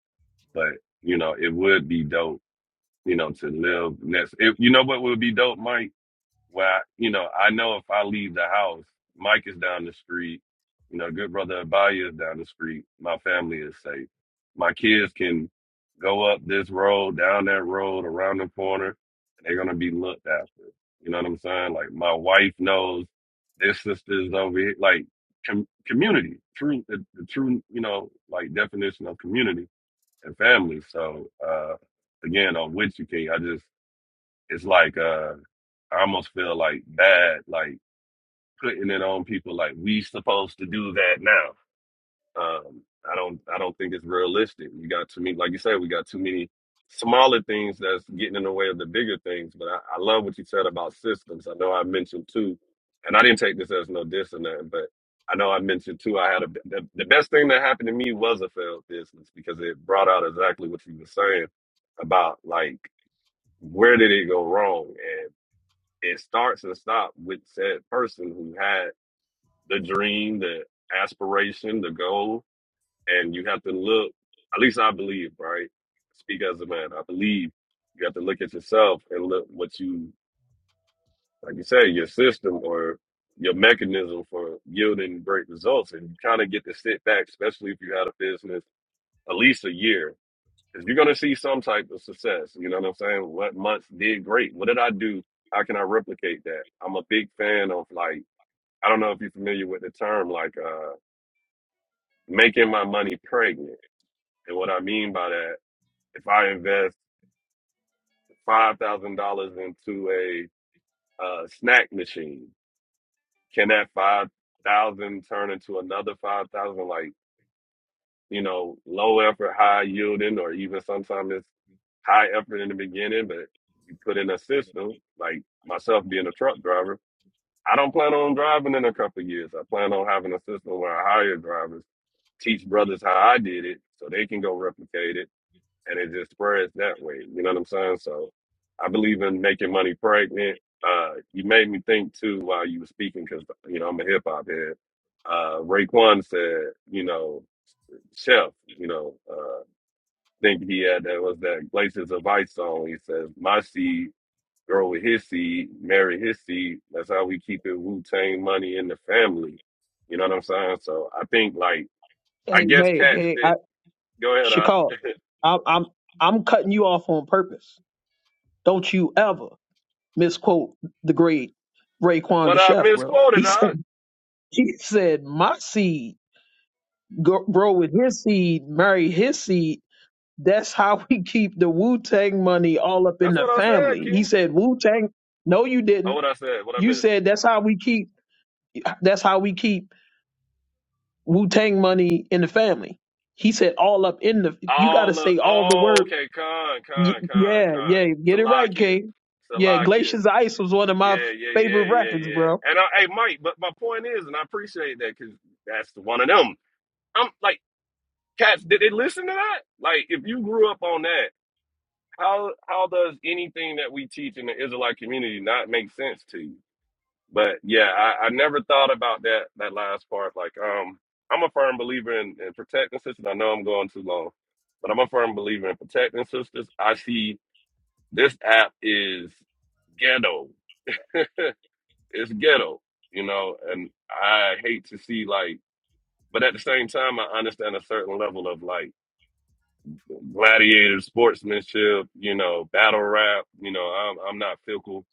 M: But you know, it would be dope, you know, to live next. If you know what would be dope, Mike where you know I know if I leave the house, Mike is down the street, you know, good brother Abaya is down the street. My family is safe. My kids can go up this road, down that road, around the corner, and they're gonna be looked after. You know what I'm saying? Like my wife knows their sisters over here, like com- community, true, the, the true, you know, like definition of community and family. So uh, again, on which you can, I just it's like uh I almost feel like bad, like putting it on people like we supposed to do that now. Um I don't I don't think it's realistic. We got too many like you said, we got too many smaller things that's getting in the way of the bigger things. But I, I love what you said about systems. I know I mentioned too, and I didn't take this as no diss or nothing, but I know I mentioned too I had a the, the best thing that happened to me was a failed business because it brought out exactly what you were saying about like where did it go wrong it starts and stops with said person who had the dream, the aspiration, the goal, and you have to look. At least I believe, right? Speak as a man. I believe you have to look at yourself and look what you, like you say, your system or your mechanism for yielding great results. And you kind of get to sit back, especially if you had a business at least a year, because you're going to see some type of success. You know what I'm saying? What months did great? What did I do? How can I replicate that? I'm a big fan of like I don't know if you're familiar with the term like uh, making my money pregnant. And what I mean by that, if I invest five thousand dollars into a uh, snack machine, can that five thousand turn into another five thousand? Like you know, low effort, high yielding, or even sometimes it's high effort in the beginning, but you put in a system. Like myself being a truck driver, I don't plan on driving in a couple of years. I plan on having a system where I hire drivers teach brothers how I did it so they can go replicate it and it just spreads that way. You know what I'm saying? So I believe in making money pregnant. Uh, you made me think too while you were speaking because, you know, I'm a hip hop head. Uh, Raekwon said, you know, Chef, you know, uh, think he had that was that Glaciers of Ice song. He says, my seed, grow with his seed, marry his seed. That's how we keep it Wu Tang money in the family. You know what I'm saying? So I think like, I
F: hey,
M: guess
F: hey,
M: cats
F: hey,
M: didn't
F: I,
M: Go ahead, I.
F: Shakal, I'm, I'm, I'm cutting you off on purpose. Don't you ever misquote the great Raekwon the
M: What I
F: chef, bro. He
M: misquoted,
F: said,
M: I.
F: he said, my seed gro- grow with his seed, marry his seed. That's how we keep the Wu Tang money all up in
M: That's
F: the
M: what I said,
F: family. He
M: King.
F: said, Wu Tang. No, you
M: Oh,
F: didn't.
M: what I said, what I
F: You
M: missed.
F: said that's how we keep. That's how we keep Wu Tang money in the family. He said all up in the. You got to
M: All of,
F: say all the
M: oh,
F: word.
M: okay, con,
F: Y-
M: con, con,
F: yeah,
M: con.
F: yeah, get it right,
M: Salakia,
F: King. Yeah,
M: Salakia.
F: Glaciers of Ice was one of my
M: Yeah, yeah, yeah,
F: favorite
M: yeah,
F: records,
M: yeah.
F: bro.
M: And I, hey, Mike, but my point is, and I appreciate that because that's one of them. I'm like, cats, did they listen to that? Like, if you grew up on that, how how does anything that we teach in the Israelite community not make sense to you? But yeah, I, I never thought about that that last part. Like, um, I'm a firm believer in, in protecting sisters. I know I'm going too long, but I'm a firm believer in protecting sisters. I see this app is ghetto. it's ghetto, you know, and I hate to see like but at the same time I understand a certain level of like gladiator sportsmanship, you know, battle rap, you know, I'm I'm not fickle.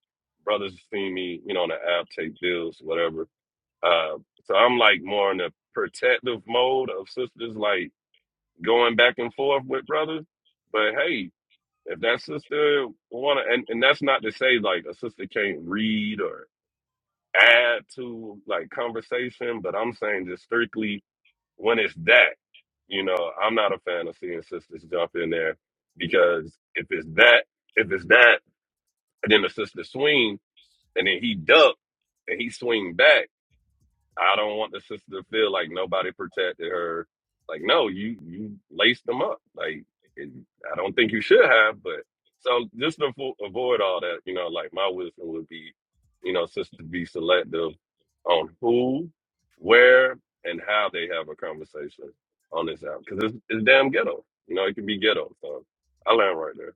M: Brothers see me, you know, on the app, take bills, whatever Uh, so I'm like more in the protective mode of sisters, like going back and forth with brothers. But hey, if that sister wanna, and, and that's not to say like a sister can't read or add to like conversation, but I'm saying just strictly when it's that, you know, I'm not a fan of seeing sisters jump in there because if it's that, if it's that, and then the sister swing, and then he duck and he swing back I don't want the sister to feel like nobody protected her. Like, no, you you laced them up. Like, it, I don't think you should have. But so just to avo- avoid all that, you know, like my wisdom would be, you know, sister to be selective on who, where, and how they have a conversation on this app because it's, it's damn ghetto. You know, it can be ghetto. So I land right there.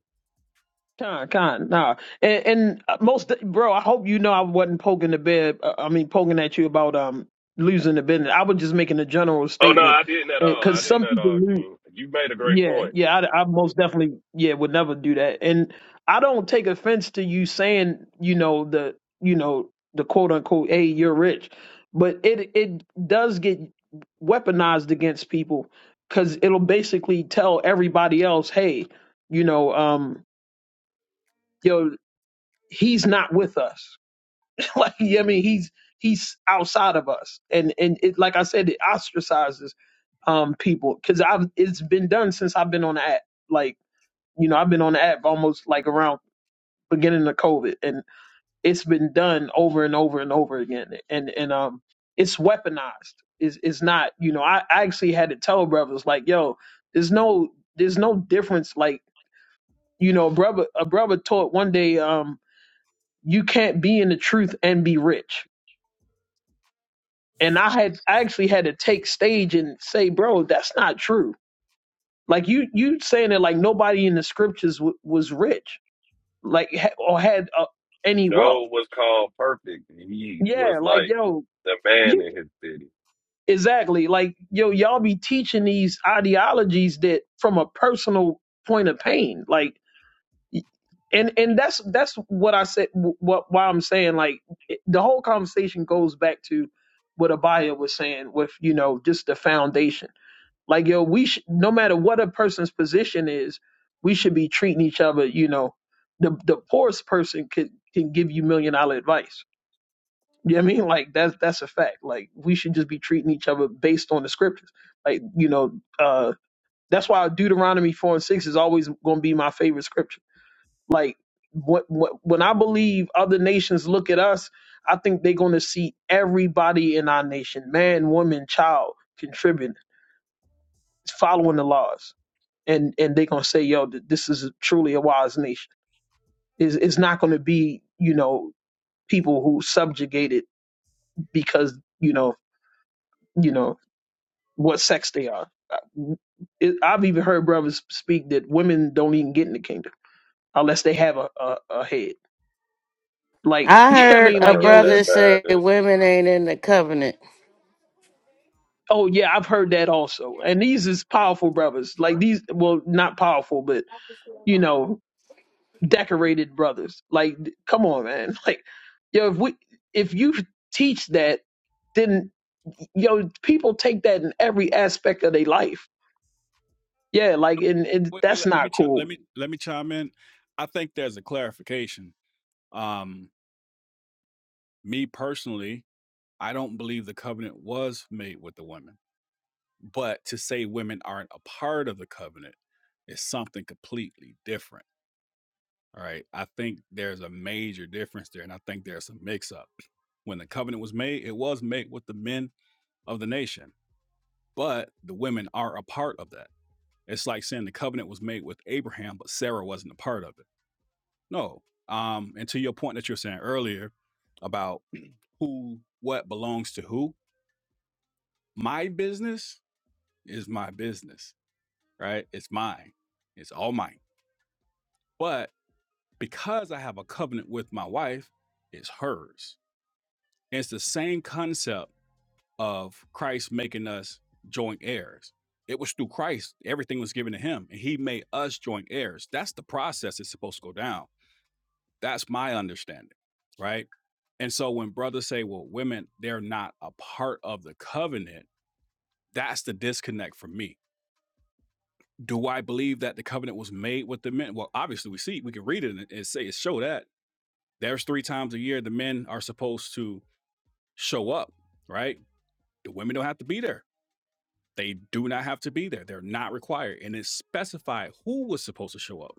F: Con, con, nah. And, and uh, most, bro, I hope you know I wasn't poking the bed. uh, I mean, poking at you about um losing the business. I was just making a general
M: Oh no,
F: statement
M: I didn't at all. I
F: because
M: didn't
F: some
M: at
F: people
M: all,
F: lose.
M: King. You made a great
F: Yeah,
M: point.
F: yeah, I, I most definitely, yeah, would never do that. And I don't take offense to you saying, you know, the, you know, the quote unquote, hey, you're rich, but it it does get weaponized against people because it'll basically tell everybody else, hey, you know, um, yo, he's not with us. like, yeah, I mean, he's he's outside of us, and and it, like I said, it ostracizes um people because I've it's been done since I've been on the app, like. You know, I've been on the app almost like around beginning of COVID, and it's been done over and over and over again. And and um, it's weaponized. It's it's not. You know, I, I actually had to tell brothers like, yo, there's no there's no difference. Like, you know, a brother a brother taught one day, um, you can't be in the truth and be rich. And I had I actually had to take stage and say, bro, that's not true. Like you you saying that like nobody in the scriptures w- was rich, like ha- or had a, any wealth.
M: Job was called perfect. and He was
F: Yeah, like
M: like
F: yo,
M: the man
F: you
M: in his city.
F: exactly. Like yo, y'all be teaching these ideologies that from a personal point of pain. Like, y- and and that's that's what I said. wh- What why I'm saying like it- the whole conversation goes back to what Abaya was saying with you know just the foundation. Like yo, we sh- no matter what a person's position is, we should be treating each other. You know, the the poorest person could can give you million dollar advice you know what I mean? Like that's that's a fact. Like we should just be treating each other based on the scriptures. Like, you know, uh that's why Deuteronomy four and six is always gonna be my favorite scripture. Like what, what when I believe other nations look at us, I think they're gonna see everybody in our nation, man, woman, child, contributing, following the laws. And and they're gonna say, yo, th- this is truly a wise nation. It's, it's not gonna be, you know, people who subjugated because, you know, you know what sex they are. I- It, I've even heard brothers speak that women don't even get in the kingdom unless they have a, a, a head. Like,
L: I
F: yeah, I
L: heard
F: mean,
M: I
L: a
F: like,
M: heard
F: yo,
M: that
L: brother
F: is
L: say
M: madness.
L: women ain't in the covenant.
F: oh yeah, I've heard that also. And these is powerful brothers. Like these, well, not powerful, but you know, decorated brothers. Like, th- come on, man. Like, yo, if we if you teach that, then yo, people take that in every aspect of their life. Yeah, like, and, and
A: wait, wait,
F: that's
A: let, let me
F: not
A: chi-
F: cool
A: let me let me chime in. I think there's a clarification. Um, me personally, I don't believe the covenant was made with the women, but to say women aren't a part of the covenant is something completely different. All right. I think there's a major difference there, and I think there's a mix up. When the covenant was made, it was made with the men of the nation, but the women are a part of that. It's like saying the covenant was made with Abraham, but Sarah wasn't a part of it. No. Um, and to your point that you were saying earlier about who, what belongs to who, my business is my business, right? It's mine. It's all mine. But because I have a covenant with my wife, it's hers. And it's the same concept of Christ making us joint heirs. It was through Christ, everything was given to him, and he made us joint heirs. That's the process it's supposed to go down. That's my understanding, right? And so when brothers say, well, women, they're not a part of the covenant, that's the disconnect for me do I believe that the covenant was made with the men? Well, obviously we see we can read it and, and say it show that there's three times a year the men are supposed to show up, right? The women don't have to be there. They do not have to be there. They're not required. And it's specified who was supposed to show up.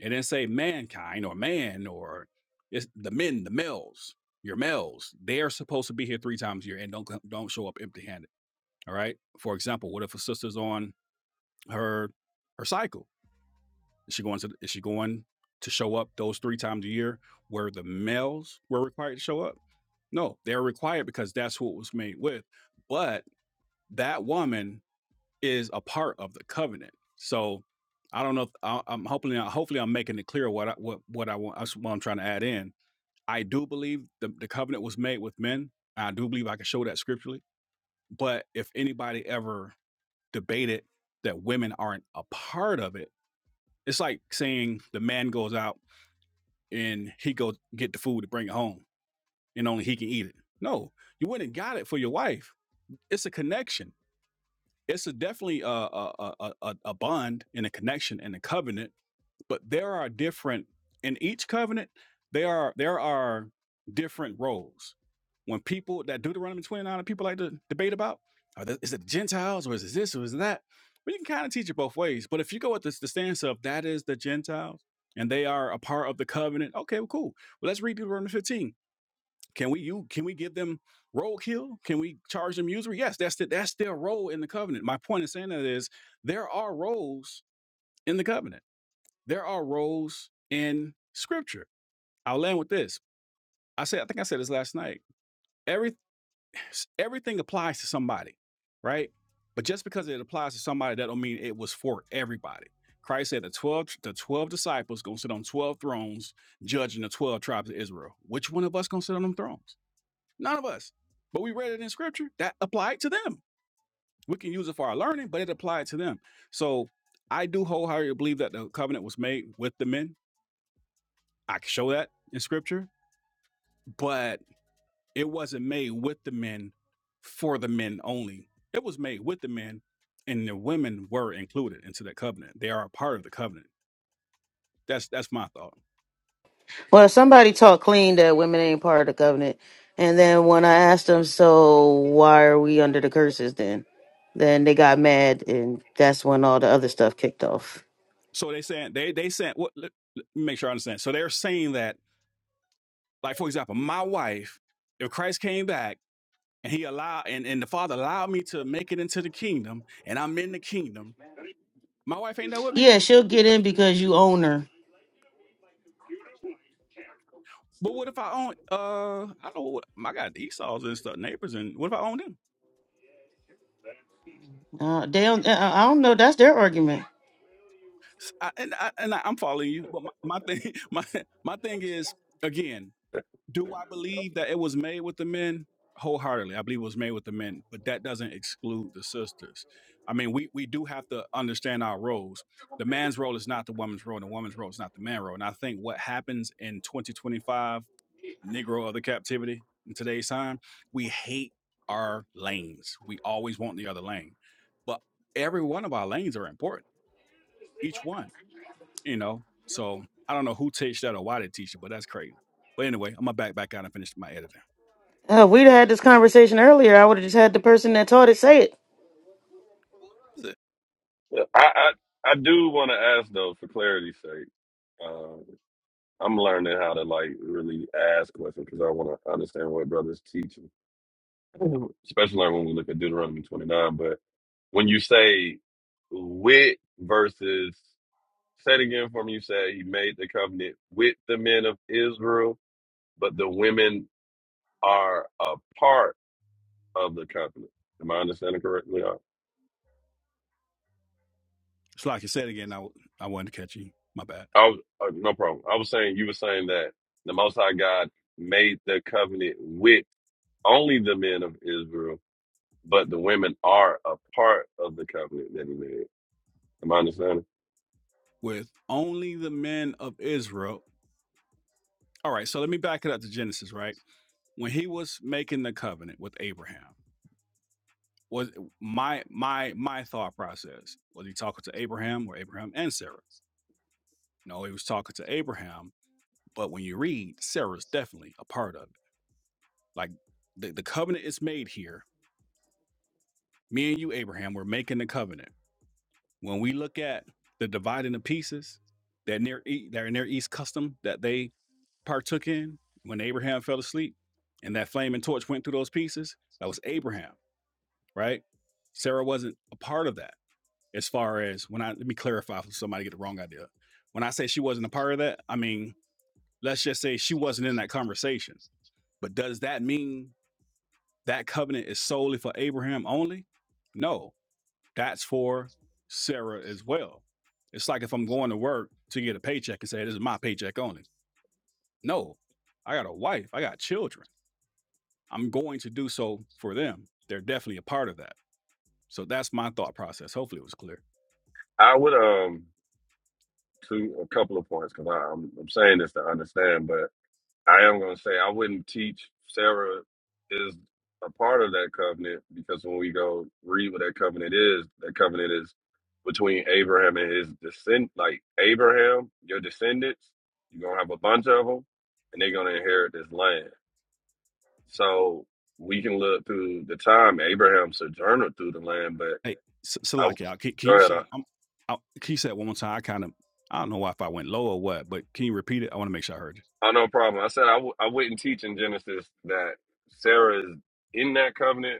A: And then say mankind or man or it's the men, the males, your males. They are supposed to be here three times a year and don't don't show up empty handed. All right. For example, what if a sister's on her her cycle? Is she going to is she going to show up those three times a year where the males were required to show up? No, they're required because that's who it was made with. But that woman is a part of the covenant. So I don't know. If, I, I'm hoping. Hopefully, I'm making it clear what I, what what I want. That's what I'm trying to add in. I do believe the, the covenant was made with men. I do believe I can show that scripturally. But if anybody ever debated that women aren't a part of it, it's like saying the man goes out and he go get the food to bring it home and only he can eat it. No, you went and got it for your wife. It's a connection. It's a definitely a a, a, a, a bond and a connection and a covenant but there are different in each covenant there are there are different roles when people that deuteronomy 29 and people like to debate about are the, is it gentiles or is it this or is it that But you can kind of teach it both ways but if you go with this the stance of that is the gentiles and they are a part of the covenant okay well cool well let's read deuteronomy 15 can we you can we give them role kill can we charge them usury yes that's the, that's their role in the covenant my point in saying that is there are roles in the covenant there are roles in scripture. I'll land with this. I said, I think I said this last night. Every everything applies to somebody, right? But just because it applies to somebody, that don't mean it was for everybody. Christ said the 12 the 12 disciples gonna sit on 12 thrones judging the 12 tribes of Israel. Which one of us gonna sit on them thrones? None of us. But we read it in scripture. That applied to them. We can use it for our learning, but it applied to them. So I do wholeheartedly believe that the covenant was made with the men I can show that in scripture, but it wasn't made with the men for the men only. It was made with the men, and the women were included into that covenant. They are a part of the covenant. That's that's my thought.
L: Well, somebody taught clean that women ain't part of the covenant. And then when I asked them, so why are we under the curses then? Then they got mad, and that's when all the other stuff kicked off.
A: So they saying they they saying what? Let, let me make sure I understand. So they're saying that, like for example, my wife, if Christ came back and he allowed and, and the Father allowed me to make it into the kingdom, and I'm in the kingdom, My wife ain't there with me.
L: Yeah, she'll get in because you own her.
A: But what if I own? Uh, I don't know what I got Esau's and stuff, neighbors, and what if I own them?
L: Uh, they don't. uh, I don't know. That's their argument.
A: S- I, and I, and I, I'm following you. But my, my thing, my my thing is again, do I believe that it was made with the men? Wholeheartedly, I believe it was made with the men, but that doesn't exclude the sisters. I mean, we we do have to understand our roles. The man's role is not the woman's role, and the woman's role is not the man's role. And I think what happens in 2025 Negro of the captivity in today's time, we hate our lanes. We always want the other lane. But every one of our lanes are important, each one. You know, so I don't know who teach that or why they teach it, but that's crazy. But anyway, I'm gonna back back out and finish my editing.
L: Uh, if we'd had this conversation earlier. I would have just had the person that taught it say it.
A: Who is it?
M: Well, I I, I do want to ask though, for clarity's sake. Um, I'm learning how to like really ask questions because I want to understand what brothers teaching, especially like when we look at Deuteronomy 29. But when you say with versus say it again for me, you said he made the covenant with the men of Israel, but the women are apart of the covenant. Am I understanding correctly? I,
A: So like you said again, I I wanted to catch you. My bad.
M: I was, uh, no problem. I was saying you were saying that the Most High God made the covenant with only the men of Israel, but the women are a part of the covenant that He made. Am I understanding?
A: With only the men of Israel. All right, so let me back it up to Genesis, right? when he was making the covenant with Abraham, was my my my thought process was he talking to Abraham or Abraham and Sarah? No, he was talking to Abraham, but when you read, Sarah's definitely a part of it. Like the, the covenant is made here. Me and you, Abraham, we're making the covenant. When we look at the dividing of pieces, that near E- that near east custom that they partook in when Abraham fell asleep, and that flaming torch went through those pieces, that was Abraham right? Sarah wasn't a part of that. As far as when I let me clarify for somebody to get the wrong idea. When I say she wasn't a part of that, I mean let's just say she wasn't in that conversation. But does that mean that covenant is solely for Abraham only? No, that's for Sarah as well. It's like if I'm going to work to get a paycheck and say this is my paycheck only. No, I got a wife, I got children. I'm going to do so for them. They're definitely a part of that. So that's my thought process. Hopefully it was clear.
M: I would um to a couple of points because I'm, I'm saying this to understand, I am going to say I wouldn't teach Sarah is a part of that covenant because when we go read what that covenant is, that covenant is between Abraham and his descend, like Abraham, your descendants. You're going to have a bunch of them, and they're going to inherit this land. So we can look through the time Abraham sojourned through the land, but
A: Hey, S-
M: I
A: Salakia, can, can
M: go
A: you
M: ahead.
A: say
M: I,
A: that? I'm, I, can you say it one more time? I kind of, I don't know if I went low or what, but can you repeat it? I want to make sure I heard you.
M: oh, no problem. I said I w- I wouldn't teach in Genesis that Sarah is in that covenant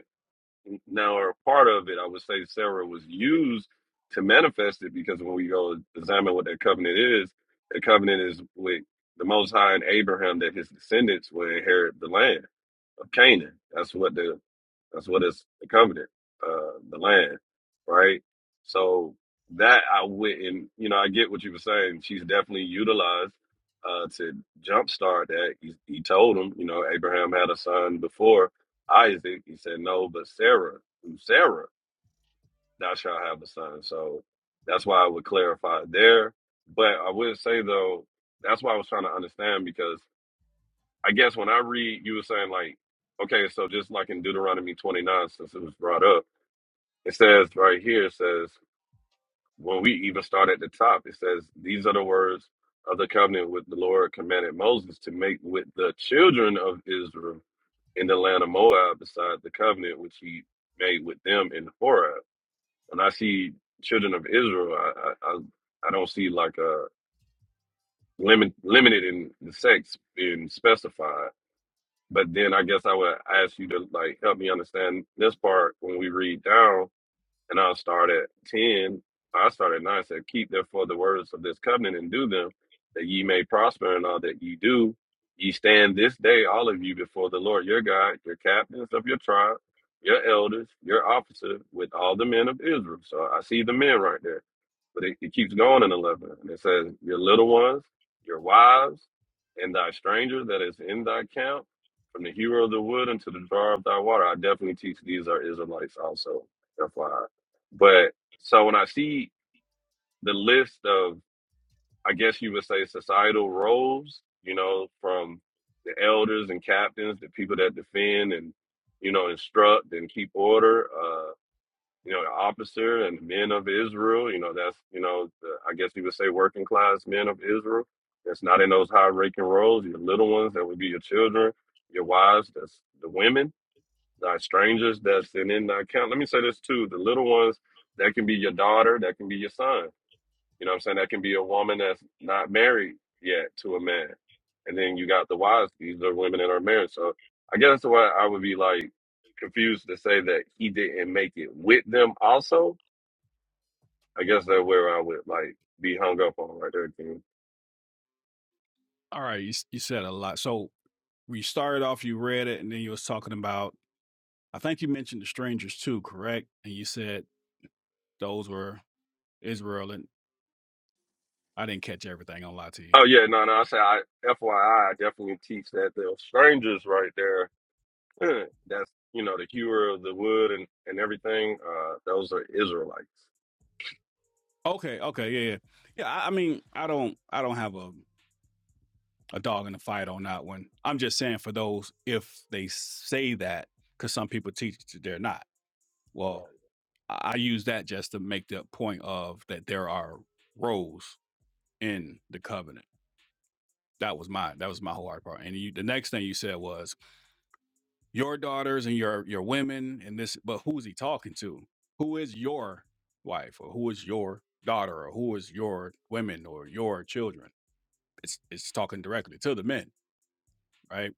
M: now are a part of it, I would say Sarah was used to manifest it because when we go examine what that covenant is, the covenant is with the Most High and Abraham that his descendants will inherit the land of Canaan. That's what the that's what is the covenant, uh, the land, right? So that I wouldn't, you know, I get what you were saying. She's definitely utilized uh, to jumpstart that. He, he told him, you know, Abraham had a son before Isaac. He said, no, but Sarah, through Sarah, thou shalt have a son. So that's why I would clarify there. But I would say, though, that's why I was trying to understand because I guess when I read, you were saying, like, okay, so just like in Deuteronomy 29, since it was brought up it says right here, it says, when we even start at the top, it says, These are the words of the covenant with the Lord commanded Moses to make with the children of Israel in the land of Moab, beside the covenant which he made with them in Horeb. When I see children of Israel, I, I, I I don't see like a limit, limited in the sex being specified. But then I guess I would ask you to like help me understand this part when we read down and I'll start at 10. I start at 9. Said, Keep therefore the words of this covenant and do them, that ye may prosper in all that ye do. Ye stand this day, all of you, before the Lord your God, your captains of your tribe, your elders, your officers, with all the men of Israel. So I see the men right there. But it, it keeps going in 11. And it says, Your little ones, your wives, and thy stranger that is in thy camp, from the hero of the wood unto the drawer of thy water. I definitely teach these are Israelites also. FYI. But so when I see the list of, I guess you would say, societal roles, you know, from the elders and captains, the people that defend and, you know, instruct and keep order, uh, you know, the officer and the men of Israel, you know, that's, you know, the, I guess you would say working class men of Israel. That's not in those high ranking roles, your little ones, that would be your children, your wives, that's the women thy strangers that's in, in thy camp. Let me say this too. The little ones, that can be your daughter, that can be your son. You know what I'm saying? That can be a woman that's not married yet to a man. And then you got the wives, these are women that are married. So I guess that's why I would be like confused to say that he didn't make it with them also. I guess that's where I would like be hung up on right there, King.
A: All right, you, s- you said a lot. So we started off, you read it, and then you was talking about I think you mentioned the strangers too, correct? And you said those were Israel, and I didn't catch everything. I'll lie to you.
M: Oh yeah, no, no, I say I FYI I I definitely teach that the strangers right there Eh, That's you know the hewer of the wood and and everything. Uh, those are Israelites.
A: Okay, okay, yeah, yeah, yeah. I, I mean, I don't, I don't have a a dog in the fight on that one. I'm just saying for those if they say that, because some people teach that they're not. Well, I I use that just to make the point of that there are roles in the covenant. That was my that was my whole hard part. And you, the next thing you said was your daughters and your your women and this, but who's he talking to? Who is your wife or who is your daughter or who is your women or your children? It's it's talking directly to the men, right?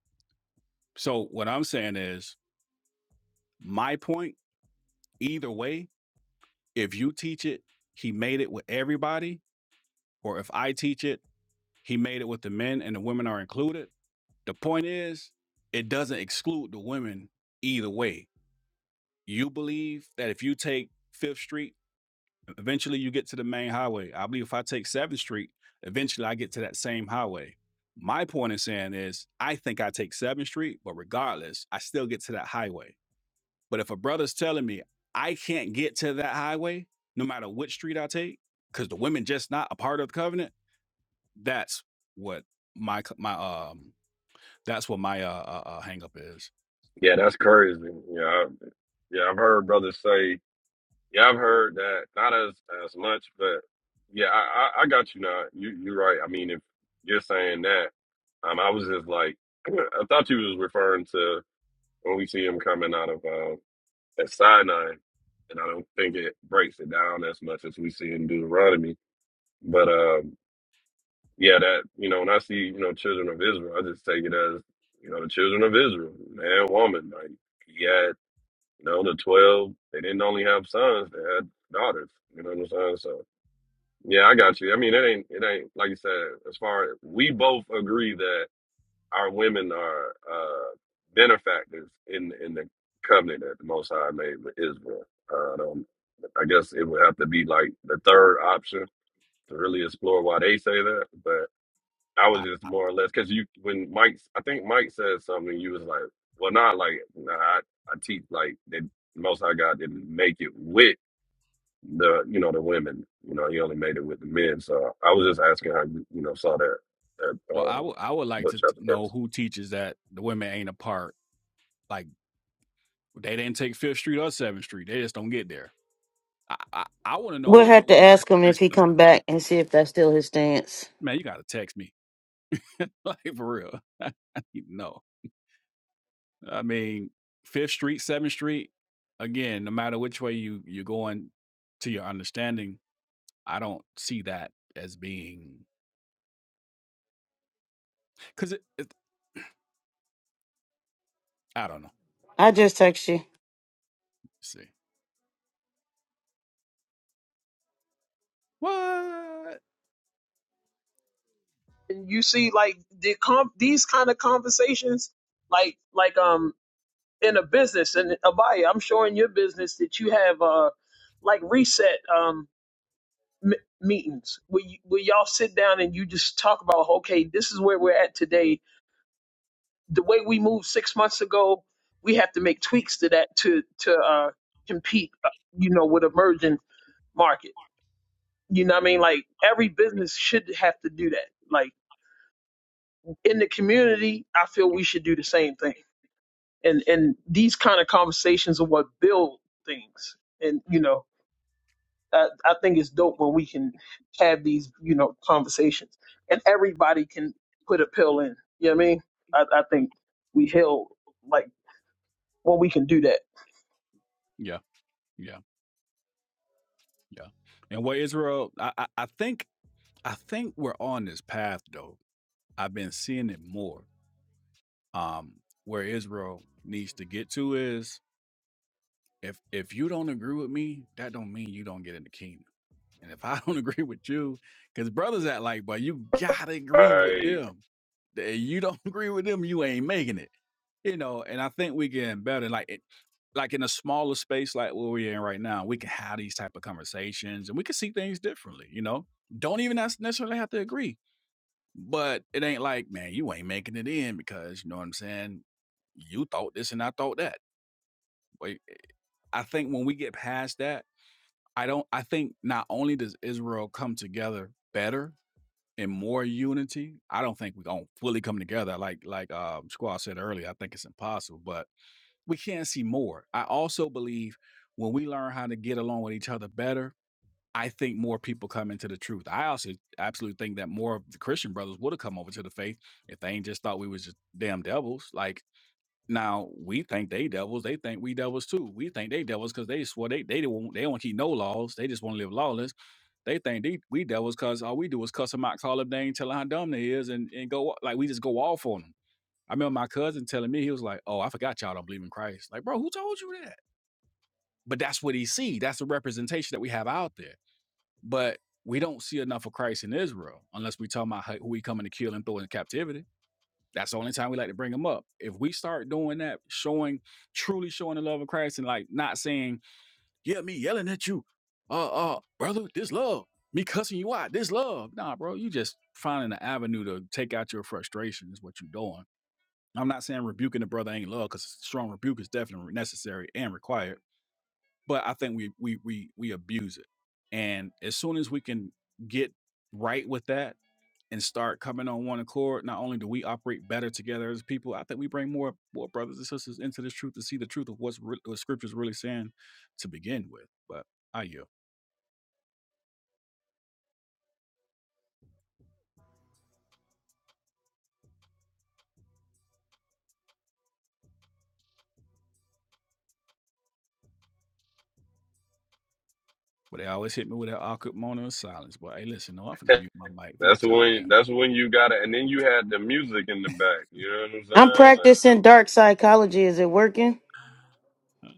A: So what I'm saying is my point. Either way, if you teach it, he made it with everybody, or if I teach it, he made it with the men and the women are included. The point is, it doesn't exclude the women either way you believe that if you take Fifth Street, e, eventually you get to the main highway. I believe if I take Seventh Street, eventually I get to that same highway. My point in saying is, I think I take Seventh Street, but regardless, I still get to that highway. But if a brother's telling me I can't get to that highway, no matter which street I take, because the women just not a part of the covenant, that's what my my um that's what my uh, uh, uh hang up is.
M: Yeah, that's crazy. Yeah, I, yeah, I've heard brothers say. Yeah, I've heard that not as as much, but yeah, I I, I got you now. You you're right. I mean, if you're saying that, um, I was just like, I thought you was referring to when we see him coming out of uh, at Sinai, and I don't think it breaks it down as much as we see in Deuteronomy. But um, yeah, that you know, when I see you know children of Israel, I just take it as you know the children of Israel, man, woman. Like he had, you know, the twelve. They didn't only have sons; they had daughters. You know what I'm saying? So yeah, I got you. I mean, it ain't it ain't like you said. As far as we both agree that our women are uh benefactors in in the covenant that the Most High made with Israel. Uh, I don't. I guess it would have to be like the third option to really explore why they say that, I was
A: I,
M: just more or less because you when Mike I think Mike said something you was like well not like nah, I I teach like that most High God didn't make it with the you know the women you know he only made it with the men so I was just asking how you you know saw that that
A: well, I
M: um
A: would I would like
M: book
A: to
M: chapter
A: know
M: verse
A: who teaches that the women ain't a part Like they didn't take Fifth Street or Seventh Street. They just don't get there. I I, I want to
L: We'll
A: know
L: have
A: what,
L: to
A: what
L: ask him
A: happens
L: if he
A: to
L: come
A: them.
L: back and see if that's still his stance.
A: Man, you gotta text me, like for real. I need to know. I mean, Fifth Street, Seventh Street. Again, no matter which way you you're going to your understanding, I don't see that as being because it, it. I don't know.
L: I just text you.
A: Let's see what?
F: and you see like the com- these kind of conversations like like um in a business and abaya i'm sure in your business that you have uh like reset um m- meetings where, you, where y'all sit down and you just talk about okay this is where we're at today the way we moved six months ago we have to make tweaks to that to to uh compete uh, you know with emerging market you know what i mean like every business should have to do that like in the community i feel we should do the same thing and and these kind of conversations are what build things and you know I, I think it's dope when we can have these you know conversations and everybody can put a pill in you know what i mean i, I think we heal like when we can do that
A: Yeah, yeah, yeah. And what Israel? I I, I think I think we're on this path though. I've been seeing it more. um where israel needs to get to is if if you don't agree with me that don't mean you don't get in the kingdom and if i don't agree with you because brothers act like but you gotta agree with
M: right
A: them If you don't agree with them you ain't making it you know and i think we getting better like it, like in a smaller space like where we're in right now we can have these type of conversations and we can see things differently you know don't even nes- necessarily have to agree but it ain't like, man, you ain't making it in because you know what I'm saying? You thought this and I thought that. Wait, eh, I think when we get past that, I don't I think not only does Israel come together better in more unity, I don't think we're gonna fully come together. Like like um Squaw said earlier, I think it's impossible, but we can see more. I also believe when we learn how to get along with each other better, I think more people come into the truth. I also absolutely think that more of the Christian brothers would have come over to the faith if they ain't just thought we was just damn devils. Like now we think they devils, they think we devils too. We think they devils because they swore they they don't they don't keep no laws. They just want to live lawless. They think they, we devils because all we do is cuss them out, call them names, tell them how dumb they is, and and go like we just go off on them. I remember my cousin telling me he was like, "Oh, I forgot y'all don't believe in Christ." Like, bro, who told you that? But that's what he see. That's the representation that we have out there but we don't see enough of Christ in Israel unless we talk about how- who he coming to kill and throw in captivity. That's the only time we like to bring him up. If we start doing that, showing truly showing the love of Christ and like not saying, yeah, me yelling at you, uh, uh, brother, this love, me cussing you out, this love. Nah, bro, you just finding an avenue to take out your frustration is what you're doing. I'm not saying rebuking the brother ain't love because strong rebuke is definitely necessary and required but I think we we we we abuse it. And as soon as we can get right with that and start coming on one accord, not only do we operate better together as people, I think we bring more more brothers and sisters into this truth to see the truth of what's re- what Scripture's really saying to begin with. But I you. But they always hit me with that awkward moment of silence. But hey, listen, no, I'm finna mute my mic.
M: that's
A: Forget y'all,
M: when
A: man.
M: that's when you got it and then you had the music in the back you know what I'm
L: I'm
M: saying like
L: practicing dark psychology. Is it working?
A: Uh,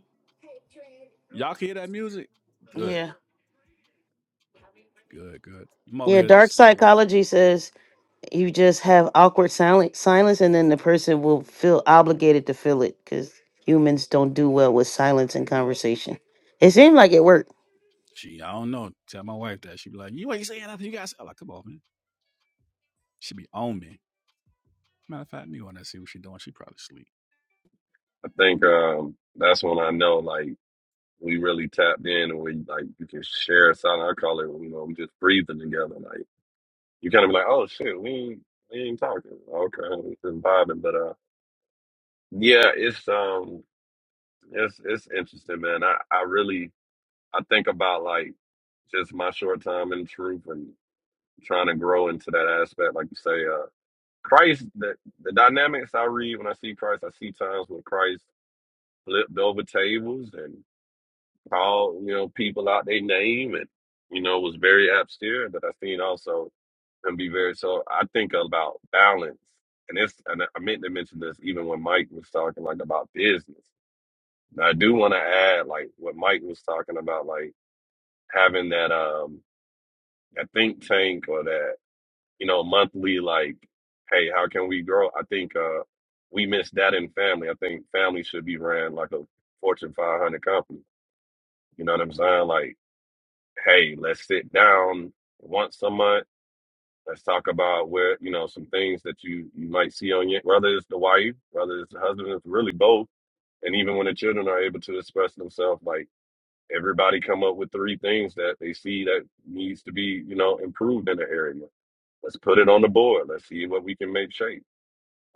A: Y'all can hear that music? Good,
L: Yeah.
A: good, good. I'm over
L: Yeah,
A: here
L: dark
A: still.
L: psychology says you just have awkward silence, silence and then the person will feel obligated to fill it because humans don't do well with silence and conversation. It seemed like it worked.
A: She, I don't know. Tell my wife that. She be like, you ain't saying nothing. You guys, I'm like, come on, man. She be on me. Matter of fact, me when I see what she doing. She probably sleep.
M: I think um that's when I know like. we really tapped in and we like you can share a silent. I call it you know we just breathing together. Like you kind of be like, oh shit, we ain't we ain't talking. Okay, we just vibing. But uh, yeah, it's um, it's it's interesting, man. I I really I think about like just my short time in truth and trying to grow into that aspect. Like you say, uh, Christ, the the dynamics I read when I see Christ, I see times when Christ flipped over tables and. called you know people out their name and you know was very austere but i seen also and be very so i think about balance and it's and i meant to mention this even when mike was talking like about business now i do want to add like what mike was talking about like having that um that think tank or that you know monthly like hey how can we grow i think uh we miss that in family i think family should be ran like a fortune 500 company you know what i'm saying like hey, let's sit down once a month. Let's talk about where you know some things that you you might see on your whether it's the wife, whether it's the husband, it's really both. And even when the children are able to express themselves, like everybody come up with three things that they see that needs to be you know improved in the area. Let's put it on the board. Let's see what we can make shape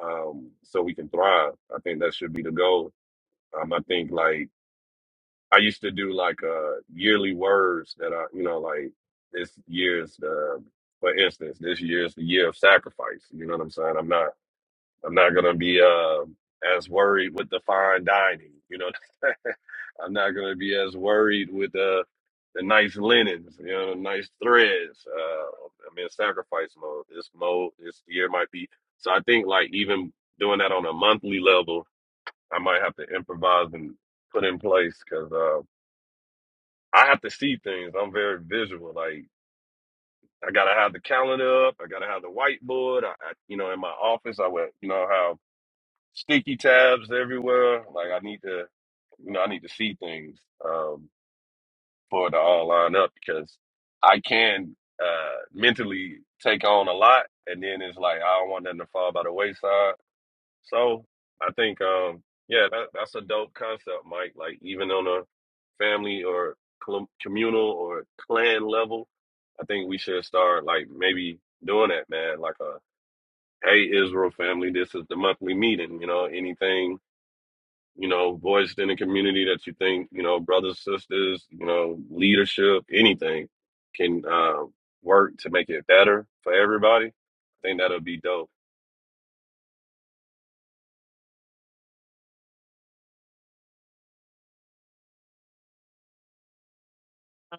M: um, so we can thrive. I think that should be the goal. Um, I think like I used to do like uh yearly words that I you know like this year's the for instance this year's the year of sacrifice. You know what I'm saying? I'm not I'm not gonna be uh as worried with the fine dining. You know I'm not gonna be as worried with the the nice linens. You know nice threads. Uh, I'm in sacrifice mode. This mode this year might be so. I think like even doing that on a monthly level, I might have to improvise and put in place because. I have to see things. I'm very visual. Like I gotta have the calendar up. I gotta have the whiteboard. I, I you know, in my office, I would, you know, have sticky tabs everywhere. Like I need to, you know, I need to see things um, for it to all line up because I can uh, mentally take on a lot, and then it's like I don't want nothing to fall by the wayside. So I think, um, yeah, that, that's a dope concept, Mike. Like even on a family or com- communal or clan level, I think we should start like maybe doing that, man. Like a hey, Israel family, this is the monthly meeting. You know, anything you know voiced in the community that you think you know, brothers, sisters, you know, leadership, anything can uh, work to make it better for everybody. I think that'll be dope.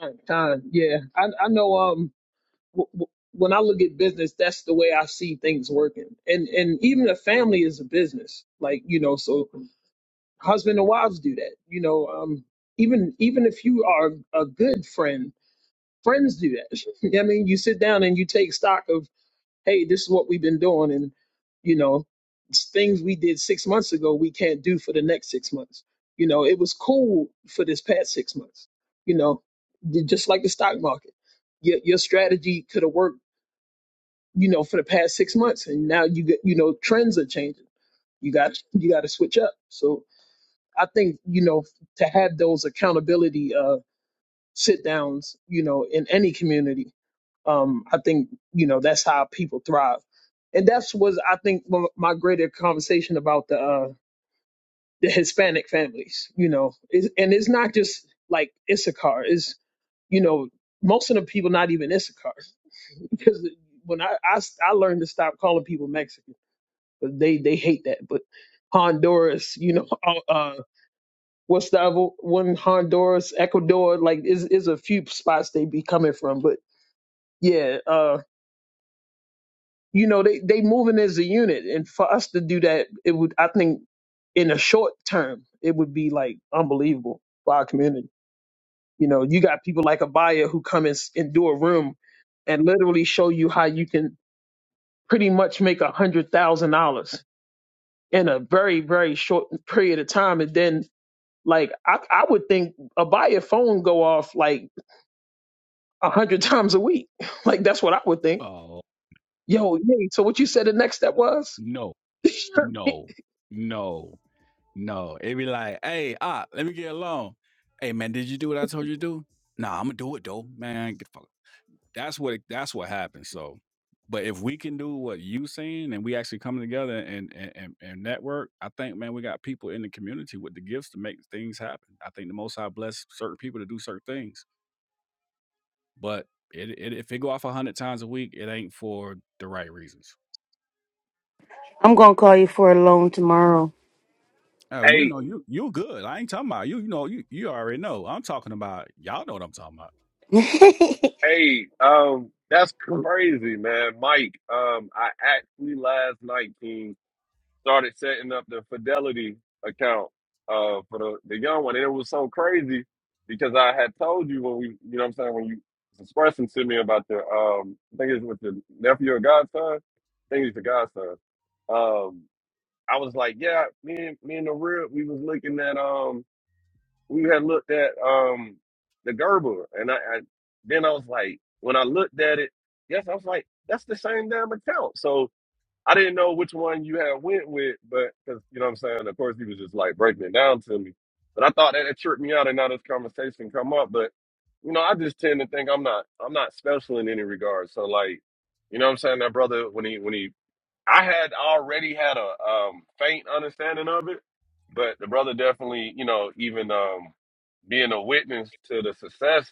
F: Time, time. Yeah, I I know. Um, w- w- when I look at business, that's the way I see things working, and and even a family is a business. Like you know, so husband and wives do that. You know, um, even even if you are a good friend, friends do that. I mean, you sit down and you take stock of hey, this is what we've been doing, and you know, s- things we did six months ago we can't do for the next six months. You know, it was cool for this past six months. You know, d- just like the stock market, your your strategy could have worked. You know, for the past six months, and now you get you know trends are changing. You got you got to switch up. So I think you know to have those accountability uh, sit downs, you know, in any community um, I think you know that's how people thrive, and that's was I think m- my greater conversation about the uh, the Hispanic families. You know, it's, and it's not just like Issachar. It's you know most of the people not even Issachar because when I, I s- I learned to stop calling people Mexican, but they they hate that. But Honduras, you know, uh, what's the other one? Honduras, Ecuador, like is is a few spots they be coming from, but yeah, uh, you know they they moving as a unit and for us to do that it would i think in a short term it would be like unbelievable for our community you know you got people like Abaya who come and, s- and do a room and literally show you how you can pretty much make a hundred thousand dollars in a very very short period of time and then like i, I would think Abaya phone go off like a hundred times a week like that's what i would think
A: Oh
F: yo yeah, so what you said the next step was
A: no, no, no, no. It be like, hey, ah, let me get alone. Hey man, did you do what I told you to do? Nah, I'm gonna do it though, man. Get the fuck. That's what that's what happens. So, but if we can do what you saying and we actually come together and and and, and network, I think man, we got people in the community with the gifts to make things happen. I think the Most High bless certain people to do certain things. But it, it if it go off a hundred times a week, it ain't for the right reasons.
L: I'm going to call you for a loan tomorrow.
A: Oh, you
M: Hey.
A: know, you you good. I ain't talking about you. You know, you you already know. I'm talking about y'all. Know what I'm talking about,
M: Hey, um, that's crazy, man. Mike, um, I actually last night, King, started setting up the Fidelity account uh for the, the young one. And it was so crazy because I had told you when we you know what I'm saying, when you was expressing to me about the um I think it's with the nephew or godson. I think he's the godson. Um I was like, yeah, me and me and the real we was looking at um we had looked at um the Gerber, and I, I then I was like, when I looked at it, yes, I was like, that's the same damn account. So I didn't know which one you had went with, but because you know what I'm saying, of course, he was just like breaking it down to me. But I thought that it tripped me out, and now this conversation come up. But you know, I just tend to think I'm not I'm not special in any regard. So like, you know what I'm saying? That brother when he when he I had already had a um faint understanding of it, but the brother definitely, you know, even um being a witness to the success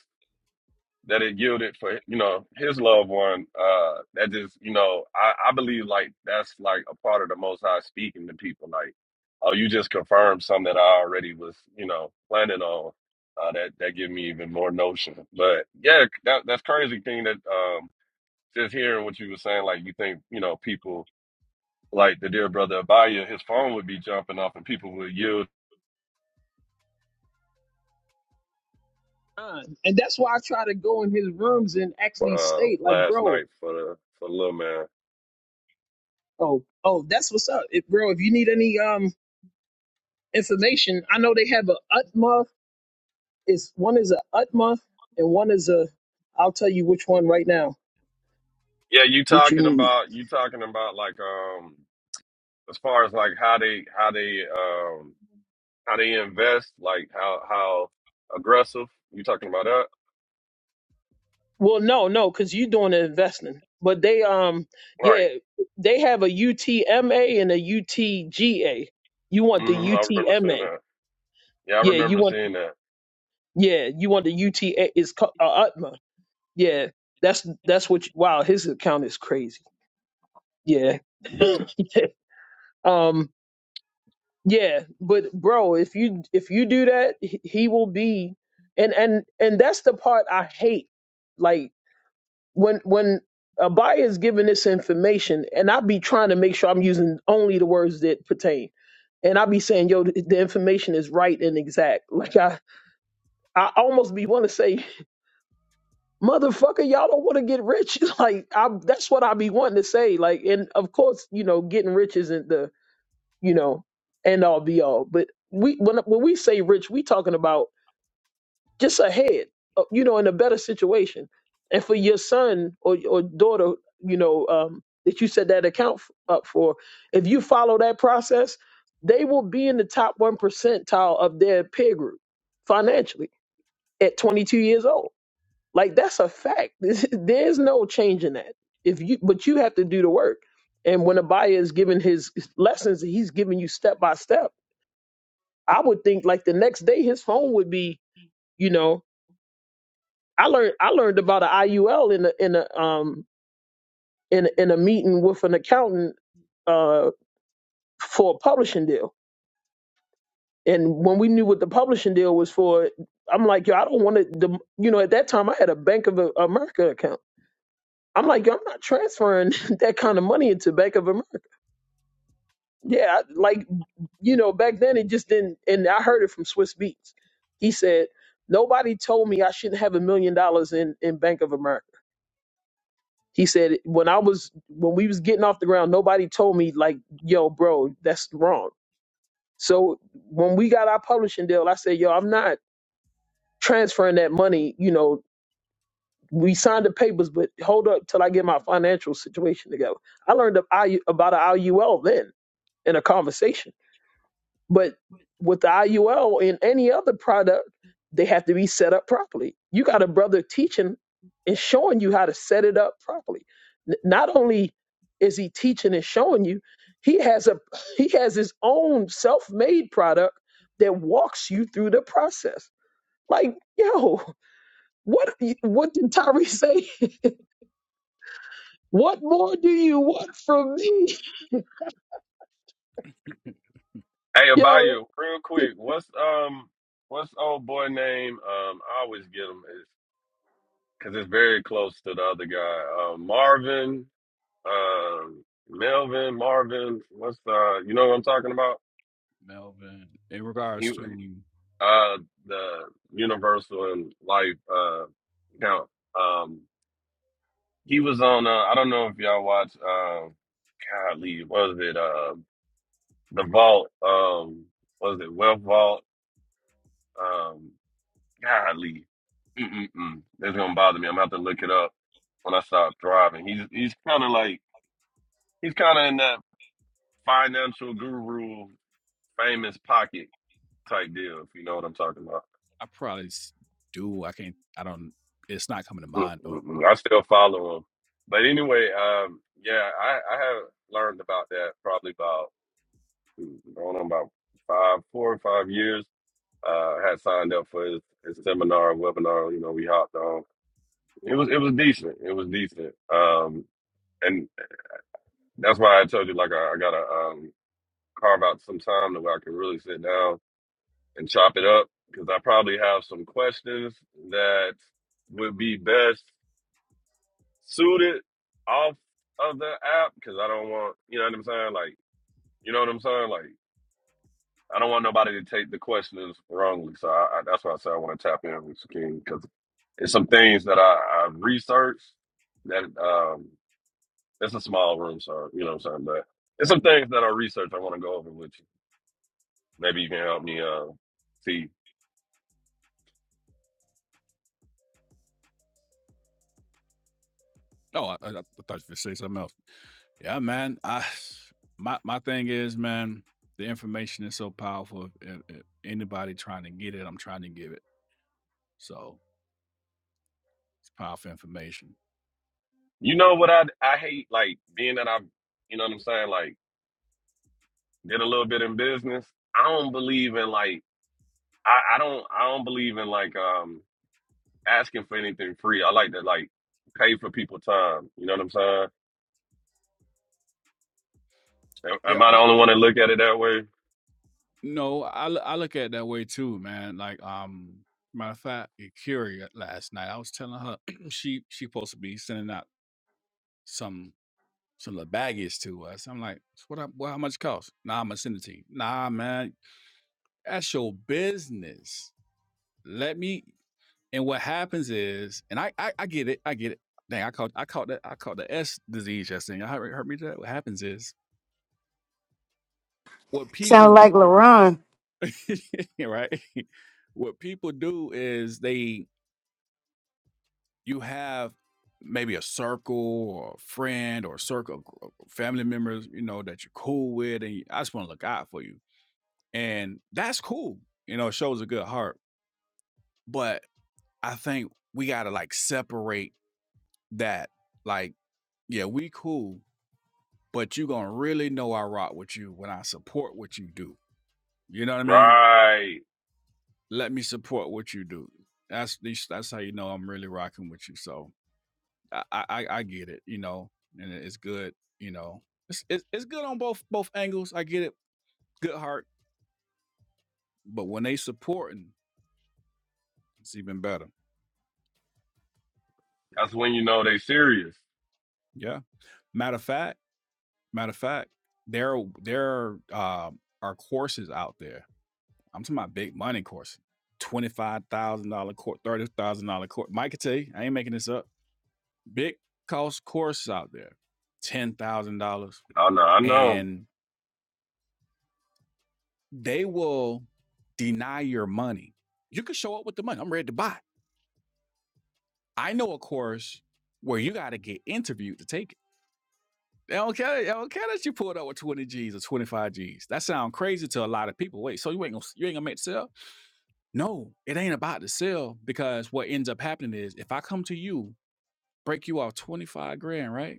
M: that it yielded for you know his loved one uh that just you know I, I believe like that's like a part of the most high speaking to people like oh you just confirmed something that i already was you know planning on uh that that give me even more notion but yeah that, that's crazy thing that um just hearing what you were saying like you think you know people like the dear brother abaya his phone would be jumping off and people would yield
F: mind. And that's why I try to go in his rooms and actually
M: uh
F: state, like,
M: last
F: bro,
M: night for the for the little man
F: oh, oh, that's what's up. If, bro, if you need any um information, I know they have a Utma. It's one is a Utma and one is a I'll tell you which one right now
M: Yeah, you
F: that you
M: talking
F: need.
M: about you talking about like um as far as like how they how they um how they invest, like how how aggressive you talking about that?
F: Well, no, no, because you're doing the investing. But they um
M: Right.
F: yeah, they have a UTMA and a UTGA. You want the
M: hmm I remember seeing
F: UTMA.
M: that. Yeah, I
F: Yeah, you
M: remember
F: want
M: seeing that.
F: yeah, you want the UTA is a Utma. yeah, that's that's what. You, wow, his account is crazy. Yeah, um, yeah, but bro, if you if you do that, he he will be, and and and that's the part I hate. Like when when a buyer is giving this information, and I be trying to make sure I'm using only the words that pertain. And I be saying, yo, the the information is right and exact. Like I, I almost be want to say motherfucker, y'all don't want to get rich. Like, I, that's what I be wanting to say. Like, and of course, you know, getting rich isn't the, you know, end all be all. But we, when, when we say rich, we talking about just ahead, uh, you know, in a better situation. And for your son or, or daughter, you know, um, that you set that account f- up for, if you follow that process, they will be in the top one percentile of their peer group financially at 22 years old like that's a fact. There's no changing that. If you but you have to do the work. And when Abaya is giving his lessons, he's giving you step by step. I would think like the next day his phone would be, you know, I learned I learned about an IUL in a in a um in a- in a meeting with an accountant uh for a publishing deal. And when we knew what the publishing deal was for, I'm like, yo, I don't want to. You know, at that time I had a Bank of America account. I'm like, yo, I'm not transferring that kind of money into Bank of America. Yeah, I, like, you know, back then it just didn't. And I heard it from Swiss Beats. He said, nobody told me I shouldn't have a million dollars in, in Bank of America. He said, when I was, when we was getting off the ground, nobody told me like, yo, bro, that's wrong. So when we got our publishing deal, I said, yo, I'm not transferring that money. You know, we signed the papers, but hold up till I get my financial situation together. I learned about IUL then in a conversation. But with the IUL and any other product, they have to be set up properly. You got a brother teaching and showing you how to set it up properly. N- not only is he teaching and showing you, he has a he has his own self-made product that walks you through the process. Like, yo, what what did Tyree say? what more do you want from me?
M: Hey,
F: Yo,
M: Abayo, real quick, what's um what's old boy name? Um, I always get him because it's very close to the other guy. Um, Marvin, um, Melvin, Marvin. What's uh, you know what I'm talking about?
A: Melvin. In regards to,
M: uh the universal and life uh count um he was on uh i don't know if y'all watch um god Lee, what was it uh the vault um what was it wealth vault um god Lee. Mm-mm-mm. it's gonna bother me i'm gonna have to look it up when i stop driving he's he's kind of like he's kind of in that financial guru famous pocket type deal if you know what i'm talking about
A: I probably s- do. I can't. I don't. It's not coming to
M: Mm,
A: mind though.
M: mm, mm. I still follow him. But anyway, um, yeah, I, I have learned about that probably about mm, going on about five, four or five years. Uh, I had signed up for his, his seminar, webinar. You know, we hopped on. It was it was decent. It was decent. Um, and that's why I told you like I, I gotta um, carve out some time to where I can really sit down and chop it up because I probably have some questions that would be best. suited off of the app because I don't want, you know what I'm saying? Like, you know what I'm saying? Like, I don't want nobody to take the questions wrongly. So I, I, that's why I say I want to tap in with King because it's some things that I, I researched that um it's a small room, so you know what I'm saying. But it's some things that I researched. I want to go over with you. Maybe you can help me uh see.
A: Oh, I, I, I thought you were say something else. Yeah, man. I my my thing is, man, the information is so powerful. If, if anybody trying to get it, I'm trying to give it. So it's powerful information.
M: You know what I I hate like being that I you know what I'm saying like did a little bit in business. I don't believe in like I, I don't I don't believe in like um asking for anything free. I like to like pay for people time. You know what I'm saying? Am
A: Yeah.
M: am I
A: I,
M: the only one that look at it that way?
A: No, I l- I look at it that way too, man. Like, um, matter of fact, Curie last night, I was telling her she she supposed to be sending out some some little baggage to us. I'm like, "So what? I, well, how much it cost? Nah, I'm gonna send it to you. Nah, man, that's your business. Let me. And what happens is, and I I, I get it, I get it. Dang, I caught I caught that I caught the S disease yesterday. Y'all heard, heard me do that? What happens is, what people
L: Sound like
A: do,
L: LaRon.
A: right? What people do is they you have maybe a circle or a friend or a circle of family members, you know, that you're cool with, and you, I just want to look out for you. And that's cool. You know, it shows a good heart. But I think we gotta like separate that. Like, yeah, we cool, but you gonna really know I rock with you when I support what you do. You know what I mean? Right.
M: Right.
A: Let me support what you do. That's that's how you know I'm really rocking with you. So I, I I get it, you know, and it's good, you know, it's, it's it's good on both both angles. I get it, good heart, but when they supporting, it's even better.
M: That's when you know they serious.
A: Yeah. Matter of fact, matter of fact, there there um, are courses out there. I'm talking about big money courses. Twenty five thousand dollar course, thirty thousand dollar course. Mike can tell you, I ain't making this up. Big cost courses out there, ten thousand dollars,
M: Oh no, I know.
A: and they will deny your money. You can show up with the money. I'm ready to buy. I know a course where you got to get interviewed to take it. They don't care. They don't care that you pulled up with 20 G's or 25 G's. That sounds crazy to a lot of people. Wait, so you ain't gonna you ain't gonna make the sale? No, it ain't about the sale because what ends up happening is if I come to you, break you off 25 grand, right?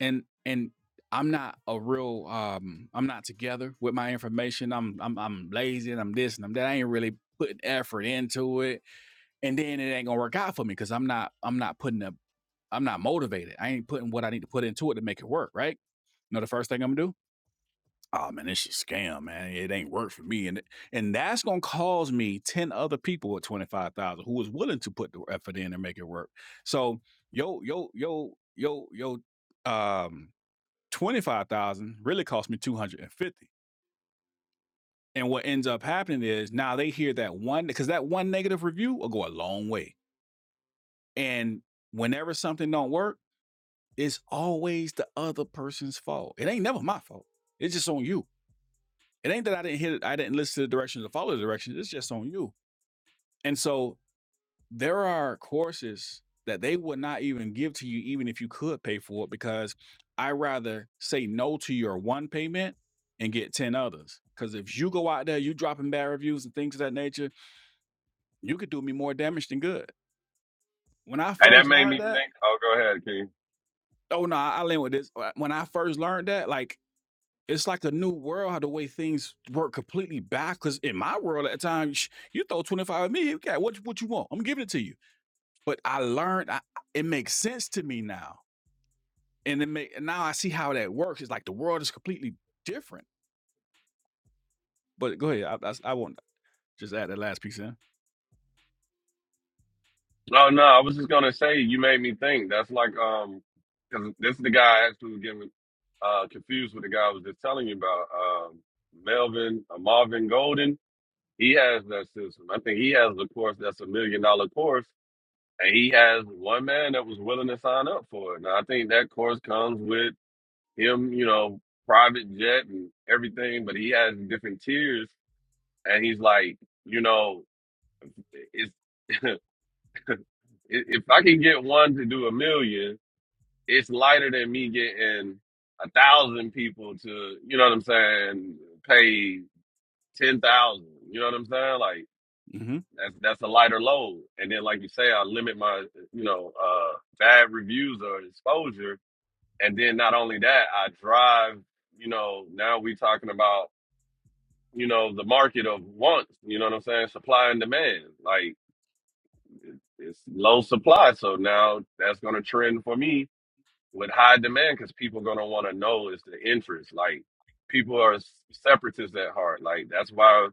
A: and and I'm not a real um I'm not together with my information. I'm I'm I'm lazy and I'm this and I'm that. I ain't really putting effort into it. And then it ain't gonna work out for me because I'm not I'm not putting up I'm not motivated. I ain't putting what I need to put into it to make it work, right? You know the first thing I'm gonna do? Oh man, this shit scam, man. It ain't work for me. And and that's gonna cause me 10 other people with 25,000 who was willing to put the effort in and make it work. So yo, yo, yo, yo, yo, um 25,000 really cost me 250. And what ends up happening is now they hear that one because that one negative review will go a long way. And whenever something don't work, it's always the other person's fault. It ain't never my fault. It's just on you. It ain't that I didn't hit it, I didn't listen to the directions or follow the directions. It's just on you. And so there are courses that they would not even give to you even if you could pay for it because I rather say no to your one payment and get 10 others. Because if you go out there, you dropping bad reviews and things of that nature, you could do me more damage than good. When I
M: And that
A: first
M: made me
A: learned that,
M: think. Oh, go ahead, King.
A: oh no, I I learned with this. uh, When I first learned that, like it's like a new world how the way things work completely back. Because in my world at the time, sh- you throw 25 at me, okay, what, you- what you want? I'm giving it to you. But I learned, I, it makes sense to me now and then make, and now I see how that works. It's like the world is completely different. But go ahead. I, I, I want just add that last piece in.
M: No, no, I was just gonna say you made me think. That's like um, 'cause this is the guy I actually was getting uh confused with the guy I was just telling you about. Um, Melvin uh, Marvin Golden. He has that system. I think he has the course that's a million dollar course And he has one man that was willing to sign up for it. Now I think that course comes with him, you know, private jet and everything, but he has different tiers. And he's like, you know, it's if if I can get one to do a million, it's lighter than me getting a thousand people to, you know what I'm saying, pay ten thousand. You know what I'm saying? Like
A: Mm-hmm.
M: that's that's a lighter load. And then like you say, I limit my, you know, uh bad reviews or exposure And then not only that, I drive, you know, now we talking about, you know, the market of wants, you know what I'm saying? Supply and demand. Like it's low supply. So now that's gonna trend for me with high demand because people gonna wanna know is the interest. Like people are s- separatists at heart. Like that's why,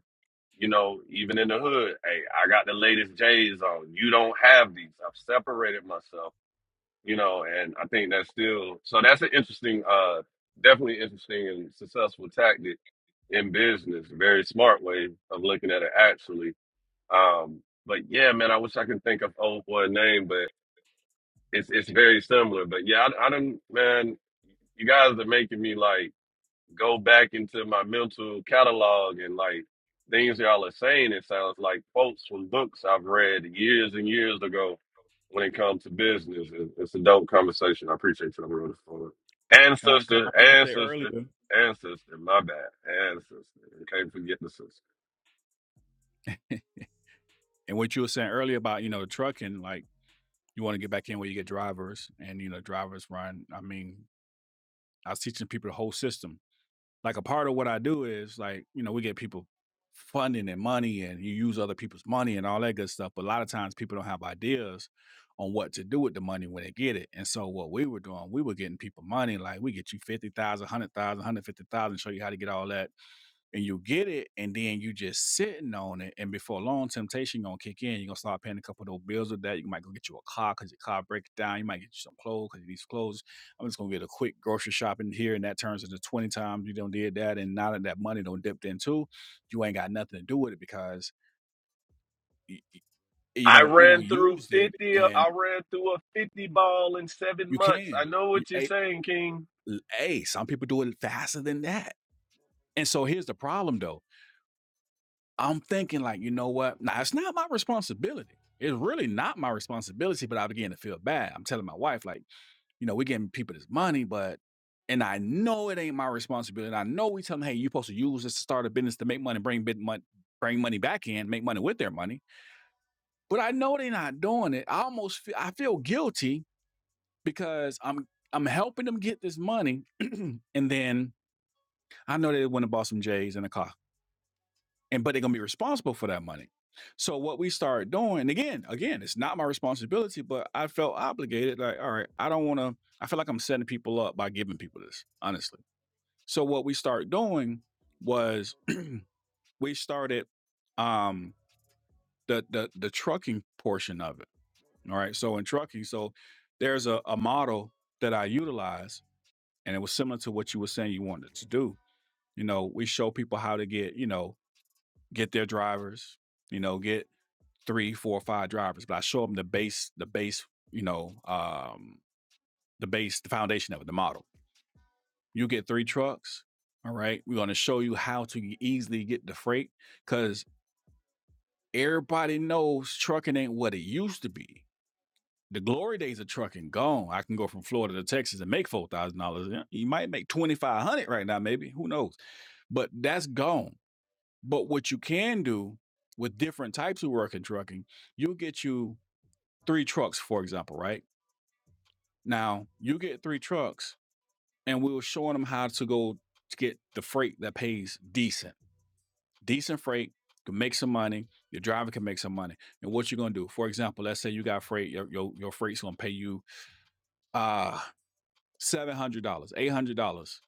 M: you know, even in the hood, hey, I got the latest J's on. You don't have these. I've separated myself you know, and I think that's still so that's an interesting, uh, definitely interesting and successful tactic in business. A Very smart way of looking at it, actually. Um, but yeah, man, I wish I could think of old boy name, but it's it's very similar. But yeah, I, I don't, man. You guys are making me like go back into my mental catalog and like things y'all are saying, it sounds like quotes from books I've read years and years ago when it comes to business. It- It's a dope conversation. I appreciate you on for it. And
A: Con, I
M: ancestor,
A: heard you say
M: ancestor,
A: earlier,
M: sister, my bad, ancestor. Can't forget the sister.
A: and what you were saying earlier about you know the trucking, like you want to get back in where you get drivers, and you know drivers run. I mean, I was teaching people the whole system. like a part of what I do is like, you know, we get people funding and money and you use other people's money and all that good stuff. But a lot of times people don't have ideas on what to do with the money when they get it. And so what we were doing, we were getting people money, like we get you 50,000, 100,000, show you how to get all that and you get it, and then you just sitting on it, and before long, temptation gonna kick in. You're gonna start paying a couple of those bills with that. You might go get you a car because your car breaks down. You might get you some clothes because you need some clothes. I'm just gonna get a quick grocery shopping here, and that turns into 20 times you don't did that, and now that that money don't dipped in too, you ain't got nothing to do with it because you, you
M: I
A: don't you
M: ran
A: don't
M: through
A: use it,
M: 50, uh,
A: and
M: I ran through a 50 ball in seven
A: you
M: months. I
A: can.
M: know
A: You,
M: what you're
A: hey,
M: saying, King.
A: hey, some people do it faster than that. And so here's the problem though I'm thinking like, you know what? Now it's not my responsibility. It's really not my responsibility, but I began to feel bad. I'm telling my wife, like, you know, we're giving people this money, but and I know it ain't my responsibility. And I know we tell them, hey, you're supposed to use this to start a business to make money, bring bit money, bring money back in, make money with their money. But I know they're not doing it. I almost feel I feel guilty because I'm I'm helping them get this money. and then I know they went to buy some J's and a car. and but they're gonna be responsible for that money. So what we started doing, and again, again, it's not my responsibility, but I felt obligated. Like, all right, I don't want to. I feel like I'm setting people up by giving people this, honestly. So what we started doing was we started um, the the the trucking portion of it. All right, so in trucking, so there's a, a model that I utilize, and it was similar to what you were saying you wanted to do. You know, we show people how to get you know get their drivers, you know, get three, four, five drivers, but I show them the base, the base, you know, um, the base, the foundation of it, the model. You get three trucks. All right. We're going to show you how to e, easily get the freight because everybody knows trucking ain't what it used to be. The glory days of trucking gone. I can go from Florida to Texas and make four thousand dollars. Yeah, You might make twenty five hundred dollars right now, maybe. Who knows? But that's gone. But what you can do with different types of work in trucking, you'll get you three trucks, for example, right? Now you get three trucks, and we were showing them how to go to get the freight that pays decent, decent freight. Can make some money. Your driver can make some money. And what you're gonna do? For example, let's say you got freight. Your your, your freight's gonna pay you uh seven hundred dollars, eight hundred dollars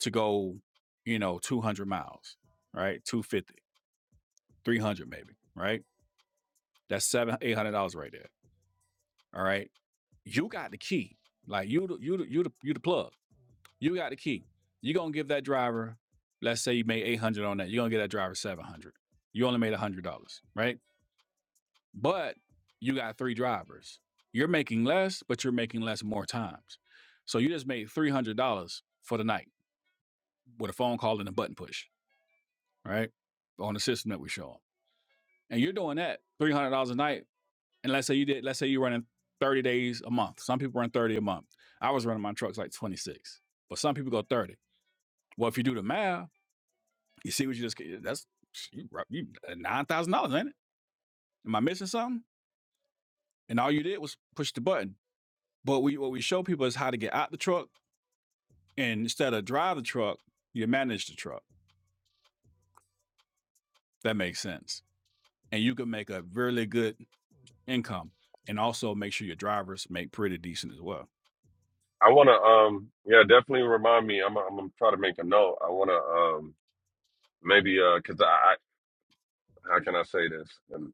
A: to go. You know, two hundred miles, right? Two fifty, three hundred maybe, right? That's seven, eight hundred dollars right there. All right, you got the key. Like you, the, you, the, you, the, you the plug You got the key. You're gonna give that driver, let's say you made 800 on that, you're gonna get that driver 700. You only made $100, right? But you got three drivers. You're making less, but you're making less more times. So you just made $300 for the night with a phone call and a button push, right? On the system that we show. And you're doing that $300 a night. And let's say you did, let's say you're running 30 days a month. Some people run 30 a month. I was running my trucks like 26, but some people go 30. Well, if you do the math, You see what you just get- that's you, you uh, nine thousand dollars, ain't it? Am I missing something? And all you did was push the button. But we what we show people is how to get out the truck, and instead of drive the truck, you manage the truck. That makes sense, and you can make a really good income, and also make sure your drivers make pretty decent as well.
M: I want to, um, yeah, definitely remind me. I'm, I'm gonna try to make a note. I want to, um, maybe uh, cause I, I how can I say this? Um,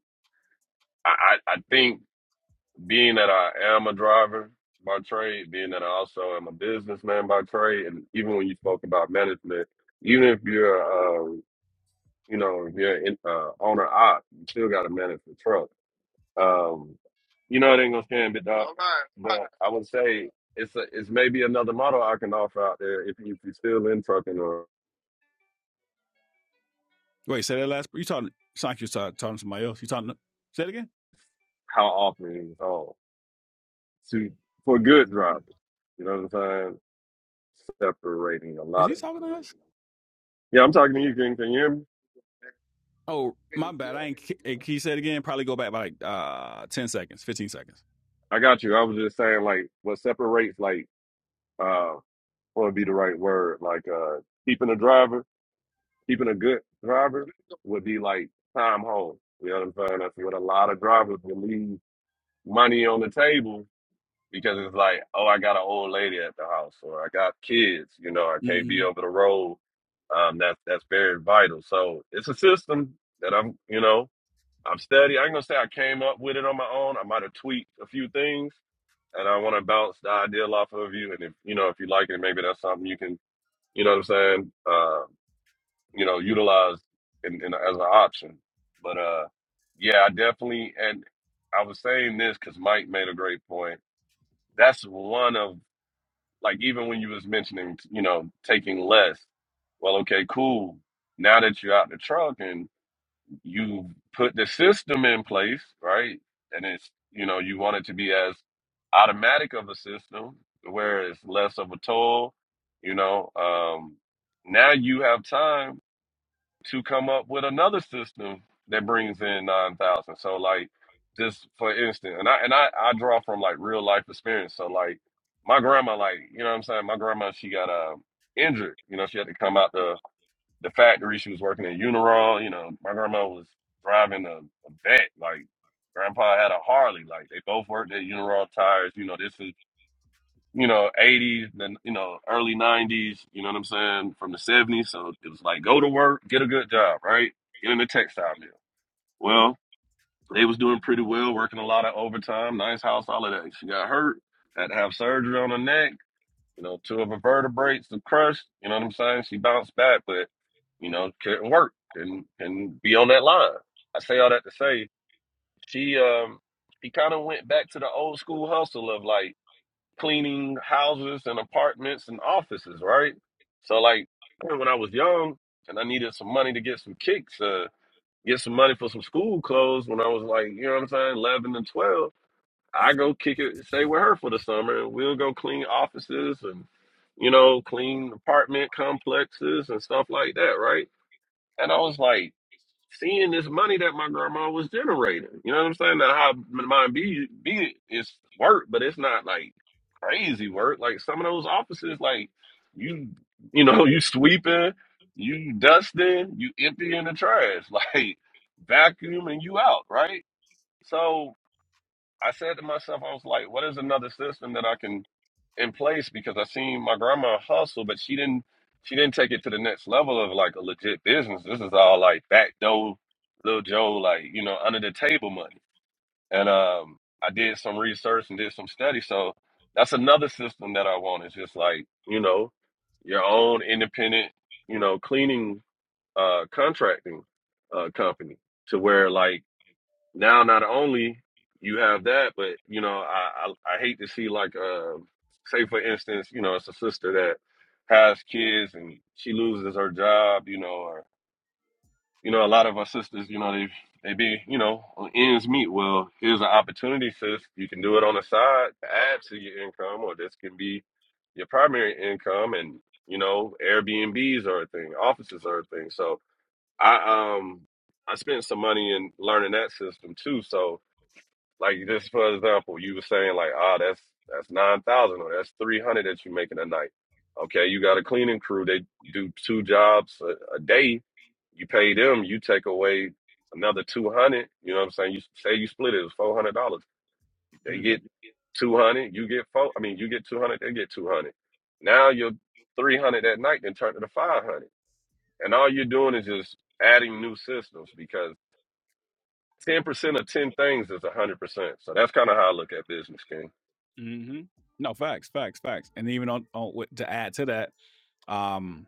M: I, I I think being that I am a driver by trade, being that I also am a businessman by trade, and even when you spoke about management, even if you're um you know if you're in, uh, owner op, you still got to manage the truck. Um, you know it ain't gonna stand, big dog. But I would say it's a, it's maybe another model I can offer out there if you if you're still in trucking or
A: Wait, say that last. You talking? Sound like you're talking, talking to somebody else. You talking? to- Say it again.
M: how often it's on to for good drivers. You know what I'm saying? separating a
A: Is
M: lot
A: he
M: of
A: talking to us?
M: yeah i'm talking to you King. can you hear me
A: Oh, my bad. I ain't. Can you say it again? Probably go back by like uh, ten seconds, fifteen seconds.
M: i got you i was just saying like what separates like uh what would be the right word like uh keeping a driver keeping a good driver would be like time home you know what i'm saying that's what a lot of drivers will leave money on the table because it's like oh i got an old lady at the house or i got kids you know i can't be
A: Mm-hmm.
M: over the road um that's that's very vital so it's a system that i'm you know I'm steady. I ain't gonna say I came up with it on my own. I might have tweaked a few things, and I want to bounce the idea off of you. And if you know, if you like it, maybe that's something you can, you know, what I'm saying, uh, you know, utilize in, in as an option. But uh, yeah, I definitely. And I was saying this because Mike made a great point. That's one of like even when you was mentioning, you know, taking less. Well, okay, cool. Now that you're out the truck and you put the system in place, right? And it's you know you want it to be as automatic of a system where it's less of a toll. You know, um, now you have time to come up with another system that brings in nine thousand. So like just for instance, and I and I, I draw from like real life experience. So like my grandma, like you know what I'm saying, my grandma she got uh, injured. You know, she had to come out the the factory. She was working at Uniron. You know, my grandma was driving a, a vet. Like grandpa had a Harley. Like they both worked at Uniron tires. You know, this is you know eighties, then you know early nineties. You know what I'm saying? From the seventies. So it was like go to work, get a good job, right? Get in the textile mill. Well, they was doing pretty well, working a lot of overtime, nice house, all of that. She got hurt, had to have surgery on her neck you know, two of her vertebrates are crushed. You know what I'm saying? She bounced back, but you know, couldn't work and and be on that line. I say all that to say she um she kind of went back to the old school hustle of like cleaning houses and apartments and offices, right? So like when I was young and I needed some money to get some kicks, uh, get some money for some school clothes when I was like, you know what I'm saying, 11 and 12. I go kick it, stay with her for the summer, and we'll go clean offices and, you know, clean apartment complexes and stuff like that, right? And I was like, seeing this money that my grandma was generating, you know what I'm saying? That how mine be be is work, but it's not like crazy work. Like some of those offices, like you, you know, you sweeping, you dusting, you emptying the trash, like vacuum and you out, right? So. I said to myself, I was like, what is another system that I can in place? Because I seen my grandma hustle, but she didn't she didn't take it to the next level of like a legit business. This is all like back door, little Joe, like, you know, under the table money. And um I did some research and did some study. So that's another system that I want. It's just like, you know, your own independent, you know, cleaning uh contracting uh company to where like now not only you have that, but you know, I I, I hate to see like uh, say for instance, you know, it's a sister that has kids and she loses her job, you know, or you know, a lot of our sisters, you know, they they be, you know, on ends meet. Well, here's an opportunity, sis. You can do it on the side, to add to your income, or this can be your primary income and you know, Airbnbs are a thing, offices are a thing. So I um I spent some money in learning that system too. So like just for example, you were saying like, ah, that's that's nine thousand or that's three hundred that you're making a night. Okay, you got a cleaning crew. They do two jobs a, a day. You pay them. You take away another two hundred. You know what I'm saying? You say you split it. It's four hundred dollars. They get two hundred. You get four. I mean, you get two hundred. They get two hundred. Now you're three hundred that night, then turn to the five hundred. And all you're doing is just adding new systems because. Ten percent of ten things is a hundred percent. So that's kind of how I look at business, King.
A: Mm-hmm. No facts, facts, facts. And even on, on with- to add to that, um,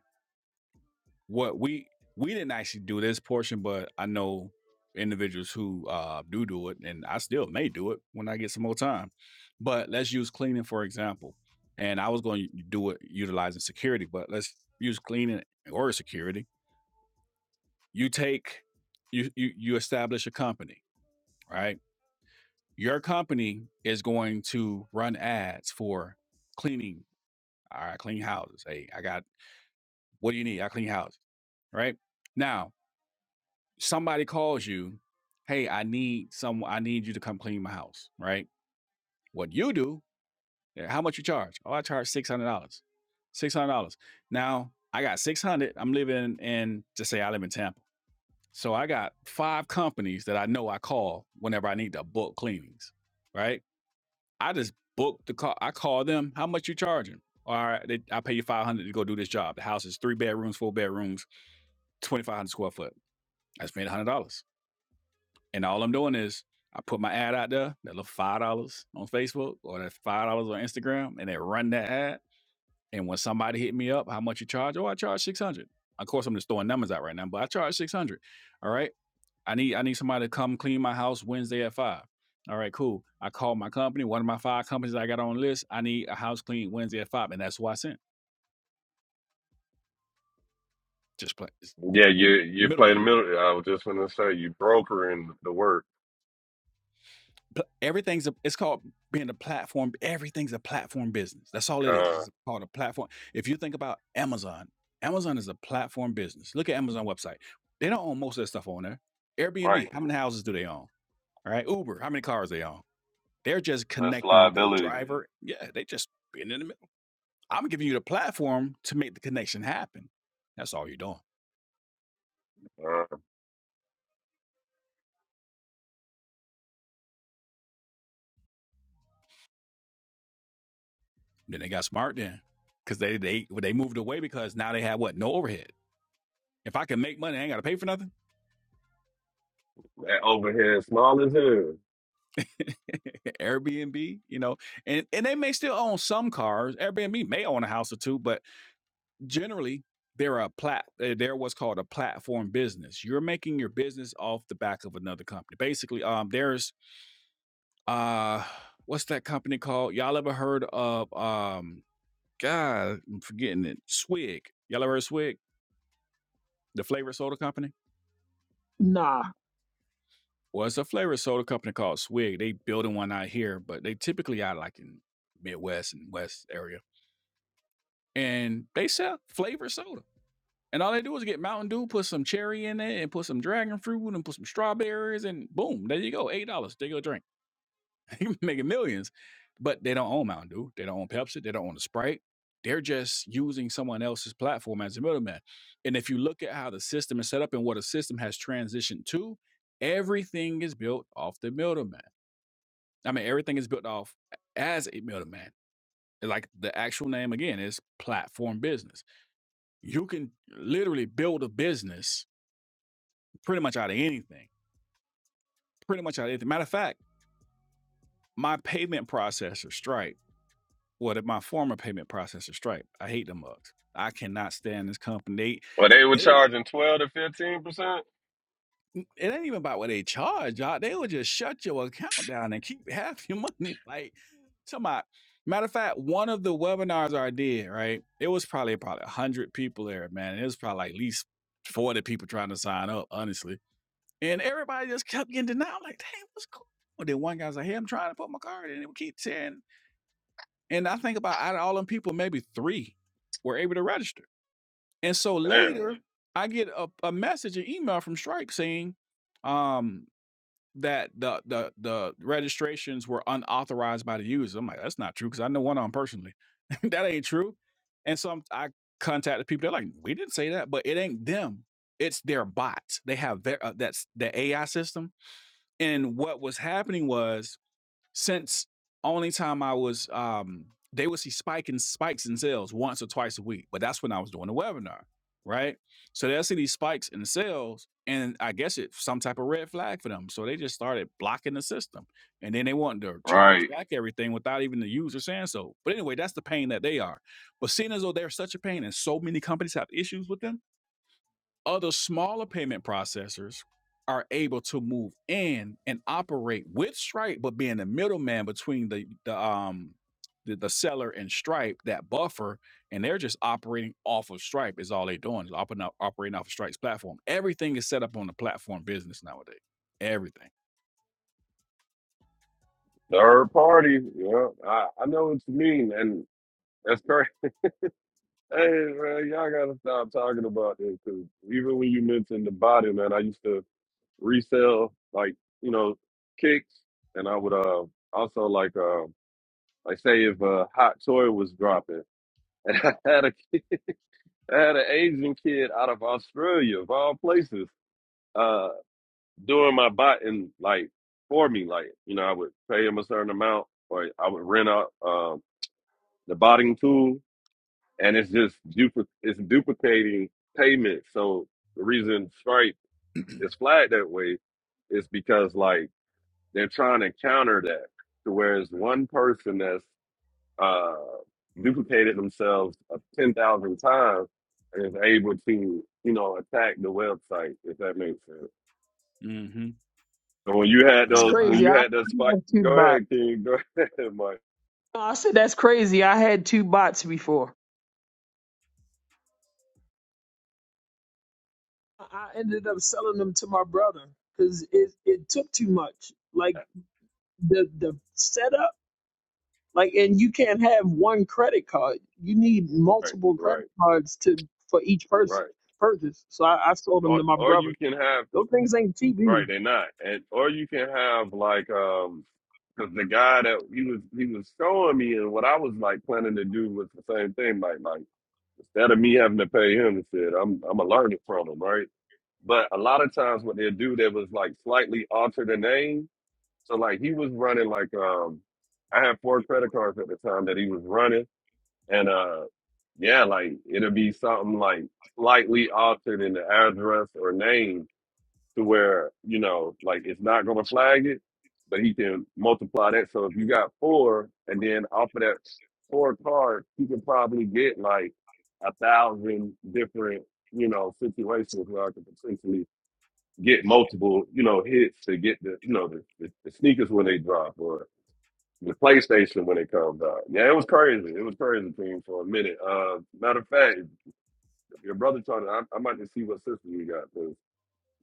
A: what we we didn't actually do this portion, but I know individuals who uh, do do it, and I still may do it when I get some more time. But let's use cleaning for example. And I was going to do it utilizing security, but let's use cleaning or security. You take you you you establish a company, right? Your company is going to run ads for cleaning. All right, clean houses. Hey, I got what do you need? I clean houses, right? Now, somebody calls you, hey, I need some, I need you to come clean my house, right? What you do, eh, how much you charge? Oh, I charge six hundred dollars. Six hundred dollars. Now I got six hundred. I'm living in, just say I live in Tampa, so I got five companies that I know I call whenever I need to book cleanings, right? I just book the call. I call them. How much you charging? All right, they, I pay you five hundred to go do this job. The house is three bedrooms, four bedrooms, twenty five hundred square foot. I spent one hundred dollars. And all I'm doing is I put my ad out there, that little five dollars on Facebook or that five dollars on Instagram, and they run that ad. And when somebody hit me up, how much you charge? Oh, I charge six hundred. Of course, I'm just throwing numbers out right now, but I charge six hundred. All right. I need I need somebody to come clean my house Wednesday at five. All right, cool. I called my company, one of my five companies I got on the list. I need a house clean Wednesday at five, and that's why I sent. Just play it's
M: Yeah, you you play the
A: middleman.
M: middle. I was just gonna say you brokering the work,
A: Pl everything's a it's called being a platform everything's a platform business. That's all it is.
M: kind
A: It's called a platform. If you think about Amazon, Amazon is a platform business. Look at Amazon website. They don't own most of that stuff on there.
M: right?
A: Airbnb, how many houses do they own? All right. Uber, how many cars they own? They're just
M: Less
A: connecting the
M: liability.
A: driver. Yeah, they just being in the middle. I'm giving you the platform to make the connection happen. That's all you're doing.
M: Uh,
A: Then they got smart then. Cause they they they moved away because now they have what? No overhead. If I can make money, I ain't gotta pay for nothing.
M: that overhead small as hell.
A: Airbnb, you know, and, and they may still own some cars. Airbnb may own a house or two, but generally they're a plat uh, they're what's called a platform business. You're making your business off the back of another company. Basically, um there's uh what's that company called? Y'all ever heard of um God, I'm forgetting it. Swig. Y'all ever heard of Swig? The flavor soda company?
F: nah,
A: Well, it's a flavor soda company called Swig. They building one out here, but they typically out like in Midwest and West area and they sell flavored soda. And all they do is get Mountain Dew, put some cherry in it, and put some dragon fruit, and put some strawberries, and boom, there you go, eight dollars. They go drink, making millions. But they don't own Mountain Dew, they don't own Pepsi, they don't own the Sprite. They're just using someone else's platform as a middleman. And if you look at how the system is set up and what a system has transitioned to, everything is built off the middleman. I mean, everything is built off as a middleman. Like the actual name again is platform business you can literally build a business pretty much out of anything. Pretty much out of anything. Matter of fact, my payment processor Stripe, well, my former payment processor Stripe, I hate them mugs. I cannot stand this company.
M: But they were charging twelve to fifteen percent.
A: They, it ain't even about what they charge, y'all. They will just shut your account down and keep half your money. Like, somebody. Matter of fact, one of the webinars I did, right? It was probably probably one hundred people there, man. It was probably like at least forty people trying to sign up, honestly And everybody just kept getting denied. I'm like, damn, what's cool? Well, then one guy's like, hey, I'm trying to put my card in. And we keep saying, and I think about out of all them people, maybe three were able to register. And so
M: Damn,
A: later, I get a, a message, an email from Stripe saying um, that the, the the registrations were unauthorized by the user. I'm like, that's not true because I know one of them personally. that ain't true. And so I'm, I contacted people. They're like, we didn't say that, but it ain't them. It's their bots. They have their uh, that's the AI system and what was happening was since only time I was um they would see spike and spikes in sales once or twice a week, but that's when I was doing the webinar, right? So they'll see these spikes in sales, and I guess it's some type of red flag for them. So they just started blocking the system. And then they wanted to charge
M: right?
A: back everything without even the user saying so. But anyway, that's the pain that they are. But seeing as though they're such a pain and so many companies have issues with them, other smaller payment processors are able to move in and operate with Stripe, but being the middleman between the the um the, the seller and Stripe, that buffer, and they're just operating off of Stripe is all they're doing, is operating off, operating off of Stripe's platform. Everything is set up on the platform business nowadays. Everything.
M: Third party. Yeah, I I know what you mean, and that's crazy. Hey man, y'all gotta stop talking about this because even when you mentioned the body, man, I used to resell like you know kicks, and I would uh also like uh like say if a hot toy was dropping, and I had a I had an Asian kid out of Australia of all places uh doing my botting like for me like you know I would pay him a certain amount or I would rent out um the botting tool and it's just dupli- it's duplicating payments so the reason Stripe is flagged that way is because like They're trying to counter that to whereas one person that's uh, duplicated themselves uh, 10,000 times is able to, you know, attack the website, if that makes sense.
A: Mm-hmm.
M: So when you had
A: I
F: it's
A: ain't
M: those,
A: gonna
M: when
A: lie.
F: crazy.
M: you
F: I have
M: had that spike,
F: too
M: go
F: much.
M: ahead, King, go ahead, Mike.
F: No, I said that's crazy. I had two bots before. I I ended up selling them to my brother because it, it took too much. Like the the setup, like, and you can't have one credit card. You need
M: Right,
F: multiple credit
M: right,
F: cards to for each
M: right.
F: person purchase. So I, I sold them
M: Or,
F: to my
M: or
F: brother.
M: you can have,
F: Those things ain't cheap either.
M: right, they're not. And, or you can have like, um, because the guy that he was he was showing me and what I was like planning to do was the same thing. Like like Instead of me having to pay him, he said, I'm I'm gonna learn it from him, right? But a lot of times what they'll do that was like slightly alter the name. So like he was running like um I had four credit cards at the time that he was running and uh yeah, like it'll be something like slightly altered in the address or name to where you know like it's not going to flag it, but he can multiply that. So if you got four, and then off of that four cards, you can probably get like a thousand different you know situations where I could potentially get multiple you know hits to get the you know the, the, the sneakers when they drop or the PlayStation when it comes out. Yeah, it was crazy. It was crazy team for a minute. Uh, matter of fact, your brother trying to, I, I might just see what system you got.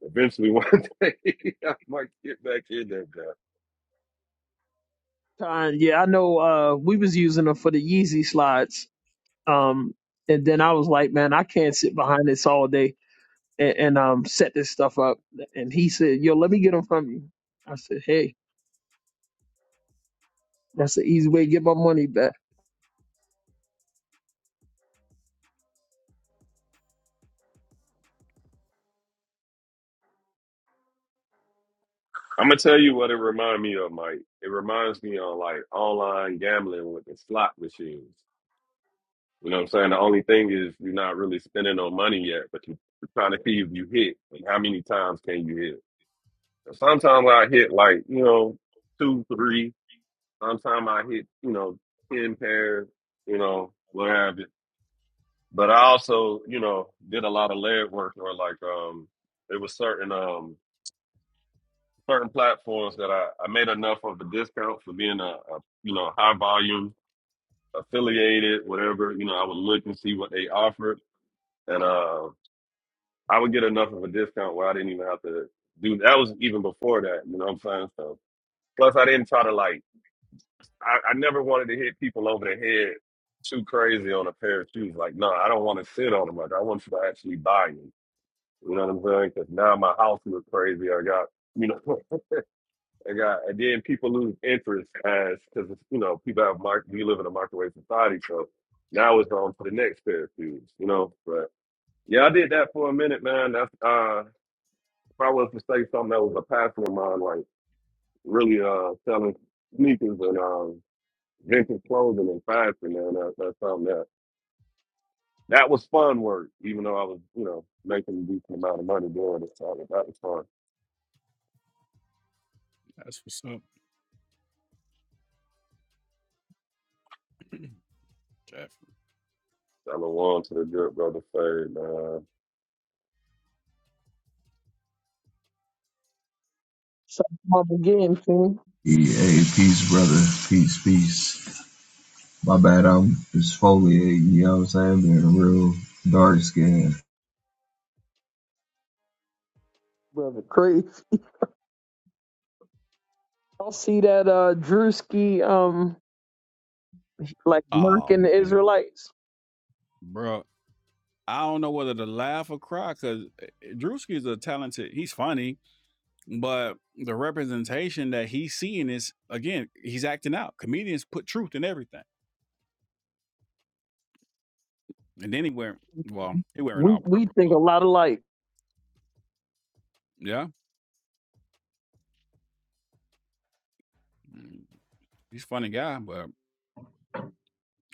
M: Eventually, one day, I might get back in that guy.
F: Time, yeah, I know. Uh, we was using them for the Yeezy slides. Um, and then I was like, man, I can't sit behind this all day. and, and um set this stuff up. And he said, "Yo, let me get them from you." I said, "Hey, that's the easy way to get my money back."
M: I'm gonna tell you what it reminds me of, Mike. It reminds me of like online gambling with the slot machines. You know what I'm saying? The only thing is you're not really spending no money yet, but you- you're trying to see if you hit and how many times can you hit. And Sometimes I hit like you know two, three. Sometimes I hit you know ten pairs. You know what have you. But I also you know did a lot of leg work or like um there was certain um certain platforms that I, I made enough of a discount for being a, a you know high volume affiliated whatever you know I would look and see what they offered and uh I would get enough of a discount where I didn't even have to do that was even before that you know what I'm saying so plus I didn't try to like I, I never wanted to hit people over the head too crazy on a pair of shoes like no I don't want to sit on them like I want you to actually buy them you know what I'm saying because now my house looks crazy I got you know I got, and then people lose interest as because you know people have mark. We live in a microwave society, so now it's on to the next pair of shoes, you know. But yeah, I did that for a minute, man. That's uh, if I was to say something that was a passion of mine, like really uh selling sneakers and um vintage clothing and fashion, man. That, that's something that that was fun work, even though I was you know making a decent amount of money doing it. So that was fun.
A: That's what's up, Jeff.
M: I belong to the good brother Fade, man.
F: So I'm up again, King.
G: Hey, peace, brother. Peace, peace. My bad, I'm exfoliating, you know what I'm saying? Being a real dark skin.
F: Brother, crazy. Y'all see that uh Drewski um like
A: Oh
F: mocking the
A: man,
F: Israelites?
A: bro. I don't know whether to laugh or cry because Drewski is a talented. He's funny But the representation that he's seeing is again, he's acting out. Comedians put truth in everything. And then he wear well, he wearing
F: We
A: all
F: we
A: purple
F: think
A: though.
F: a lot alike.
A: Yeah. Mm, He's a funny guy, but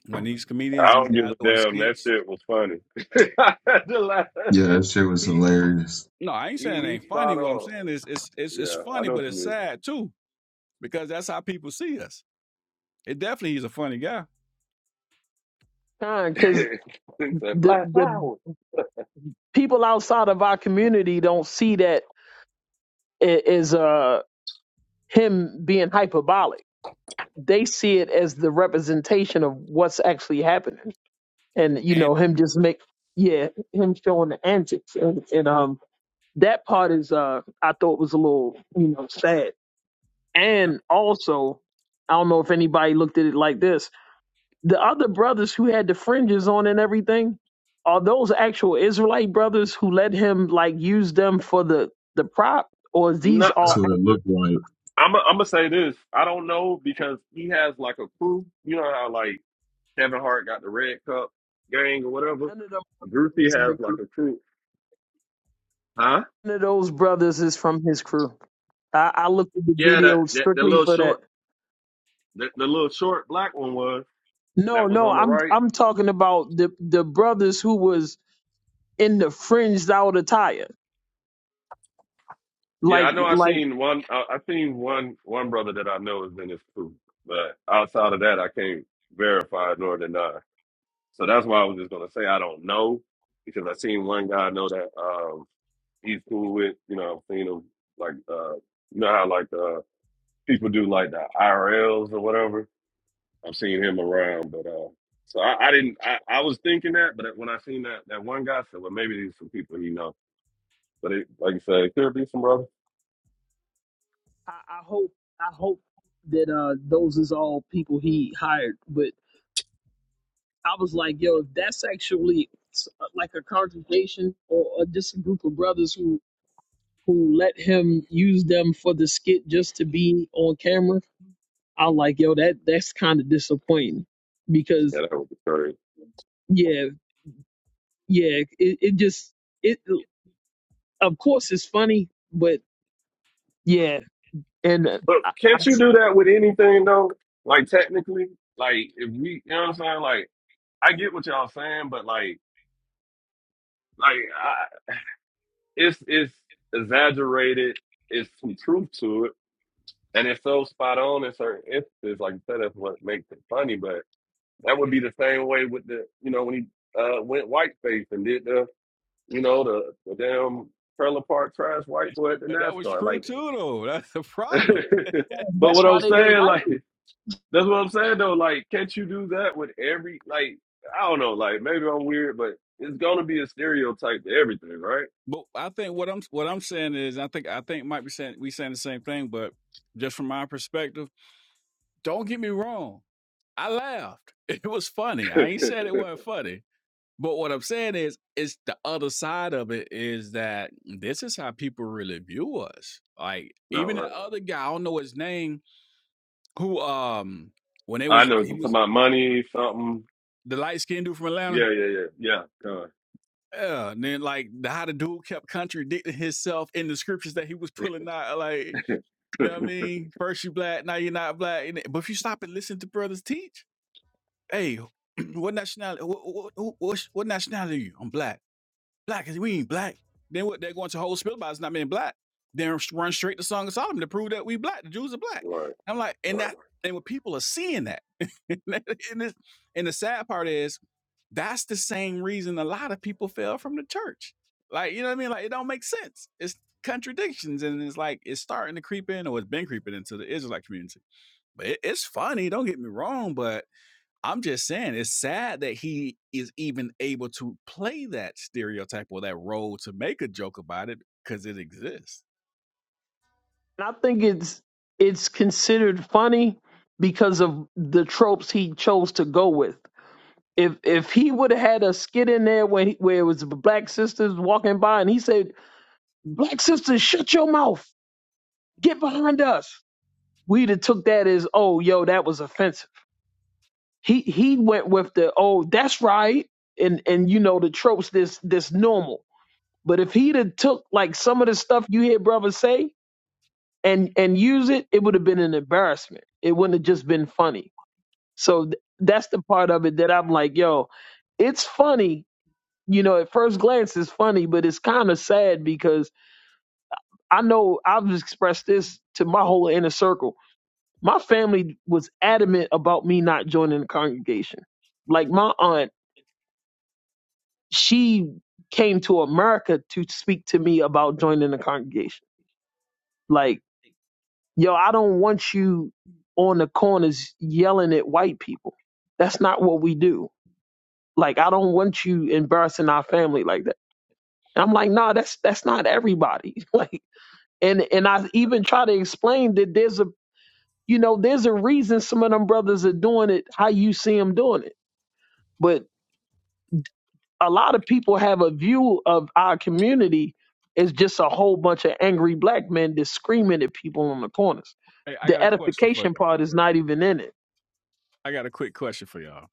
A: when these
M: I
A: comedians, these
M: don't give
A: guys
M: a
A: doing
M: damn. That
A: skits.
M: shit was funny. The la-
G: Yeah, that shit was
M: he,
G: hilarious.
A: No, I ain't
M: he
A: saying it
M: he
A: ain't funny.
M: spot
A: What I'm
M: on.
A: saying is it's it's it's
M: Yeah, I
A: funny,
M: know
A: but
M: what you
A: it's
M: mean.
A: sad too, because that's how people see us. It definitely he's a funny guy.
F: Because
M: he said
F: the
M: black
F: the
M: power.
F: people outside of our community don't see that i- as uh him being hyperbolic. They see it as the representation of what's actually happening. and you
A: And
F: know him just make yeah him showing the antics and, and um that part is uh i thought was a little you know sad and also i don't know if anybody looked at it like this the other brothers who had the fringes on and everything are those actual israelite brothers who let him like use them for the the prop or is
M: No,
F: these
M: I,
G: That's
F: all
G: what it
F: actors
G: looked like.
M: I'm I'm gonna say this. I don't know because he has like a crew. You know how like Kevin Hart got the Red Cup gang or whatever.
F: none of them
M: Groupie
F: was in the
M: has like
F: crew
M: a crew. Huh?
F: none of those brothers is from his crew i, I looked at the
M: Yeah, that
F: video
M: that, that
F: strictly
M: little
F: for that
M: short, the, the little short black one was
F: No,
M: that was
F: no,
M: on the
F: I'm
M: right.
F: I'm talking about the the brothers who was in the fringed out attire.
M: Yeah,
F: Like
M: I know. I
F: like
M: seen one. I, I seen one. One brother that I know is in his crew, but outside of that, I can't verify nor deny. So that's why I was just gonna say I don't know because I seen one guy I know that um he's cool with. You know, I've seen him like uh you know how like uh people do like the IRLs or whatever. I've seen him around, but uh so I, I didn't. I, I was thinking that, but when I seen that that one guy, I said, well, maybe these some people he know. But it, like you said, it could be some brother.
F: I, I hope I hope that uh those is all people he hired. But I was like, yo, if that's actually s- like a congregation or, or just a group of brothers who who let him use them for the skit just to be on camera, I'm like, yo, that that's kind of disappointing
M: Yeah,
F: because
M: that would be crazy.
F: yeah, yeah, it, it just it. of course it's funny, but yeah, and uh,
M: But
F: I, I,
M: can't you do that with anything though? Like technically, like if we, you know what I'm saying? Like I get what y'all saying, but like, like I, it's it's exaggerated. It's some truth to it, and it's so spot on in certain instances. Like you said, that's what makes it funny. But that would be the same way with the, you know, when he uh went whiteface and did the, you know, the the damn trailer park trash white boy at the
A: but that was
M: NASCAR.
A: true
M: Like,
A: too though. That's the problem.
M: but
F: that's
M: what
F: why
M: I'm
F: they didn't
M: saying,
F: like
M: like.
F: it.
M: That's what I'm saying though. Like, can't you do that with every like I don't know, like maybe I'm weird, but it's gonna be a stereotype to everything, right?
A: But I think what I'm what I'm saying is I think I think might be saying we saying the same thing, but just from my perspective, don't get me wrong. I laughed. It was funny. I ain't said it wasn't funny. But what I'm saying is it's the other side of it is that this is how people really view us. Like
M: no,
A: even
M: right.
A: the other guy, I don't know his name, who um when they
M: I
A: was
M: know it's
A: he was
M: about money, something.
A: the light skinned dude from Atlanta.
M: Yeah, yeah, yeah. Yeah. Come
A: Yeah. And then like the how the dude kept contradicting himself in the scriptures that he was pulling out like You
M: on.
A: know what I mean? First you black, now you're not black. And But if you stop and listen to brothers teach, hey, what nationality? What, what, what, what what nationality are you? I'm black. Black is we ain't black. Then what? They're going to whole spill about us not being black. Then run straight to Song of Solomon to prove that we black. The Jews are black.
M: Right,
A: I'm like, and that,
M: right.
A: and when people are seeing that, and, it's, and the sad part is that's the same reason a lot of people fell from the church. Like, you know what I mean? Like, it don't make sense. It's contradictions. And it's like, it's starting to creep in or it's been creeping into the Israelite community. But it, it's funny. Don't get me wrong. But I'm just saying, it's sad that he is even able to play that stereotype or that role to make a joke about it because it exists.
F: And I think it's it's considered funny because of the tropes he chose to go with. If if he would have had a skit in there where he, where it was black sisters walking by and he said, "Black sisters, shut your mouth, get behind us," we'd have took that as, "Oh, yo, that was offensive." He he went with the, "Oh, that's right," and and you know the tropes this this normal. But if he'd have took like some of the stuff you hear brothers say and and use it, it would have been an embarrassment. It wouldn't have just been funny. So th- that's the part of it that I'm like, yo, it's funny. You know, at first glance, it's funny, but it's kind of sad because I know I've expressed this to my whole inner circle. My family was adamant about me not joining the congregation. Like my aunt, she came to America to speak to me about joining the congregation. Like yo, I don't want you on the corners yelling at white people. That's not what we do. Like, I don't want you embarrassing our family like that. And I'm like, nah, that's that's not everybody. Like, and and I even try to explain that there's a you know there's a reason some of them brothers are doing it how you see them doing it. But a lot of people have a view of our community as just a whole bunch of angry black men that's screaming at people on the corners.
A: Hey, I got
F: The
A: a question for
F: edification
A: you.
F: part is not even in it.
A: I got a quick question for y'all.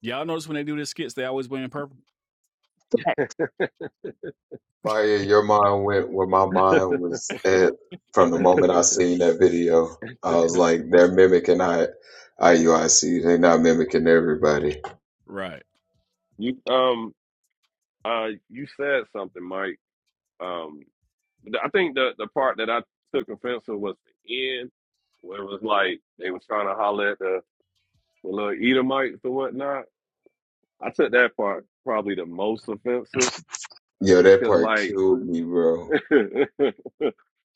A: Y'all notice when they do this skits, they always wearing purple?
G: Maya, your mind went where my mind was at from the moment I seen that video. I was like, they're mimicking I IUIC. They're not mimicking everybody.
A: Right.
M: you um uh you said something, Mike. Um th- I think the the part that I took offense to was the end where it was like they was trying to holler at the, the little Edomites or whatnot. I took that part probably the most offensive
G: Yo, that
M: Cause
G: part
M: like,
G: killed me, bro.
M: cause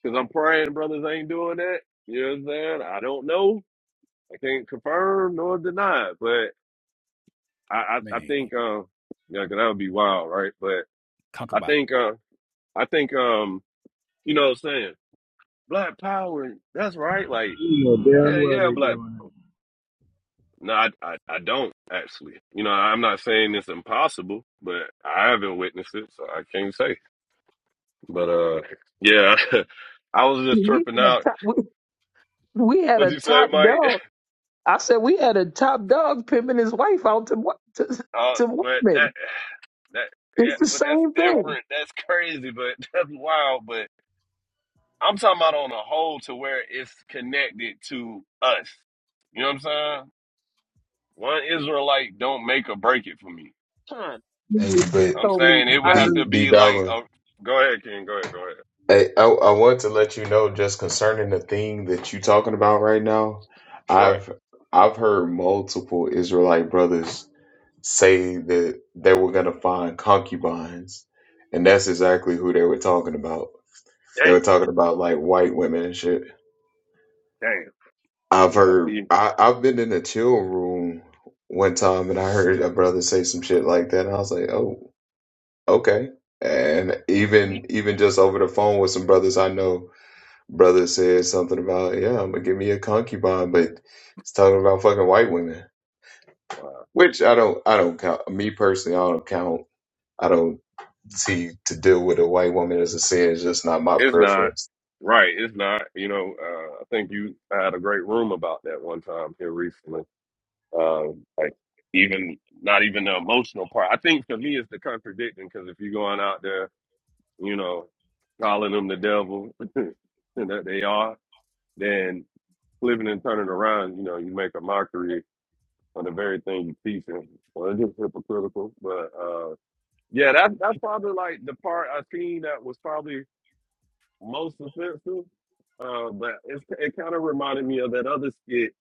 M: I'm praying brothers ain't doing that. You know what I'm saying? I don't know. I can't confirm nor deny it, but I, I, I
A: Man,
M: think, uh, yeah, cause that would be wild, right? But I
A: concubine.
M: think, uh, I think, um, you know what I'm saying? Black power, that's right. Like,
H: know
M: yeah,
H: damn well
M: yeah,
H: they
M: black.
H: doing it.
M: No, I, I, I don't actually. You know, I'm not saying it's impossible, but I haven't witnessed it, so I can't say. But uh, yeah, I was just
F: We
M: tripping
F: had a
M: out.
F: top, we, we had a
M: What'd you say,
F: top
M: Mike?
F: dog. I said we had a top dog pimping his wife out to wa- to,
M: Uh,
F: to
M: but that
F: women.
M: that yeah,
F: It's the
M: but that's
F: same thing.
M: different. That's crazy, but that's wild. But I'm talking about on a whole to where it's connected to us. You know what I'm saying? One Israelite don't make or break it for me.
F: Con, you
G: Hey,
F: just
M: I'm
G: but
F: totally
M: saying it would have
G: D
F: angry.
M: to
G: D
M: be like
G: Dollar.
M: a, go ahead, King, go ahead, go ahead.
G: Hey, I, I want to let you know just concerning the thing that you talking about right now.
M: Right.
G: I've I've heard multiple Israelite brothers say that they were going to find concubines, and that's exactly who they were talking about. They were
M: Damn,
G: talking about like white women and shit.
M: damn.
G: I've
M: Yeah,
G: heard,
M: see
G: I, I've been in a chill room one time and I heard a brother say some shit like that, and I was like, oh, okay. And even even just over the phone with some brothers I know, brother said something about, yeah, I'm gonna give me a concubine, but it's talking about fucking white women,
M: Wow.
G: which I don't, I don't count. Me personally, I don't count I don't see to deal with a white woman as a sin. It's just not my
M: It's not.
G: preference.
M: Right, it's not. You know, uh, I think you had a great room about that one time here recently. Um, like even not even the emotional part. I think for me it's the contradicting because if you're going out there, you know, calling them the devil and that they are, then flipping and turning around, you know, you make a mockery of the very thing you teach them. Well, it's just hypocritical. But uh, yeah, that's that's probably like the part I seen that was probably most offensive. Uh, but it's, it kind of reminded me of that other skit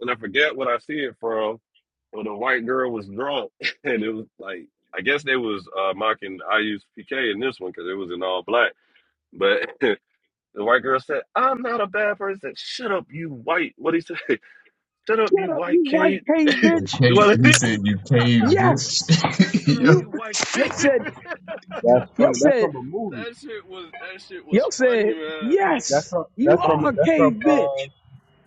M: and I forget what I see it from. When a white girl was drunk, and it was like I guess they was uh, mocking IU's PK in this one because it was in all black. But the white girl said, "I'm not a bad person. Shut up, you white." What he say? Shut up,
F: Shut
M: you
F: up,
M: white
F: you white
M: kid.
F: cave
G: And
F: bitch.
M: Do I?
G: Kate, he said you cave,
F: Yes,
G: bitch.
M: Yeah, shut up,
G: Yo.
F: you.
M: you white
F: You
M: kid. that
F: said.
H: That's
F: You
H: funny. That's
F: said.
H: from a movie.
M: shit was that shit was
F: You
M: funny,
F: said.
M: man.
H: That's
F: Yes,
H: from
F: you
H: that's
F: are
H: from
F: a
H: that's
F: cave
H: from uh
F: bitch.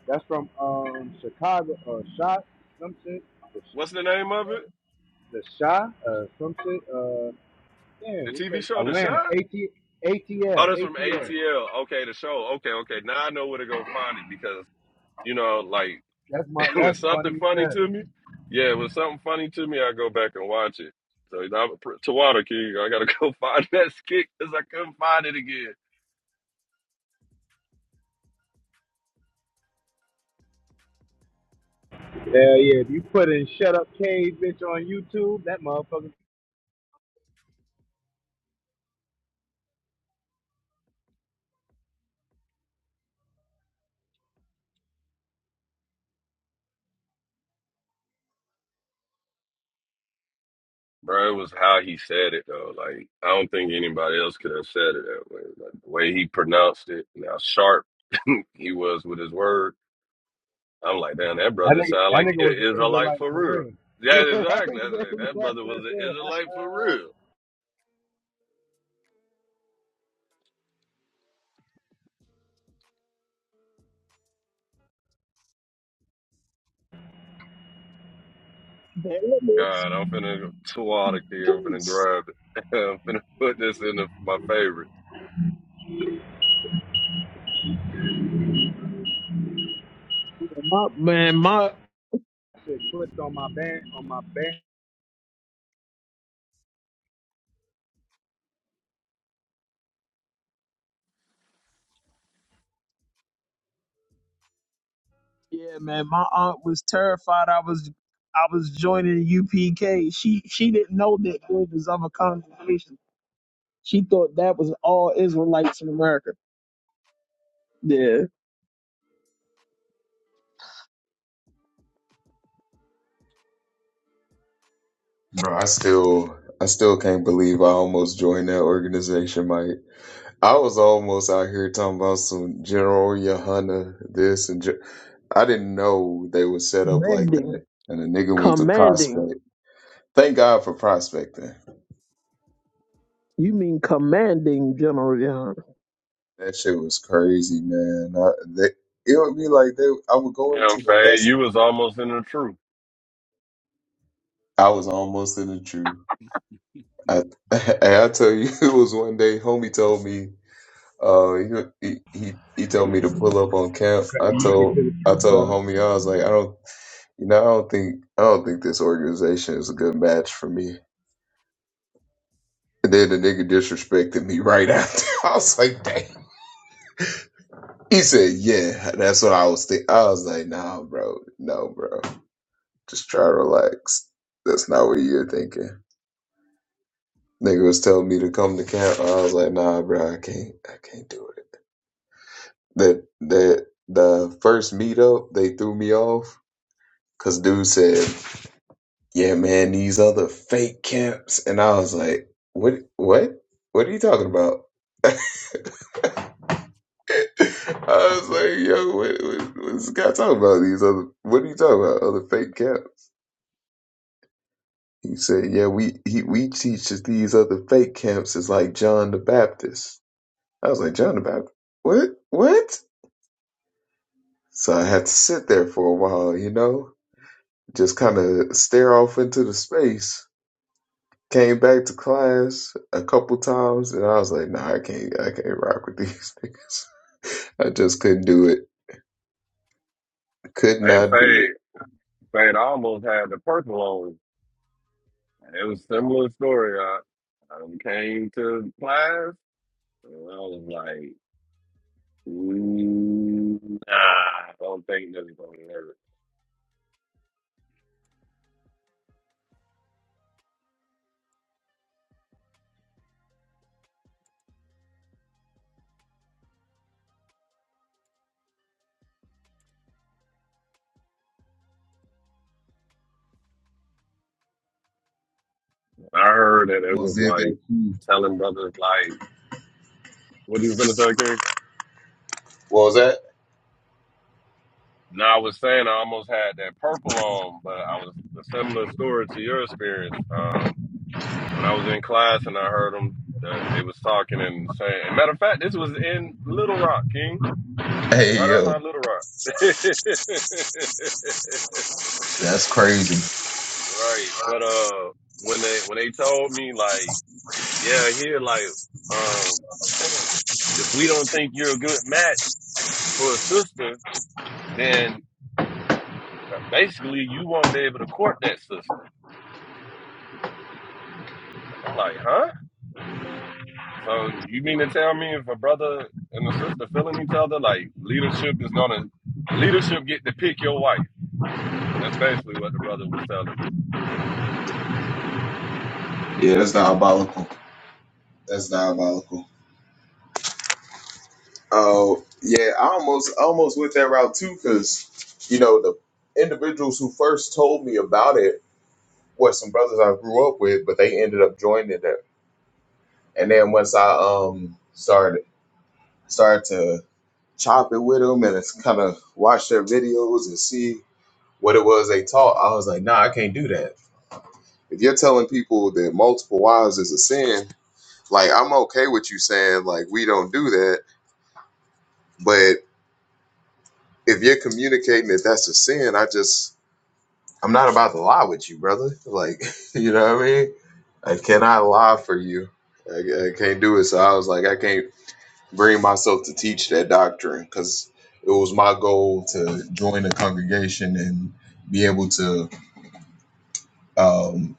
H: that's from um Chicago uh shot some shit
M: What's the name of
H: uh,
M: it?
H: the shot uh some shit uh damn
M: The
H: what's
M: TV
H: that
M: show, The
H: Atlanta
M: Shine.
H: AT
M: Oh,
H: ATL
M: that's from
H: ATL.
M: ATL. Okay, the show. Okay, okay. Now I know where to go find it because you know, like
H: That's my
M: when
H: that's
M: something
H: funny as
M: funny
H: hell.
M: to me, yeah, when something funny to me, I go back and watch it. So you know, I'm a pr- to Water King, I gotta go find that skit because I couldn't find it again.
H: Hell yeah! If you put in "Shut Up, Cave Bitch" on YouTube, that motherfucker,
M: Bro, it was how he said it though. Like I don't think anybody else could have said it that way. Like the way he pronounced it, and how sharp he was with his word. I'm like, damn, that
H: that
M: brother
H: nigga,
M: sound
H: that
M: like
H: nigga
M: he
H: was an
M: an Israelite
H: Israelite
M: for
H: for
M: real.
H: real. Yeah,
M: Yeah,
H: that nigga
M: exactly.
H: was
M: That's it.
H: an
M: That
H: Israelite
M: brother was
H: for
M: an
H: real.
M: Israelite for real.
F: There it is.
M: God, I'm finna two out of here. I'm finna
F: Yes.
M: grab it. I'm finna put this in the, my favorites.
F: my man, my
H: Shit clicked on my band, on my band.
F: Yeah, man, my aunt was terrified. I was, I was joining UPK. She, she didn't know that there was other congregations. She thought that was all Israelites in America. Yeah,
G: Bro, I still, I still can't believe I almost joined that organization, Mike. I was almost out here talking about some General Yohana this and. Gen- I didn't know they were set up like
F: commanding,
G: that. And the nigga went to
F: commanding.
G: prospect. Thank God for prospecting.
F: You mean commanding, General Young?
G: That shit was crazy, man. I, they, it would be like they. I would go
M: Damn,
G: into the
M: Fade, you
G: lessons.
M: was almost in the truth.
G: I was almost in the truth. I, and I tell you, it was one day. Homie told me. Uh, he, he he told me to pull up on camp.
H: Craig,
G: I
H: you Make it
G: told
H: to the
G: I
H: truth,
G: told
H: brother.
G: homie I was like, I don't, you know, I don't think I don't think this organization is a good match for me. And then the nigga disrespected me right after. I was like, dang. He said, yeah, that's what I was thinking. I was like, nah, bro, no, bro. Just try to relax. That's not what you're thinking. Nigga was telling me to come to camp. I was like, nah, bro, I can't. I can't do it. That that the first meetup they threw me off because dude said, yeah, man, these other fake camps, and I was like, what? What? What are you talking about? I was like, yo, what, what, what's this guy talking about? These other, what are you talking about? Other fake camps? He said, yeah, we he, we teach that these other fake camps is like John the Baptist. I was like, John about What? What? So I had to sit there for a while, you know, just kind of stare off into the space. Came back to class a couple times, and I was like, Nah, I can't, I can't rock with these niggas. I just couldn't do it. Could
M: Hey,
G: not do
M: Fade,
G: it.
M: Fade I almost had the purple on. It was a similar story. I, I done came to class and I was like, "Mm, nah, I don't think this is gonna work. I heard that it
G: Almost
M: was
G: did
M: like
G: that too.
M: telling brothers like, what you finna say, King?
G: What was that?
M: No, I was saying I almost had that purple on, but I was a similar story to your experience. Um, when I was in class and I heard them, uh, they was talking and saying. And matter of fact, this was in Little Rock, King,
G: Hey
M: right
G: yo,
M: outside Little Rock.
G: that's crazy.
M: right, but uh, when they when they told me like, yeah, here like, um, if we don't think you're a good match for a sister, then uh, basically you won't be able to court that sister. I'm like, huh? So you mean to tell me if a brother and a sister feeling each other, like leadership is gonna leadership get to pick your wife? That's basically what the brother was telling. me.
G: Yeah, that's diabolical. That's diabolical. Oh yeah, I almost almost went that route too, because you know the individuals who first told me about it were some brothers I grew up with, but they ended up joining it. And then once I um started started to chop it with them and kind of watch their videos and see what it was they taught, I was like, nah, I can't do that. If you're telling people that multiple wives is a sin, like I'm okay with you saying like we don't do that, but if you're communicating that that's a sin, I just I'm not about to lie with you, brother. Like, you know what I mean? I cannot lie for you. I, I can't do it. So I was like, I can't bring myself to teach that doctrine because it was my goal to join a congregation and be able to um,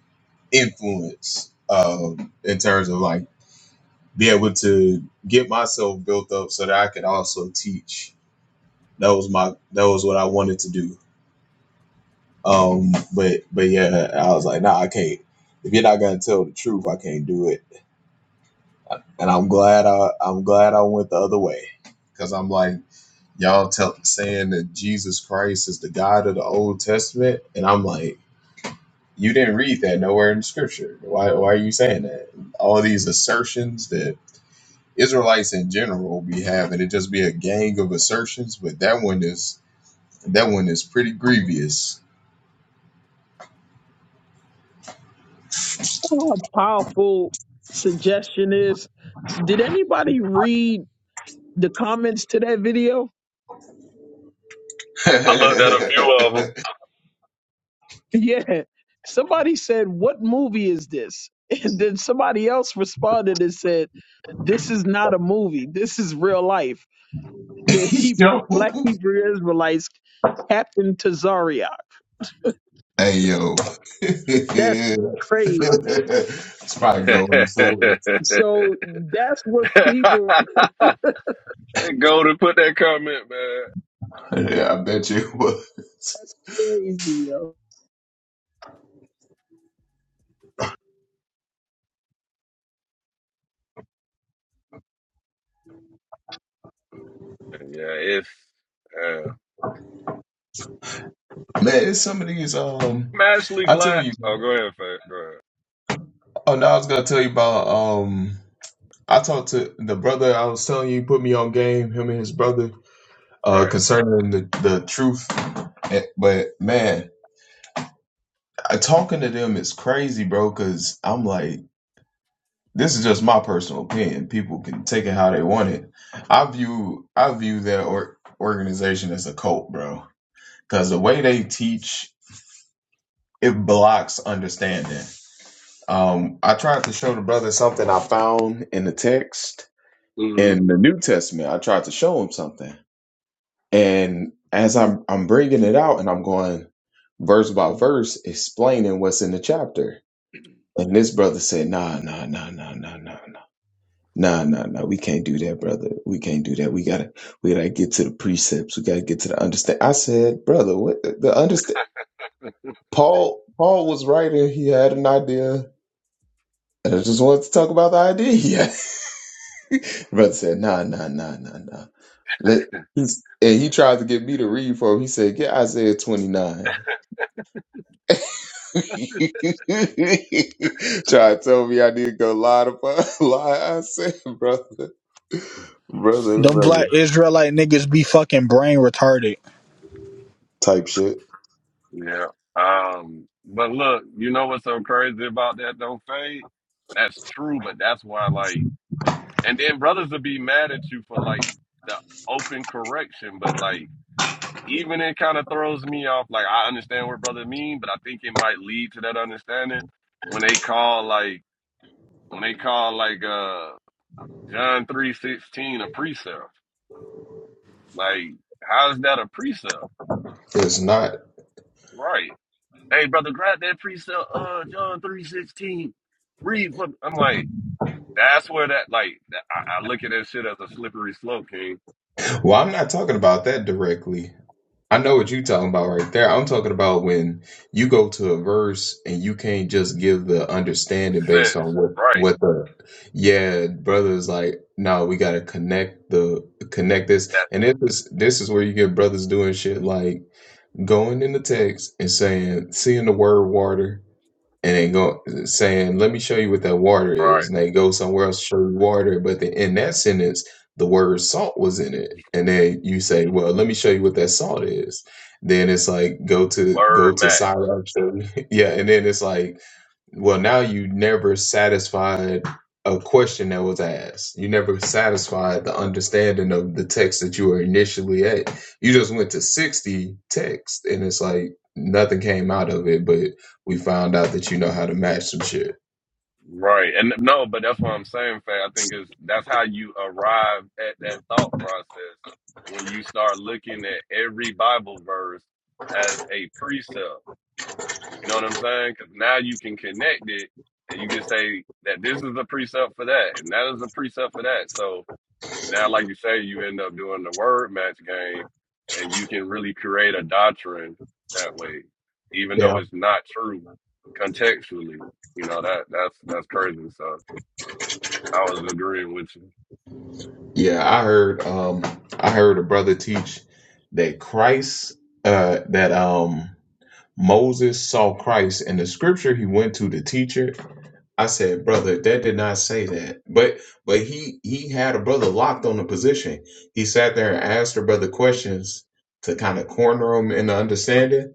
G: influence um, in terms of like be able to get myself built up so that I could also teach. That was my that was what I wanted to do. Um, but but yeah, I was like, nah, I can't. If you're not gonna tell the truth, I can't do it. And I'm glad I I'm glad I went the other way, because I'm like y'all tell saying that Jesus Christ is the God of the Old Testament, and I'm like, you didn't read that nowhere in the Scripture. Why why are you saying that? All these assertions that Israelites in general be having, it just be a gang of assertions, but that one is that one is pretty grievous.
F: How powerful suggestion is. Did anybody read the comments to that video?
M: I looked at
F: Yeah. Somebody said, What movie is this? And then somebody else responded and said, This is not a movie. This is real life. The Hebrew
G: Yo.
F: black Hebrew Israelites Captain to Zaria.
G: Hey yo,
F: That's
G: it's
F: crazy.
G: probably going to sword.
M: a few of
F: So
M: them.
F: that's what people
M: Go to put that comment, man.
G: Yeah, I bet you it was.
F: that's crazy, yo.
M: Yeah, it's. Uh,
G: Man, it's some of these. Um,
M: I'm actually
G: I tell
M: glad.
G: you.
M: Oh, go ahead, Fat. Go
G: Oh, now I was gonna tell you about. Um, I talked to the brother. I was telling you, put me on game. Him and his brother. Uh,
M: ahead. Right.
G: concerning the the truth. Eh, But man, I, talking to them is crazy, bro. Cause I'm like. this is just my personal opinion. People can take it how they want it. I view I view that or, organization as a cult, bro, because the way they teach it blocks understanding. Um, I tried to show the brother something I found in the text
M: hmm
G: in the New Testament. I tried to show him something, and as I'm I'm bringing it out and I'm going verse by verse, explaining what's in the chapter, and this brother said, "Nah, nah, nah, nah, nah, nah." Nah, nah, nah. We can't do that, brother. We can't do that. We gotta, we gotta get to the precepts. We gotta get to the understand. I said, brother, what the, the understand? Paul, Paul was writing. He had an idea, and I just wanted to talk about the idea. Yeah, brother said, nah, nah, nah, nah, nah. Let he's and he tried to get me to read for him. He said, get Isaiah twenty nine. Try to tell me I need to go lie to lie. I said, brother, brother,
N: Them
G: brother,
N: black Israelite niggas be fucking brain retarded.
G: type shit.
M: Yeah. Um. But look, you know what's so crazy about that though, Fade? That's true, but that's why, like. And then brothers will be mad at you for like the open correction, but like even it kind of throws me off. Like I understand what brother mean, but I think it might lead to that understanding when they call like when they call like uh John three sixteen a precept. Like how's that a precept?
G: It's not.
M: Right. Hey brother, grab that precept. Uh, John three sixteen. Read for. I'm like that's where that like I, I look at that shit as a slippery slope, King.
G: Well, I'm not talking about that directly. I know what you're talking about right there. I'm talking about when you go to a verse and you can't just give the understanding based on
M: Sense.
G: what
M: Right.
G: what the yeah brothers like. No, we gotta connect the connect this,
M: That
G: and this is this is where you get brothers doing shit like going in the text and saying seeing the word water and they go saying, "Let me show you what that water
M: right.
G: is." And they go somewhere else to show you water, but the, in that sentence, the word salt was in it. And then you say, "Well, let me show you what that salt is." Then it's like go to go
M: Word
G: to
M: back.
G: Sirach, show yeah. And then it's like well, now you never satisfied a question that was asked. You never satisfied the understanding of the text that you were initially at. You just went to 60 texts, and it's like nothing came out of it, but we found out that you know how to match some shit.
M: Right. And no, but that's what I'm saying, Fat. I think is that's how you arrive at that thought process when you start looking at every Bible verse as a precept. You know what I'm saying? Because now you can connect it and you can say that this is a precept for that, and that is a precept for that. So Now, like you say, you end up doing the word match game, and you can really create a doctrine that way, even though
G: Yeah.
M: it's not true contextually. You know that that's that's crazy. So I was agreeing with you.
G: Yeah, I heard um I heard a brother teach that Christ uh that um Moses saw Christ in the scripture he went to the teacher I said, brother, that did not say that. But but he he had a brother locked on the position. He sat there and asked the brother questions to kind of corner him in the understanding.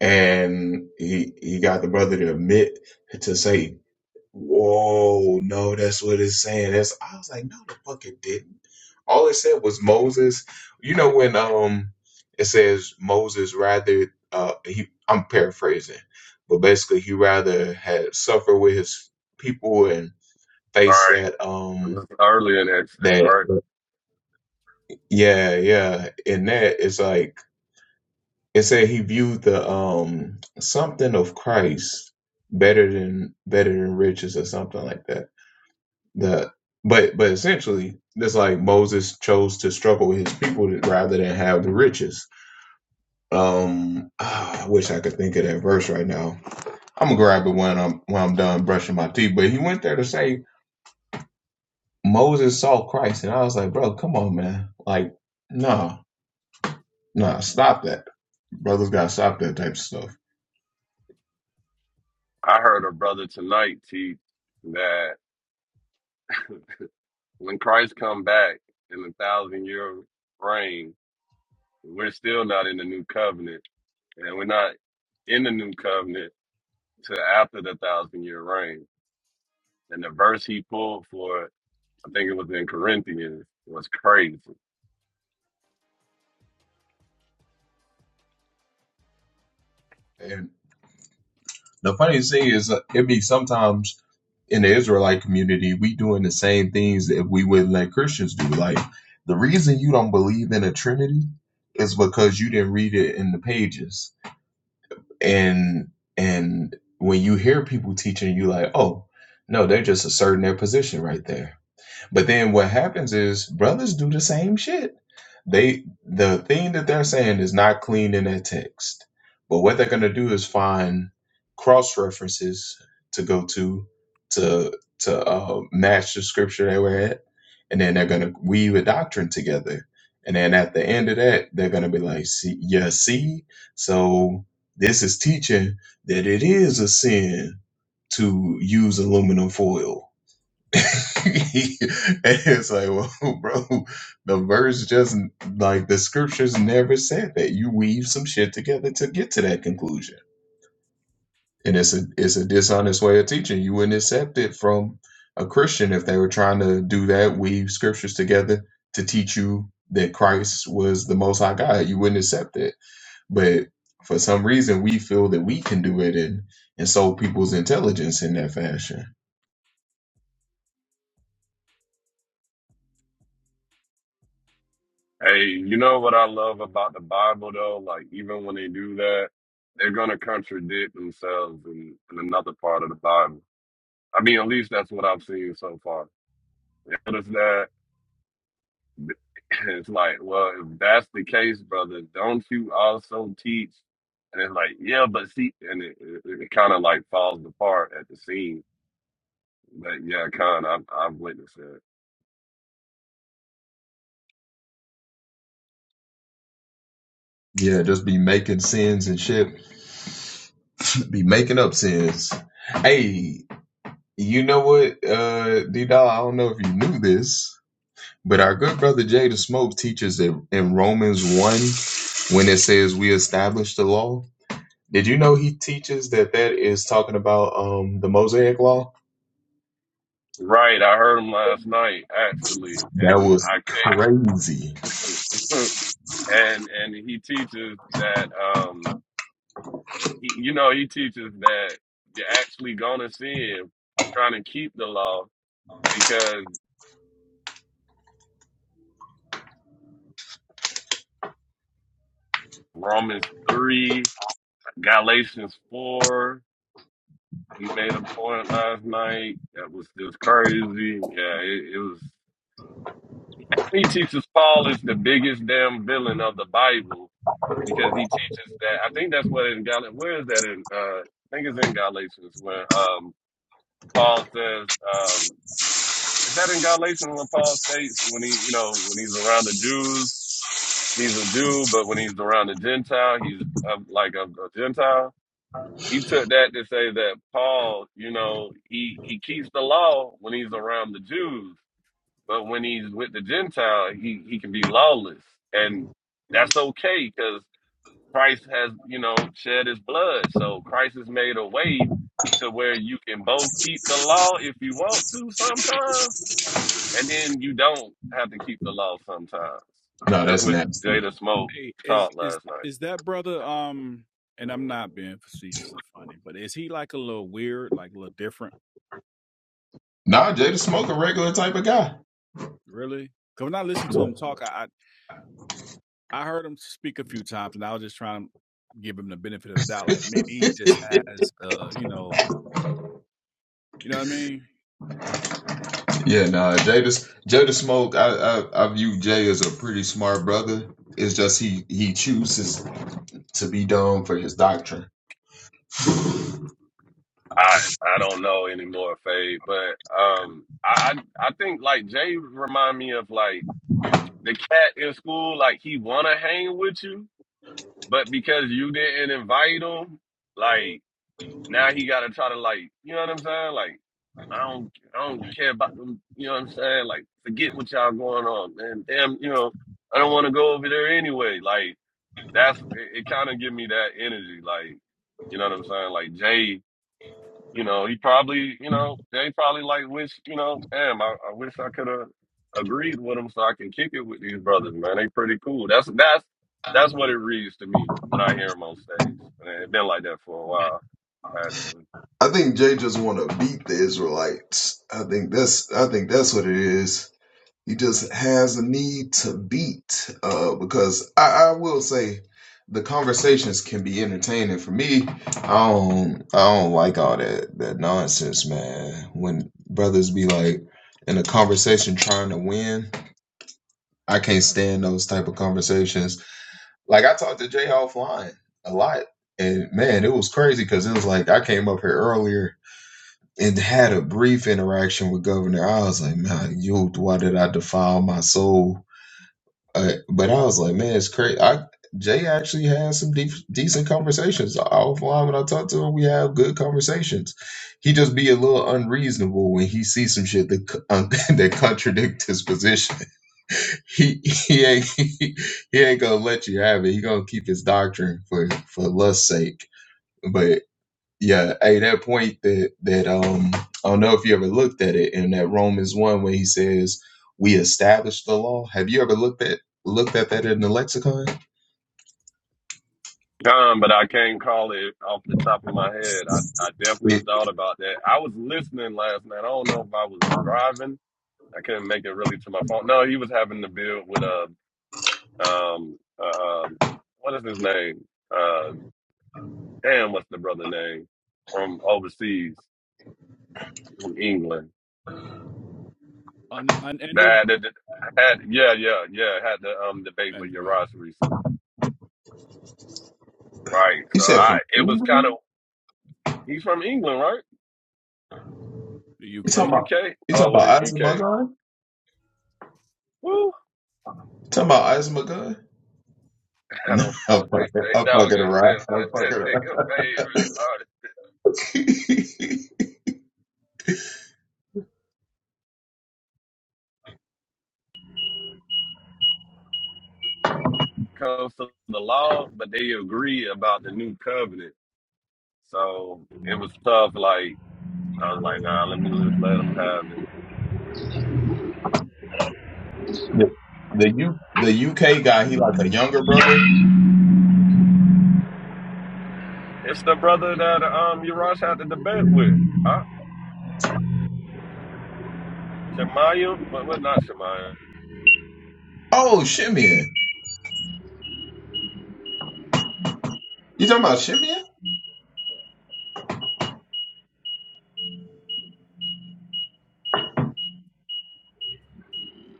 G: And he he got the brother to admit to say Whoa, no, that's what it's saying. That's I was like, no, the fuck it didn't. All it said was Moses. You know when um it says Moses rather uh he I'm paraphrasing, but basically he rather had suffered with his people and
M: All
G: face
M: right,
G: that um
M: this is early in Exodus, All
G: that
M: right?
G: yeah, yeah. In that it's like it said he viewed the um something of Christ better than better than riches or something like that. that but but essentially that's like moses chose to struggle with his people rather than have the riches um ah, i wish i could think of that verse right now i'm gonna grab it when i'm when i'm done brushing my teeth but he went there to say moses saw christ and i was like bro come on man like no, no, stop that brothers gotta stop that type of stuff
M: I heard a brother tonight teach that when Christ come back in the thousand year reign, we're still not in the new covenant, and we're not in the new covenant till after the thousand year reign. And the verse he pulled for, I think it was in Corinthians, was crazy.
G: And the funny thing is, uh, it be sometimes in the Israelite community, we doing the same things that we wouldn't let Christians do. Like the reason you don't believe in a Trinity is because you didn't read it in the pages. and and when you hear people teaching you like oh no they're just asserting their position right there but then what happens is brothers do the same shit. They the thing that they're saying is not clean in that text. But what they're gonna do is find cross references to go to to to uh, match the scripture they were at, and then they're gonna weave a doctrine together. And then at the end of that, they're gonna be like, "See, yeah, see, so this is teaching that it is a sin to use aluminum foil." and it's like, well, bro, the verse just like the scriptures never said that. You weave some shit together to get to that conclusion, and it's a it's a dishonest way of teaching. You wouldn't accept it from a Christian if they were trying to do that, weave scriptures together to teach you that Christ was the Most High God. You wouldn't accept it, but for some reason, we feel that we can do it and and so people's intelligence in that fashion.
M: Hey, you know what I love about the Bible though? Like even when they do that, they're gonna contradict themselves in, in another part of the Bible. I mean, at least that's what I've seen so far. Notice that it's like, well, if that's the case, brother, don't you also teach? And it's like, yeah, but see, and it, it, it kind of like falls apart at the seams. But yeah, kind of, I've, I've witnessed that.
G: Yeah, just be making sins and shit. Be making up sins. Hey, you know what, uh, D Doll, I don't know if you knew this, but our good brother Jay the Smoke teaches it in Romans 1 when it says we establish the law. Did you know he teaches that that is talking about um the Mosaic law?
M: Right, I heard him last night actually,
G: That
M: and
G: was
M: I
G: crazy.
M: came and and he teaches that um he, you know he teaches that you're actually gonna sin, trying to keep the law because Romans three, Galatians four. He made a point last night that was just crazy. Yeah, it, it was. He teaches Paul is the biggest damn villain of the Bible because he teaches that. I think that's what in Gal. Where is that in? Uh, I think it's in Galatians when um, Paul says. Um, is that in Galatians when Paul states when he, you know, when he's around the Jews, he's a Jew, but when he's around the Gentile, he's uh, like a, a Gentile. He took that to say that Paul, you know, he he keeps the law when he's around the Jews but when he's with the Gentile, he, he can be lawless. And that's okay because Christ has, you know, shed his blood. So Christ has made a way to where you can both keep the law if you want to sometimes, and then you don't have to keep the law sometimes.
G: No,
M: That's
G: that's
M: what
G: nasty.
M: Jada Smoke
A: Hey, is
M: taught
A: is
M: last night.
A: is that brother? Um, and I'm not being facetious or funny, but is he like a little weird, like a little different,
G: Nah, Jay the Smoke a regular type of guy.
A: really? Because when I listened to him talk, I I I heard him speak a few times, and I was just trying to give him the benefit of the doubt, like maybe he just has, uh, you know, you know what I mean?
G: Yeah, nah, Jada, Jada Smoke, I, I, I view Jay as a pretty smart brother. It's just he, he chooses to be dumb for his doctrine.
M: I I don't know anymore, Faye, but um I I, I think like Jay remind me of like the cat in school, like he wanna hang with you, But because you didn't invite him, like now he gotta try to like, you know what I'm saying? Like, I don't I don't care about them, you know what I'm saying? Like, forget what y'all going on, man. Damn, you know, I don't wanna go over there anyway. Like, that's it, it kinda give me that energy, like, you know what I'm saying? Like Jay you know, he probably, you know, they probably like wish, you know, damn, I, I wish I could have agreed with them so I can kick it with these brothers, man. They pretty cool. That's that's that's what it reads to me when I hear them on stage. And it's been like that for a while, actually.
G: I think Jay just want to beat the Israelites. I think that's I think that's what it is. He just has a need to beat uh, because I, I will say the conversations can be entertaining for me. I don't I don't like all that that nonsense, man. When brothers be like in a conversation trying to win. I can't stand those type of conversations. Like I talked to Jay offline a lot, and man, it was crazy because it was like I came up here earlier and had a brief interaction with Governor. I was like, man, you, why did I defile my soul? Uh, but I was like, man, it's crazy. I, Jay actually had some deep, decent conversations offline when I talk to him. We have good conversations. He just be a little unreasonable when he sees some shit that co- that contradict his position. he he ain't he, ain't gonna let you have it. He gonna keep his doctrine for for lust's sake. But yeah, hey, that point that that um I don't know if you ever looked at it in that Romans one where he says we established the law. Have you ever looked at looked at that in the lexicon?
M: Um, but I can't call it off the top of my head. I, I definitely
G: It,
M: thought about that. I was listening last night. I don't know if I was driving. I couldn't make it really to my phone. No, he was having the build with a um uh, um what is his name? Uh, damn, what's the brother name from overseas, from England?
A: Un, un, Andrew,
M: That had, the- had yeah, yeah, yeah, had the um debate with
A: Andrew, yeah,
M: Yaras recently, right?
G: you
M: So
G: said
M: I,
G: from
M: it was kind of he's from England, right?
A: the
G: you talking
M: From
A: UK,
M: the
G: about
M: UK?
G: you talking
M: Oh, what
G: about
M: the
G: Isaac
M: UK? Woo!
G: You talking about Isaac
M: I
G: No,
M: don't know.
G: I'm
M: They,
G: fucking
M: they
G: I'm
M: don't
G: fucking
M: give a
G: around.
M: but
G: I'm
M: that
G: fucking
M: nigga
G: around.
M: favors started comes to the law, but they agree about the new covenant. So it was tough. Like I was like, nah, let me just let them have it.
G: The the U the UK guy, he like a younger brother.
M: It's the brother that um Urash had the debate with. Huh? Shemaiah? But what not Shemaiah?
G: Oh, Shimeon. You talking about Shimeon?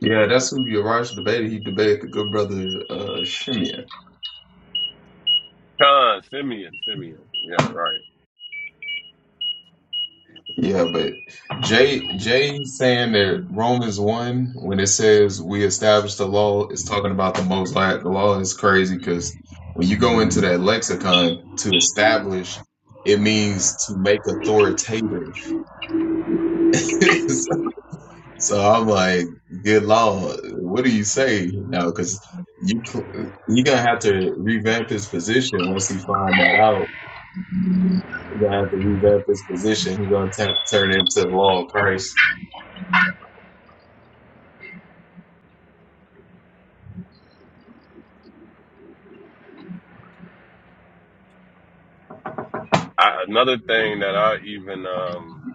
G: Yeah, that's who Yaraj debated. He debated the good brother uh Shimeon.
M: Khan, Simeon, Simeon. Yeah, right.
G: Yeah, but Jay Jay saying that Romans one when it says we established the law is talking about the Mosaic law is crazy because when you go into that lexicon to establish, it means to make authoritative. So I'm like, good lord, what do you say? You know, because you you're gonna have to revamp his position once he find that out. You're gonna have to revamp his position. He's gonna t- turn into the law of Christ.
M: I, another thing that I even um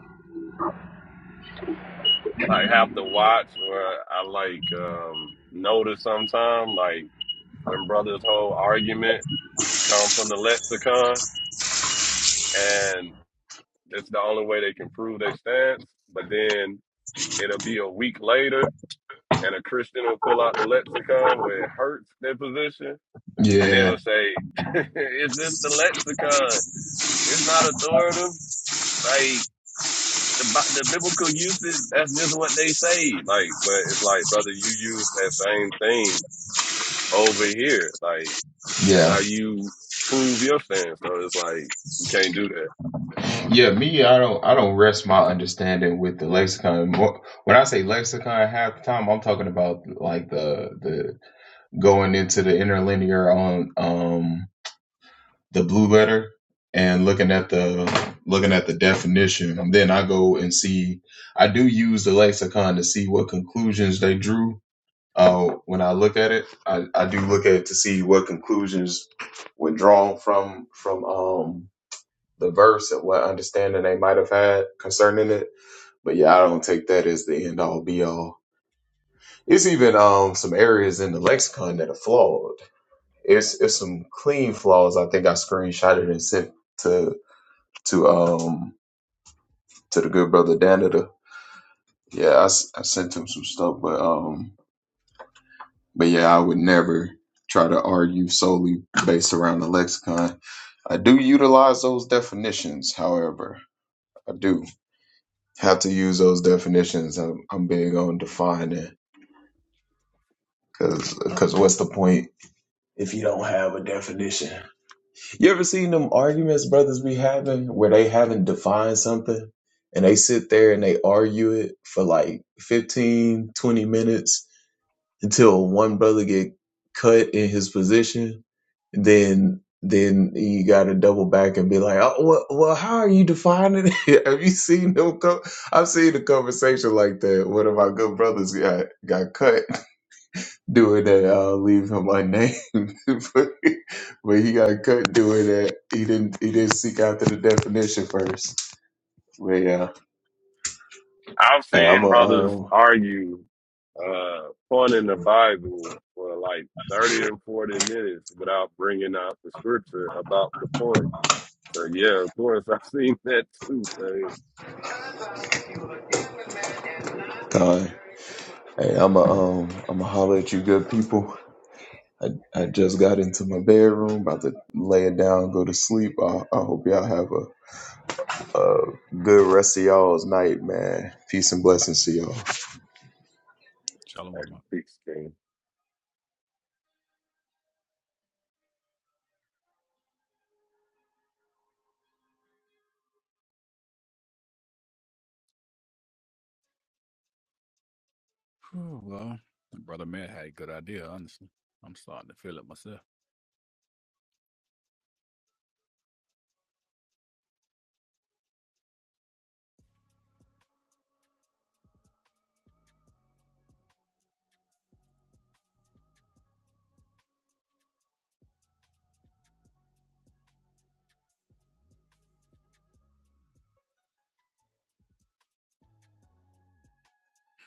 M: like have to watch or I like um notice sometime, like when brothers' whole argument come from the lexicon and it's the only way they can prove their stance, but then it'll be a week later and a Christian will pull out the lexicon where it hurts their position And
G: Yeah,
M: they'll say, "Is this the lexicon? It's not authoritative. Like the Bi- the biblical usage. That's just what they say. Like, but it's like, brother, you use that same thing over here. Like, that's
G: yeah,
M: how you prove your stance. So it's like you can't do that.
G: yeah. Me, I don't, I don't rest my understanding with the lexicon. Mo- When I say lexicon, half the time I'm talking about like the the going into the interlinear on um the blue letter and looking at the looking at the definition and then i go and see i do use the lexicon to see what conclusions they drew uh, when i look at it I, I do look at it to see what conclusions were drawn from from um the verse and what understanding they might have had concerning it but yeah i don't take that as the end all be all it's even um some areas in the lexicon that are flawed it's it's some clean flaws i think i screenshotted and sent to to um to the good brother Danita. Yeah, I, s- I sent him some stuff, but um, but yeah, I would never try to argue solely based around the lexicon. I do utilize those definitions, however, I do have to use those definitions. I'm, I'm big on defining because because what's the point if you don't have a definition? You ever seen them arguments brothers be having where they haven't defined something and they sit there and they argue it for like 15, 20 minutes until one brother get cut in his position, then then you got to double back and be like, "Oh, well, well how are you defining it? Have you seen them co I've seen a conversation like that. One of my good brothers got got cut doing that. I'll leave him unnamed, but, but he got cut doing that. He didn't. He didn't seek after the definition first. But yeah,
M: I've
G: hey, I'm
M: seen brothers
G: a um,
M: argue, uh, fun in the Bible for like thirty and forty minutes without bringing out the scripture about the point. So yeah, of course, I've seen that too. man."
G: uh, hey, I'm a um, I'm a holler at you, good people. I, I just got into my bedroom, about to lay it down, go to sleep. I, I hope y'all have a Uh, good rest of y'all's night, man. Peace and blessings to y'all.
A: shalom,
M: like
A: mama.
M: 16.
A: Whew, Well, that brother man had a good idea, honestly. I'm starting to feel it myself.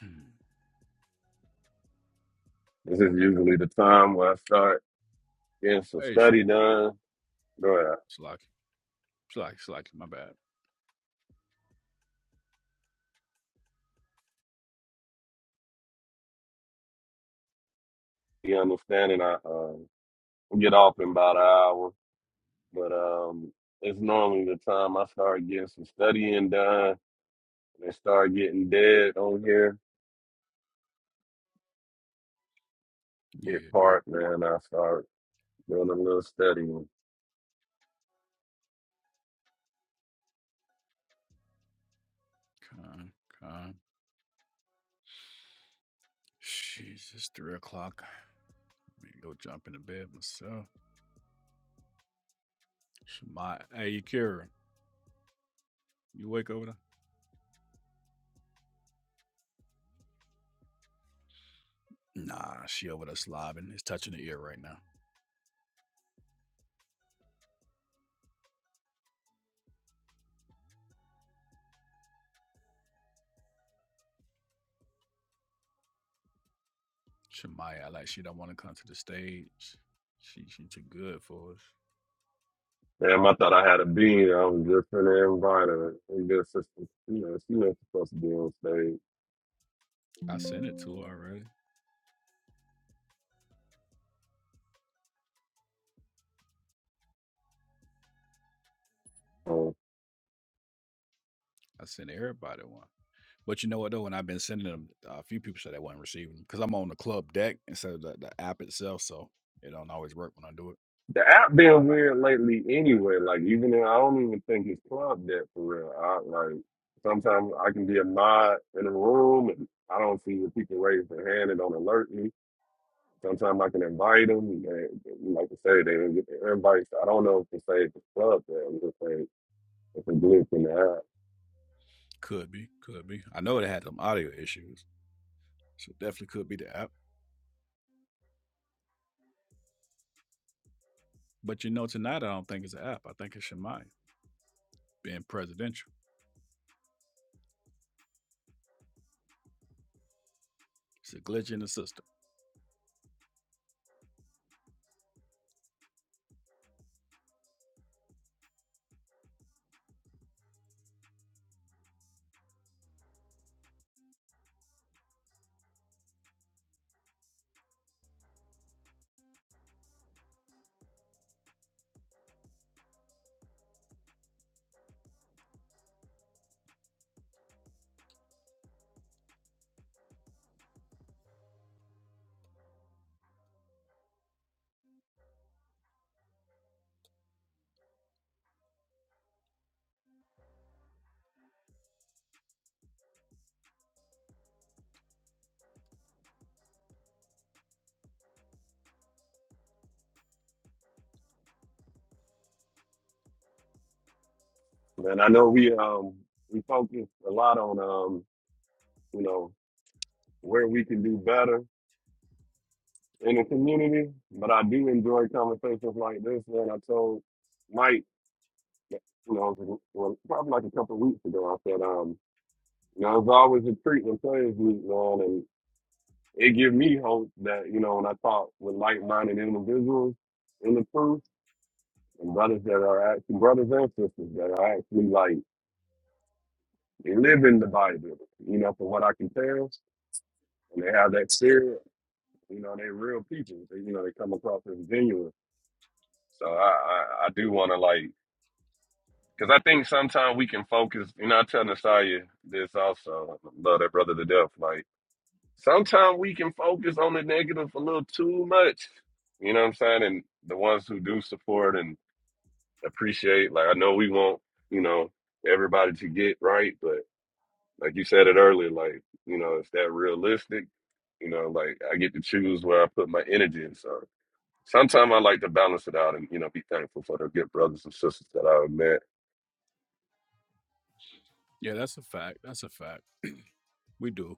A: Hmm.
M: This is usually the time where I start getting some
A: Hey, Shem,
M: study done. Bro,
A: Slack, Slack, Slack, my bad.
M: you understanding? I um, get off in about an hour, but um, it's normally the time I start getting some studying done and start getting dead on here. Get
A: Yeah.
M: parked, man. I start doing a little studying.
A: Con, con. Jeez, it's three o'clock. Let me go jump into bed myself. My, hey, Kira, you wake over there? Nah, she over there slobbing. It's touching the ear right now. Shemaya, like she don't want to come to the stage. She she too good for us.
M: Damn, I thought I had a bean. I was just in the invite her. And good sister, you know, she was supposed to be on stage.
A: I sent it to her already.
M: Um,
A: I sent everybody one. But you know what though, when I've been sending them, uh, a few people said they wasn't receiving them because I'm on the club deck instead of the, the app itself, so it don't always work when I do it.
M: The app been weird lately anyway. Like even though I don't even think it's club that for real. I like sometimes I can be a mod in a room and I don't see the people raise their hand and don't alert me. Sometimes I can invite them. And they, like I say, they didn't get their invites. I don't know if to say it's a club that I'm just saying it's a glitch in the app.
A: Could be, could be. I know they had some audio issues. So it definitely could be the app. But you know, tonight I don't think it's an app. I think it's Shemai being presidential. It's a glitch in the system.
M: And I know we um we focus a lot on um you know where we can do better in the community, but I do enjoy conversations like this. Man, I told. Mike You know, it was- well, probably like a couple of weeks ago, I said, um, you know, it's always a treat when players meet, man, and it gives me hope that you know when I talk with like-minded individuals in the truth and brothers that are actually brothers and sisters that are actually like they live in the Bible, you know, for what I can tell, and they have that spirit, you know, they real people, they, you know, they come across as genuine. So I, I, I do want to like. Because I think sometimes we can focus. You know, I tell Nasiah this also. I love that brother to death. Like sometimes we can focus on the negative a little too much. You know what I'm saying? And the ones who do support and appreciate, like I know we want, you know, everybody to get right, but like you said it earlier, like you know, it's that realistic. You know, like I get to choose where I put my energy. So sometimes I like to balance it out and you know be thankful for the good brothers and sisters that I've met
A: Yeah, that's a fact. That's a fact. we do.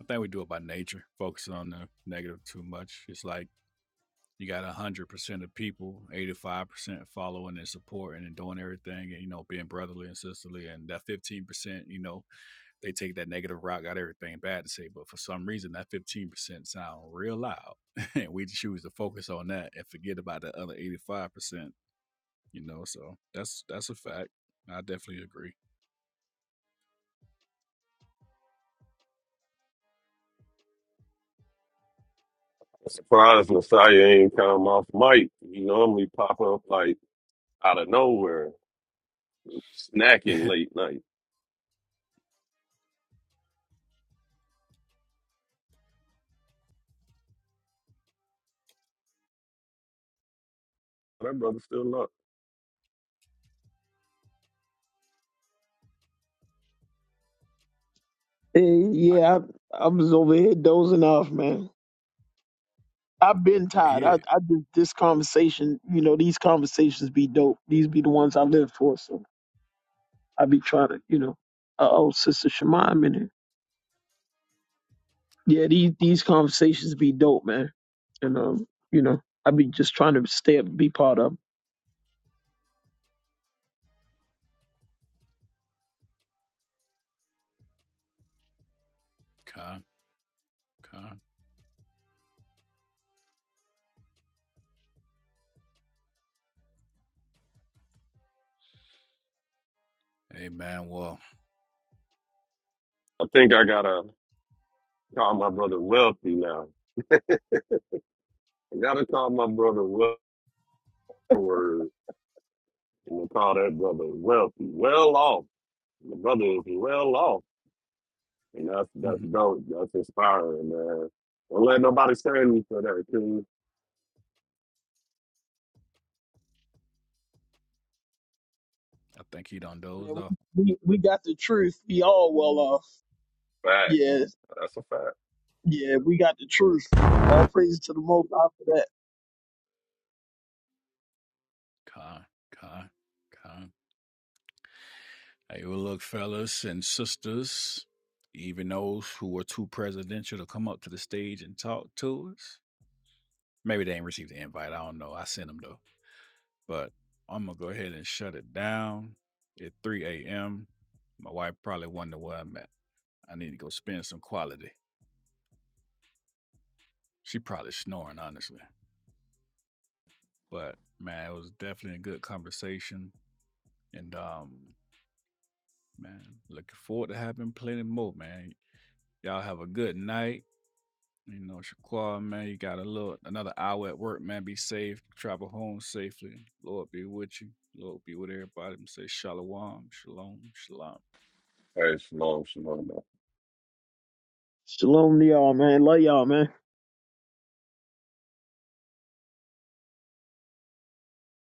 A: I think we do it by nature, focus on the negative too much. It's like you got 100% of people, 85% following and supporting and doing everything and, you know, being brotherly and sisterly. And that 15%, you know, they take that negative route, got everything bad to say. But for some reason, that 15% sound real loud. and we choose to focus on that and forget about the other 85%. You know, so that's that's a fact. I definitely agree.
M: Surprised Messiah ain't come off mic. He normally pop up like out of nowhere, snacking
A: I
M: late night. That brother still up.
F: Eh, yeah, I, I was over here dozing off, man. I've been tired.
A: hear
F: I, I just this conversation, you know, these conversations be dope. These be the ones I live for. So I be trying to, you know, uh, oh, Sister Shema, I'm in it. Yeah, these these conversations be dope, man. And um, you know, I be just trying to stay up, be part of. 'em.
A: Con, con. Hey man, well,
M: I think I gotta call my brother Wealthy now. I gotta call my brother Wealthy. Word. I'm gonna call that brother Wealthy. Well off. The brother is well off. And that's
A: I
M: that's dope. That's inspiring, man. Don't let nobody stand you for that, too.
A: think he done
F: Man,
A: dozed off.
F: we, we we got the truth. We all well off.
M: Fact.
F: Yeah,
M: That's a fact.
F: yeah, we got the truth. All praise to the Most High for that.
A: Con, con, con. Hey, well, look, fellas and sisters, even those who were too presidential to come up to the stage and talk to us. Maybe they ain't received the invite. I don't know. I sent them though. But I'm gonna go ahead and shut it down at 3 a.m. My wife probably wonder where I'm at. I need to go spend some quality. She probably snoring, honestly. But man, it was definitely a good conversation. And um, man, looking forward to having plenty more, man. Y'all have a good night. You know, Shaquan, man, you got a little another hour at work, man. Be safe. Travel home safely. Lord be with you. Lord be with everybody. I'm Say shalom, shalom, shalom.
M: Hey, shalom, shalom.
F: Shalom to y'all, man. Love y'all, man.